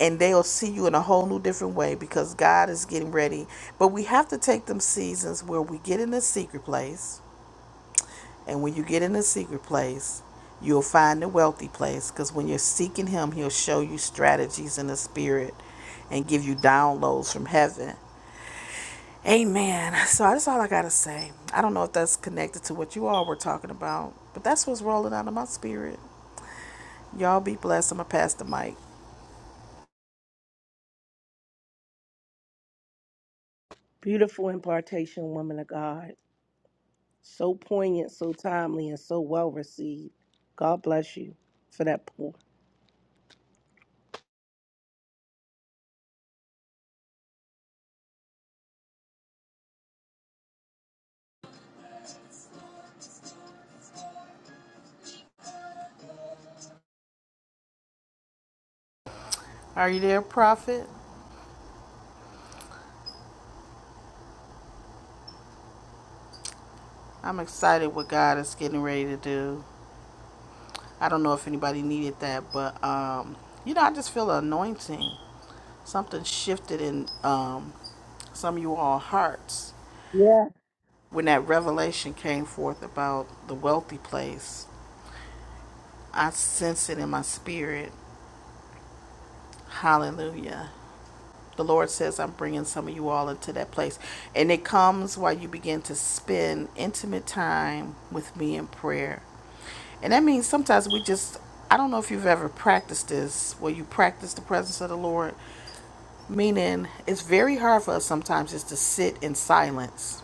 and they'll see you in a whole new different way because God is getting ready. But we have to take them seasons where we get in a secret place, and when you get in a secret place, you'll find the wealthy place because when you're seeking Him, He'll show you strategies in the spirit and give you downloads from heaven. Amen. So that's all I got to say. I don't know if that's connected to what you all were talking about, but that's what's rolling out of my spirit. Y'all be blessed. I'm going to pass the mic.
Beautiful impartation, woman of God. So poignant, so timely, and so well received. God bless you for that pour.
Are you there, prophet? I'm excited what God is getting ready to do. I don't know if anybody needed that, but um, you know, I just feel an anointing. Something shifted in um, some of you all hearts
Yeah.
when that revelation came forth about the wealthy place. I sense it in my spirit. Hallelujah. The Lord says, I'm bringing some of you all into that place. And it comes while you begin to spend intimate time with me in prayer. And that means sometimes we just, I don't know if you've ever practiced this, where you practice the presence of the Lord, meaning it's very hard for us sometimes just to sit in silence.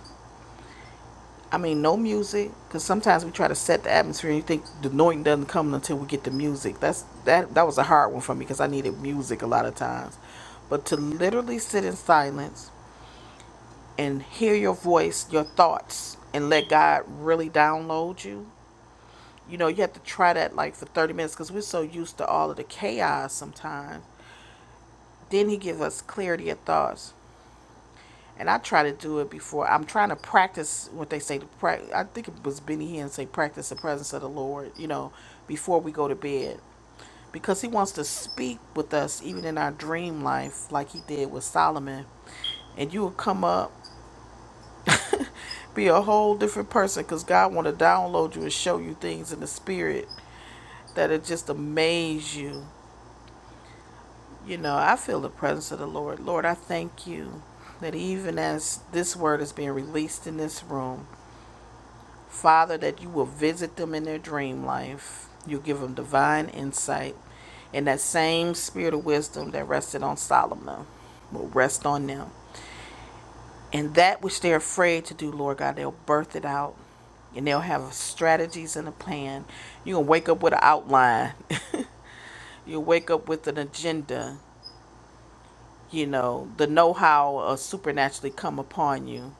I mean, no music, because sometimes we try to set the atmosphere and you think the anointing doesn't come until we get the music. That's that that was a hard one for me because I needed music a lot of times. But to literally sit in silence and hear your voice, your thoughts, and let God really download you. You know, you have to try that like for 30 minutes because we're so used to all of the chaos sometimes. Then He give us clarity of thoughts. And I try to do it before. I'm trying to practice what they say to practice. I think it was Benny Hinn say practice the presence of the Lord, you know, before we go to bed. Because he wants to speak with us even in our dream life, like he did with Solomon and you will come up Be a whole different person because God want to download you and show you things in the spirit that it just amaze you. You know, I feel the presence of the Lord. Lord, I thank you that even as this word is being released in this room, Father, that you will visit them in their dream life. You'll give them divine insight. And that same spirit of wisdom that rested on Solomon will rest on them. And that which they're afraid to do, Lord God, they'll birth it out and they'll have strategies and a plan. you going to wake up with an outline. You'll wake up with an agenda. You know, the know how will supernaturally come upon you.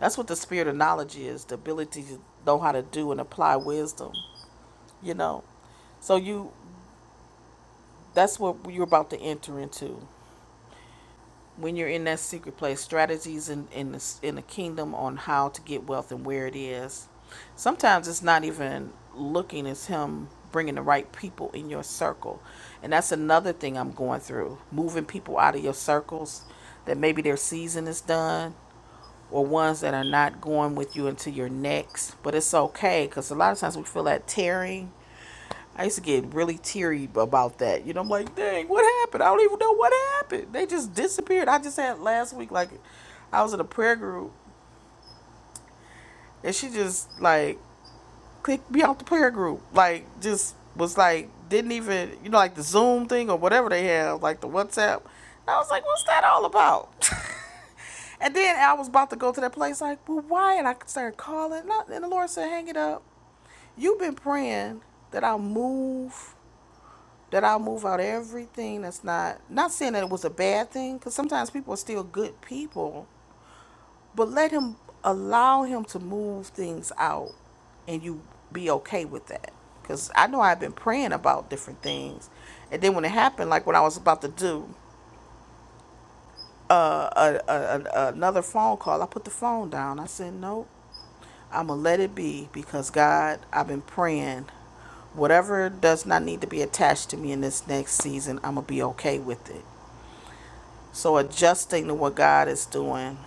That's what the spirit of knowledge is the ability to know how to do and apply wisdom, you know. So you. That's what you're about to enter into. when you're in that secret place, strategies in in the, in the kingdom on how to get wealth and where it is. Sometimes it's not even looking; as him bringing the right people in your circle, and that's another thing I'm going through: moving people out of your circles that maybe their season is done, or ones that are not going with you into your next. But it's okay because a lot of times we feel that tearing I used to get really teary about that. You know, I'm like, dang, what happened? I don't even know what happened. They just disappeared. I just had last week, like, I was in a prayer group, and she just, like, clicked me out the prayer group. Like, just was like, didn't even, you know, like the Zoom thing or whatever they have, like the WhatsApp. And I was like, what's that all about? and then I was about to go to that place, like, well, why? And I started calling. And I- the Lord said, hang it up. You've been praying that I'll move that I'll move out everything that's not not saying that it was a bad thing because sometimes people are still good people, but let him allow him to move things out and you be okay with that. Cause I know I've been praying about different things, and then when it happened, like when I was about to do uh, a, a, a, another phone call, I put the phone down. I said, "Nope, I'm gonna let it be because God, I've been praying whatever does not need to be attached to me in this next season, I'm gonna be okay with it. So adjusting to what God is doing.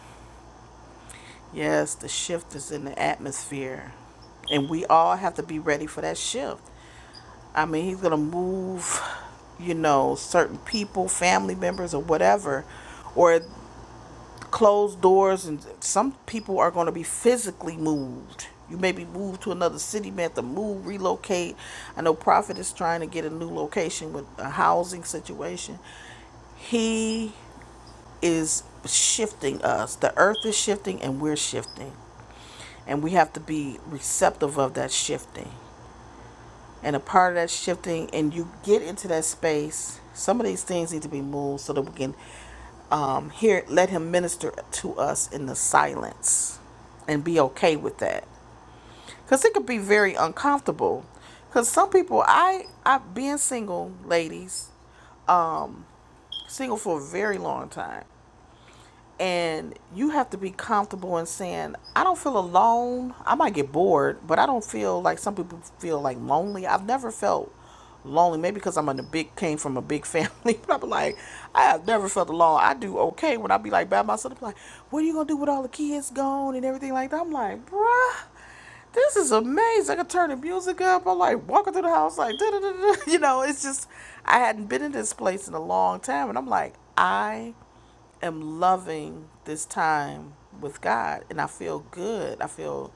Yes, the shift is in the atmosphere. And we all have to be ready for that shift. I mean, he's going to move, you know, certain people, family members, or whatever, or closed doors. And some people are going to be physically moved. You may be moved to another city, may have to move, relocate. I know Prophet is trying to get a new location with a housing situation he is shifting us. The earth is shifting and we're shifting. And we have to be receptive of that shifting. And a part of that shifting, and you get into that space, some of these things need to be moved so that we can um, hear, let Him minister to us in the silence and be okay with that. Because it could be very uncomfortable. Because some people, I, I've been single, ladies, single for a very long time. and you have to be comfortable in saying i don't feel alone i might get bored but i don't feel like some people feel like lonely i've never felt lonely maybe because i'm in a big came from a big family but i'm like i have never felt alone i do okay when i be like by myself I'm like what are you gonna do with all the kids gone and everything like that i'm like bruh this is amazing. I could turn the music up. I'm like walking through the house, like, da da da da. You know, it's just, I hadn't been in this place in a long time. And I'm like, I am loving this time with God and I feel good. I feel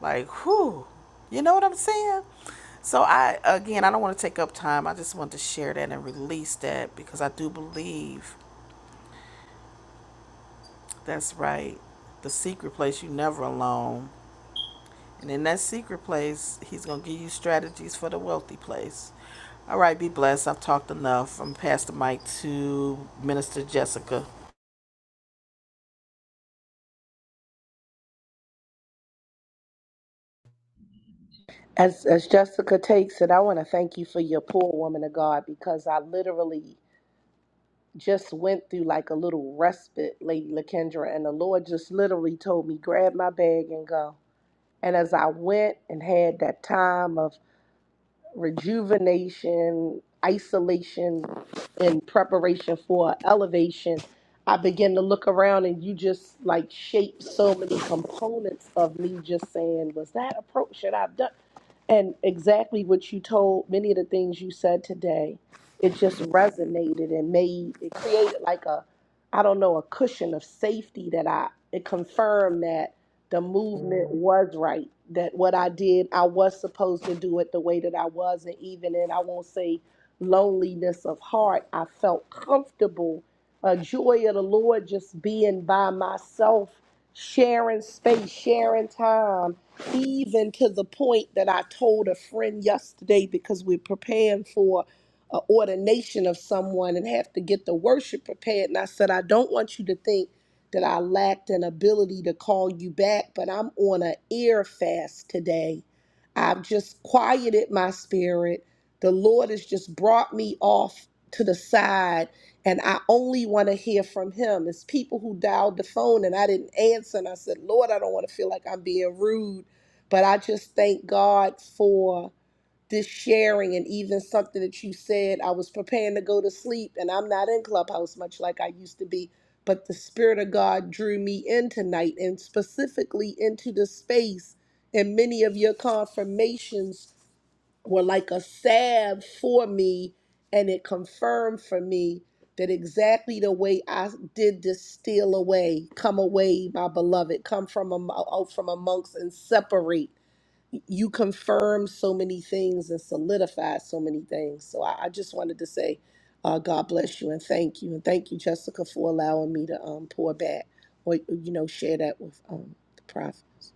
like, whew, you know what I'm saying? So I again, I don't want to take up time. I just want to share that and release that because I do believe that's right. The secret place you are never alone. And in that secret place, he's going to give you strategies for the wealthy place. All right, be blessed. I've talked enough. I'm gonna pass the mic to Minister Jessica.
As as Jessica takes it, I want to thank you for your poor woman of God because I literally just went through like a little respite, Lady Lakendra, and the Lord just literally told me, grab my bag and go. And as I went and had that time of rejuvenation, isolation, and preparation for elevation, I begin to look around and you just like shape so many components of me just saying, was that approach that I've done? And exactly what you told, many of the things you said today, it just resonated and made, it created like a, I don't know, a cushion of safety that I, it confirmed that the movement was right that what i did i was supposed to do it the way that i was and even in i won't say loneliness of heart i felt comfortable a joy of the lord just being by myself sharing space sharing time even to the point that i told a friend yesterday because we're preparing for a ordination of someone and have to get the worship prepared and i said i don't want you to think that I lacked an ability to call you back, but I'm on an ear fast today. I've just quieted my spirit. The Lord has just brought me off to the side, and I only want to hear from Him. It's people who dialed the phone and I didn't answer, and I said, Lord, I don't want to feel like I'm being rude, but I just thank God for this sharing and even something that you said i was preparing to go to sleep and i'm not in clubhouse much like i used to be but the spirit of god drew me in tonight and specifically into the space and many of your confirmations were like a salve for me and it confirmed for me that exactly the way I did this steal away, come away, my beloved, come from am- out from amongst and separate you confirm so many things and solidify so many things. So I, I just wanted to say, uh, God bless you and thank you and thank you, Jessica, for allowing me to um, pour back or you know share that with um, the prophets.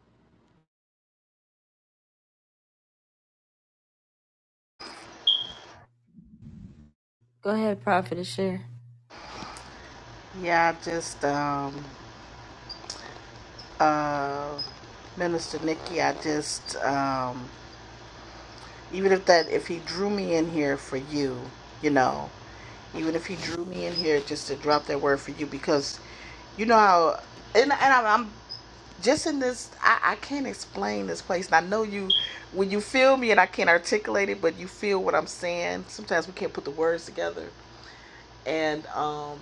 Go ahead, prophetess share.
Yeah, I just um, uh, Minister Nikki, I just um, even if that if he drew me in here for you, you know, even if he drew me in here just to drop that word for you because you know how and, and I'm, I'm just in this I, I can't explain this place and i know you when you feel me and i can't articulate it but you feel what i'm saying sometimes we can't put the words together and um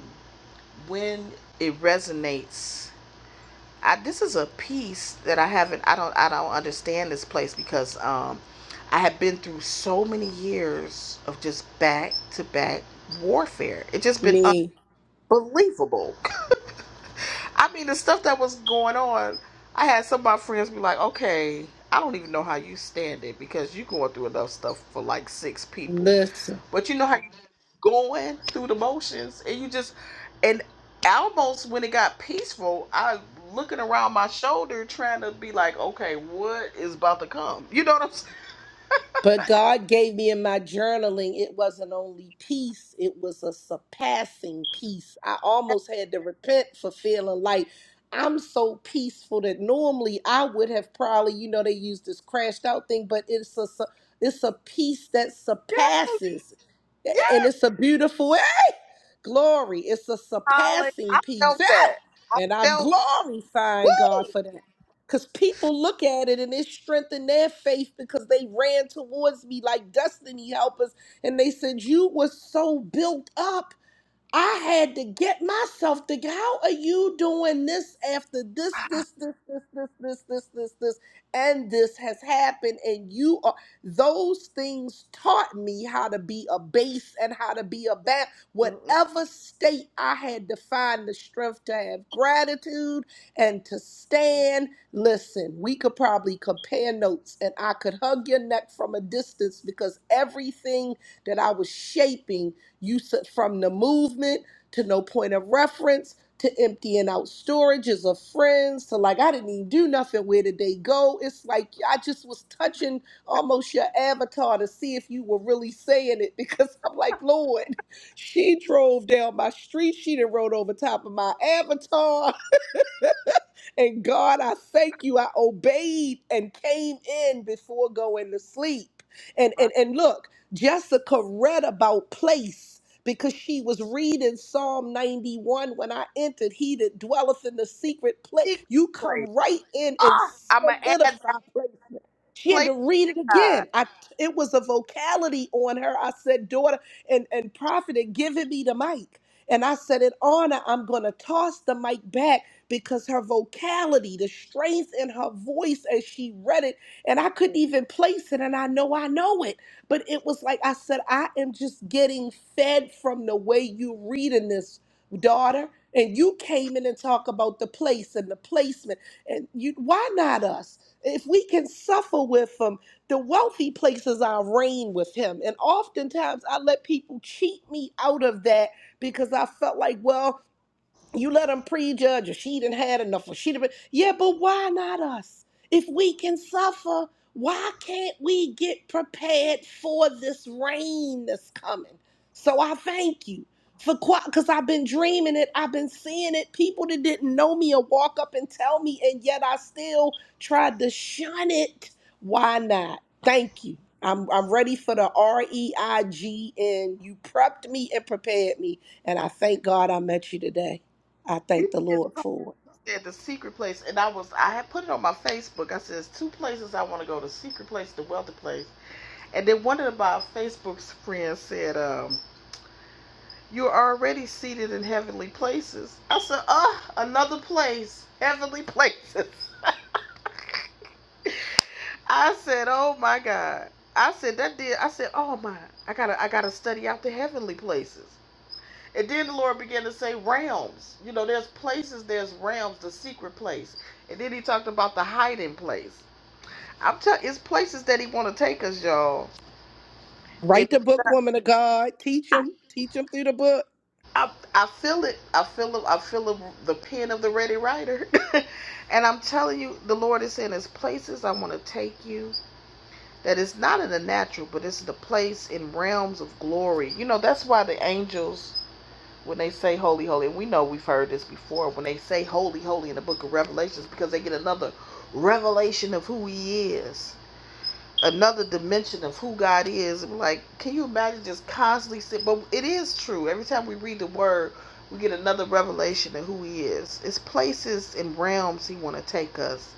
when it resonates I, this is a piece that I haven't. I don't. I don't understand this place because um, I have been through so many years of just back to back warfare. It's just been
Me,
unbelievable. I mean, the stuff that was going on, I had some of my friends be like, okay, I don't even know how you stand it because you going through enough stuff for like six people. But you know how you going through the motions and you just, and almost when it got peaceful, I looking around my shoulder trying to be like, okay, what is about to come? You know what I'm saying?
But God gave me in my journaling, it wasn't only peace, it was a surpassing peace. I almost had to repent for feeling like I'm so peaceful that normally I would have probably, you know, they use this crashed out thing, but it's a su- it's a peace that surpasses.
Yeah, yeah,
And it's a beautiful glory. It's a
Holly.
surpassing
I
peace.
felt that. I
And I'm
felt,
glorifying God
woo!
for that. Because people look at it and it strengthened their faith because they ran towards me like destiny helpers. And they said, You were so built up. I had to get myself to how are you doing this after this, this, this, this, this, this, this, this, this, and this has happened, and you are those things taught me how to be a base and how to be a bat.
Mm-mm,
Whatever state I had to find the strength to have gratitude and to stand. Listen, we could probably compare notes, and I could hug your neck from a distance because everything that I was shaping you s- from the movement to no point of reference to emptying out storages of friends to like I didn't even do nothing. Where did they go? It's like I just was touching almost your avatar to see if you were really saying it because I'm like, Lord, she drove down my street. She done rode over top of my avatar. And God, I thank you. I obeyed and came in before going to sleep. And
my
and and look, Jessica read about place because she was reading Psalm 91 when I entered. He that dwelleth in the secret place.
secret
You come
place.
right in and
Ah, I'm going to add that
solidify placement. She had
place.
to read it again. I it was a vocality on her. I said, daughter and, and prophet had given me the mic. And I said, in honor, I'm gonna toss the mic back because her vocality, the strength in her voice as she read it, and I couldn't even place it. And I know I know it, but it was like I said, I am just getting fed from the way you reading this, daughter. And you came in and talk about the place and the placement, and you why not us? If we can suffer with them, the wealthy places our reign with him. And oftentimes I let people cheat me out of that because I felt like, well you let them prejudge or she didn't had enough or she didn't yeah but why not us if we can suffer why can't we get prepared for this rain that's coming so i thank you for quite, because i've been dreaming it i've been seeing it people that didn't know me or walk up and tell me and yet i still tried to shun it why not thank you i'm, I'm ready for the r-e-i-g-n you prepped me and prepared me and i thank god i met you today I thank
You
the
did
Lord for
said the secret place, and I was I had put it on my Facebook. I said "There's two places I want to go: the secret place, the wealthy place. And then one of my Facebook's friends said, um, "You're already seated in heavenly places." I said, "Uh, another place, heavenly places." I said, "Oh my God." I said that did. I said, "Oh my, I gotta, I gotta study out the heavenly places." And then the Lord began to say realms. You know, there's places, there's realms, the secret place. And then he talked about the hiding place. I'm telling it's places that he want to take us, y'all.
it.
It,
Write the book, woman of God. Teach them. Teach them through the book.
I, I feel it. I feel it. I feel it, the pen of the ready writer. and I'm telling you, the Lord is saying, there's places I want to take you that is not in the natural, but it's the place in realms of glory. You know, that's why the angels when they say holy, holy, and we know we've heard this before, when they say holy, holy in the book of Revelations, because they get another revelation of who he is, another dimension of who God is. Like, can you imagine just constantly sit? But it is true. Every time we read the word, we get another revelation of who he is. It's places and realms he want to take us.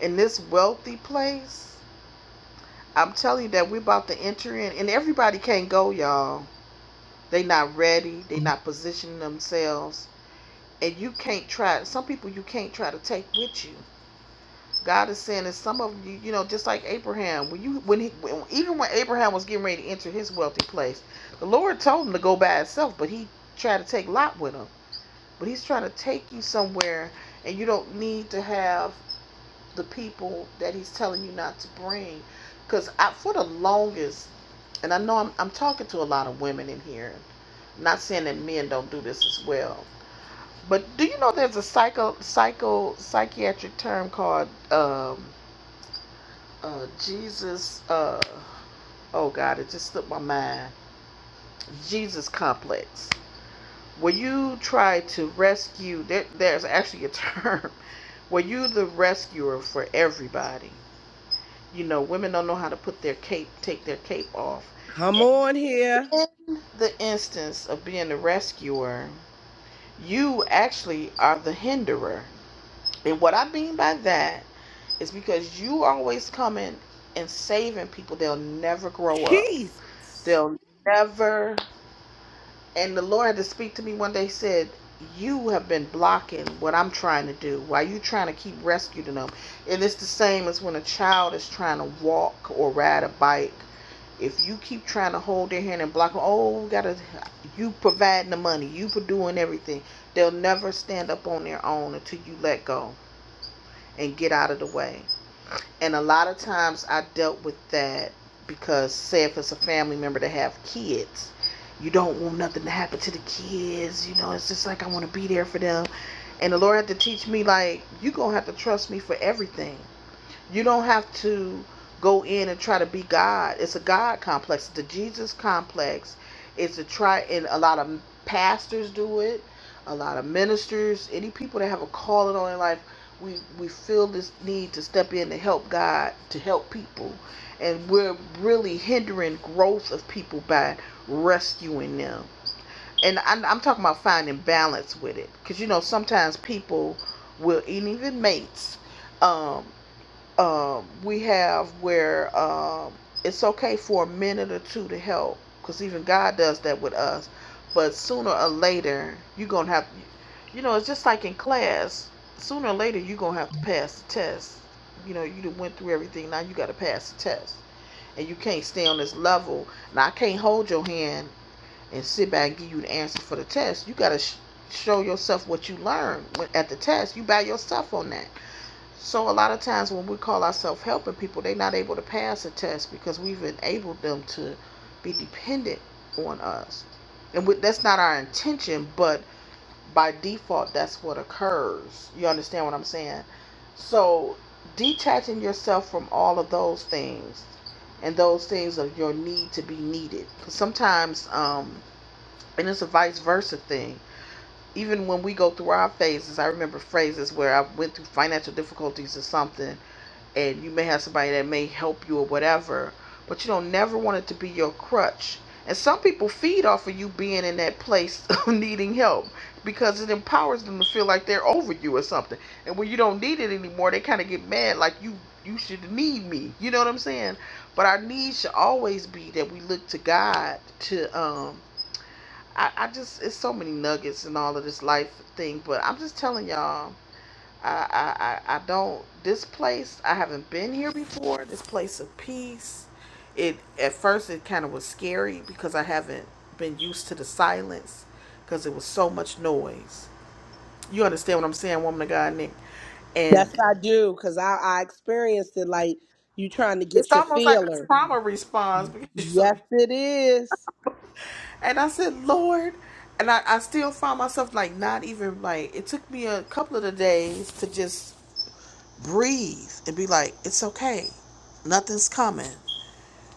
In this wealthy place, I'm telling you that we're about to enter in, and everybody can't go, y'all. They not ready. They not positioning themselves and you can't try some people you can't try to take with you god is saying that some of you you know just like abraham when you when he when, even when abraham was getting ready to enter his wealthy place the lord told him to go by himself but he tried to take lot with him but he's trying to take you somewhere and you don't need to have the people that he's telling you not to bring because for the longest and i know I'm, I'm talking to a lot of women in here I'm not saying that men don't do this as well but do you know there's a psycho psycho psychiatric term called um, uh, Jesus? Uh, oh God, it just slipped my mind. Jesus complex. Where you try to rescue, there, there's actually a term where you the rescuer for everybody. You know, women don't know how to put their cape, take their cape off.
Come on here.
In the instance of being the rescuer, you actually are the hinderer. And what I mean by that It's because you always coming and saving people. They'll never grow up.
Jesus.
They'll never. And the Lord had to speak to me one day. He said, "You have been blocking what I'm trying to do. Why you trying to keep rescuing them? And it's the same as when a child is trying to walk or ride a bike. If you keep trying to hold their hand and block them, oh, we gotta. You providing the money. You for doing everything. They'll never stand up on their own until you let go and get out of the way. And a lot of times I dealt with that because, say, if it's a family member that have kids, you don't want nothing to happen to the kids. You know, it's just like I want to be there for them. And the Lord had to teach me, like, you going to have to trust me for everything. You don't have to go in and try to be God. It's a God complex. It's The Jesus complex is to try, and a lot of pastors do it. A lot of ministers, any people that have a calling on their life, we we feel this need to step in to help God, to help people, and we're really hindering growth of people by rescuing them. And I'm, I'm talking about finding balance with it, because you know sometimes people will, and even mates. um, um, we have where um, it's okay for a minute or two to help because even god does that with us but sooner or later you're gonna have you know it's just like in class sooner or later you're gonna have to pass the test you know you done went through everything now you gotta pass the test and you can't stay on this level now i can't hold your hand and sit back and give you the answer for the test you gotta sh- show yourself what you learned at the test you by yourself on that so a lot of times when we call ourselves helping people, they're not able to pass a test because we've enabled them to be dependent on us. And we, that's not our intention, but by default, that's what occurs. You understand what I'm saying? So detaching yourself from all of those things and those things of your need to be needed. 'Cause sometimes, um, and it's a vice versa thing. Even when we go through our phases, I remember phases where I went through financial difficulties or something and you may have somebody that may help you or whatever, but you don't never want it to be your crutch. And some people feed off of you being in that place of needing help because it empowers them to feel like they're over you or something. And when you don't need it anymore, they kind of get mad like you you should need me. You know what I'm saying? But our need should always be that we look to God to um I, I just it's so many nuggets in all of this life thing, but I'm just telling y'all I, I, I don't, this place, I haven't been here before. This place of peace. It, at first, it kind of was scary because I haven't been used to the silence because it was so much noise. You understand what I'm saying, woman of God, Nick?
That's
And
what I do because I, I experienced it like you trying to
it's
get your
almost like a
feeler.
trauma response because you're so
Yes,
used.
it is.
And I said, Lord, and I, I still find myself like not even like, it took me a couple of the days to just breathe and be like, it's okay. Nothing's coming.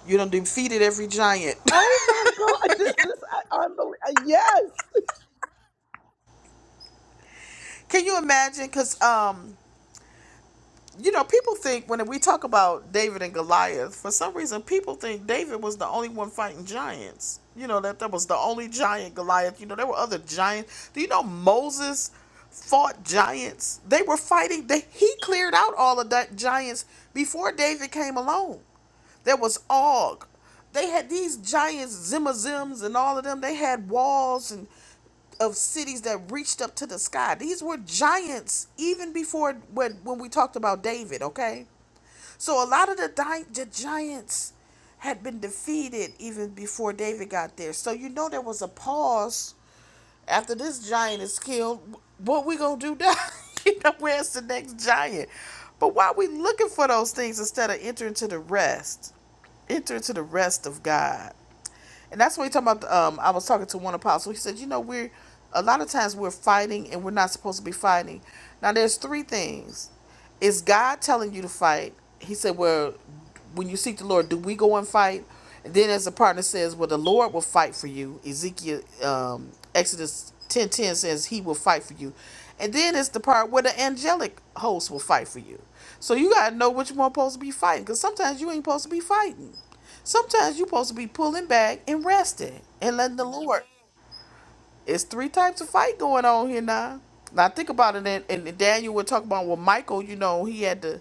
You done defeated every giant.
Oh my God. This is unbelievable. Yes.
Can you imagine? Because, um, you know, people think when we talk about David and Goliath, for some reason, people think David was the only one fighting giants. You know, that that was the only giant Goliath. You know, there were other giants. Do you know Moses fought giants? They were fighting. They, he cleared out all of that giants before David came along. There was Og. They had these giants, Zimmazims, and all of them. They had walls and of cities that reached up to the sky. These were giants even before when when we talked about David, okay? So a lot of the, di- the giants had been defeated even before David got there. So you know there was a pause after this giant is killed, what we going to do now? you know, where's the next giant? But why we looking for those things instead of entering to the rest? Enter into the rest of God. And that's when we talk about. Um, I was talking to one apostle. He said, you know, we're a lot of times we're fighting and we're not supposed to be fighting. Now, there's three things. Is God telling you to fight? He said, well, when you seek the Lord, do we go and fight? And then, as the partner says, well, the Lord will fight for you. Ezekiel, um, Exodus ten ten says he will fight for you. And then it's the part where the angelic host will fight for you. So you gotta know what you're supposed to be fighting, because sometimes you ain't supposed to be fighting. Sometimes you're supposed to be pulling back and resting and letting the Lord. It's three types of fight going on here now. Now think about it, and, and Daniel would talk about well, Michael. You know, he had the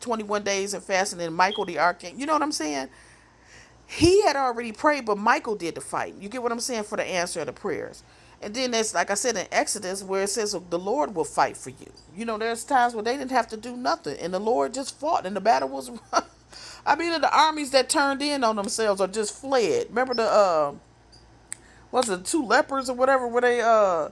21 days of fasting, and Michael the archangel. You know what I'm saying? he had already prayed, but Michael did the fight. You get what I'm saying for the answer of the prayers. And then there's like I said in Exodus where it says the Lord will fight for you. You know, there's times where they didn't have to do nothing, and the Lord just fought, and the battle was. I mean, the armies that turned in on themselves or just fled. Remember the uh, was it two lepers or whatever? Where they uh,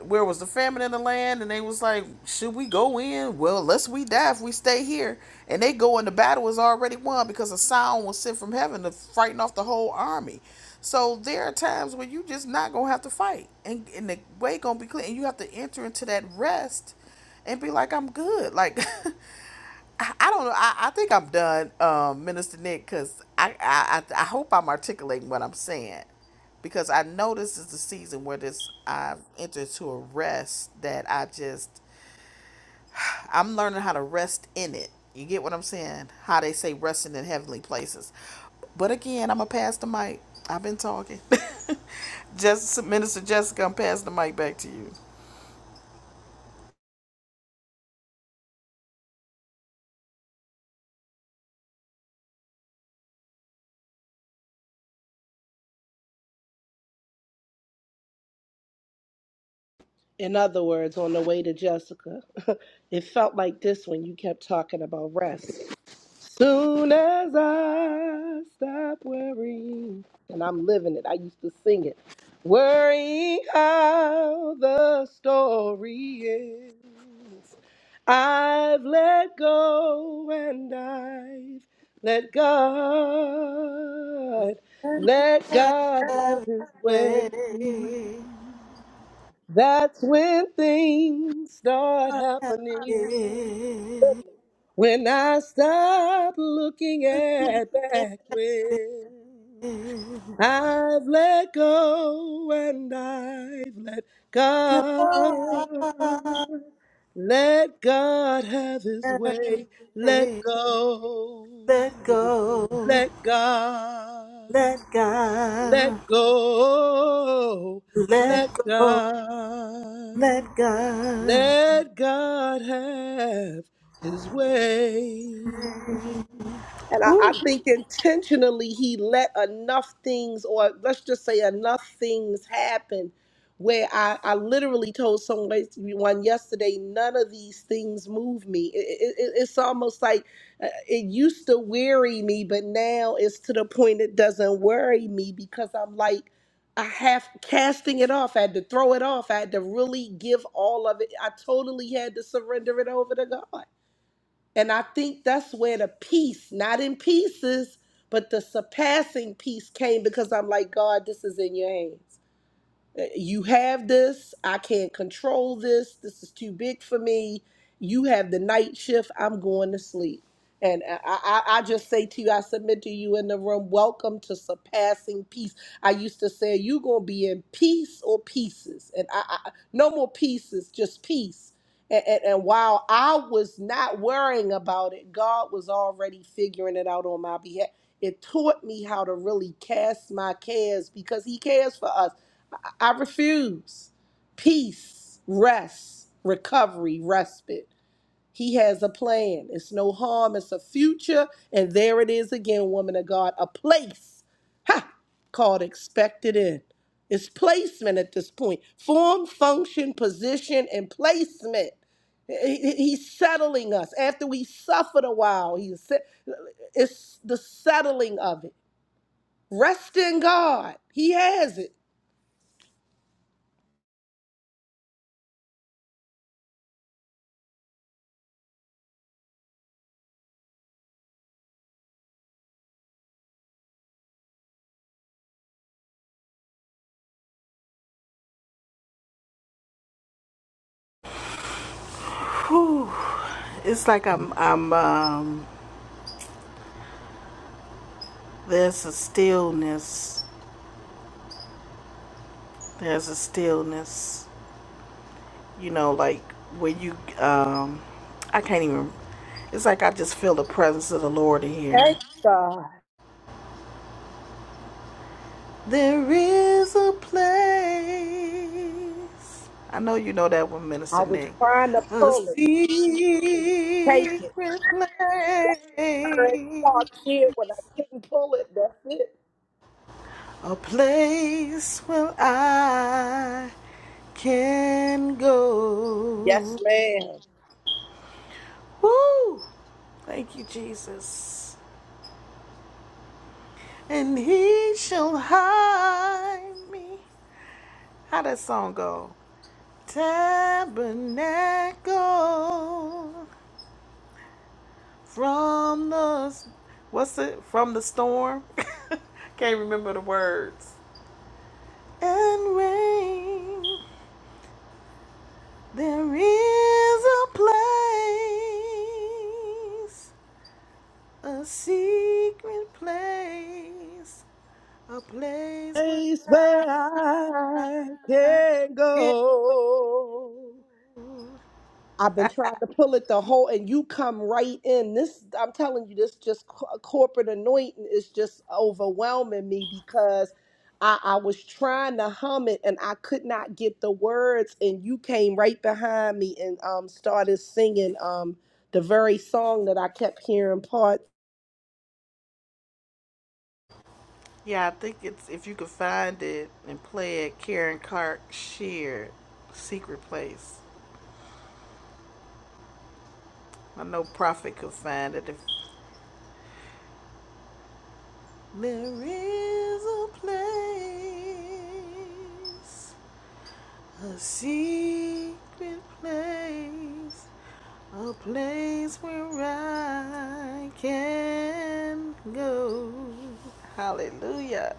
where was the famine in the land? And they was like, should we go in? Well, lest we die if we stay here. And they go and the battle is already won because a sound was sent from heaven to frighten off the whole army. So there are times where you just not gonna have to fight, and and the way gonna be clear, and you have to enter into that rest and be like, I'm good. Like I don't know. I, I think I'm done, um, Minister Nick, because I, I I I hope I'm articulating what I'm saying, because I know this is the season where this I've entered to a rest that I just I'm learning how to rest in it. You get what I'm saying? How they say resting in heavenly places. But again, I'm gonna pass the mic. I've been talking. just Minister Jessica, I'm passing the mic back to you.
In other words, on the way to Jessica, it felt like this when you kept talking about rest. Soon as I stop worrying, and I'm living it, I used to sing it. Worrying how the story ends. I've let go and I've let God, let God have
Have
His way.
your way,
That's when things start happening. When I stop looking at back when I've let go and I've let God.
God.
Let God have his
Let go,
way. Let go.
let go,
Let God. Let go.
let
Let
go,
God.
let go.
Let God have his way. And I,
Ooh,
I think intentionally he let enough things, or let's just say enough things happen where I, I literally told someone yesterday, none of these things move me. It, it, it- it's almost like uh, It used to weary me, but now it's to the point it doesn't worry me because I'm like, I have casting it off. I had to throw it off. I had to really give all of it. I totally had to surrender it over to God. And I think that's where the peace, not in pieces, but the surpassing peace came because I'm like, God, this is in your hands you have this i can't control this this is too big for me you have the night shift i'm going to sleep and I, I, I just say to you, I submit to you in the room, welcome to surpassing peace. I used to say, you going to be in peace or pieces. And I, I no more pieces, just peace. And, and, and while I was not worrying about it, God was already figuring it out on my behalf. It taught me how to really cast my cares because He cares for us. I refuse. Peace, rest, recovery, respite. He has a plan. It's no harm. It's a future. And there it is again, woman of God, a place ha, called expected in. It's placement at this point form, function, position, and placement. He- he- He's settling us. After we suffered a while, he's, se- it's the settling of it. Rest in God. He has it.
it's like I'm, I'm, um, there's a stillness, there's a stillness, you know, like when you, um, I can't even, it's like I just feel the presence of the Lord in here.
Thank God.
There is a place. I know you know that one,
I
Minister
was
Nick.
trying to
A
pull it,
secret
take it.
place.
That's the current talk shit. When I couldn't pull it, that's it.
A place where I can go.
Yes, ma'am.
Woo! Thank you, Jesus. And he shall hide me. How that song go? Tabernacle from the what's it from the storm? Can't remember the words. And rain, there is a place, a secret place, a place where
Place
I
where I can
can
go.
go.
I've been trying to pull it the whole, and you come right in. This, I'm telling you, this just co- uh, corporate anointing is just overwhelming me because I, I was trying to hum it and I could not get the words, and you came right behind me and um started singing um the very song that I kept hearing parts.
Yeah, I think it's if you could find it and play it. Karen Clark shared "Secret Place." I know Prophet could find it. If there is a place, a secret place, a place where I can go. Hallelujah.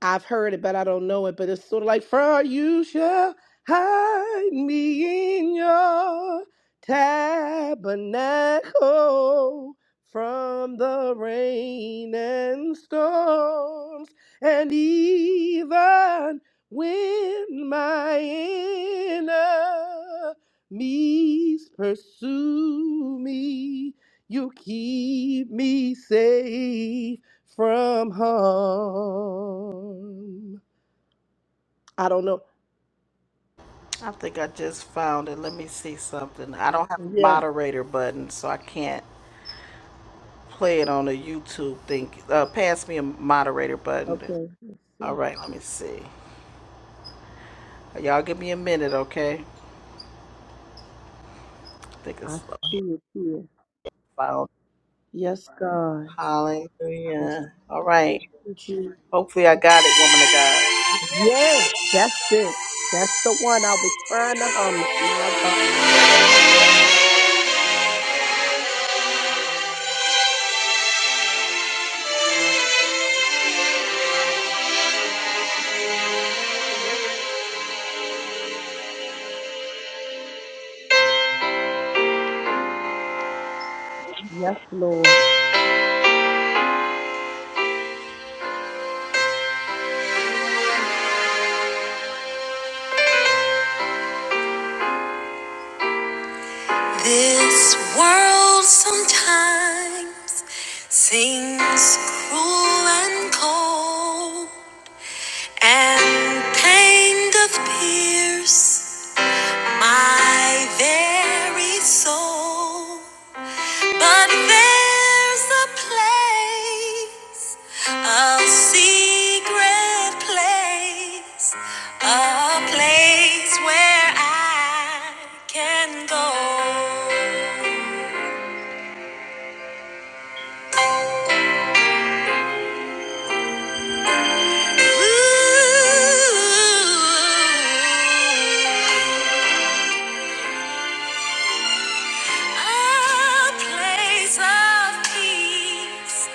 I've heard it, but I don't know it. But it's sort of like, For you shall hide me in your tabernacle from the rain and storms, and even when my enemies pursue me, you keep me safe from harm. I don't know.
I think I just found it. Let me see something. I don't have a
Yeah.
moderator button, so I can't play it on the YouTube thing. Uh, pass me a moderator button.
Okay. Let's
All
see.
right, let me see. Y'all give me a minute, okay? I think
I
it's
see it here.
found.
Yes, God. I was
Hallelujah.
trying
All right.
to do.
Hopefully, I got it, woman of God.
Yes, that's it. That's the one I was trying to hum it. My God. Yes, Lord.
This world sometimes seems cruel and cold, and pain doth pierce. my very soul. But there's a place, a secret place, a place where I can go. Ooh. A place of peace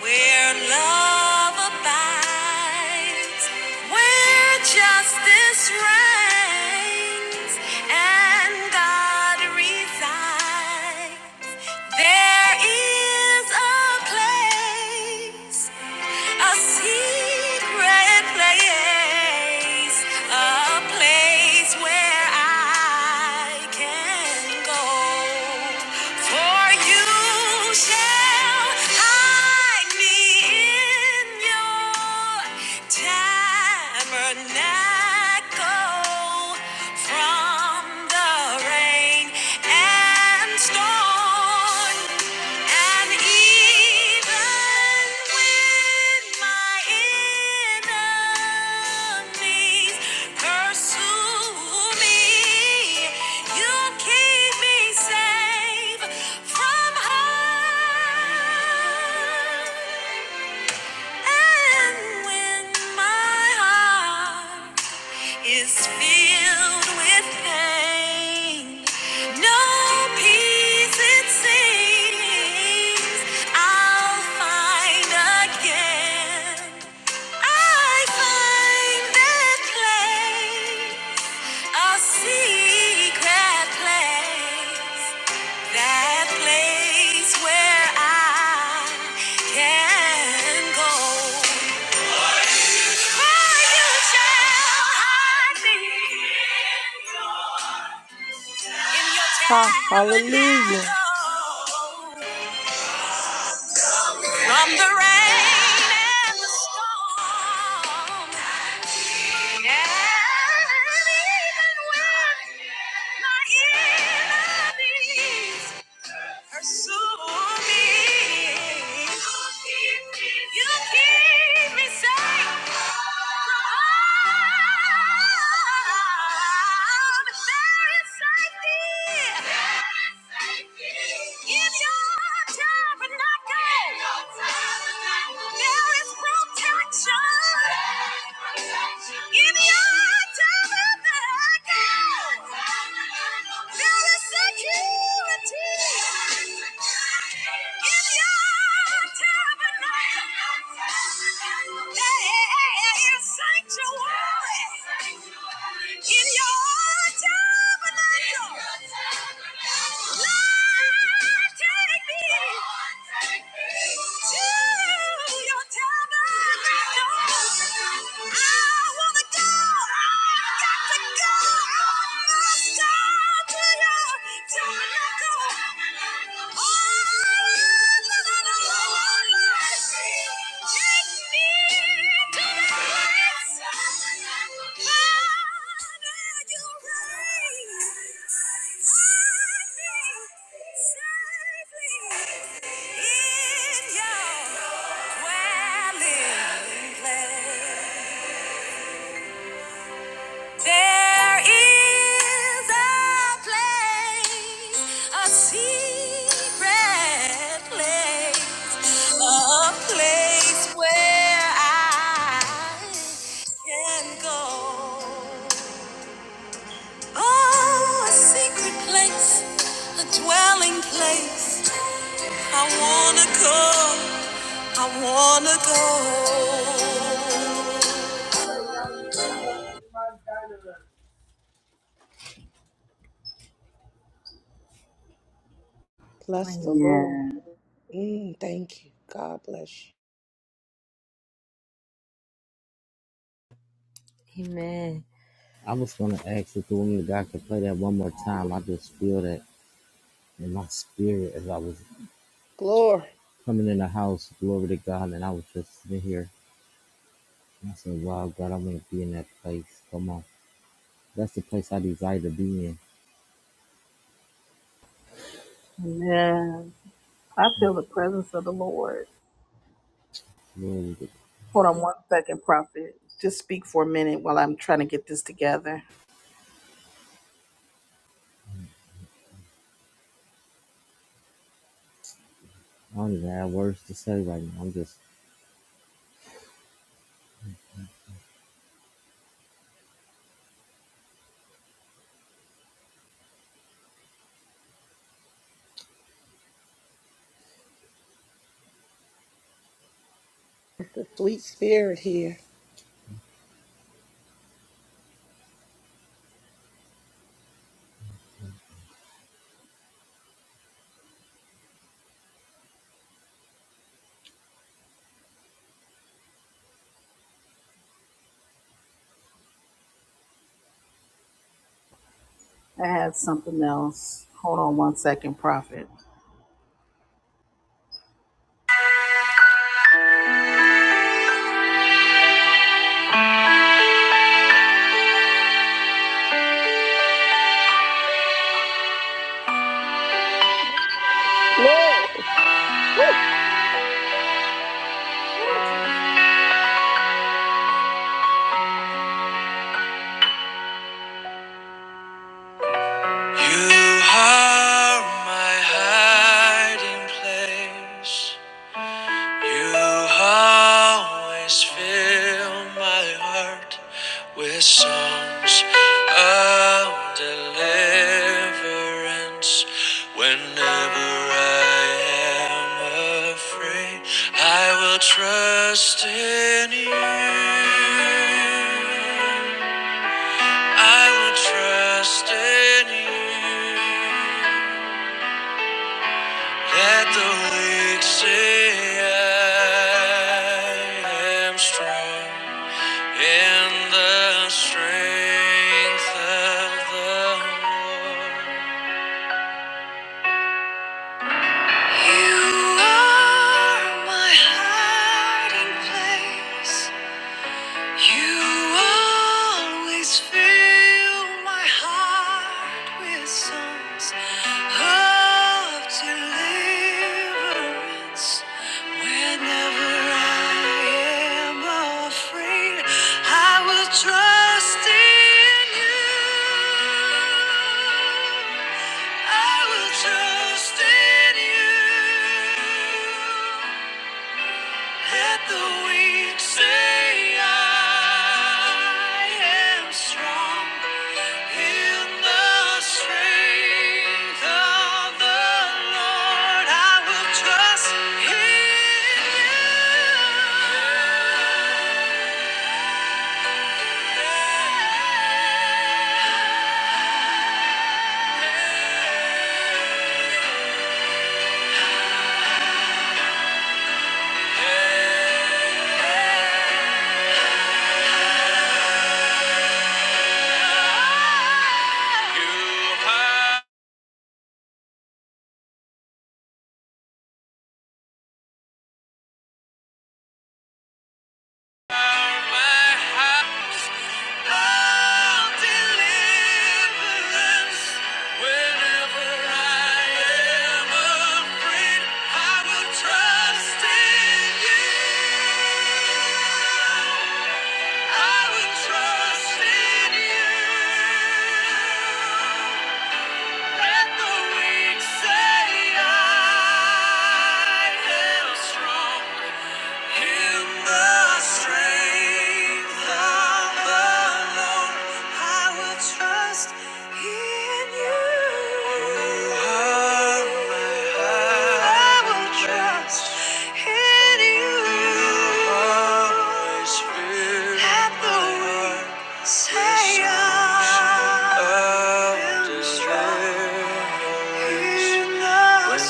where love abides, where justice reigns, and God resides. There is a place. a seat secret place, a place where I can go. For you shall hide me in your tabernacle from the rain rain and storm. And even when my enemies pursue me, you keep me safe from harm. And when my heart is filled with pain, no peace it seems I'll find again. I find that place, a secret place. That place where I can go. For you shall hide me in your
Ha. Hallelujah.
tabernacle. From the rain and the storm. And even when my enemies Protection. Give me your tabernacle. There is security in your tabernacle. There is sanctuary in your tabernacle. Lord, take me to your tabernacle. I wanna go. I got to in your dwelling place. There is a place, a secret place, a place where I can go. Oh, a secret place, a dwelling place. I wanna go, I wanna go.
Bless the Lord. Mm, thank you. God bless you.
Amen.
I was going to ask if the woman of God could play that one more time. I just feel that in my spirit as I was
Glory.
coming in the house, glory to God, and I was just sitting here. And I said, wow, God, I want to be in that place. Come on. That's the place I desire to be in.
Amen. I feel the presence of the Lord.
Glory to God.
Hold on one second, Prophet. Just speak for a minute while I'm trying to get this together.
I don't even have words to say right now. I'm just,
It's a sweet spirit here.
I had something else. Hold on one second, Prophet.
Glory. Woo.
You are my hiding place. You always fill my heart with songs of deliverance. Whenever I am afraid, I will trust in you. I will trust in you. Let the weak say I am strong in the strength of the Lord. You are my hiding place. You always fill my heart with songs of deliverance. Whenever I am afraid, I will trust in you. I will trust in you. Let the weak say, I am strong in the strength of the Lord. I will trust in you. You have Say I am strong. In the strength of the Lord, I will trust in you. You are my hiding I will trust in you. You are my spirit. At the Say in the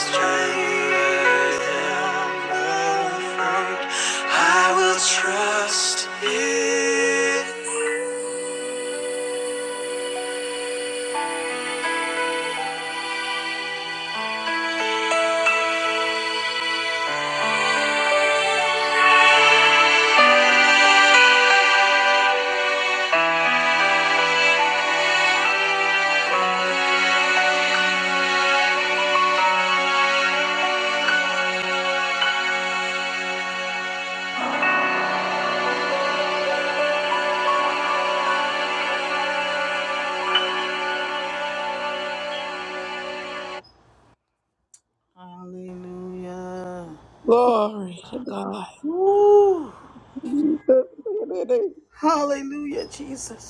Hallelujah.
Glory to God.
Woo.
Jesus.
Hallelujah, Jesus.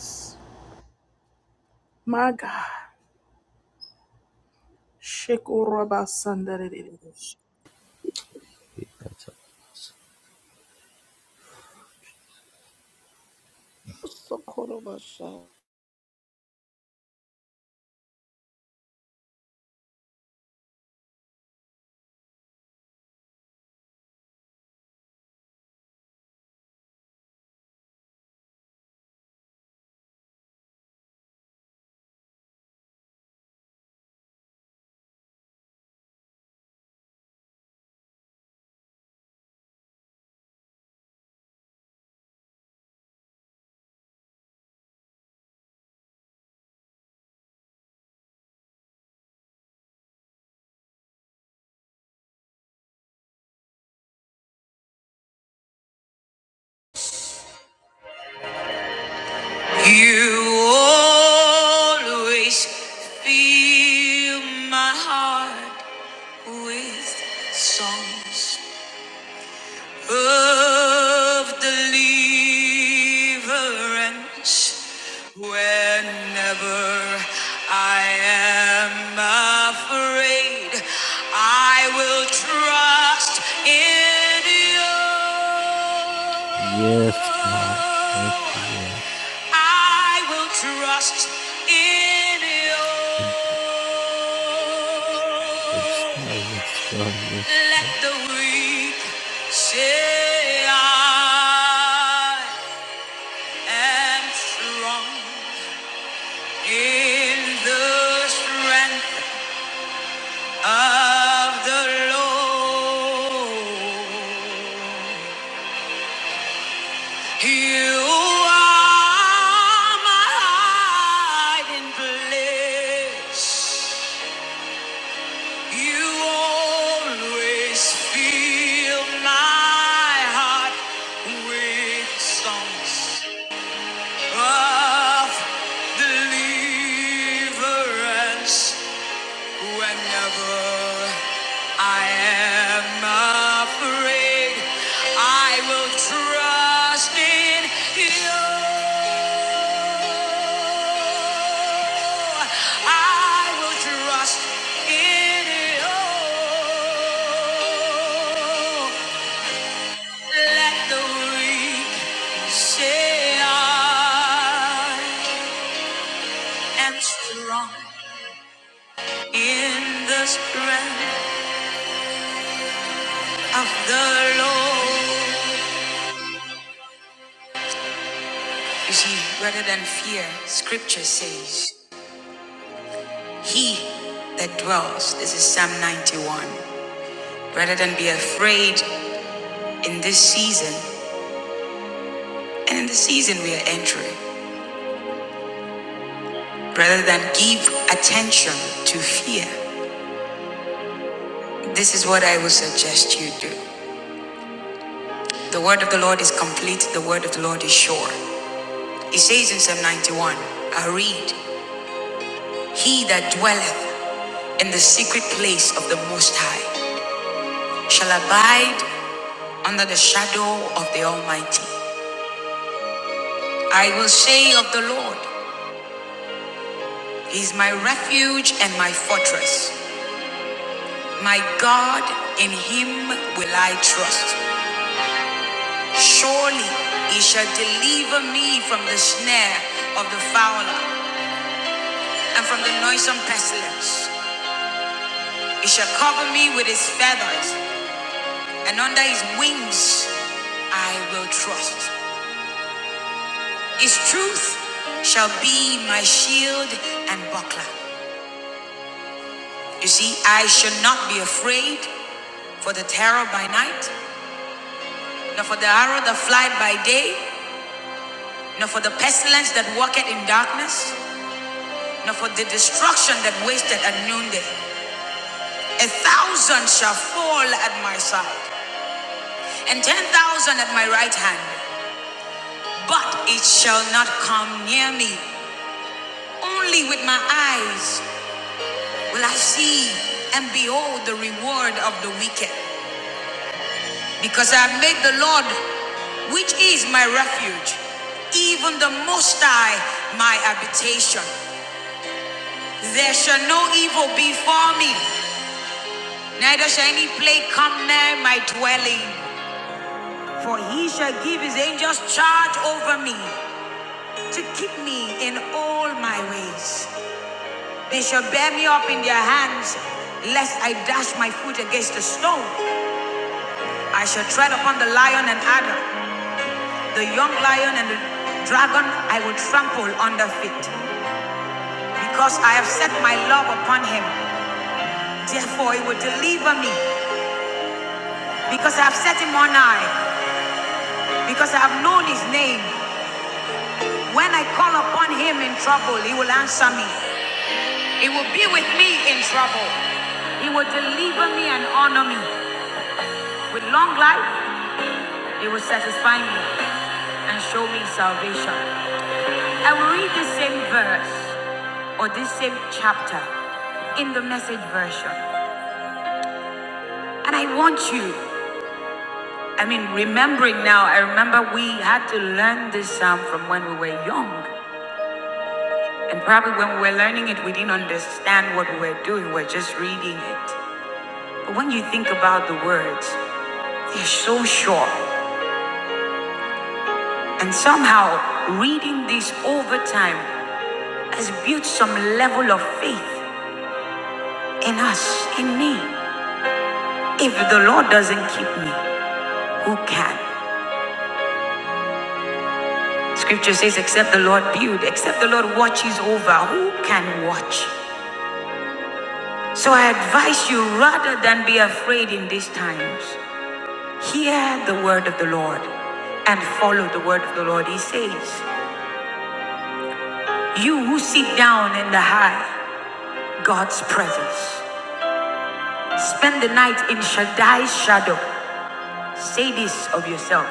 My God. Shekoraba
Socorro basha.
You always fill my heart with songs of deliverance whenever I am afraid. I will trust in
Yes, God. Thank
you.
you, Lord.
I will trust in you.
Thank you. Yes, God. Yes, God. Yes,
Let
God.
the weak say I am strong in the strength of the Lord. You are my hiding place. You always fill my heart with songs of deliverance whenever I am afraid I will trust in you. I will trust in you. Let the weak say I am strong in the strength of the Lord. You see, rather than fear, scripture says, He that dwells, this is Psalm 91, rather than be afraid in this season, and in the season we are entering, rather than give attention to fear, this is what I would suggest you do. The word of the Lord is complete, the word of the Lord is sure. It says in Psalm 91, I read, He that dwelleth in the secret place of the Most High shall abide under the shadow of the Almighty. I will say of the Lord, He is my refuge and my fortress. My God, in Him will I trust. Surely He shall deliver me from the snare of the fowler and from the noisome pestilence. He shall cover me with His feathers, and under His wings I will trust. His truth shall be my shield and buckler. You see, I shall not be afraid for the terror by night, nor for the arrow that flieth by day, nor for the pestilence that walketh in darkness, nor for the destruction that wasteth at noonday. A thousand shall fall at my side, and ten thousand at my right hand, but it shall not come near me. Only with my eyes will I see and behold the reward of the wicked. Because I have made the Lord, which is my refuge, even the Most High, my habitation. There shall no evil befall me, neither shall any plague come near my dwelling. For he shall give his angels charge over me to keep me in all my ways. They shall bear me up in their hands, lest I dash my foot against a stone. I shall tread upon the lion and adder. The young lion and the dragon I will trample under feet. Because I have set my love upon him. Therefore he will deliver me. Because I have set him on high. Because I have known his name. When I call upon him in trouble, he will answer me. He will be with me in trouble. He will deliver me and honor me. With long life, he will satisfy me and show me salvation. I will read the same verse or this same chapter in the message version. And I want you, I mean, remembering now, I remember we had to learn this psalm from when we were young. And probably when we were learning it, we didn't understand what we were doing, we we're just reading it. But when you think about the words, they're so short. And somehow, reading this over time has built some level of faith in us, in me. If the Lord doesn't keep me, who can? Scripture says, except the Lord build, except the Lord watches over, who can watch? So I advise you rather than be afraid in these times, hear the word of the Lord and follow the word of the Lord. He says, You who sit down in the high, God's presence, spend the night in Shaddai's shadow. Say this of yourself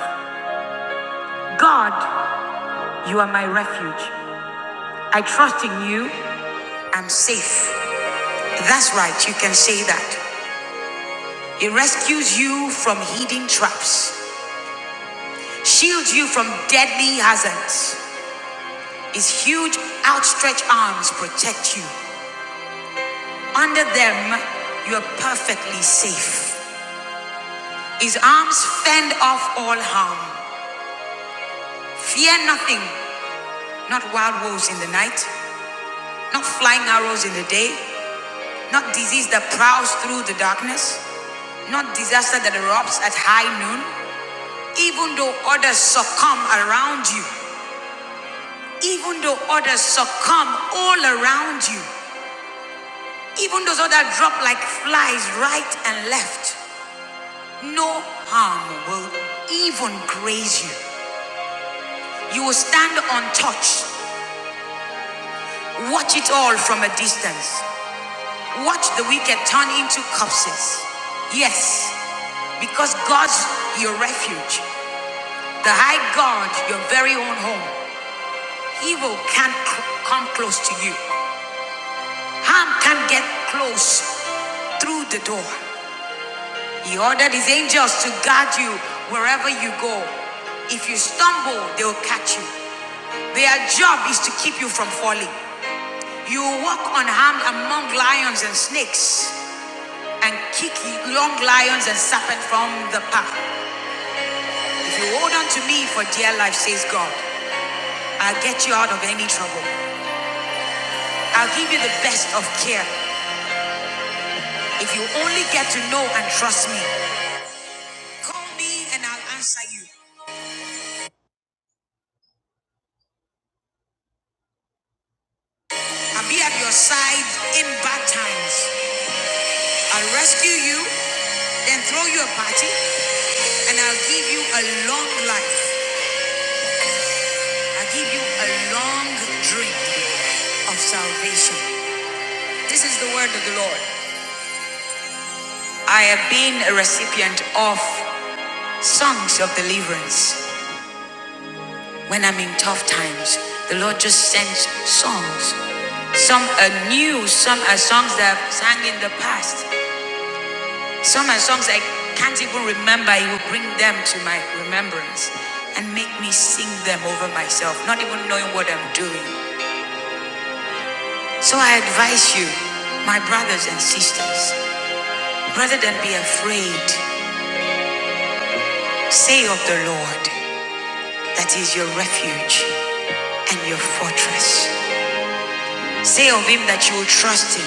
God, you are my refuge. I trust in you. I'm safe. That's right, you can say that. He rescues you from hidden traps, shields you from deadly hazards. His huge, outstretched arms protect you. Under them, you are perfectly safe. His arms fend off all harm. Fear nothing, not wild wolves in the night, not flying arrows in the day, not disease that prowls through the darkness, not disaster that erupts at high noon. Even though others succumb around you, even though others succumb all around you, even those others drop like flies right and left. No harm will even graze you. You will stand untouched. Watch it all from a distance. Watch the wicked turn into corpses. Yes, because God's your refuge, the high God, your very own home. Evil can't c- come close to you. Harm can't get close through the door. He ordered his angels to guard you wherever you go. If you stumble, they will catch you. Their job is to keep you from falling. You will walk unharmed among lions and snakes and kick young lions and serpents from the path. If you hold on to me for dear life, says God, I'll get you out of any trouble. I'll give you the best of care if you only get to know and trust me. Call me and I'll answer you. I'll be at your side in bad times. I'll rescue you, then throw you a party, and I'll give you a long life. I'll give you a long drink of salvation. This is the word of the Lord. I have been a recipient of songs of deliverance. When I'm in tough times, the Lord just sends songs. Some are new, some are songs that I've sang in the past. Some are songs I can't even remember. He will bring them to my remembrance and make me sing them over myself, not even knowing what I'm doing. So I advise you, my brothers and sisters, rather than be afraid, say of the Lord that He is your refuge and your fortress. Say of Him that you will trust Him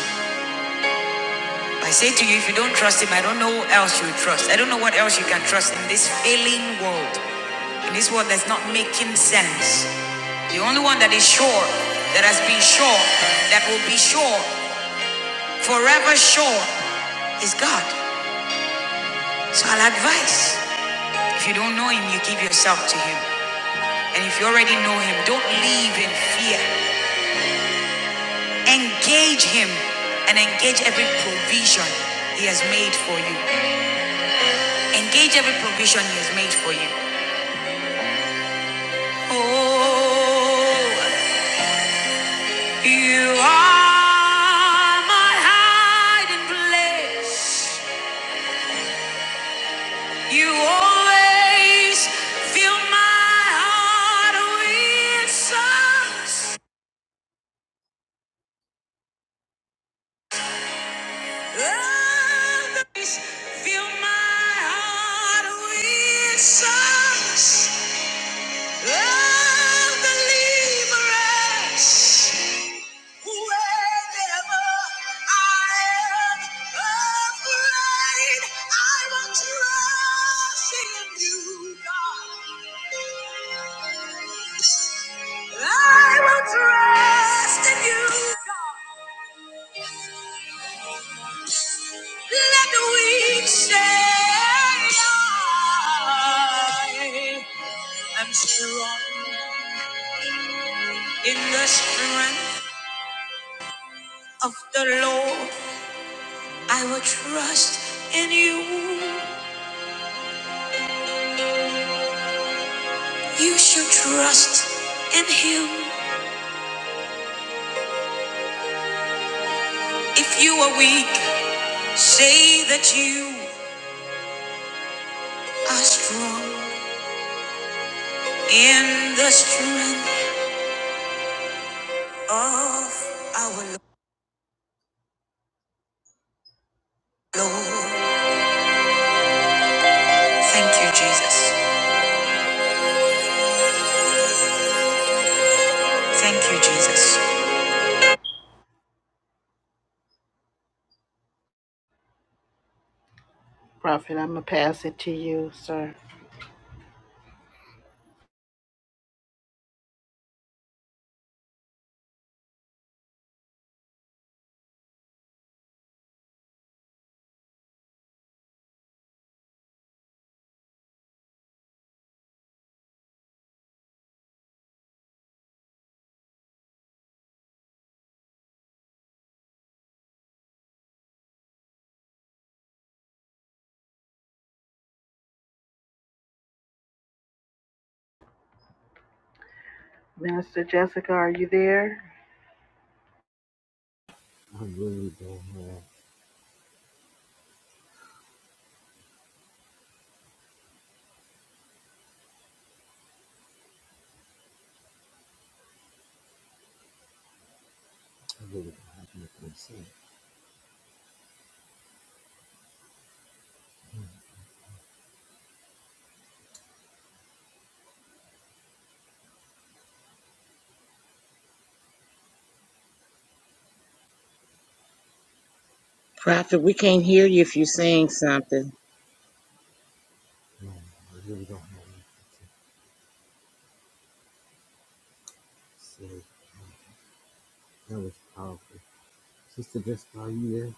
I say to you, if you don't trust him, I don't know who else you trust. I don't know what else you can trust in this failing world. In this world that's not making sense. The only one that is sure, that has been sure, that will be sure, forever sure, is God. So I'll advise. If you don't know him, you give yourself to him. And if you already know him, don't live in fear. Engage him and engage every provision he has made for you. Engage every provision he has made for you. Oh, you are my hiding place. You always fill my heart with songs. fill my heart with songs. Love the Liberace, wherever I am afraid, I will trust in you, God. I will trust in you, God. Let the weak say, I am strong. In the strength of the Lord, I will trust in you. You should trust in him. If you are weak, say that you are strong. In the strength of our Lord. Thank you, Jesus. Thank you, Jesus. Prophet, I'm going to pass it to you, sir.
I'm
Prophet, we can't hear you if you're saying
I
something.
really don't have much to say. That was powerful. Sister Jessica, are you there?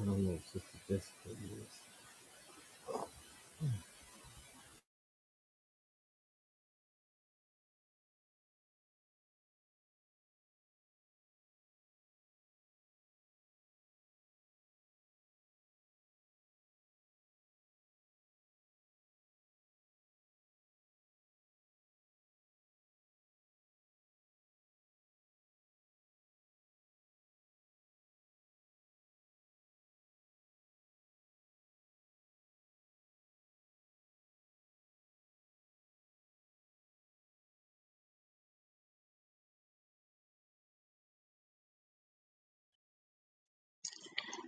I don't know if Sister Jessica is.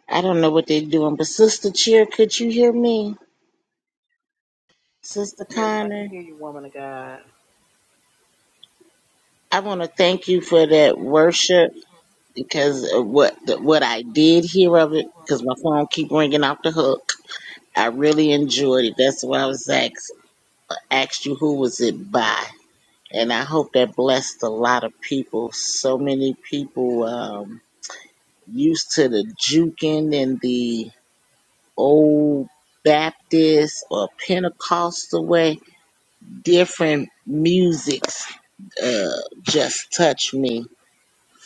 I don't know what they're doing, but Sister Cheer, could you hear me? Sister
Yes, I can
Connor,
hear.
I want to thank you for that worship because of what what I did hear of it because my phone keep ringing off the hook. I really enjoyed it. That's why I was asked asked you who was it by, and I hope that blessed a lot of people. So many people um, used to the juking and the old Baptist or Pentecostal way, different musics uh, just touched me.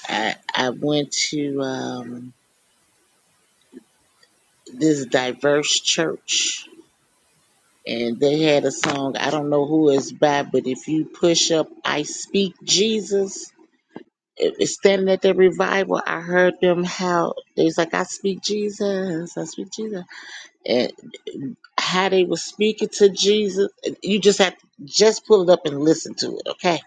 I, I went to um, this diverse church and they had a song, I don't know who it's by, but if you push up, I speak Jesus. It- it's Standing at the revival, I heard them how they was like, I speak Jesus, I speak Jesus. and how they were speaking to Jesus. You just have to just pull it up and listen to it, okay?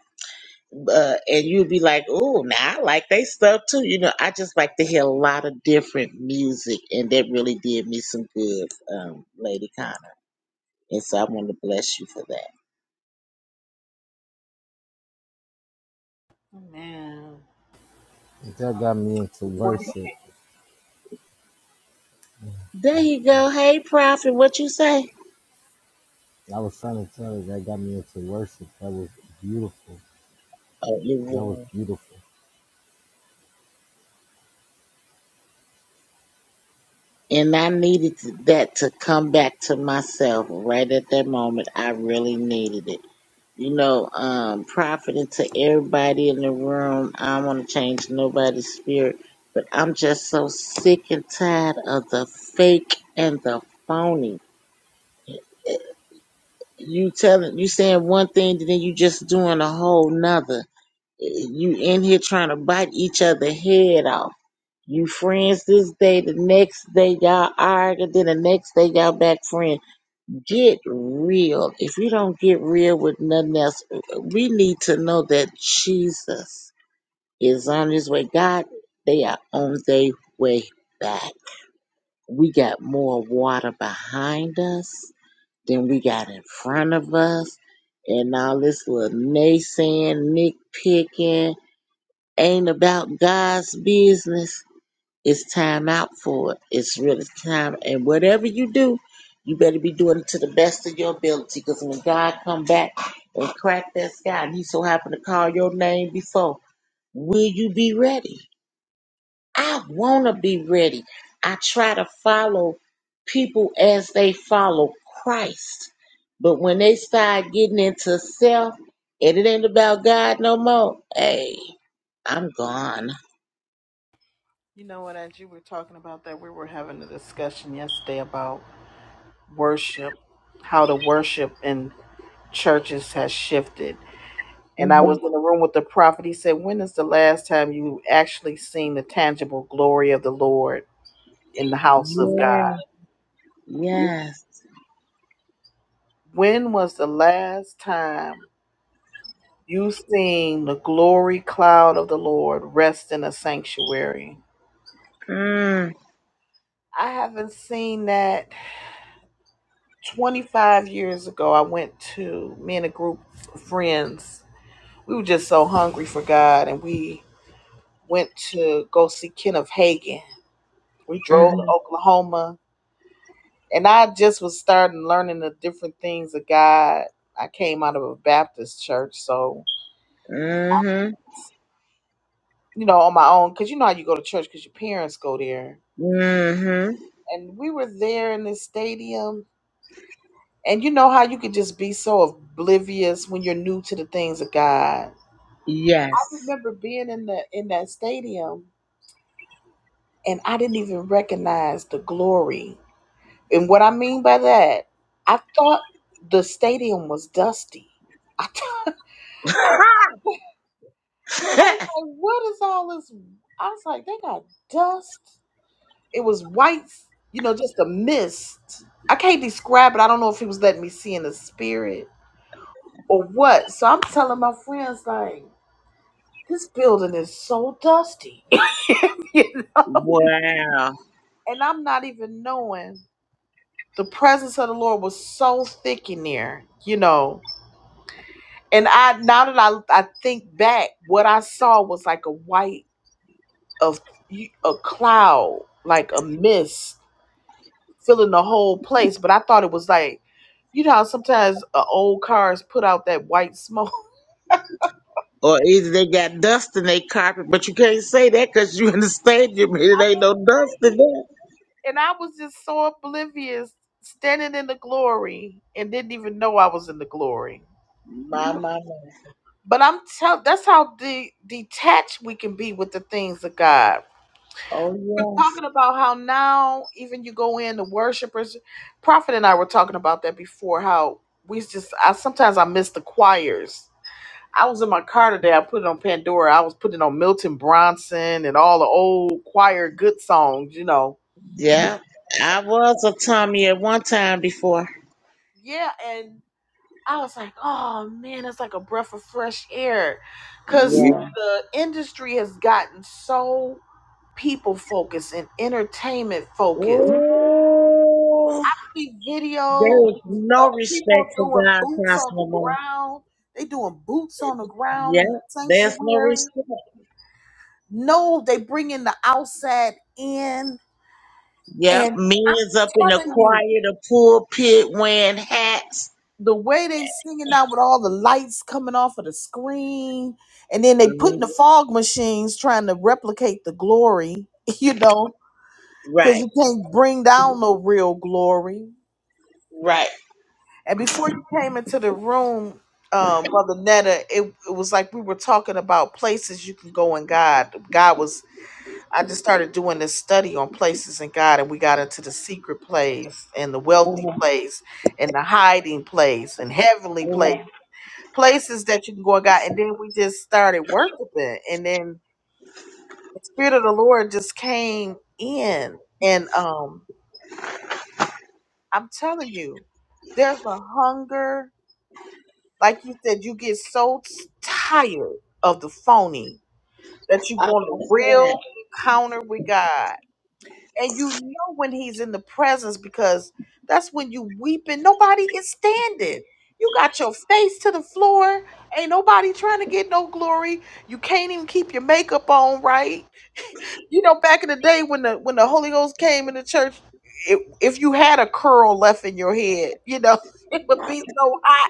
Uh, and you'd be like, "Oh, now I like they stuff too." You know, I just like to hear a lot of different music, and that really did me some good, um, Lady Connor. And so I want to bless you for that.
Into worship.
There you go. Hey, Prophet, what you say?
I was trying to tell her that got me into worship. That was beautiful.
Oh, it
That was
was.
beautiful.
And I needed to- that to come back to myself right at that moment. I really needed it. you know, um, profiting to everybody in the room. I don't want to change nobody's spirit, but I'm just so sick and tired of the fake and the phony. You telling, you saying one thing, and then you just doing a whole nother. You in here trying to bite each other head off. You friends this day, the next day y'all arguing, then the next day y'all back friends. Get real. If you don't get real with nothing else, we need to know that Jesus is on his way. God, they are on their way back. We got more water behind us than we got in front of us. And all this little naysaying, nitpicking ain't about God's business. It's time out for it. It's really time. And whatever you do, you better be doing it to the best of your ability. Because when God come back and crack that sky, and He so happen to call your name before, will you be ready? I wanna be ready. I try to follow people as they follow Christ. But when they start getting into self, and it ain't about God no more, hey, I'm gone.
You know what? As you were talking about that, we were having a discussion yesterday about worship, how the worship in churches has shifted. And I
hmm
was in the room with the prophet. He said, When is the last time you actually seen the tangible glory of the Lord in the house of God?
Yeah. Yes.
When was the last time you seen the glory cloud of the Lord rest in a sanctuary?
Mm,
I haven't seen that 25 years ago. I went to me and a group of friends. We were just so hungry for God and we went to go see Kenneth Hagan. We drove to
mm-hmm,
Oklahoma, and I just was starting learning the different things of God. I came out of a Baptist church, so
mm-hmm,
you know, on my own, because you know how you go to church because your parents go there.
mm-hmm.
And we were there in this stadium, and you know how you could just be so oblivious when you're new to the things of God. I
Yes.
remember being in the in that stadium, and I didn't even recognize the glory And what I mean by that, I thought the stadium was dusty. I thought, I, I was like, what is all this? I was like, they got dust. It was white, you know, just a mist. I can't describe it. I don't know if he was letting me see in the spirit or what. So I'm telling my friends, like, this building is so dusty. You know?
wow.
and I'm not even knowing the presence of the Lord was so thick in there, you know. And I now that I I think back, what I saw was like a white of a cloud, like a mist filling the whole place. But I thought it was like, you know, how sometimes uh, old cars put out that white smoke.
Or either they got dust in their carpet, but you can't say that because you in the stadium and it ain't no dust in there.
And I was just so oblivious, standing in the glory, and didn't even know I was in the glory.
My, my, my.
But I'm tell that's how de- detached we can be with the things of God
Oh, yes.
talking about how now even you go in the worshipers prophet and i were talking about that before how we just i sometimes i miss the choirs i was in my car today i put it on pandora i was putting on milton bronson and all the old choir good songs you know
Yeah. I was a Tommy at one time before.
yeah and i was like oh man it's like a breath of fresh air because
Yeah.
the industry has gotten so people focused and entertainment focused
Oh,
see videos
there is no
of
respect
people
for
doing
God's
boots
house
on the
no more.
ground. They doing boots on the ground
Yeah.
in the
There's no
sanctuary.
respect.
No, they bringing the outside in.
Yep, men's up in the
telling
choir,
you
the pulpit, wearing hats.
the way they singing out with all the lights coming off of the screen, and then they putting the
Mhm.
fog machines trying to replicate the glory. You know, because
Right,
you can't bring down no real glory.
right.
And before you came into the room, um, Mother Netta, it, it was like we were talking about places you can go in God. God was, I just started doing this study on places in God, and we got into the secret place and the wealthy
Mhm,
place and the hiding place and heavenly
mhm.
place, places that you can go in God. And then we just started worshiping, and then the Spirit of the Lord just came in. And um, I'm telling you, there's a hunger Like you said, you get so tired of the phony that you
I-
want
I
a
said,
real encounter with God. And you know when he's in the presence because that's when you weeping. Nobody is standing. You got your face to the floor. Ain't nobody trying to get no glory. You can't even keep your makeup on right. You know, back in the day when the when the Holy Ghost came in the church, if if you had a curl left in your head, you know, it would be so hot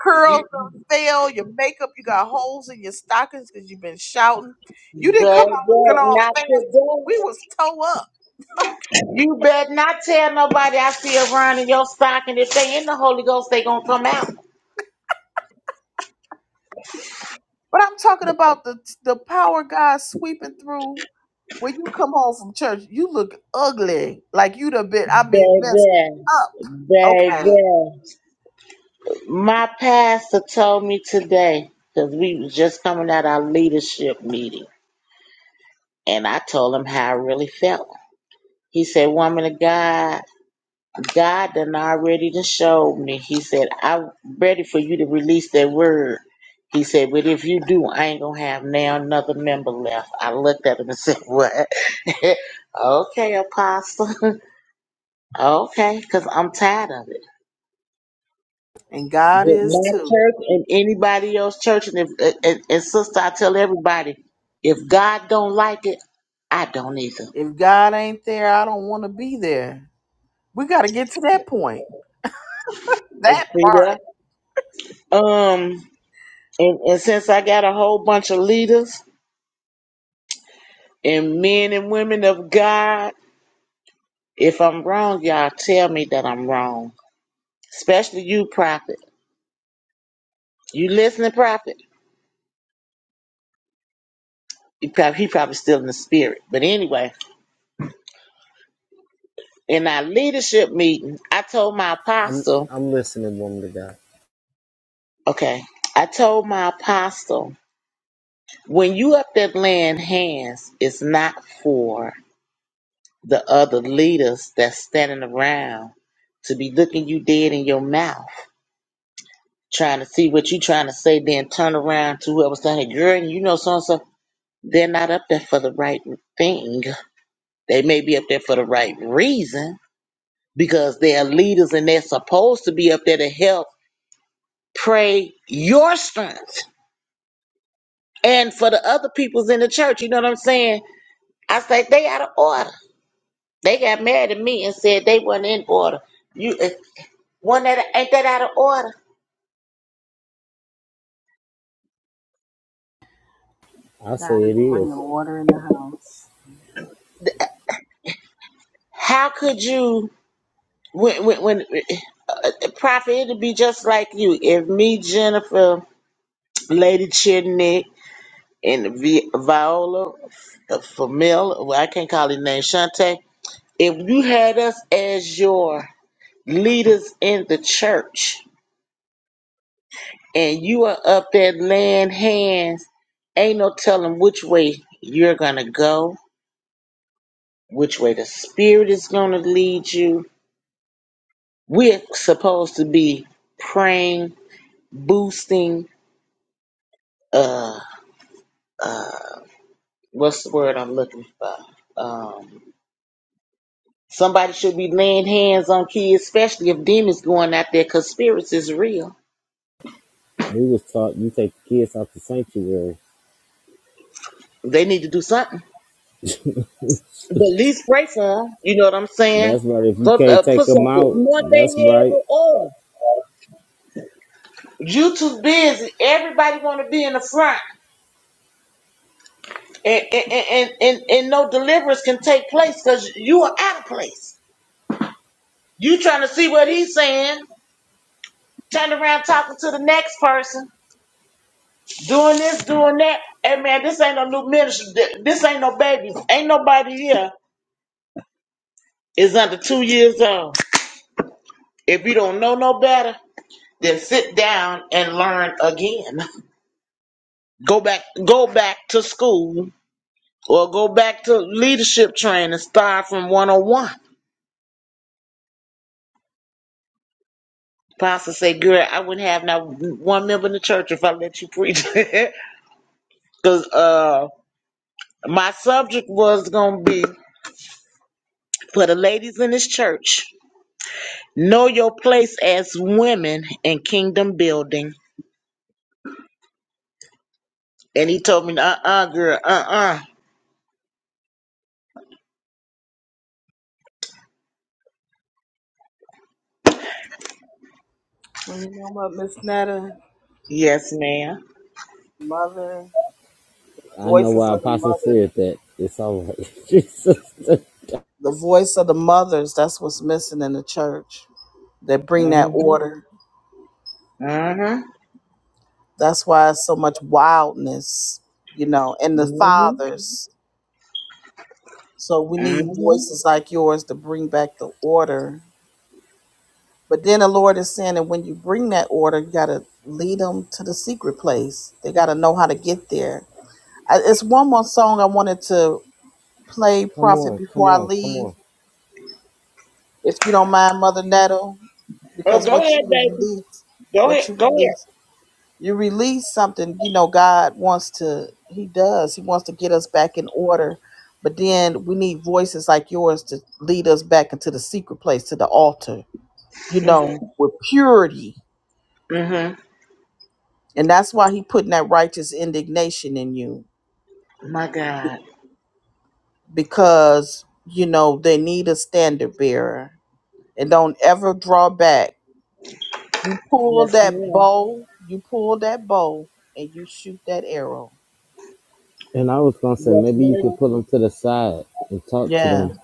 Curls don't fail. Your makeup, you got holes in your stockings because you've been shouting. You didn't come
"Better
out looking all
not
fancy.
today.
We was toe up.
You better not tell nobody I see around in your stocking. If they in the Holy Ghost, they gonna come out.
But I'm talking about the the power God sweeping through. When you come home from church, you look ugly. Like you done been, I mean, messed
Baby,
up. Okay?
baby. My pastor told me today, because we was just coming out our leadership meeting, and I told him how I really felt. He said, Woman of God, God done already done showed me. He said, I'm ready for you to release that word. He said, but if you do, I ain't gonna have now another member left. I looked at him and said, What? okay, apostle. okay, because I'm tired of it.
And God
With
is
my
too.
church and anybody else's church, and if and, and sister, I tell everybody, if God don't like it, I don't either.
If God ain't there, I don't want to be there. We got to get to that point.
See
That part.
that? Um, and, and since I got a whole bunch of leaders, And men and women of God, if I'm wrong, y'all tell me that I'm wrong. Especially you, prophet. You listening, prophet? He probably, he probably still in the spirit. But anyway, in our leadership meeting, I told my
I'm
apostle,
I'm listening, woman to God.
okay, I told my apostle, when you up there laying hands, it's not for the other leaders that's standing around to be looking you dead in your mouth. trying to see what you trying to say, then turn around to whoever's saying, hey, girl, you know so and so. They're not up there for the right thing. They may be up there for the right reason because they're leaders and they're supposed to be up there to help pray your strength. And for the other people's in the church, you know what I'm saying? I say they out of order. They got mad at me and said they weren't in order. You eh, one that ain't that out of order.
I say it is.
How could you when when, when Prophet, it'll be just like you. If me, Jennifer, Lady Chitney, and Vi- Viola, uh, Famil, well, I can't call his name, Shante, if you had us as your leaders in the church and you are up there laying hands, ain't no telling which way you're going to go, which way the Spirit is going to lead you. We're supposed to be praying, boosting, uh. what's the word I'm looking for? Um, somebody should be laying hands on kids, especially if demons going out there, because spirits is real.
We was taught you take the kids out the sanctuary.
They need to do something. But at least pray for them. You know what I'm saying?
That's right. If you
Go
can't
uh,
take
put some
them out,
one thing
that's
head
right.
with oil. You too busy. Everybody want to be in the front, and, and, and, and and no deliverance can take place because you are out of place. You trying to see what he's saying? Turn around talking to the next person. doing this, doing that. Hey man, this ain't no new ministry. Th- This ain't no babies. Ain't nobody here is under two years old. If you don't know no better, then sit down and learn again. Go back, go back to school or go back to leadership training. Start from 101. Pastor say, girl, I wouldn't have not one member in the church if I let you preach. Cause, uh, my subject was going to be for the ladies in this church. Know your place as women in kingdom building. And he told me, uh uh girl, uh uh
Well, you know what, Miss Netta,
Yes, madam
mother,
I know
voices
why
of the
Apostle
mother.
said that. It's all right. Jesus.
The voice of the mothers, that's what's missing in the church. They bring that
Mm-hmm.
order.
Mm-hmm.
That's why it's so much wildness, you know, and the
Mm-hmm.
fathers. So we need
Mm-hmm.
voices like yours to bring back the order. But then the Lord is saying that when you bring that order, you got to lead them to the secret place. They got to know how to get there. I, it's one more song I wanted to play,
Come
Prophet,
on, come
before I
on, come
leave.
on.
If you don't mind, Mother Nettle,
Oh,
because
go
what
ahead,
you
baby.
released,
Go
what
ahead.
you
Go ahead.
released. you release something you know god wants to he does he wants to get us back in order but then we need voices like yours to lead us back into the secret place to the altar you know with purity
Mm-hmm.
and that's why he putting that righteous indignation in you
My God.
because you know they need a standard bearer and don't ever draw back you pull
Yes,
that
ma'am.
bow you pull that bow and you shoot that arrow
And I was gonna say
Yes,
maybe you
ma'am.
could pull them to the side and talk to
Yeah.
them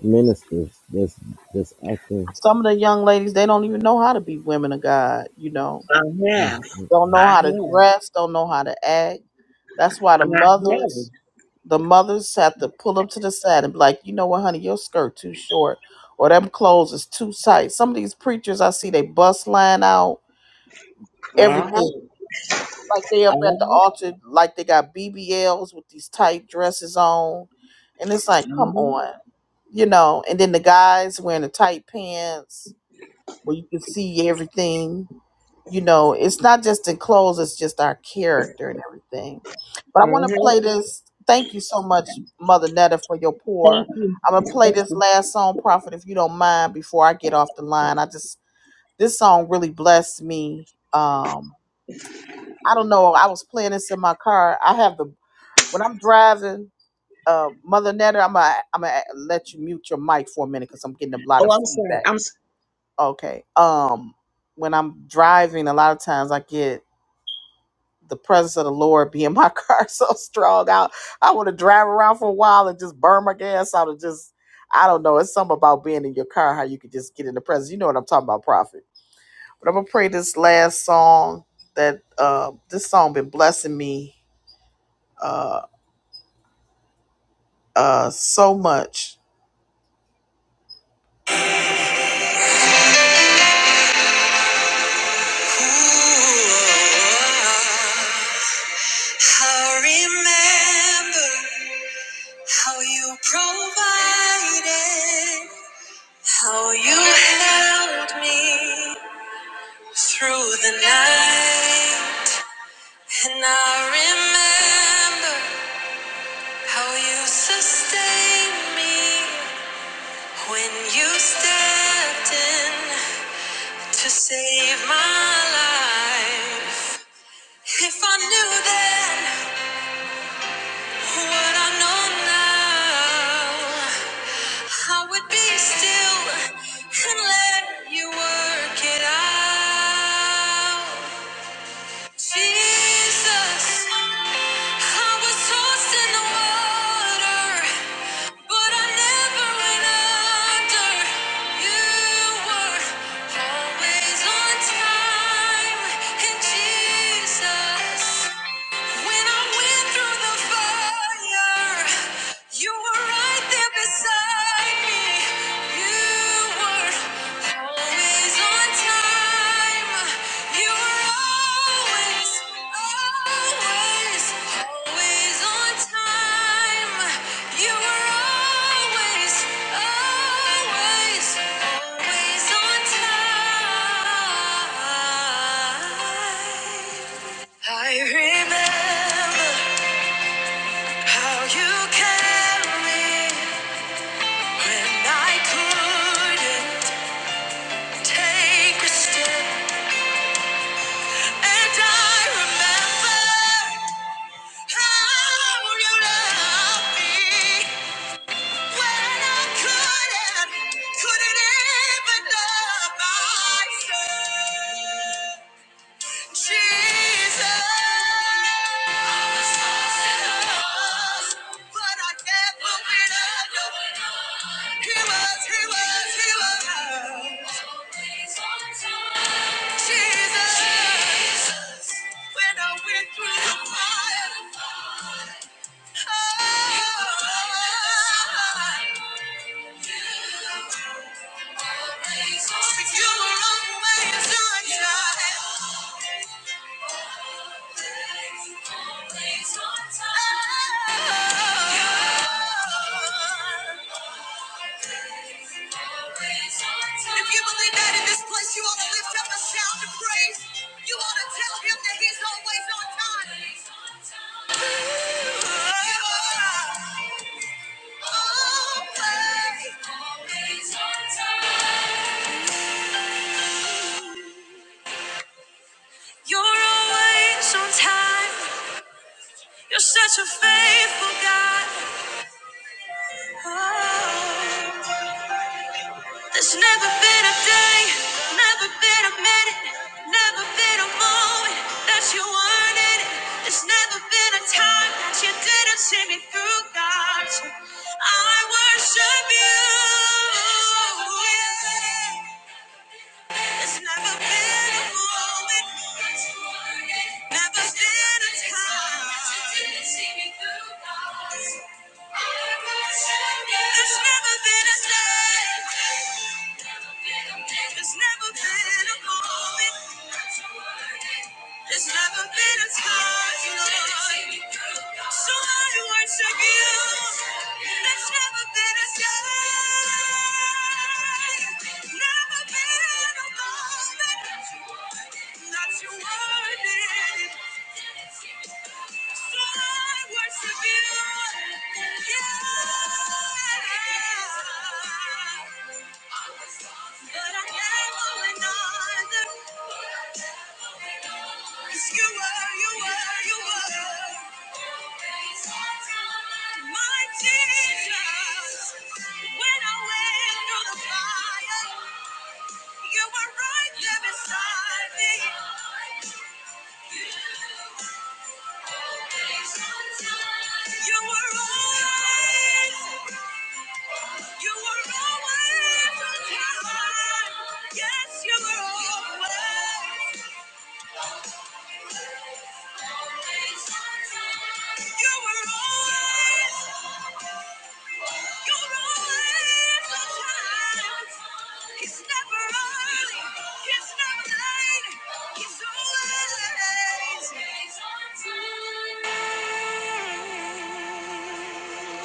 ministers that's that's acting.
Some of the young ladies, they don't even know how to be women of God, you know.
I
Mm,
have.
mm,
Don't
mm.
know
I have.
how to dress, don't know how to act. That's why the
I have.
mothers, the mothers have to pull them to the side and be like, you know what, honey, your skirt too short or them clothes is too tight. Some of these preachers I see they bust line out,
Uh-huh.
everything. Like they up at the
Uh-huh.
altar, like they got BBLs with these tight dresses on. And it's like, come
Mm-hmm.
on you know, and then the guys wearing the tight pants where you can see everything. you know, it's not just in clothes, it's just our character and everything. But I want to
Mm-hmm.
play this. Thank you so much, Mother Netta, for your pour.
Thank you.
I'm gonna play
Thank
this
you.
last song, Prophet, if you don't mind, before I get off the line. I just this song really blessed me. Um, I don't know. I was playing this in my car. I have the when I'm driving, uh, Mother Netta, I'm gonna I'm gonna let you mute your mic for a minute because I'm getting a lot
Oh,
of
I'm sorry.
feedback.
I'm
Okay. Um, when I'm driving, a lot of times I get the presence of the Lord be in my car so strong. I I want to drive around for a while and just burn my gas out and just I don't know. It's something about being in your car how you could just get in the presence. You know what I'm talking about, Prophet. But I'm gonna pray this last song that uh, this song been blessing me uh, uh, so much. I remember how you provided. How you held me through the night, and I remember how you sustained me when you stepped in to save my life. If I knew then what I know now, I would be still and let you work it out. Jesus, I was tossed in the water, but I never went under. You were always on time. And Jesus, when I went through the fire, you were right there beside. I remember how you carried me when I couldn't. Take a step, and I remember how you loved me when I couldn't, couldn't even love myself. Jesus, I was lost but I never went under. He was, he was, he was. Jesus, when I went through the fire, you were always on time. If you believe that in this place, you ought to lift up a shout of praise. You ought to tell him that he's always on time. You are always, always on time. You're always on time. You're such a faithful God. There's never been a day, never been a minute, never been a moment that you weren't in it. There's never been a time that you didn't see me through, God. I worship you. There's never been a moment, never been a time. There's never been a day. There's never been a moment. There's never been a time, Lord. So I worship you. There's never been a day. Never been. You were, you were, you were my Jesus. When I went through the fire. You were right there beside me. You were always, you were always on time. Yes, you were always. Thank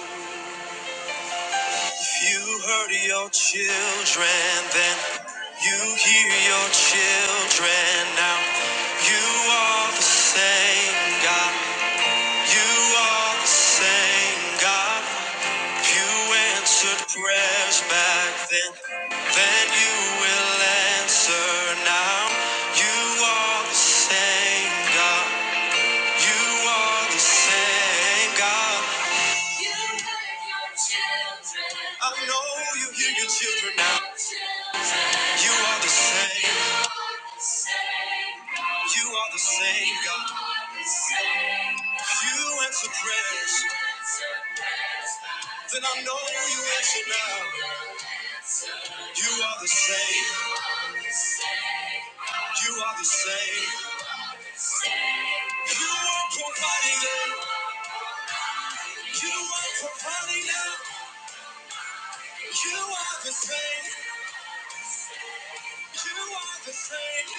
you. You heard your children then. You hear your children now. You are the same God. You are the same God. You answered prayers back then. Then you will answer now. You are the same God. You are the same God. You heard your children. I know you hear your children now. You are the same. You are the same God. You answer prayers. Then I know you answer now. You are the same. You are the same. You are providing now. You are providing now. You are the same. You are the same.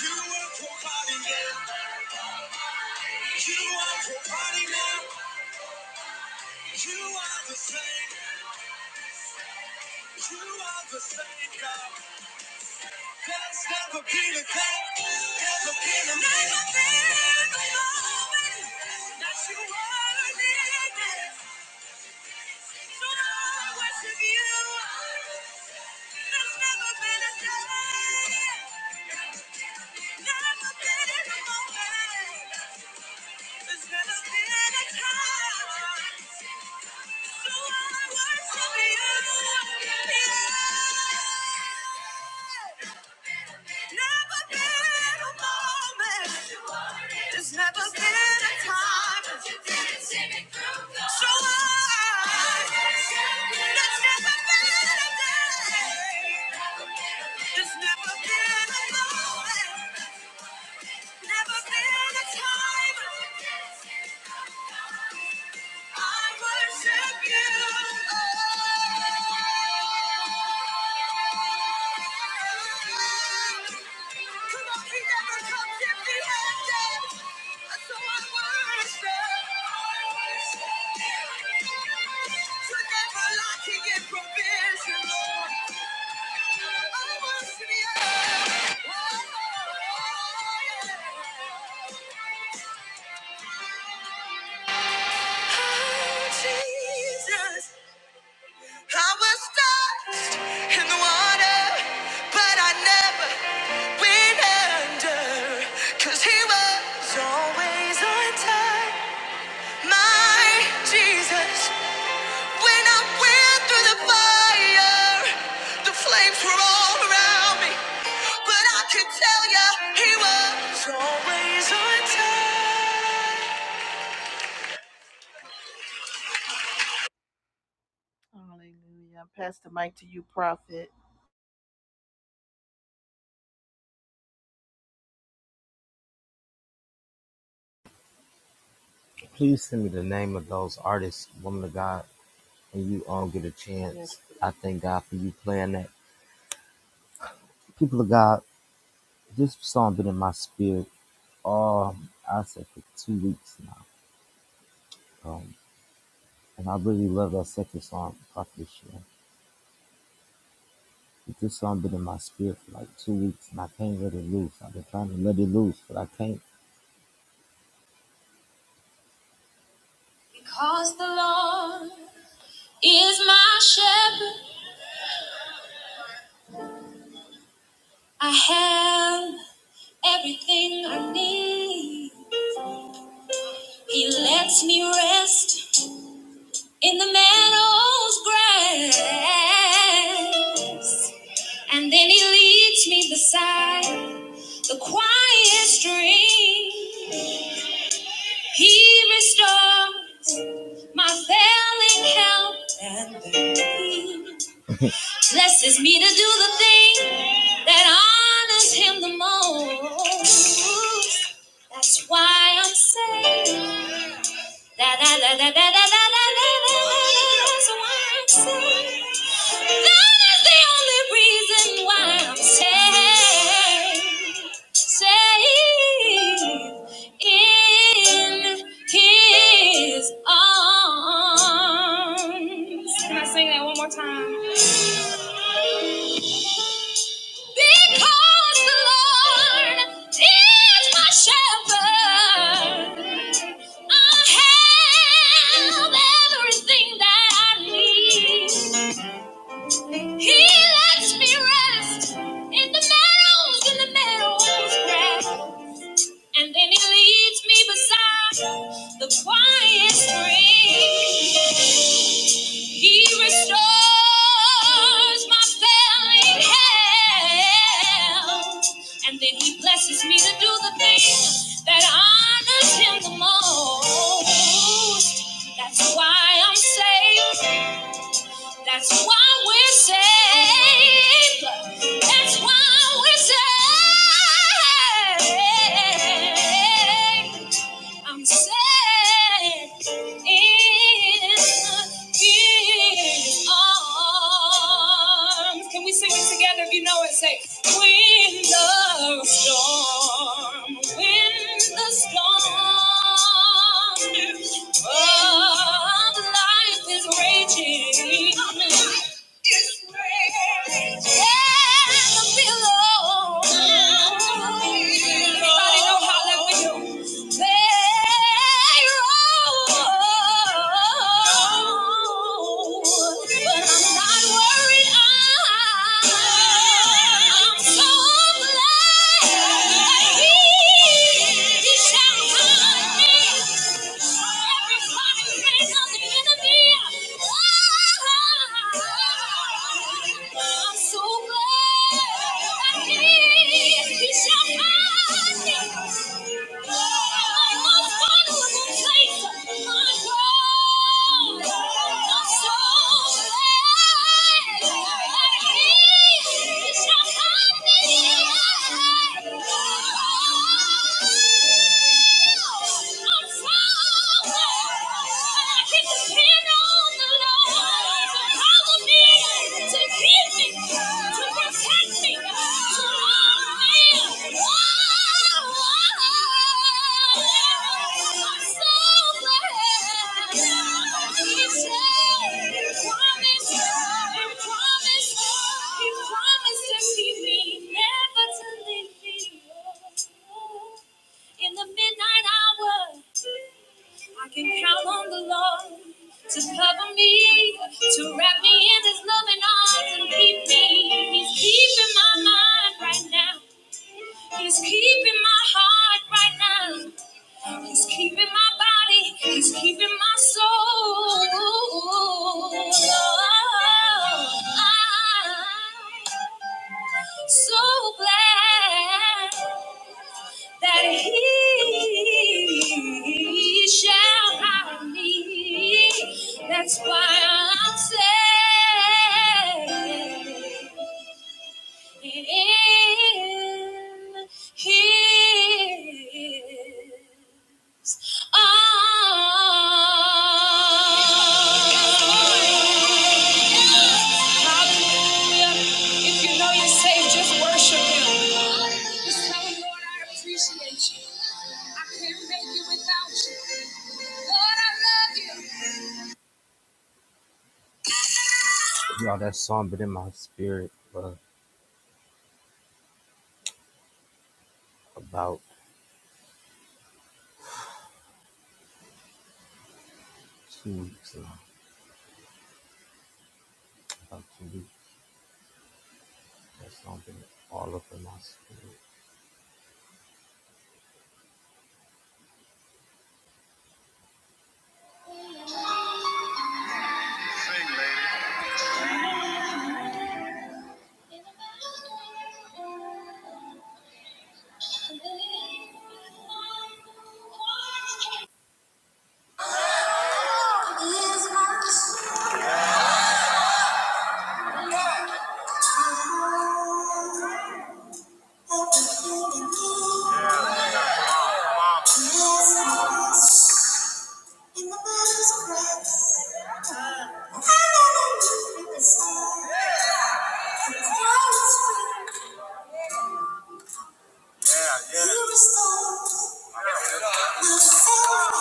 You are providing now. You are providing now. You are the same. You are the same God. There's never been a day, never been a moment that you were never been a Yeah. There's never been a time. So I, there's never been a day. There's never been a moment. Never been a time. I worship you. Oh. Oh, Jesus. I was lost in the water, but I never went under. Cause he was always on time. My Jesus, when I went through the fire, the flames were all around me. But I can tell ya, he was always on time. Hallelujah. Pass the mic to you, prophet.
Please send me the name of those artists, woman of God, and you all get a chance. I thank God for you playing that. People of God, this song been in my spirit all I said for two weeks now. Um, and I really love that second song, Prophet Sharon. But This song been in my spirit for like two weeks, and I can't let it loose. I've been trying to let it loose, but I can't. Because the Lord is my shepherd, I have everything I need. He lets me rest in the meadow's grass. And then he leads me beside the quiet stream. He restores my failing health and peace. blesses me to do the thing that honors him the most. That's why I'm saved. Da, da, da, da, da, da, da, da, da, That's why I'm saved. That is the only reason why I'm saved safe in his arms. Can I sing that one more time? Because the Lord is my shepherd, I have everything that I need. He lets me rest in the meadows, in the meadows, grass. And then he leads me beside the quiet stream. He restores my failing health. And then he blesses me to do the thing that honors him the most. That's why I'm saved. That's why we're saved. That's why we're saved. I'm set in His arms. Can we sing it together? If you know it, say, When the storm, when the storm of life is raging, is raging, and I feel alone. Everybody know how that we do. I'm so glad. I'm I'm so Oh! In the midnight hour. I can count on the Lord to cover me, to wrap me in His loving arms and keep me. He's keeping my mind right now. He's keeping my heart right now. He's keeping my body. He's keeping my soul. I'm so glad that he shall hide me. That's why I'm saved. He is ours. Hallelujah. If you know you're saved, just worship Him. Just tell Him, Lord, I appreciate you. I couldn't make it without you. Lord, I love you. Y'all, that song been in my spirit for about two weeks now. About two weeks. That's something all of them must do. Say, yeah. You're restored. We'll fall.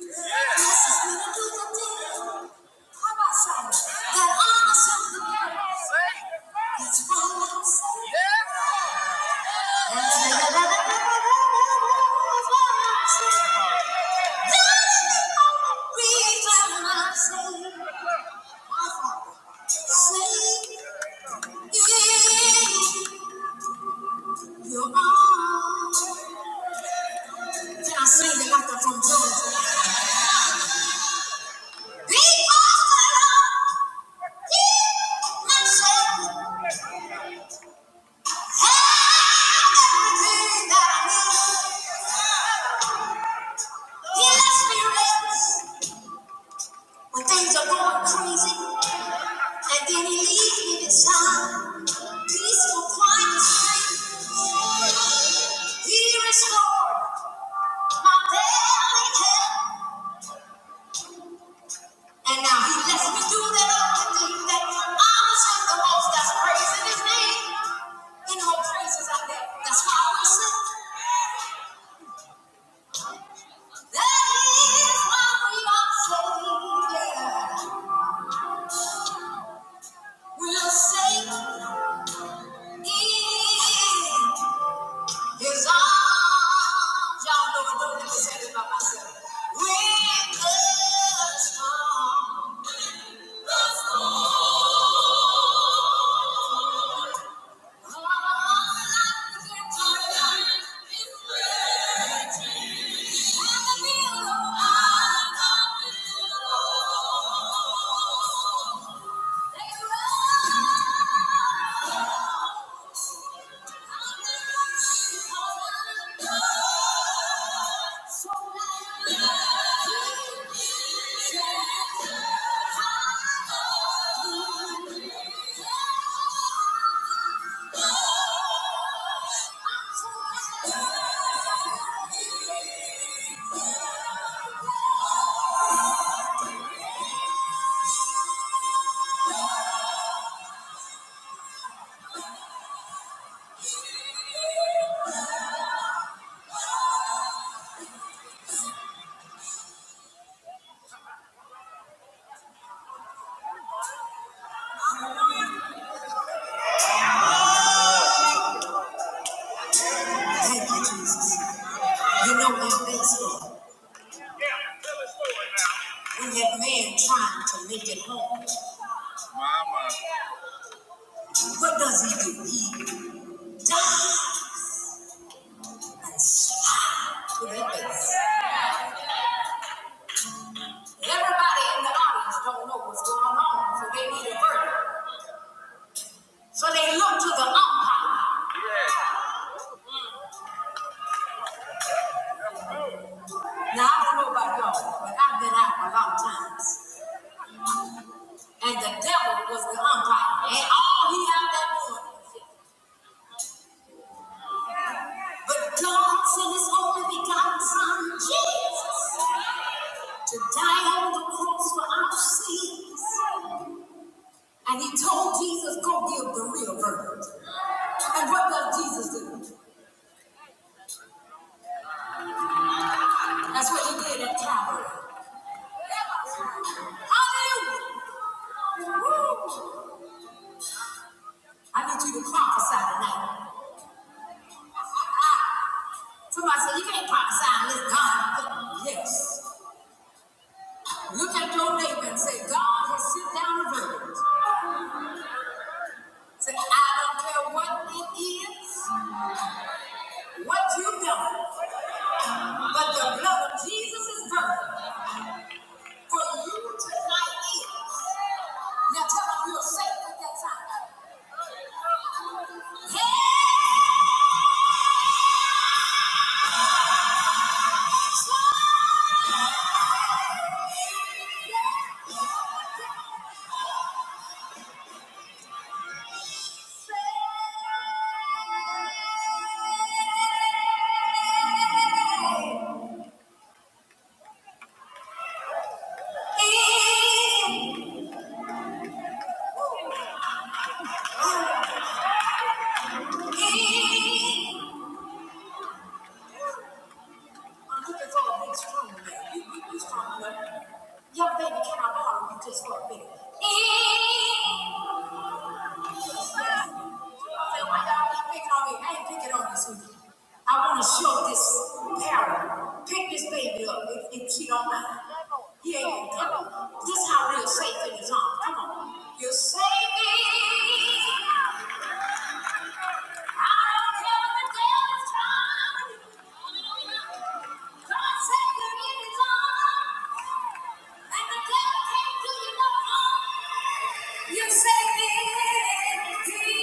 This is when do the deed. How about some? That honors him the most. That's why I'm saying. That's why I'm saying. Reason I'm saying. My Father, save me in your arms. Can I sing the laughter from Job? Because the my everything that I need. He lets me rest when things are going crazy, and then He leaves me beside peaceful, quiet streams. He restored my daily health. And now he lets me do that I can do that. I was at the most that's praising his name. You know, praises out there. That's why we sing. That is why we are so yeah. We'll sing in his arms. Y'all know it, don't let me say it by myself. When the storm, the storm. Baseball. When that man trying to make it home, Mama. what does he do? He dies and smiles to their face. Everybody in the audience don't know what's going on, so they need a verdict. So they look to the umpire. Now, I don't know about y'all, but I've been out a lot of times. And the devil was the umpire. And all he out there doing. But God sent his only begotten son, Jesus, to die on the cross for our sins. And he told Jesus, go give the real verdict. And what does Jesus do? That's what he did at Calvary. Hallelujah. I need you to prophesy tonight. Somebody said, You can't pop sign this God. Yes. Look at your neighbor and say, God has sit down and verdict. Say, I don't care what it is, what you've done, but the blood of Jesus is perfect. For you tonight is. Now tell them you're safe at that time. Hey! Say, Look at all big strong man. You, you, you strong enough. Young baby, can I borrow you just for a minute? I said, why y'all keep picking on me? I ain't picking on you, sweetie. I want to show this parent. Pick this baby up and if she don't mind. He ain't gonna come. This is how real are safe in his arms. Come on. You save me. You say it is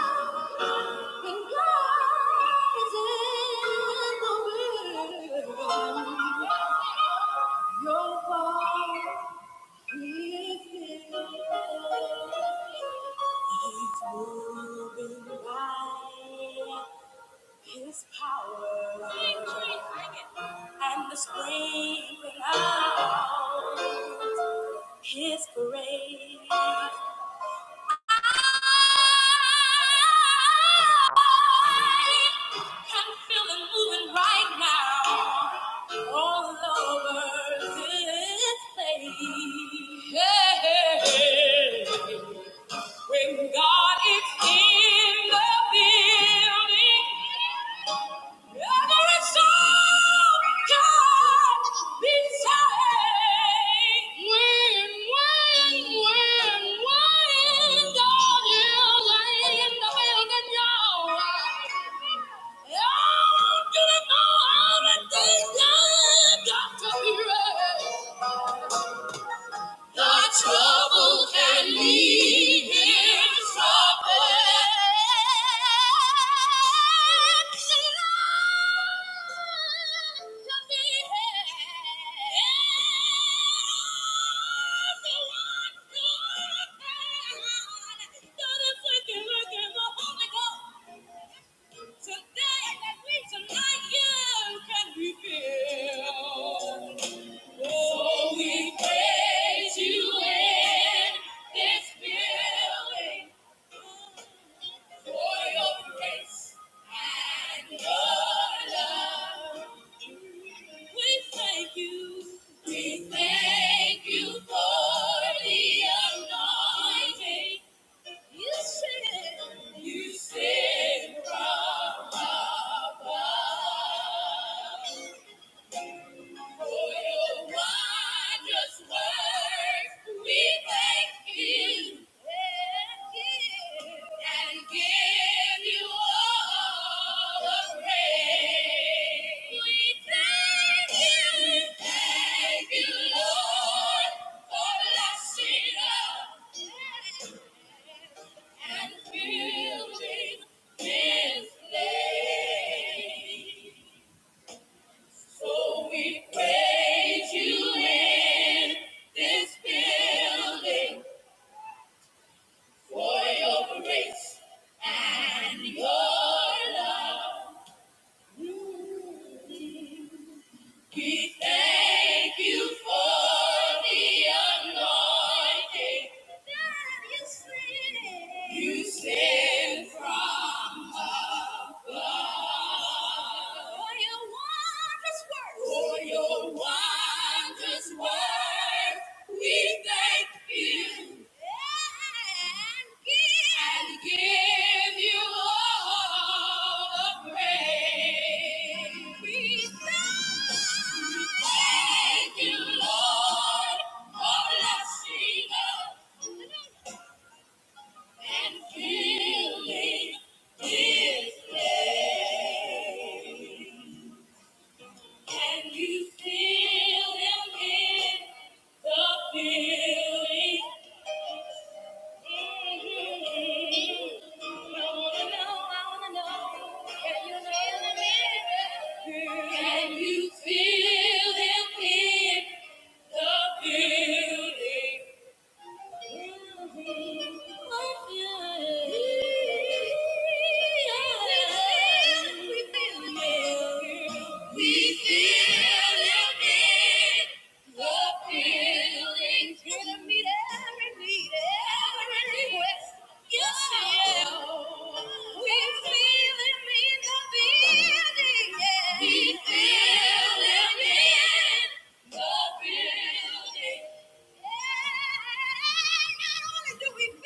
Yes, And God is in the room. Your voice is He's moving by His power and the screaming out His praise can feel it moving right now all over this place. Yeah. When God is in the building, every there is can be beside. When, when, when, when God is in the building, y'all. Y'all do know everything the things got to be right. The trouble can leave him troubled. Today, that we tonight, you can be filled. Oh, we praise you in this building for your grace and your love. We thank you. We thank you for the anointing. You said, you said, from above. And building this place. So we praise you in this building for your grace and your love. We thank you for the anointing that you send. You send from above. For your wondrous works. For your wondrous works. We thank you and give, you all the praise. We thank you, Lord, for blessing us and filling this place. And you fill him in the feeling. Can you feel him in the building? every need, every request. You fill. We feel it in the building, yeah. We feel it in the building.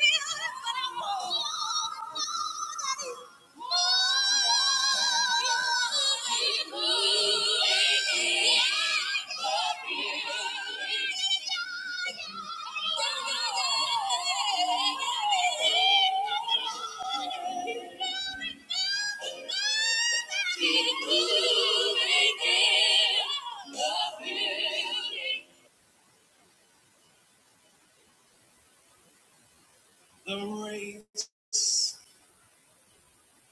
The race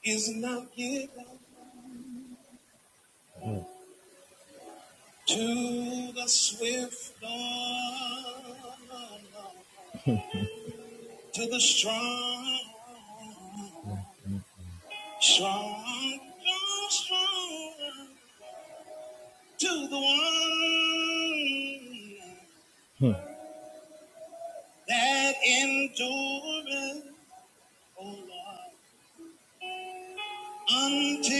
is not given to the swift, nor to the strong, strong, strong, strong, to the one. that endureth, O Lord, until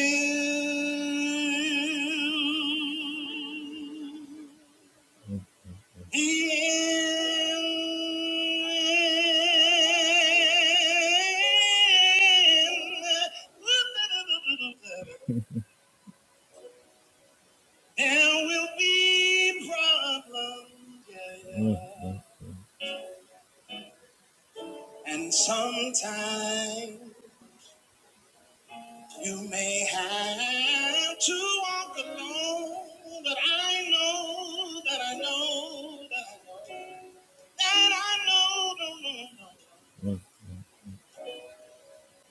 the end. There will be problems, yeah, yeah. Mm, mm. and sometimes. You may have to walk alone, but I know that I know that I know that I know, no, no, no. Mm.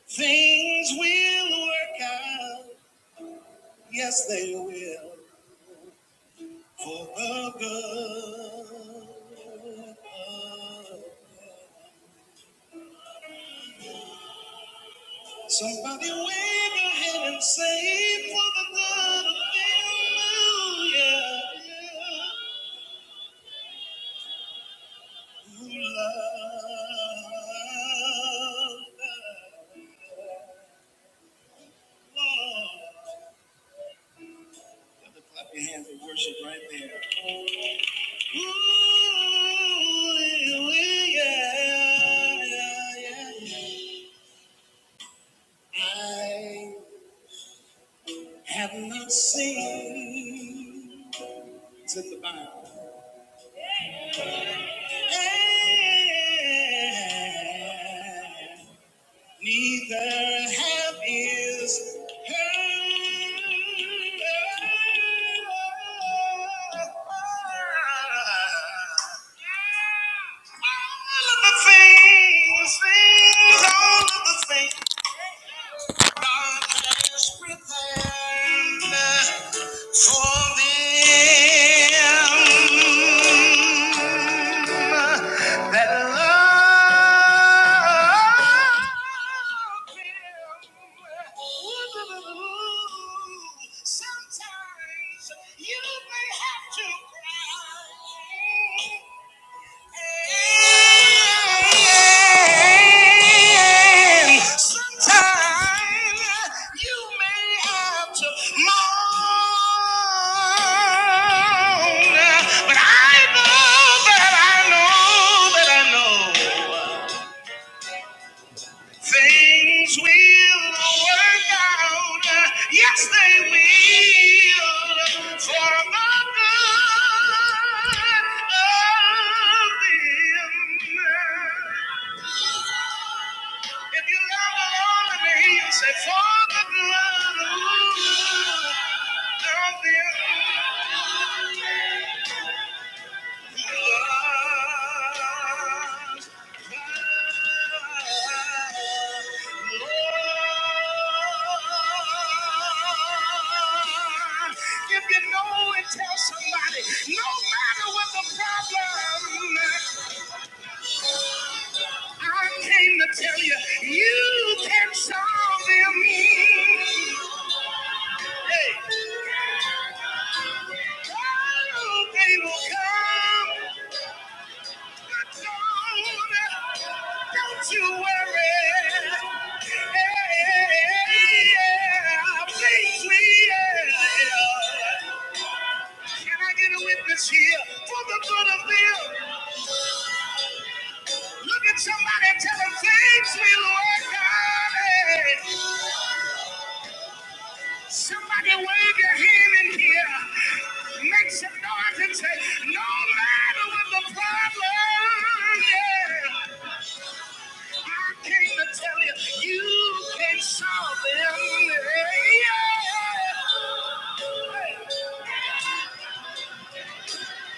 things will work out. Yes, they will for the good. Somebody wave your hand and say for the good. of Hallelujah. Seen, it's in the Bible. Hey, Neither have is heard All of the things, things, all of the things. Sometimes you may have to cry. But I know that I know that I know. Things will work out. Yes, they will. For our good. of them. If you love the Lord, and He will say, For the good of them. who love If you know it, tell somebody, no matter what the problem, I came to tell you, you can solve them. Hey. Oh, they will come. Don't you worry. Yeah, please, please, yeah. Can I get a witness here for the good of them? Look at somebody tell them things will work out. Somebody wave your hand in here. Make some noise and say, no matter what the problem, yeah. I came to tell you, you can solve them.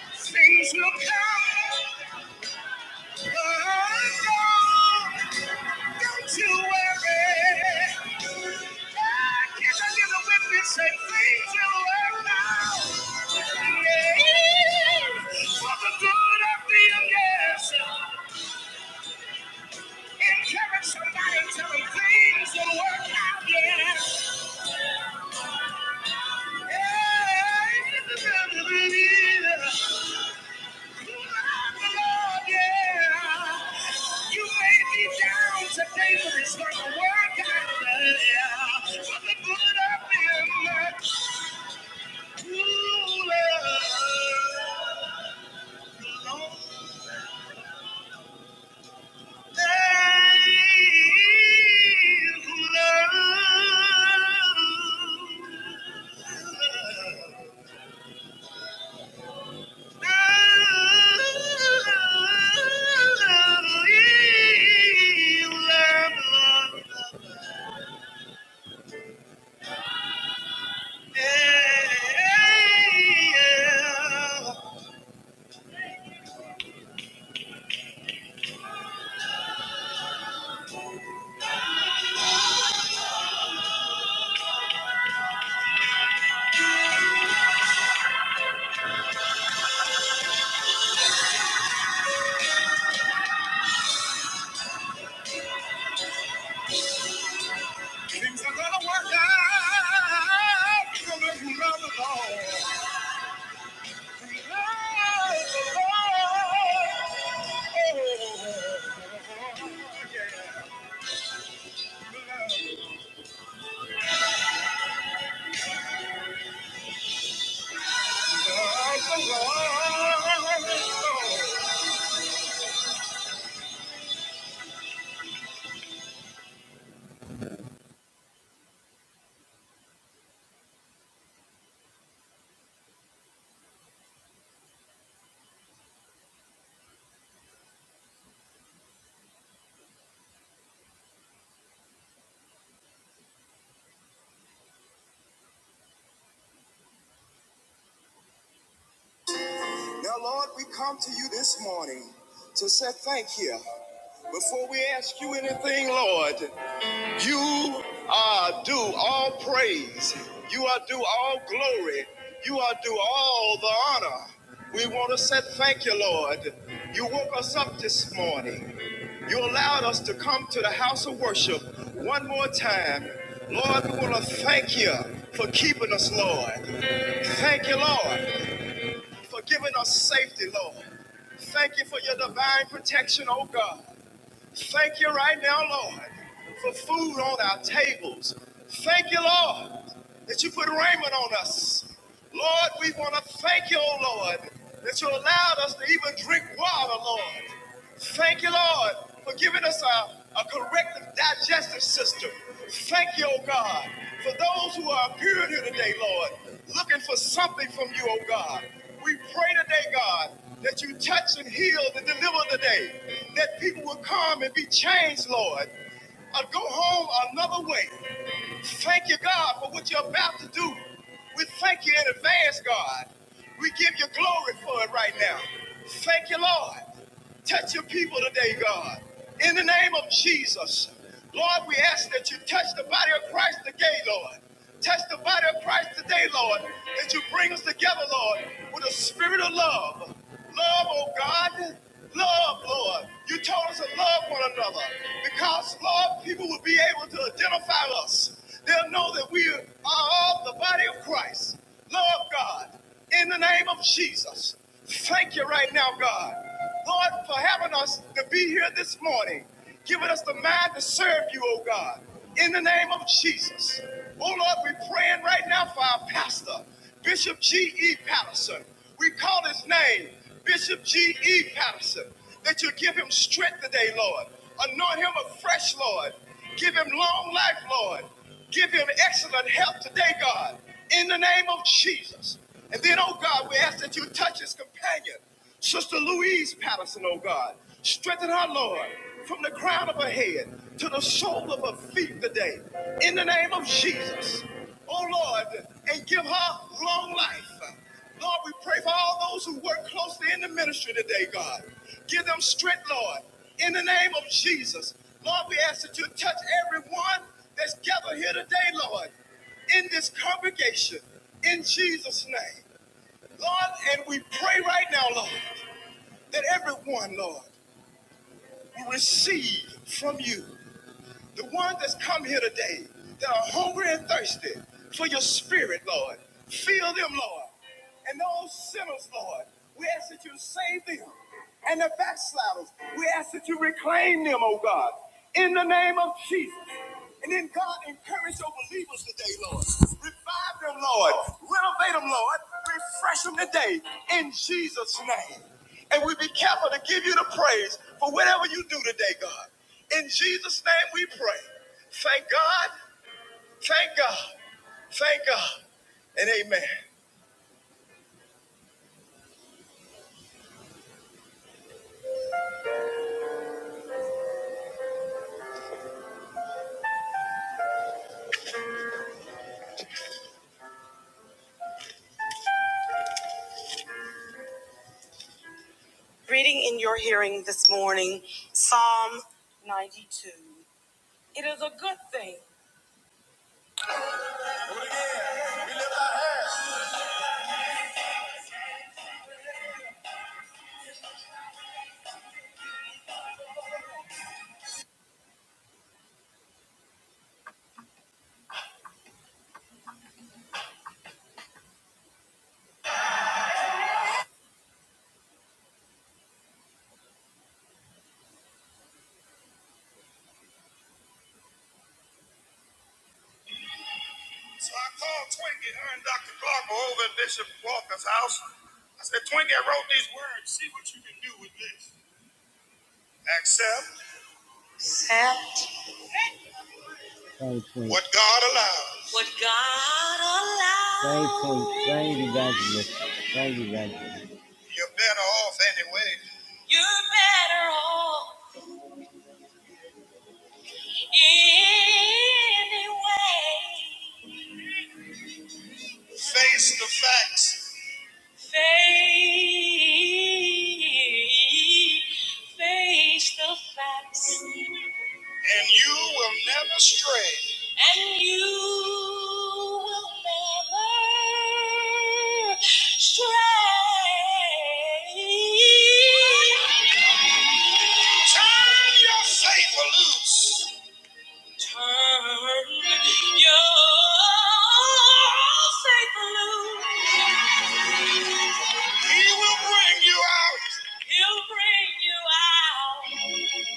Yeah, Things will come. undone. Don't you worry. I came to give a witness say things will work out. Yeah. For the good of the yes. Encourage somebody, tell things will work out, yeah. Hey, this is going love yeah. You may be down today, but it's gonna work out, yeah. For the good of them that do love the Lord. Things are gonna work out. You're gonna love the Lord. Love the Lord. Oh, yeah. Like the Lord, Now, Lord, we come to you this morning to say thank you. Before we ask you anything, Lord, you are due all praise. You are due all glory. You are due all the honor. We want to say thank you, Lord. You woke us up this morning. You allowed us to come to the house of worship one more time. Lord, we want to thank you for keeping us, Lord. Thank you, Lord for giving us safety, Lord. Thank you for your divine protection, oh God. Thank you right now, Lord, for food on our tables. Thank you, Lord, that you put raiment on us. Lord, we want to thank you, oh Lord, that you allowed us to even drink water, Lord. Thank you, Lord, for giving us a, a corrective digestive system. Thank you, oh God, for those who are appearing here today, Lord, looking for something from you, oh God. We pray today, God, that you touch and heal and deliver today, that people will come and be changed, Lord, or go home another way. Thank you, God, for what you're about to do. We thank you in advance, God. We give you glory for it right now. Thank you, Lord. Touch your people today, God. In the name of Jesus. Lord, we ask that you touch the body of Christ today, Lord. Touch the body of Christ today, Lord. That you bring us together, Lord, with a spirit of love. Love, oh God. Love, Lord. You told us to love one another because, Lord, people will be able to identify us. They'll know that we are of the body of Christ. Lord God, in the name of Jesus, thank you right now, God. Lord, for having us to be here this morning, giving us the mind to serve you, oh God, in the name of Jesus. Oh Lord, we're praying right now for our pastor, Bishop G.E. Patterson. We call his name, Bishop G.E. Patterson, that you give him strength today, Lord. Anoint him afresh, Lord. Give him long life, Lord. Give him excellent health today, God, in the name of Jesus. And then, oh God, we ask that you touch his companion, Sister Louise Patterson, oh God. Strengthen her, Lord, from the crown of her head to the sole of her feet today, in the name of Jesus. Oh Lord, and give her long life. Lord, we pray for all those who work closely in the ministry today, God. Give them strength, Lord, in the name of Jesus. Lord, we ask that you touch everyone that's gathered here today, Lord, in this congregation, in Jesus' name. Lord, and we pray right now, Lord, that everyone, Lord, will receive from you the one that's come here today that are hungry and thirsty for your spirit, Lord. Fill them, Lord. And those sinners, Lord, we ask that you save them. And the backsliders, we ask that you reclaim them, oh God, in the name of Jesus. And then, God, encourage your believers today, Lord. Revive them, Lord. Renovate them, Lord. Refresh them today in Jesus' name. And we be careful to give you the praise for whatever you do today, God. In Jesus' name we pray. Thank God, thank God, thank God, and amen. Reading in your hearing this morning, Psalm 92. It is a good thing. So I called Twinkie, her and Dr. Glover over at Bishop Walker's house. I said, Twinkie, I wrote these words. See what you can do with this. Accept Thank what God allows. What God allows. Thank you. Thank you, evangelist. Thank you, evangelist. You're better off anyway. You're better off anyway. Face the facts. Face the facts. And you will never stray. And you will never stray. Turn your faith loose. He will bring you out He'll bring you out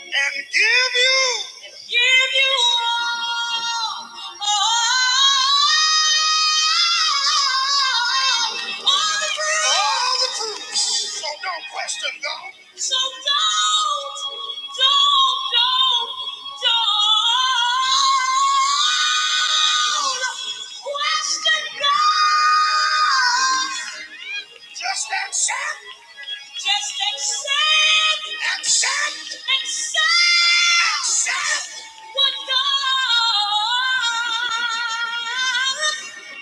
and give you and give you all. All all the truth. All the truth. So don't question God. So don't, don't, don't, don't question God. Just accept. Just accept. Accept. Accept. Accept. What God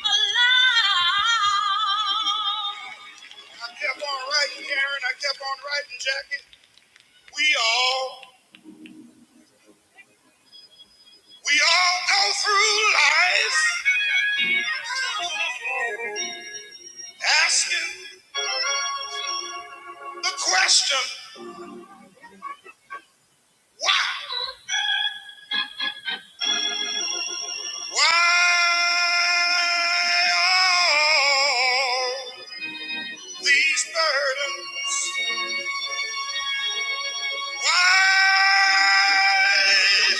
allows. I kept on writing, Karen. I kept on writing, Jackie. We all, we all go through life asking the question, why? Why all these burdens? Why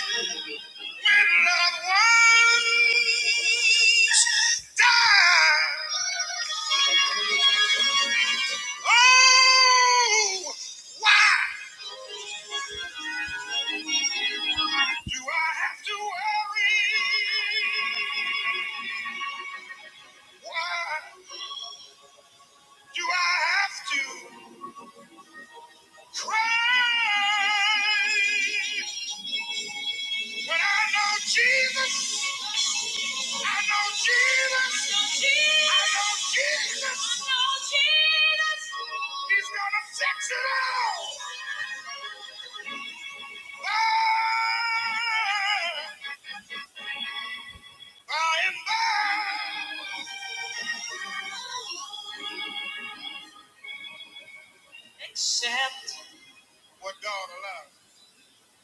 When loved ones die. Oh, why do I have to worry? Why do I have to cry? But I know Jesus. I know Jesus. I know Jesus. I know Jesus. He's gonna fix it all. By, by and by. What God allows.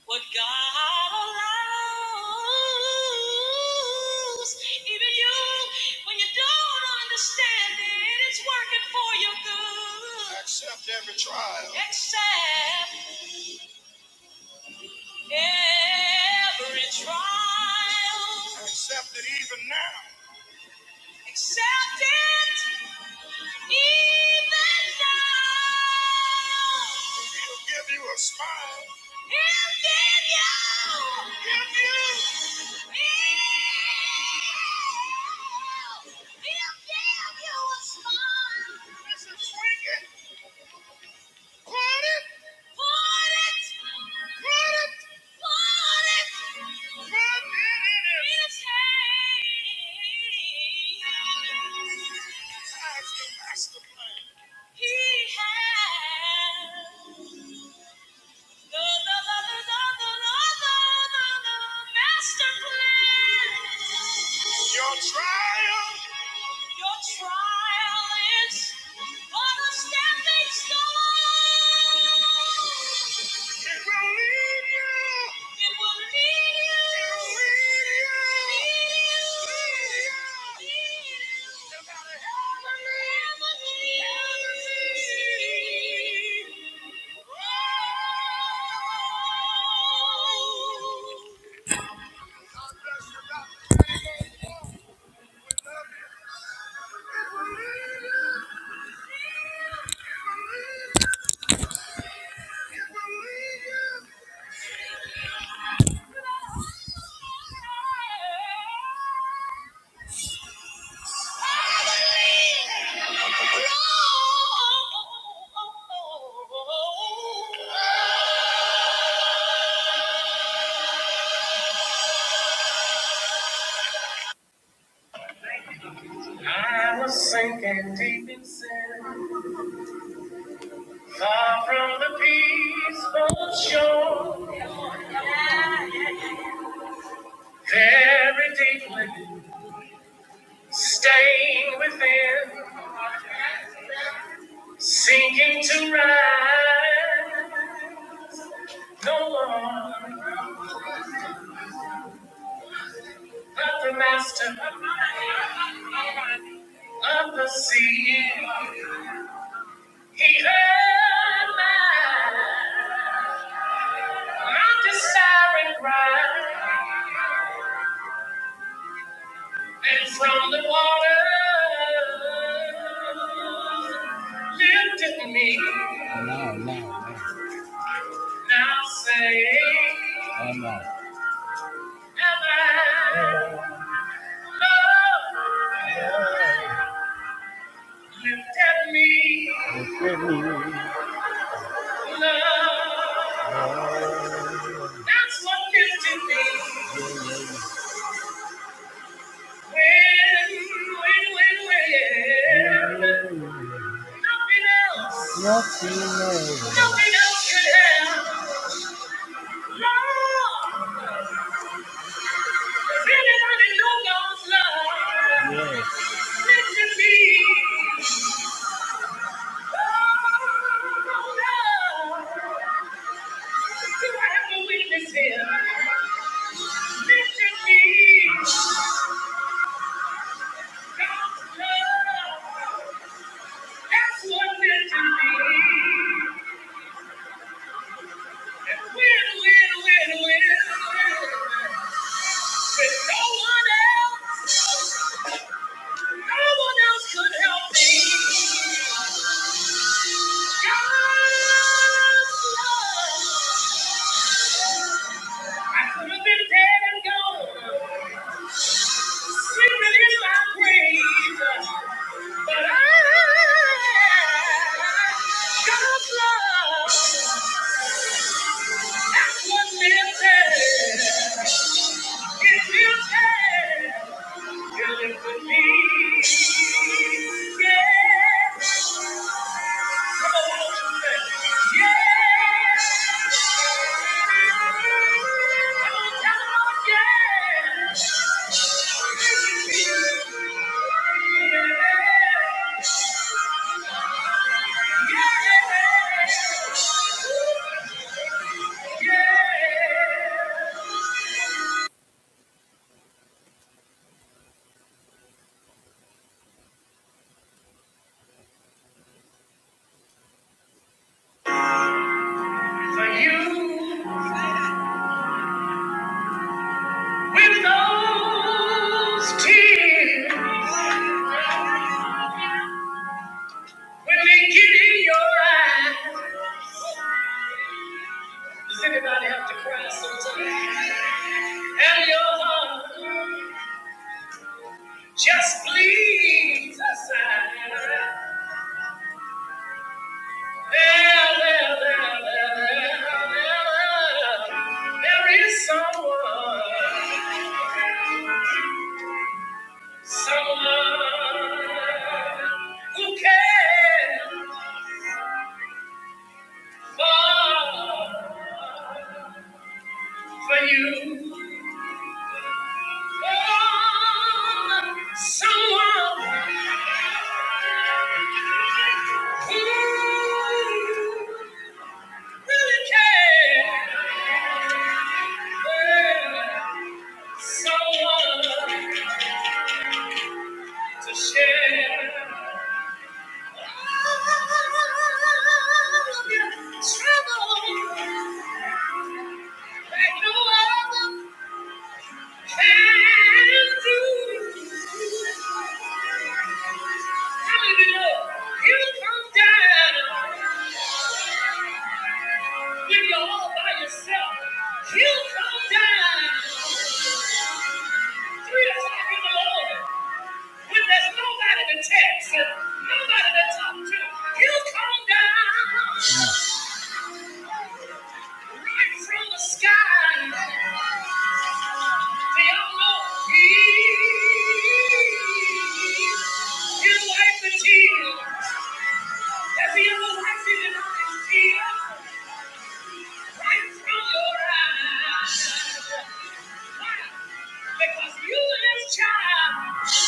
What God allows, even you, when you don't understand it, it's working for your good. Accept every trial. Accept every trial. Accept it even now. Accept it even now. He'll give you a smile. He'll give you. Give you. He'll, he'll give you a smile. Listen, swing it. He has Master plan. Your trial. Your trial is but a stepping stone. It will lead you. Thank you. Sinking deep in sin, far from the peaceful shore, very deeply stained within, sinking to rise no more. the master of the sea. He heard my, my desiring cry, and from the water lifted me. Now say, am I love? Lifted me, love. That's what lifted me. That's what meant to be. Win, win, win, win. If no one else, no one else could help me. God's love. I could have been dead and gone, sleeping in my grave. But I, God's love, that's what lives For you. With those tears, when they get in your eyes, does anybody have to cry sometimes? And your heart just bleeds aside. There, there, there, there, there, there, there is someone, someone who cares. Love for you. Love Someone who really cares. Someone to share. all of your trouble that no other can do. You come down when you're all by yourself. You come down three o'clock in the morning when there's nobody to text and nobody to talk to. You come down right from the sky. They all know He you wipe the tears. Every other wife in the tears. Because you this child,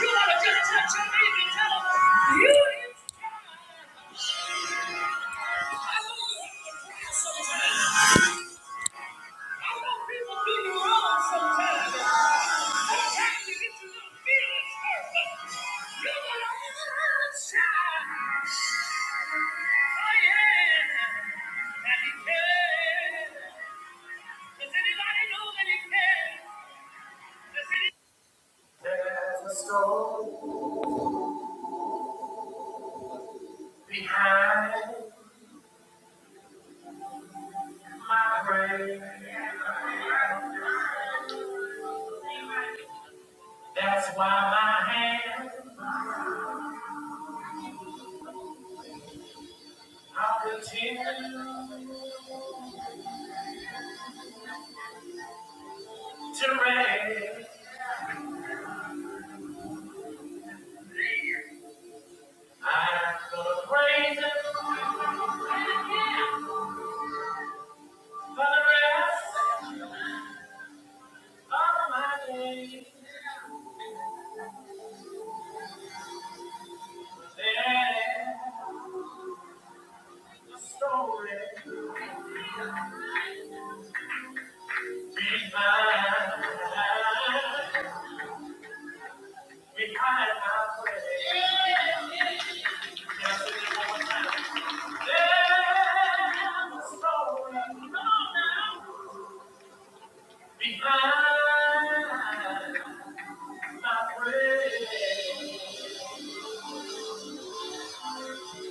you want to just touch your baby and tell them, you this child. I know you want to cry sometimes. Behind, that's why my hand I'll continue to raise. I'm gonna praise him for the rest of my days. Yeah.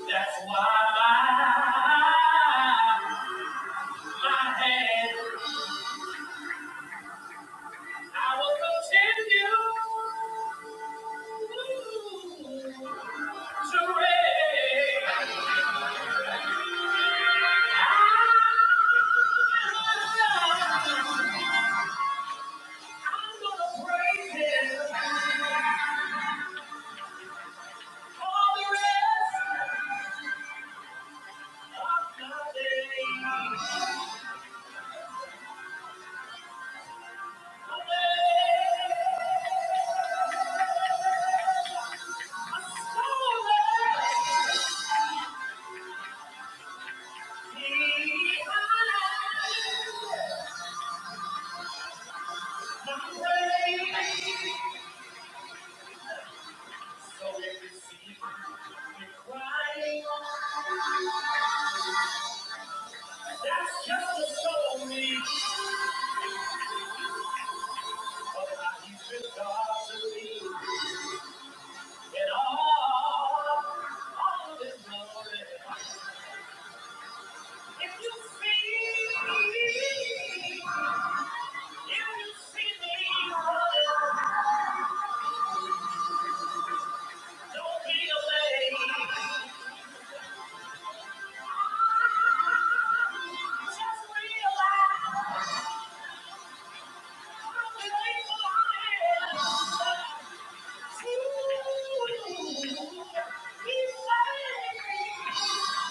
That's why my, my hand, I will continue to raise. That's just a story of you been God to me. And all, all of this glory. If you see me, See the reason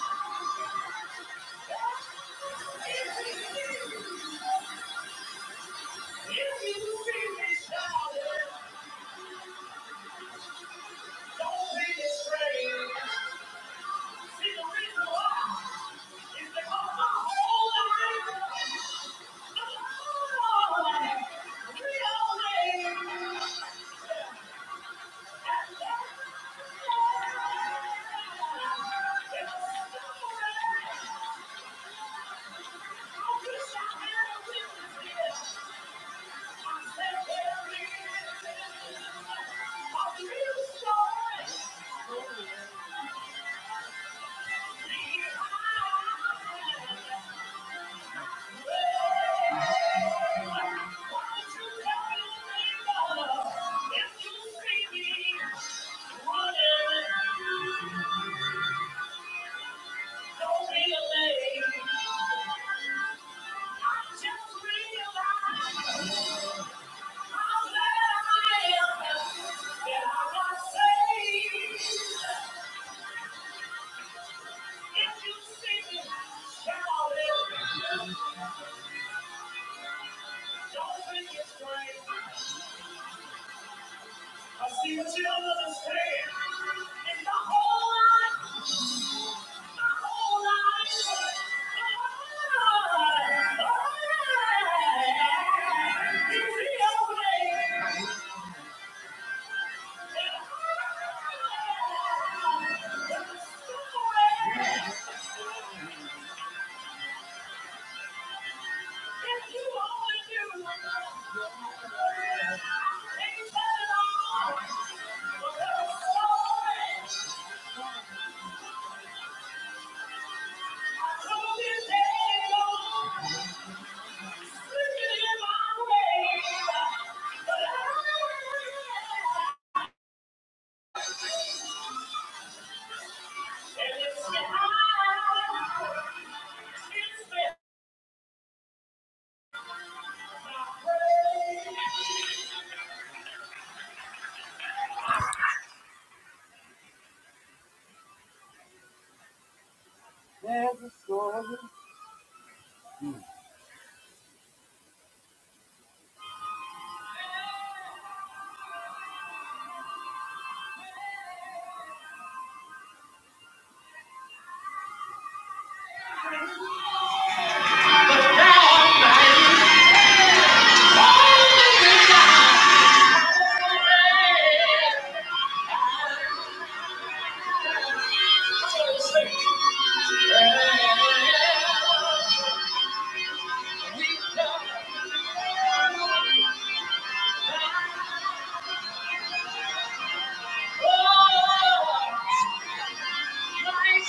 why is because my whole life Don't be late. I just realized. Thank you.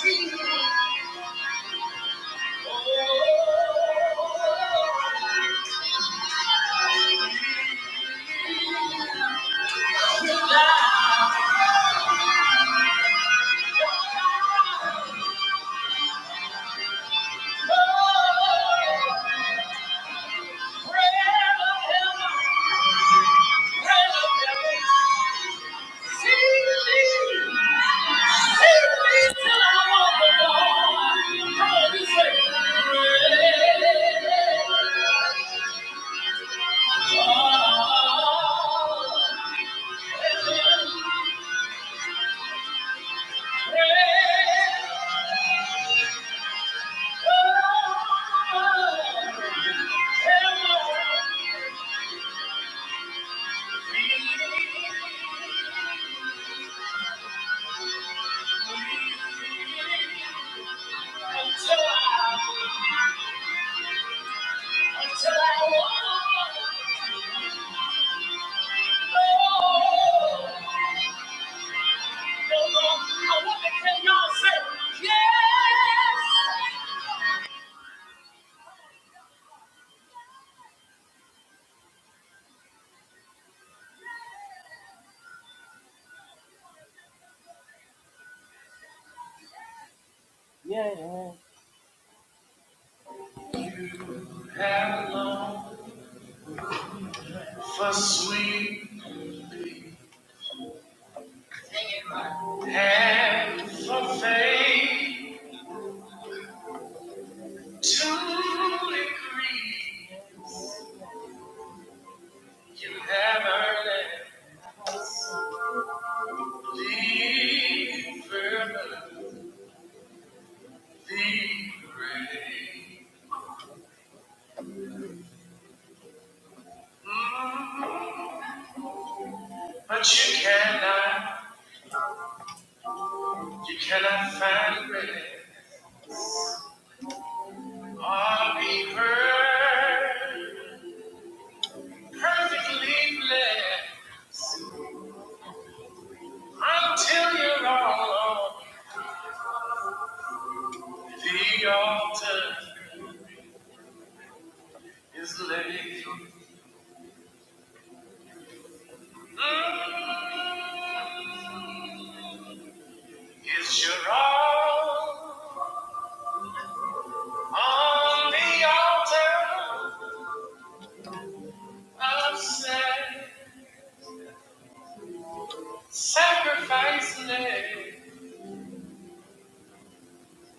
Thank you. Until I, until I walk. Yeah. For sweet and for faith, two degrees. You have earned it. The fervor, Mm, But you cannot, you cannot find grace or be heard. perfectly bled until you're all on the altar is laid. Mm, It's your all on the altar of sac- sacrifice laid.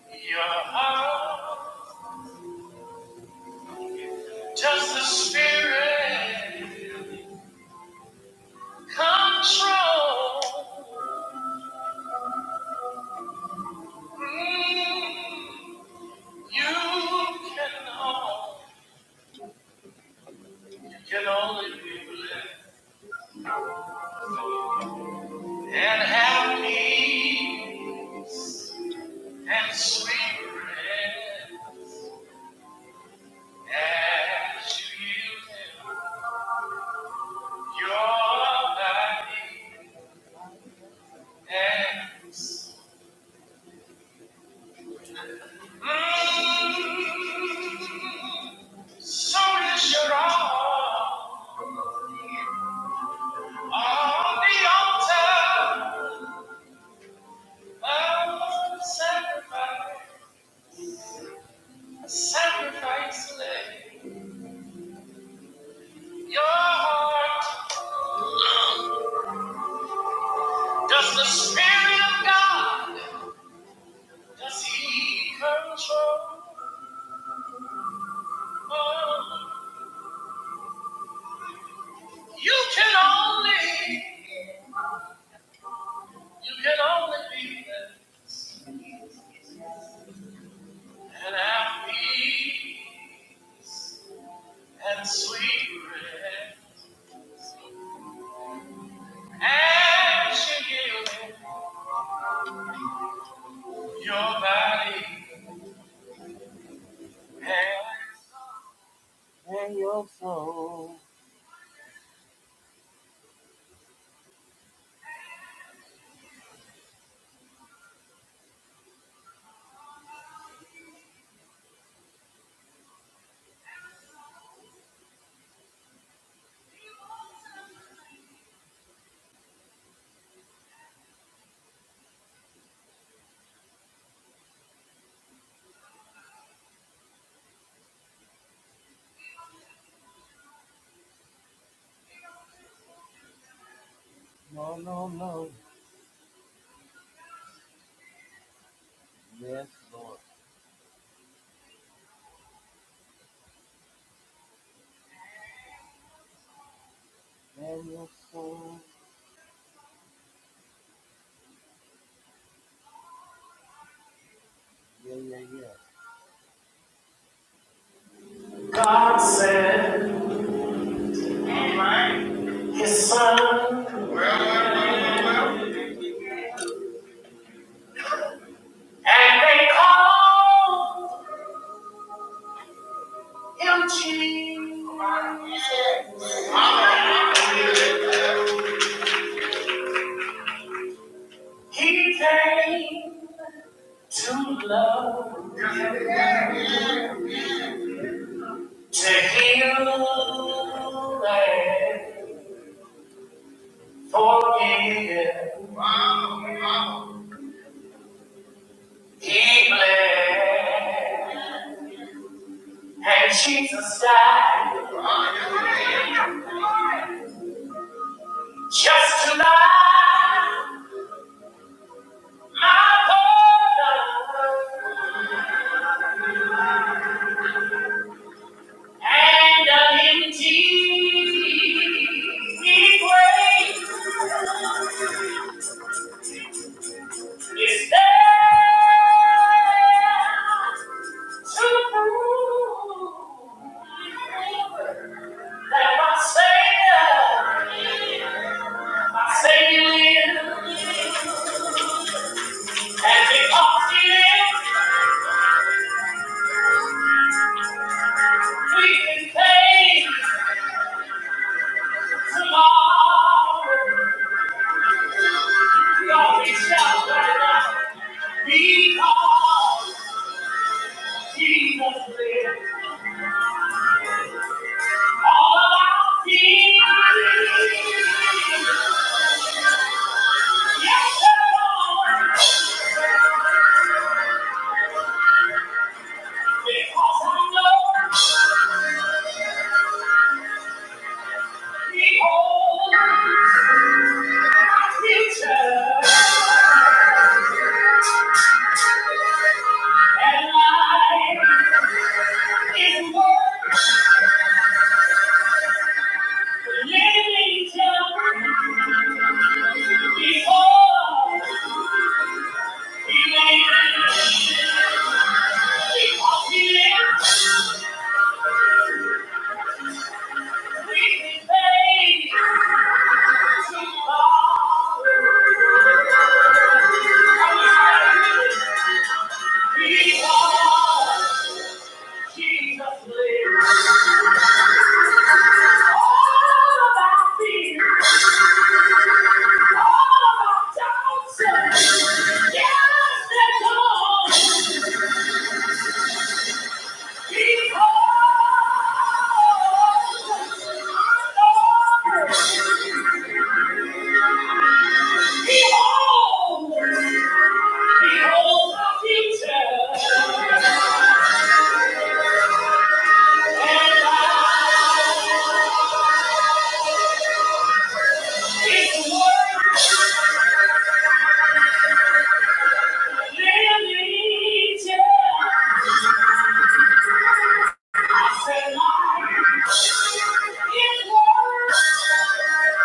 Your heart, just the spirit control. Mm, You can hold. Can only be blessed and have peace and sweet rest as you use your body and mm, so is your all on the altar of sacrifice. Sacrifice, lay your heart. Does the Spirit of God? Does he control? You can only, you can only be this and have peace and sweet rest as you give your body. And God said, Amen. His son, and they called him Jesus. He came. to love, yeah. to heal and forgive. Wow, wow. He bled and Jesus died wow, yeah, yeah. just to lie my burden and an empty grave. Is there true that my Savior, my Savior lives, and because He lives, we can face tomorrow. We always shout right now, because Jesus lives, all of our fears. Yes, Jesus' you. Thank you.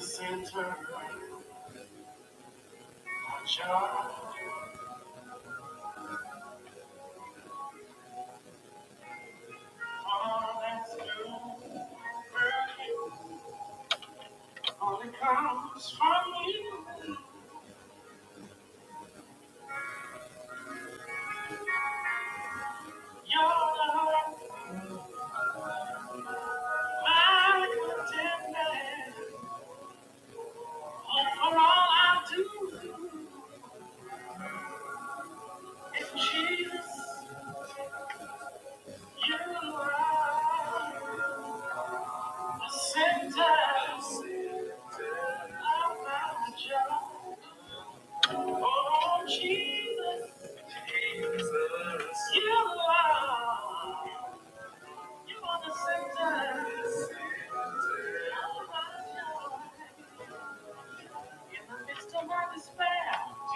Center, my child, all that's you, Only comes from you. You're my contentment. All for all I do is Jesus. You are the center of my joy. Oh, Jesus. Jesus. You are.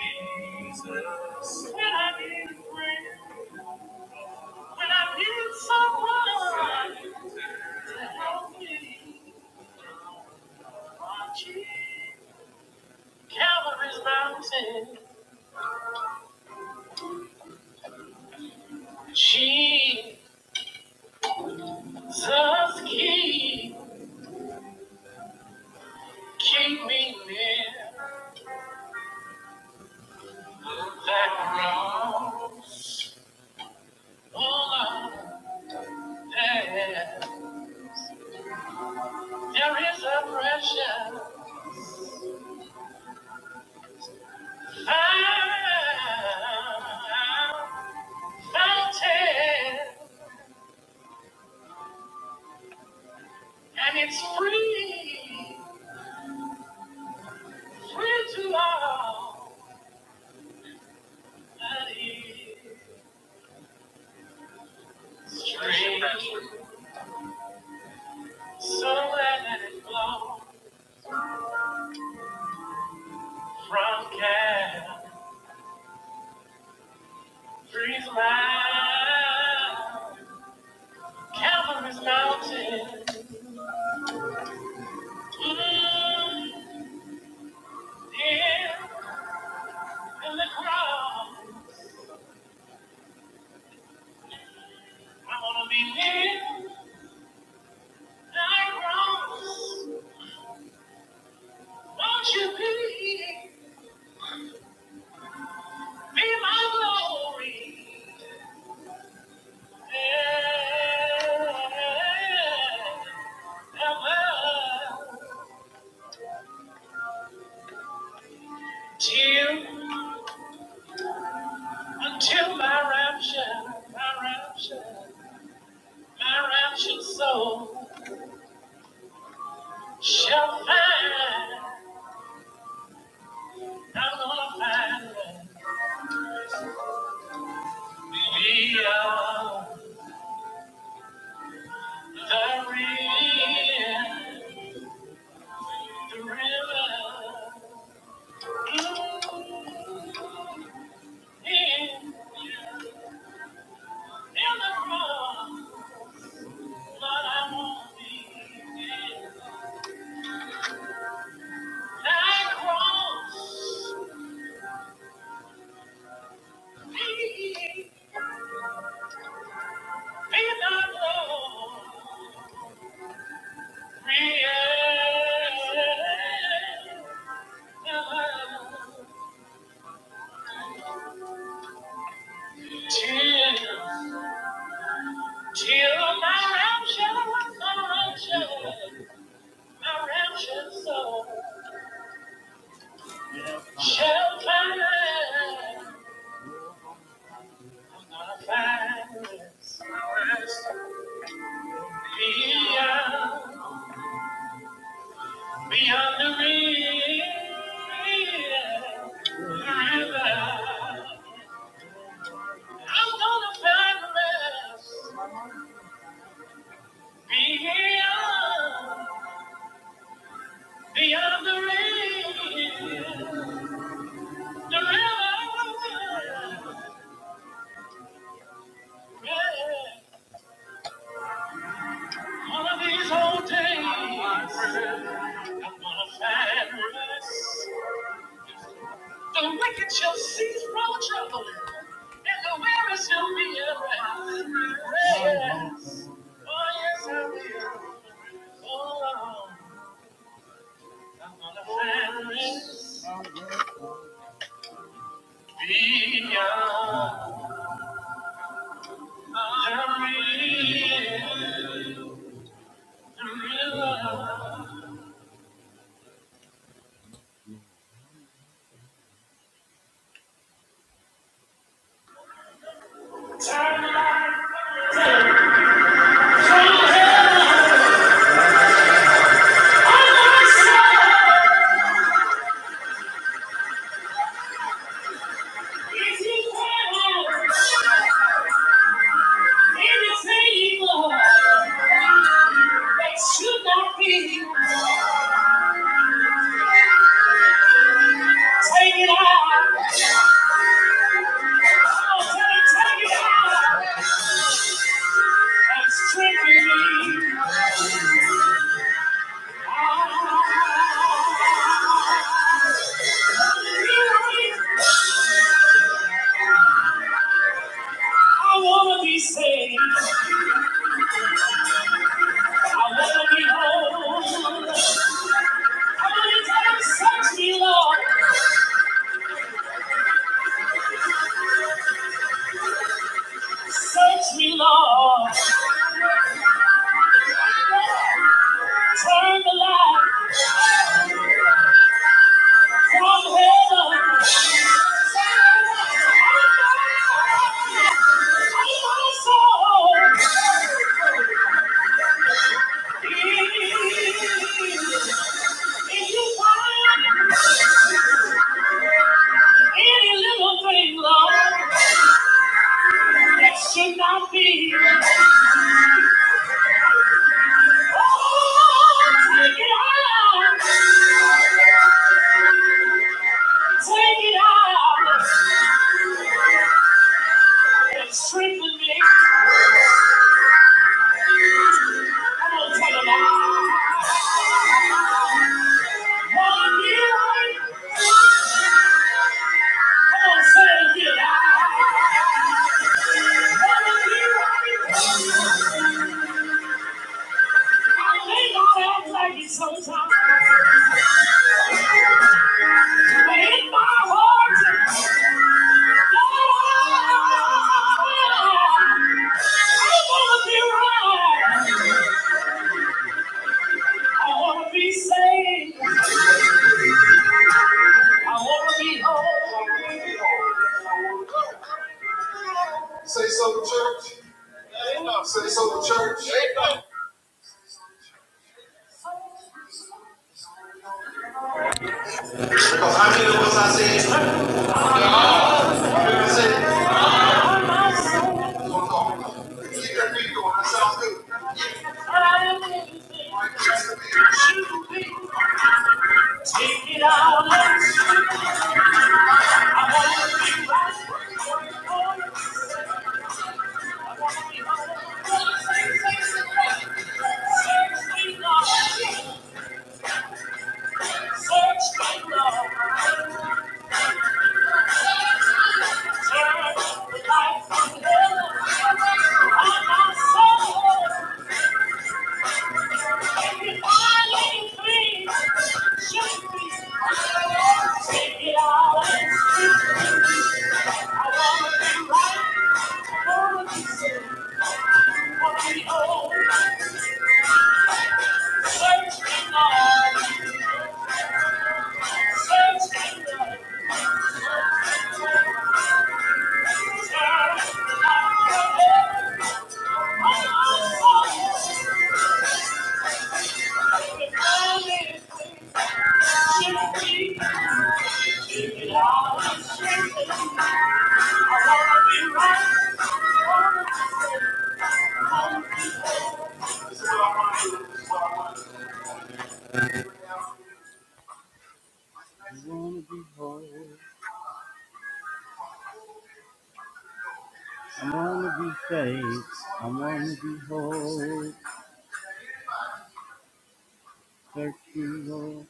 Jesus. When I need a friend, when I need someone to help me, Calvary's mountain, Jesus, keep, keep me near that cross. oh. Lord. There is a precious fountain, and it's free, free to all that is free. So let it flow from Calvary's mouth, Calvary's mountain. Mm, yeah, in the crowd, I wanna be near. Won't you be, be my glory? Ever, till, until my rapture, my rapture, my rapture soul shall find. I'm gonna find beyond the rim, the river. Till my rapture, my rapture, my rapture soul shall find, I'll find its rest beyond. Beyond the river, I'm gonna find rest. Beyond, beyond the river, the river. Yeah. One of these old days, I'm gonna find rest. The wicked shall cease from troubling, and the weary shall be at rest. Yes. Oh, yes, I will. Oh, I'm gonna vanish beyond the river. Turn my Take it out. I'll take, take it out. And strengthen me. I I want to be saved. I want to be whole. I want to tell him, search me, Lord. Search me, Lord. Turn the light from heaven. I want a soul. Any little thing, Lord, that should not be. Oh, take it out. Take it out. And strengthen me. Come on, take it out. Wanna be right. Come on, say it out. Wanna be right. I may not act like it sometimes. Say something, church. Say something, church. Because how many of us I said, you Take it out, let's go. I'm Thank you. I wanna be saved. I wanna be whole. Search you, Lord.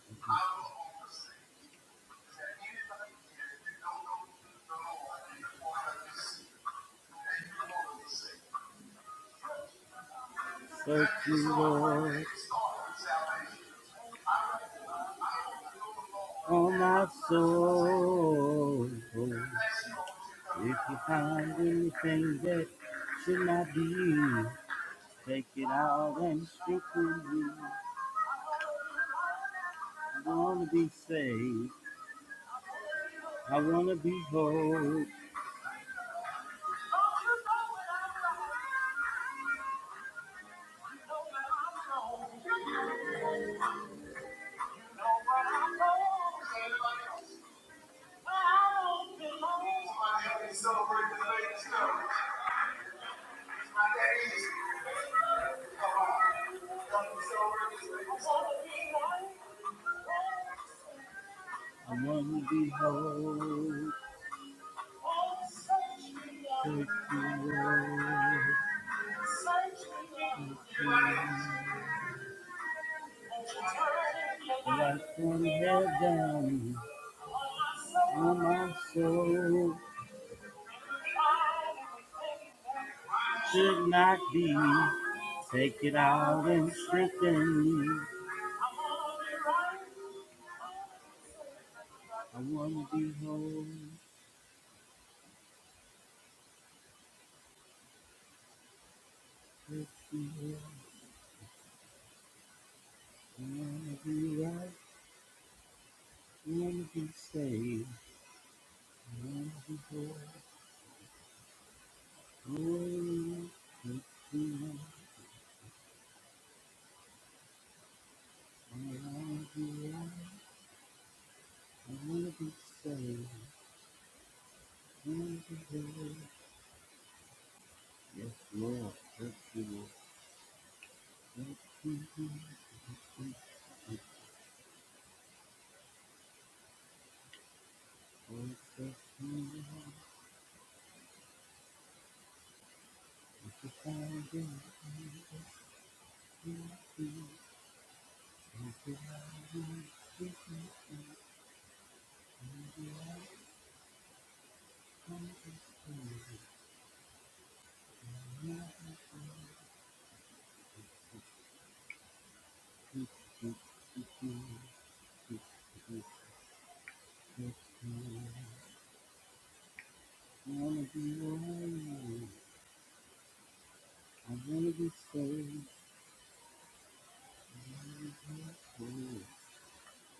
Search you, Lord. Oh, my soul. If you find anything that should not be, take it out and strip me. I want to be saved. I want to be whole.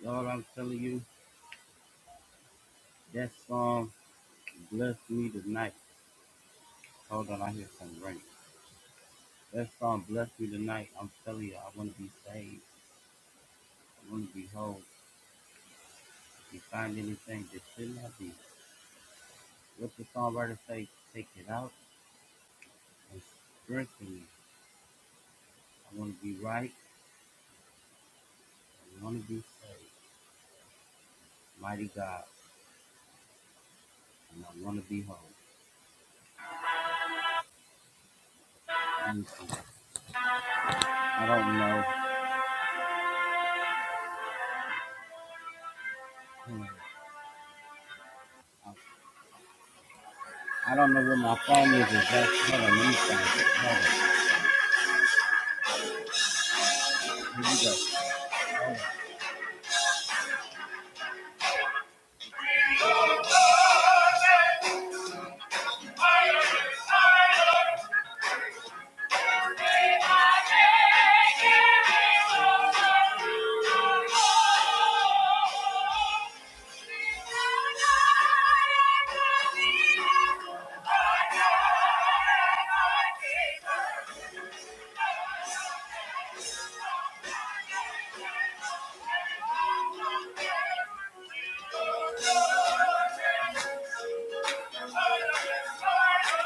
Lord, I'm telling you, that song blessed me tonight. Hold on, I hear something right. I don't know. I don't know where my phone is exactly. Hold on, let me find it. Hold on. Here we go. Thank you.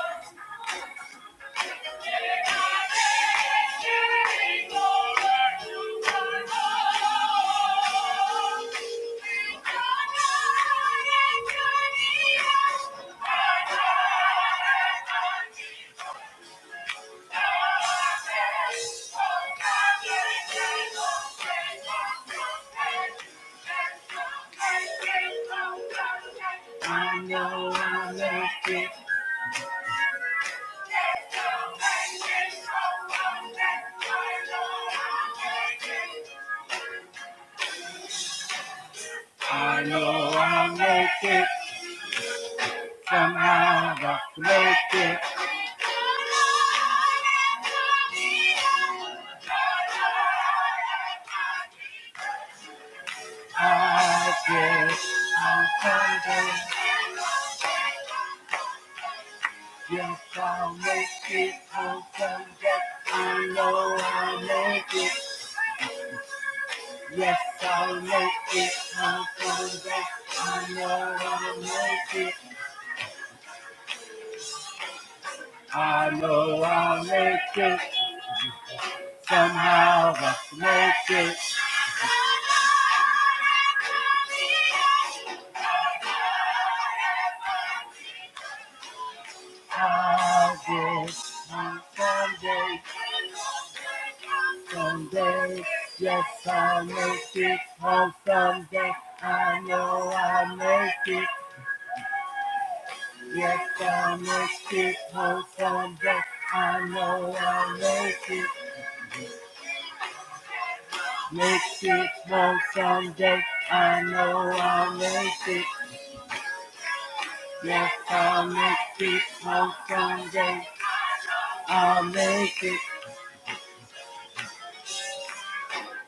I know I left it I guess I'm thunder. Yes, I'll make it. I'm thunder. I know I'll make it. Yes, I'll make it. i I know I'll make it. I know I'll make it. Somehow I'll make it. I'll get you someday, someday. Yes, I'll make it home someday. I know I'll make it. Yes, I'll make it home someday. I know I'll make it. Make it home someday. I know I'll make it. Yes, I'll make it home someday. I'll make it.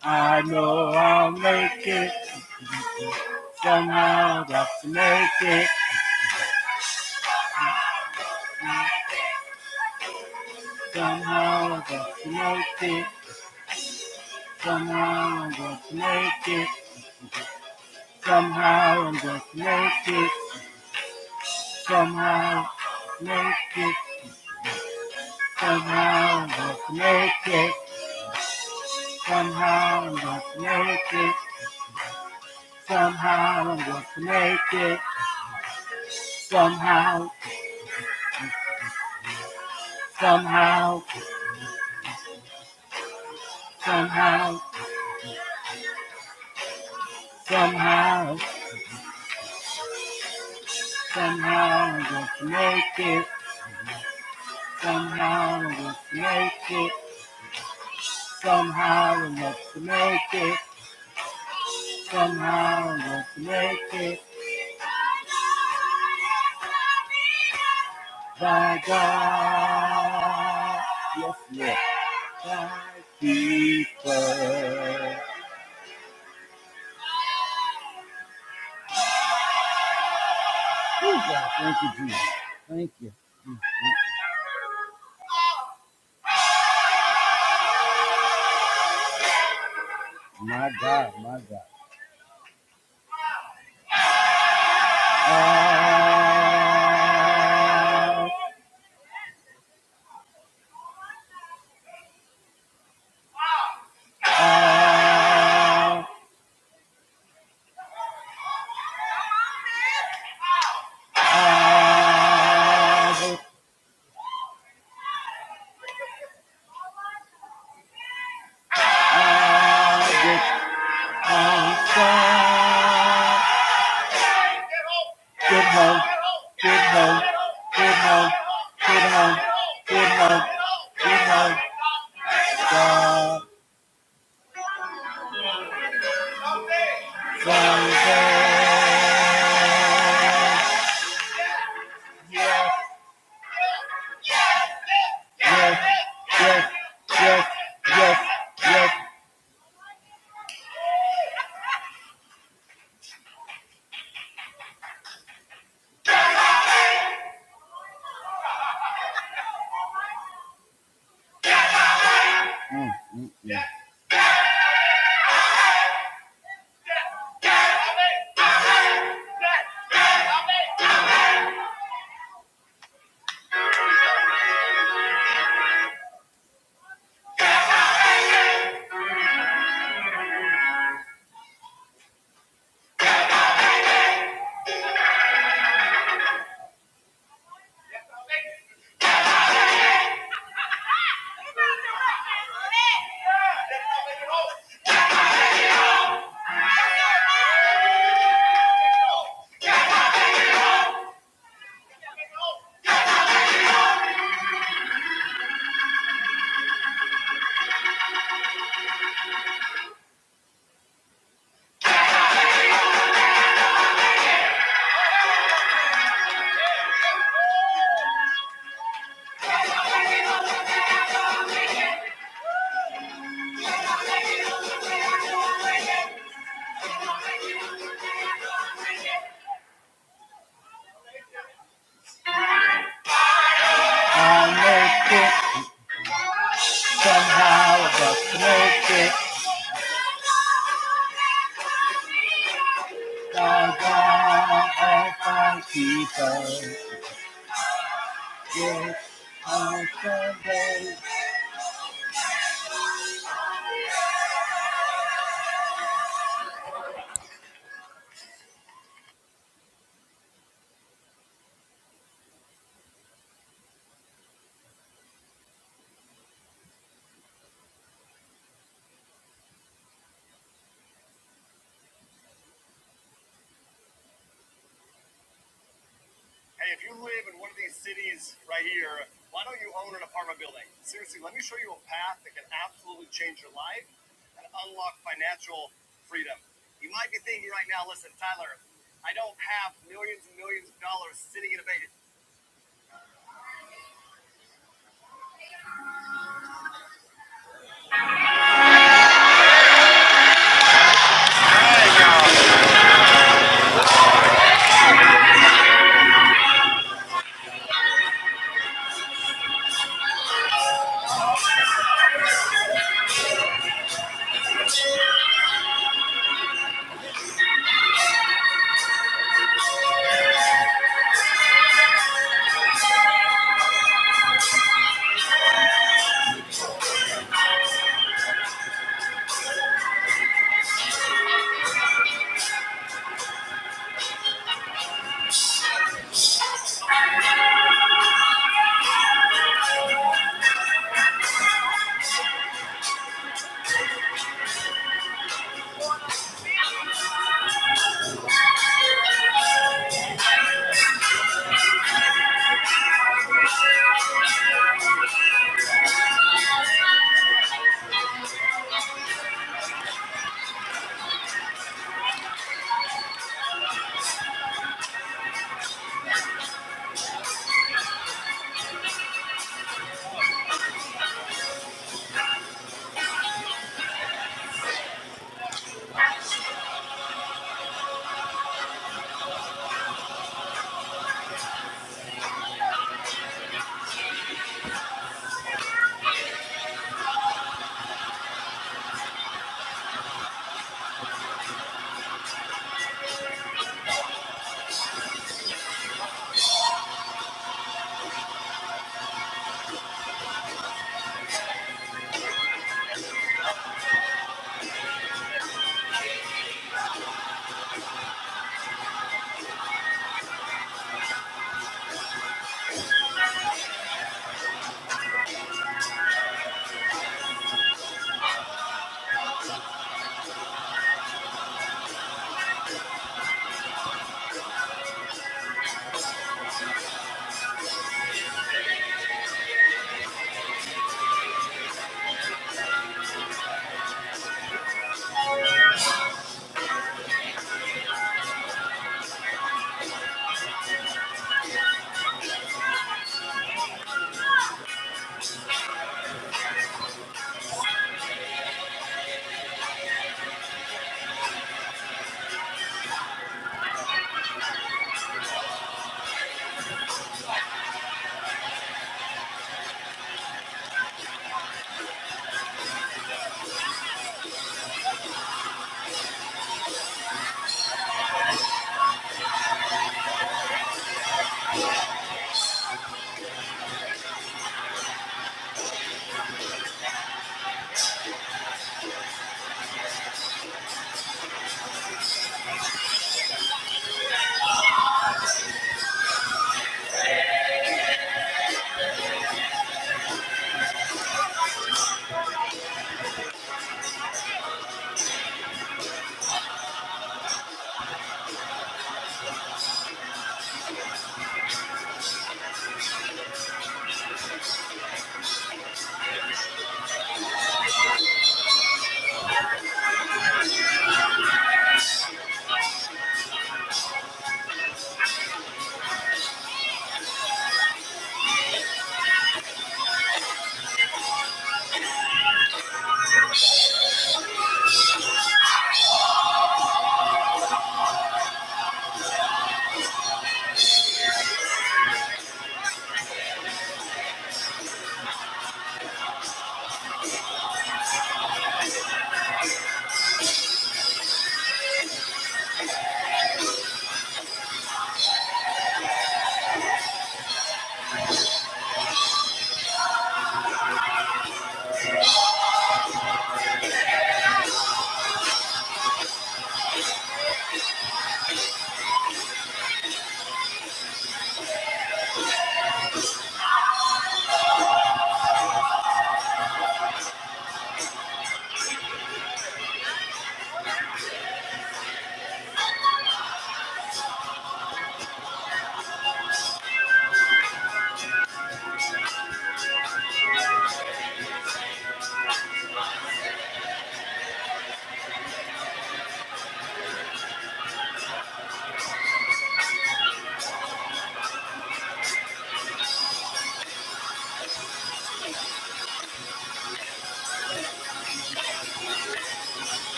I know I'll make it. Somehow I'll make it. Somehow I'm going to make it. Somehow I'm going to make it. Somehow I'm going to make it. Somehow make it. Somehow I'm going to make it. Somehow I'm going to make it. Somehow I'm going to make it. Somehow, somehow, somehow, somehow, somehow I'm going to make it. Somehow I'm going to make it. Somehow I'm going to make it. Somehow let's make it thy God. My God, my God. Good hope, good hope, good hope, good hope, good hope, good hope. Yes, yes, yes, yes, yes. Mm, mm, mm. I'll make it somehow, I'll just make it. I'll go if I keep on. Hey, if you live in one of these cities right here, why don't you own an apartment building? Seriously, let me show you a path that can absolutely change your life and unlock financial freedom. You might be thinking right now, listen, Tyler, I don't have millions and millions of dollars sitting in a bank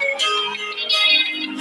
Let's give him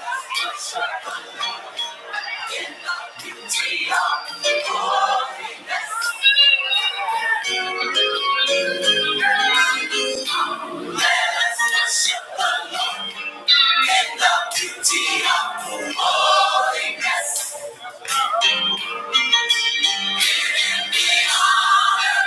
the praise. In In the the the beauty beauty of of let us worship the Lord in the beauty of holiness. give me honor,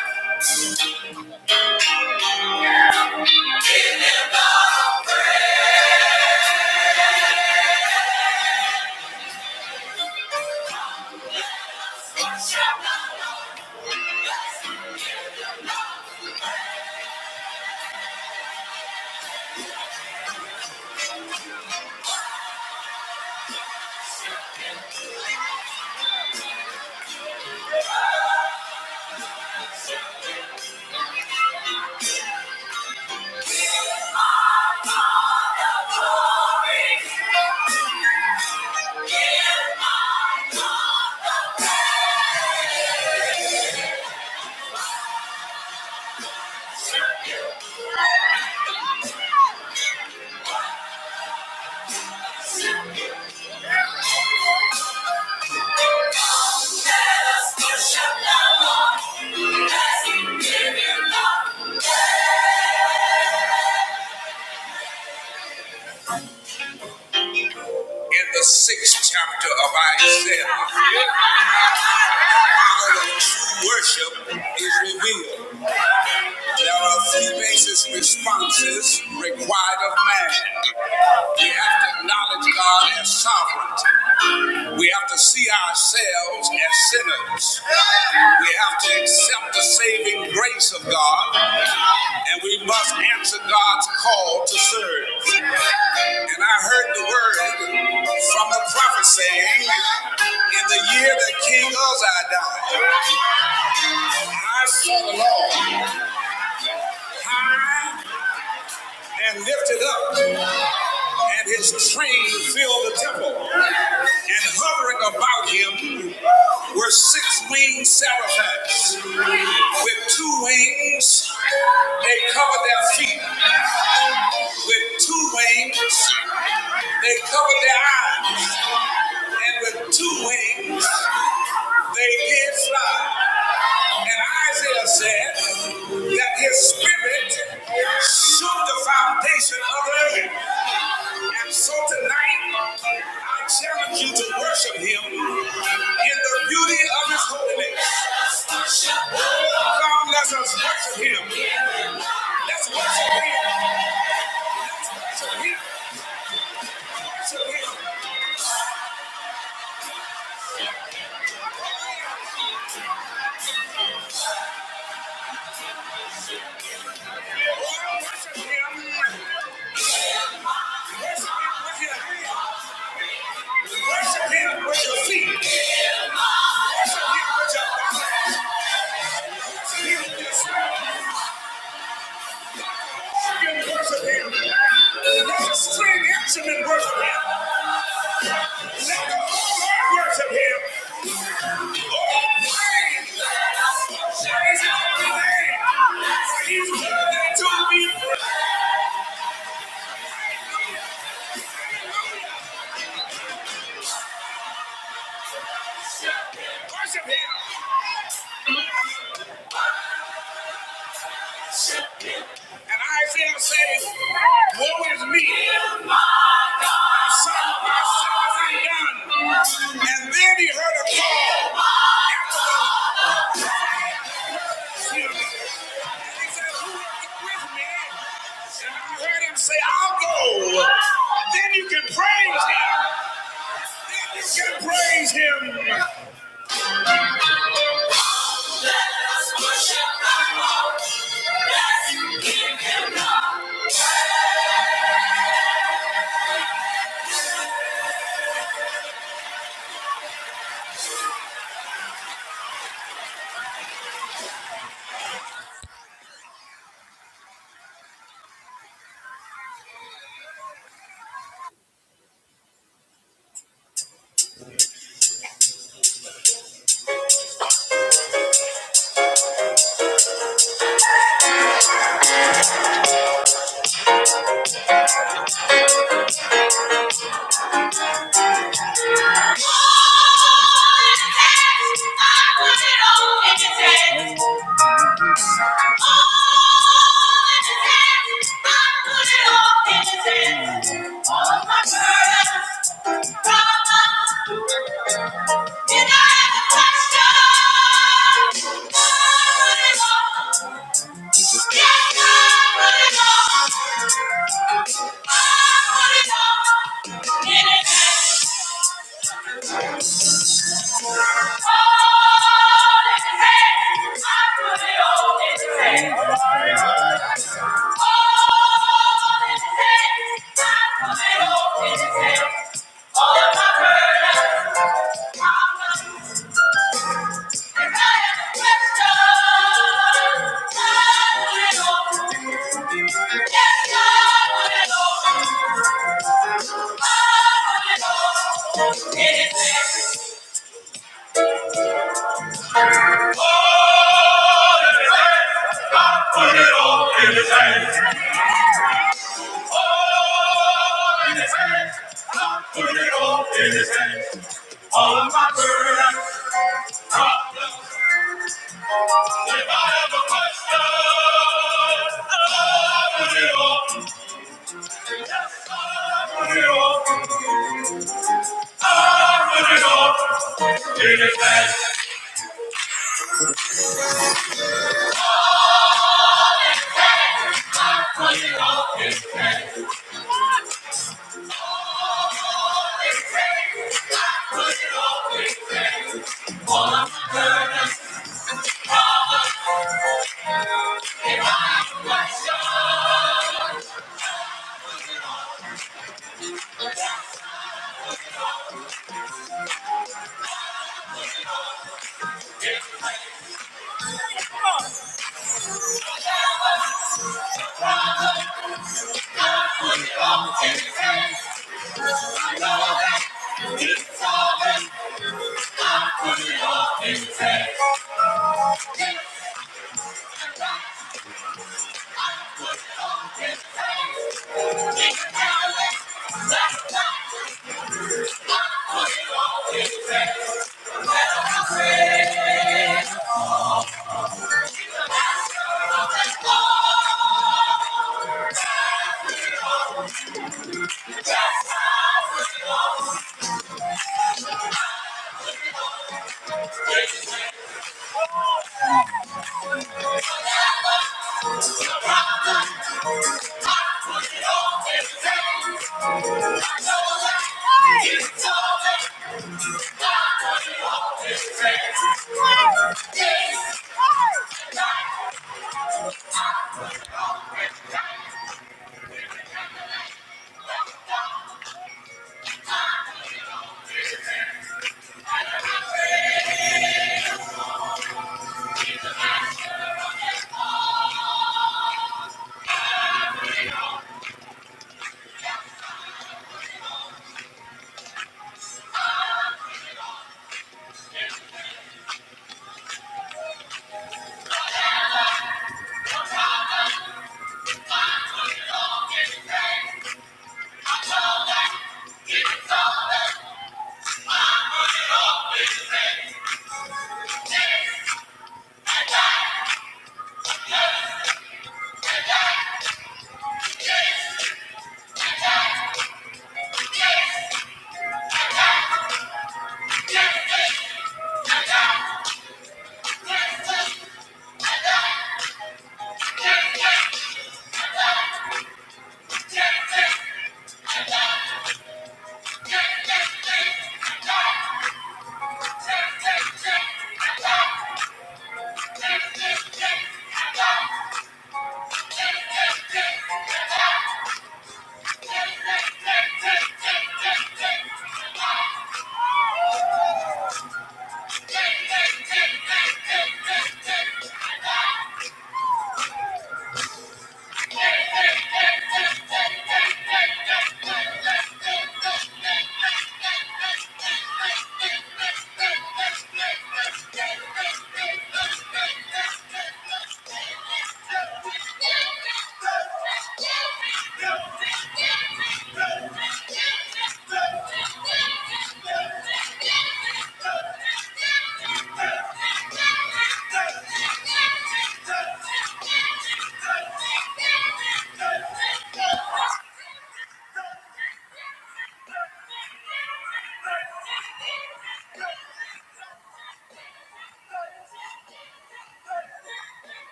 give honor, Glory. Give honor. The sixth chapter of Isaiah bases responses required of man, not ourselves as sinners. We have to accept the grace of God, and we must answer to serve. And I heard the word from the prophet saying, "In the year that King us alone, and worship." wings, they covered their feet with two wings. They covered their eyes, and with two wings, they did fly, Isaiah said. And tonight, I ask you to worship him in the beauty of his holiness. God bless us, worship him. Worship him, worship, worship, worship him. Hey, he's saying, woe is me. My sin is undone. And then he heard a call to him. And he said, Who is with me? And I heard him say, I'll go. Then you can praise him. Then you can praise him. Lord, All in I put it Yeah. Anything.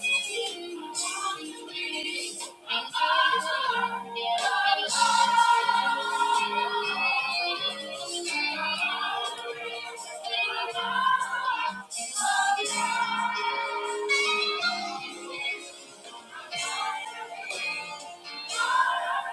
Thank you.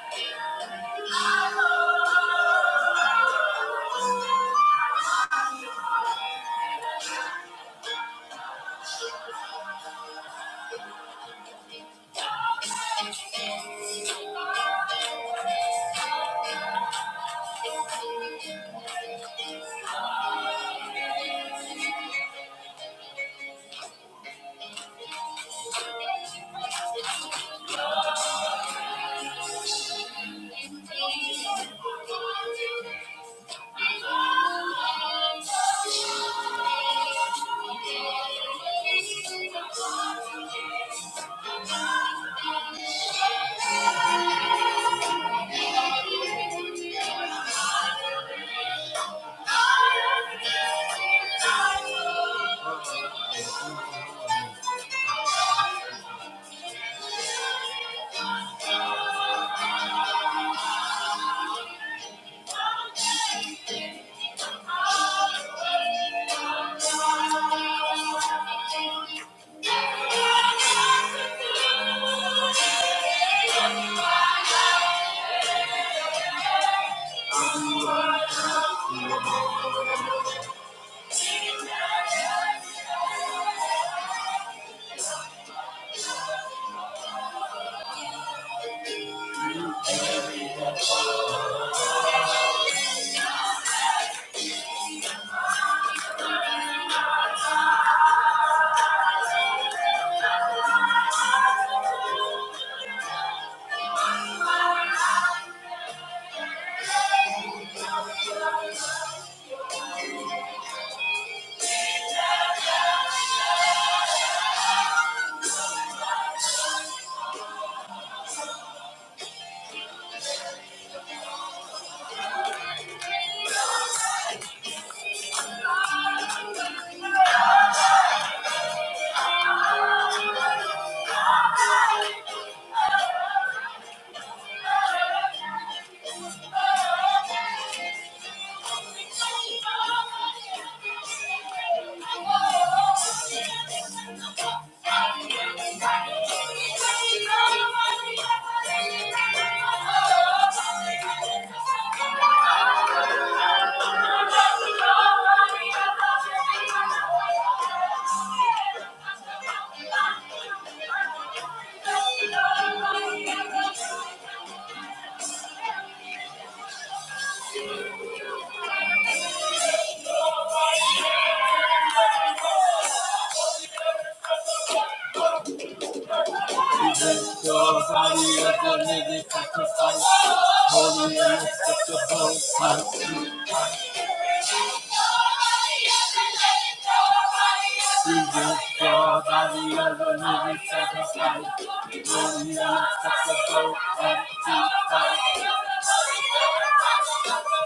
Your body, a living sacrifice, holy and acceptable. Jesus, God, body of the living sacrifice, holy and acceptable unto us.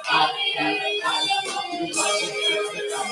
I, I, I, I,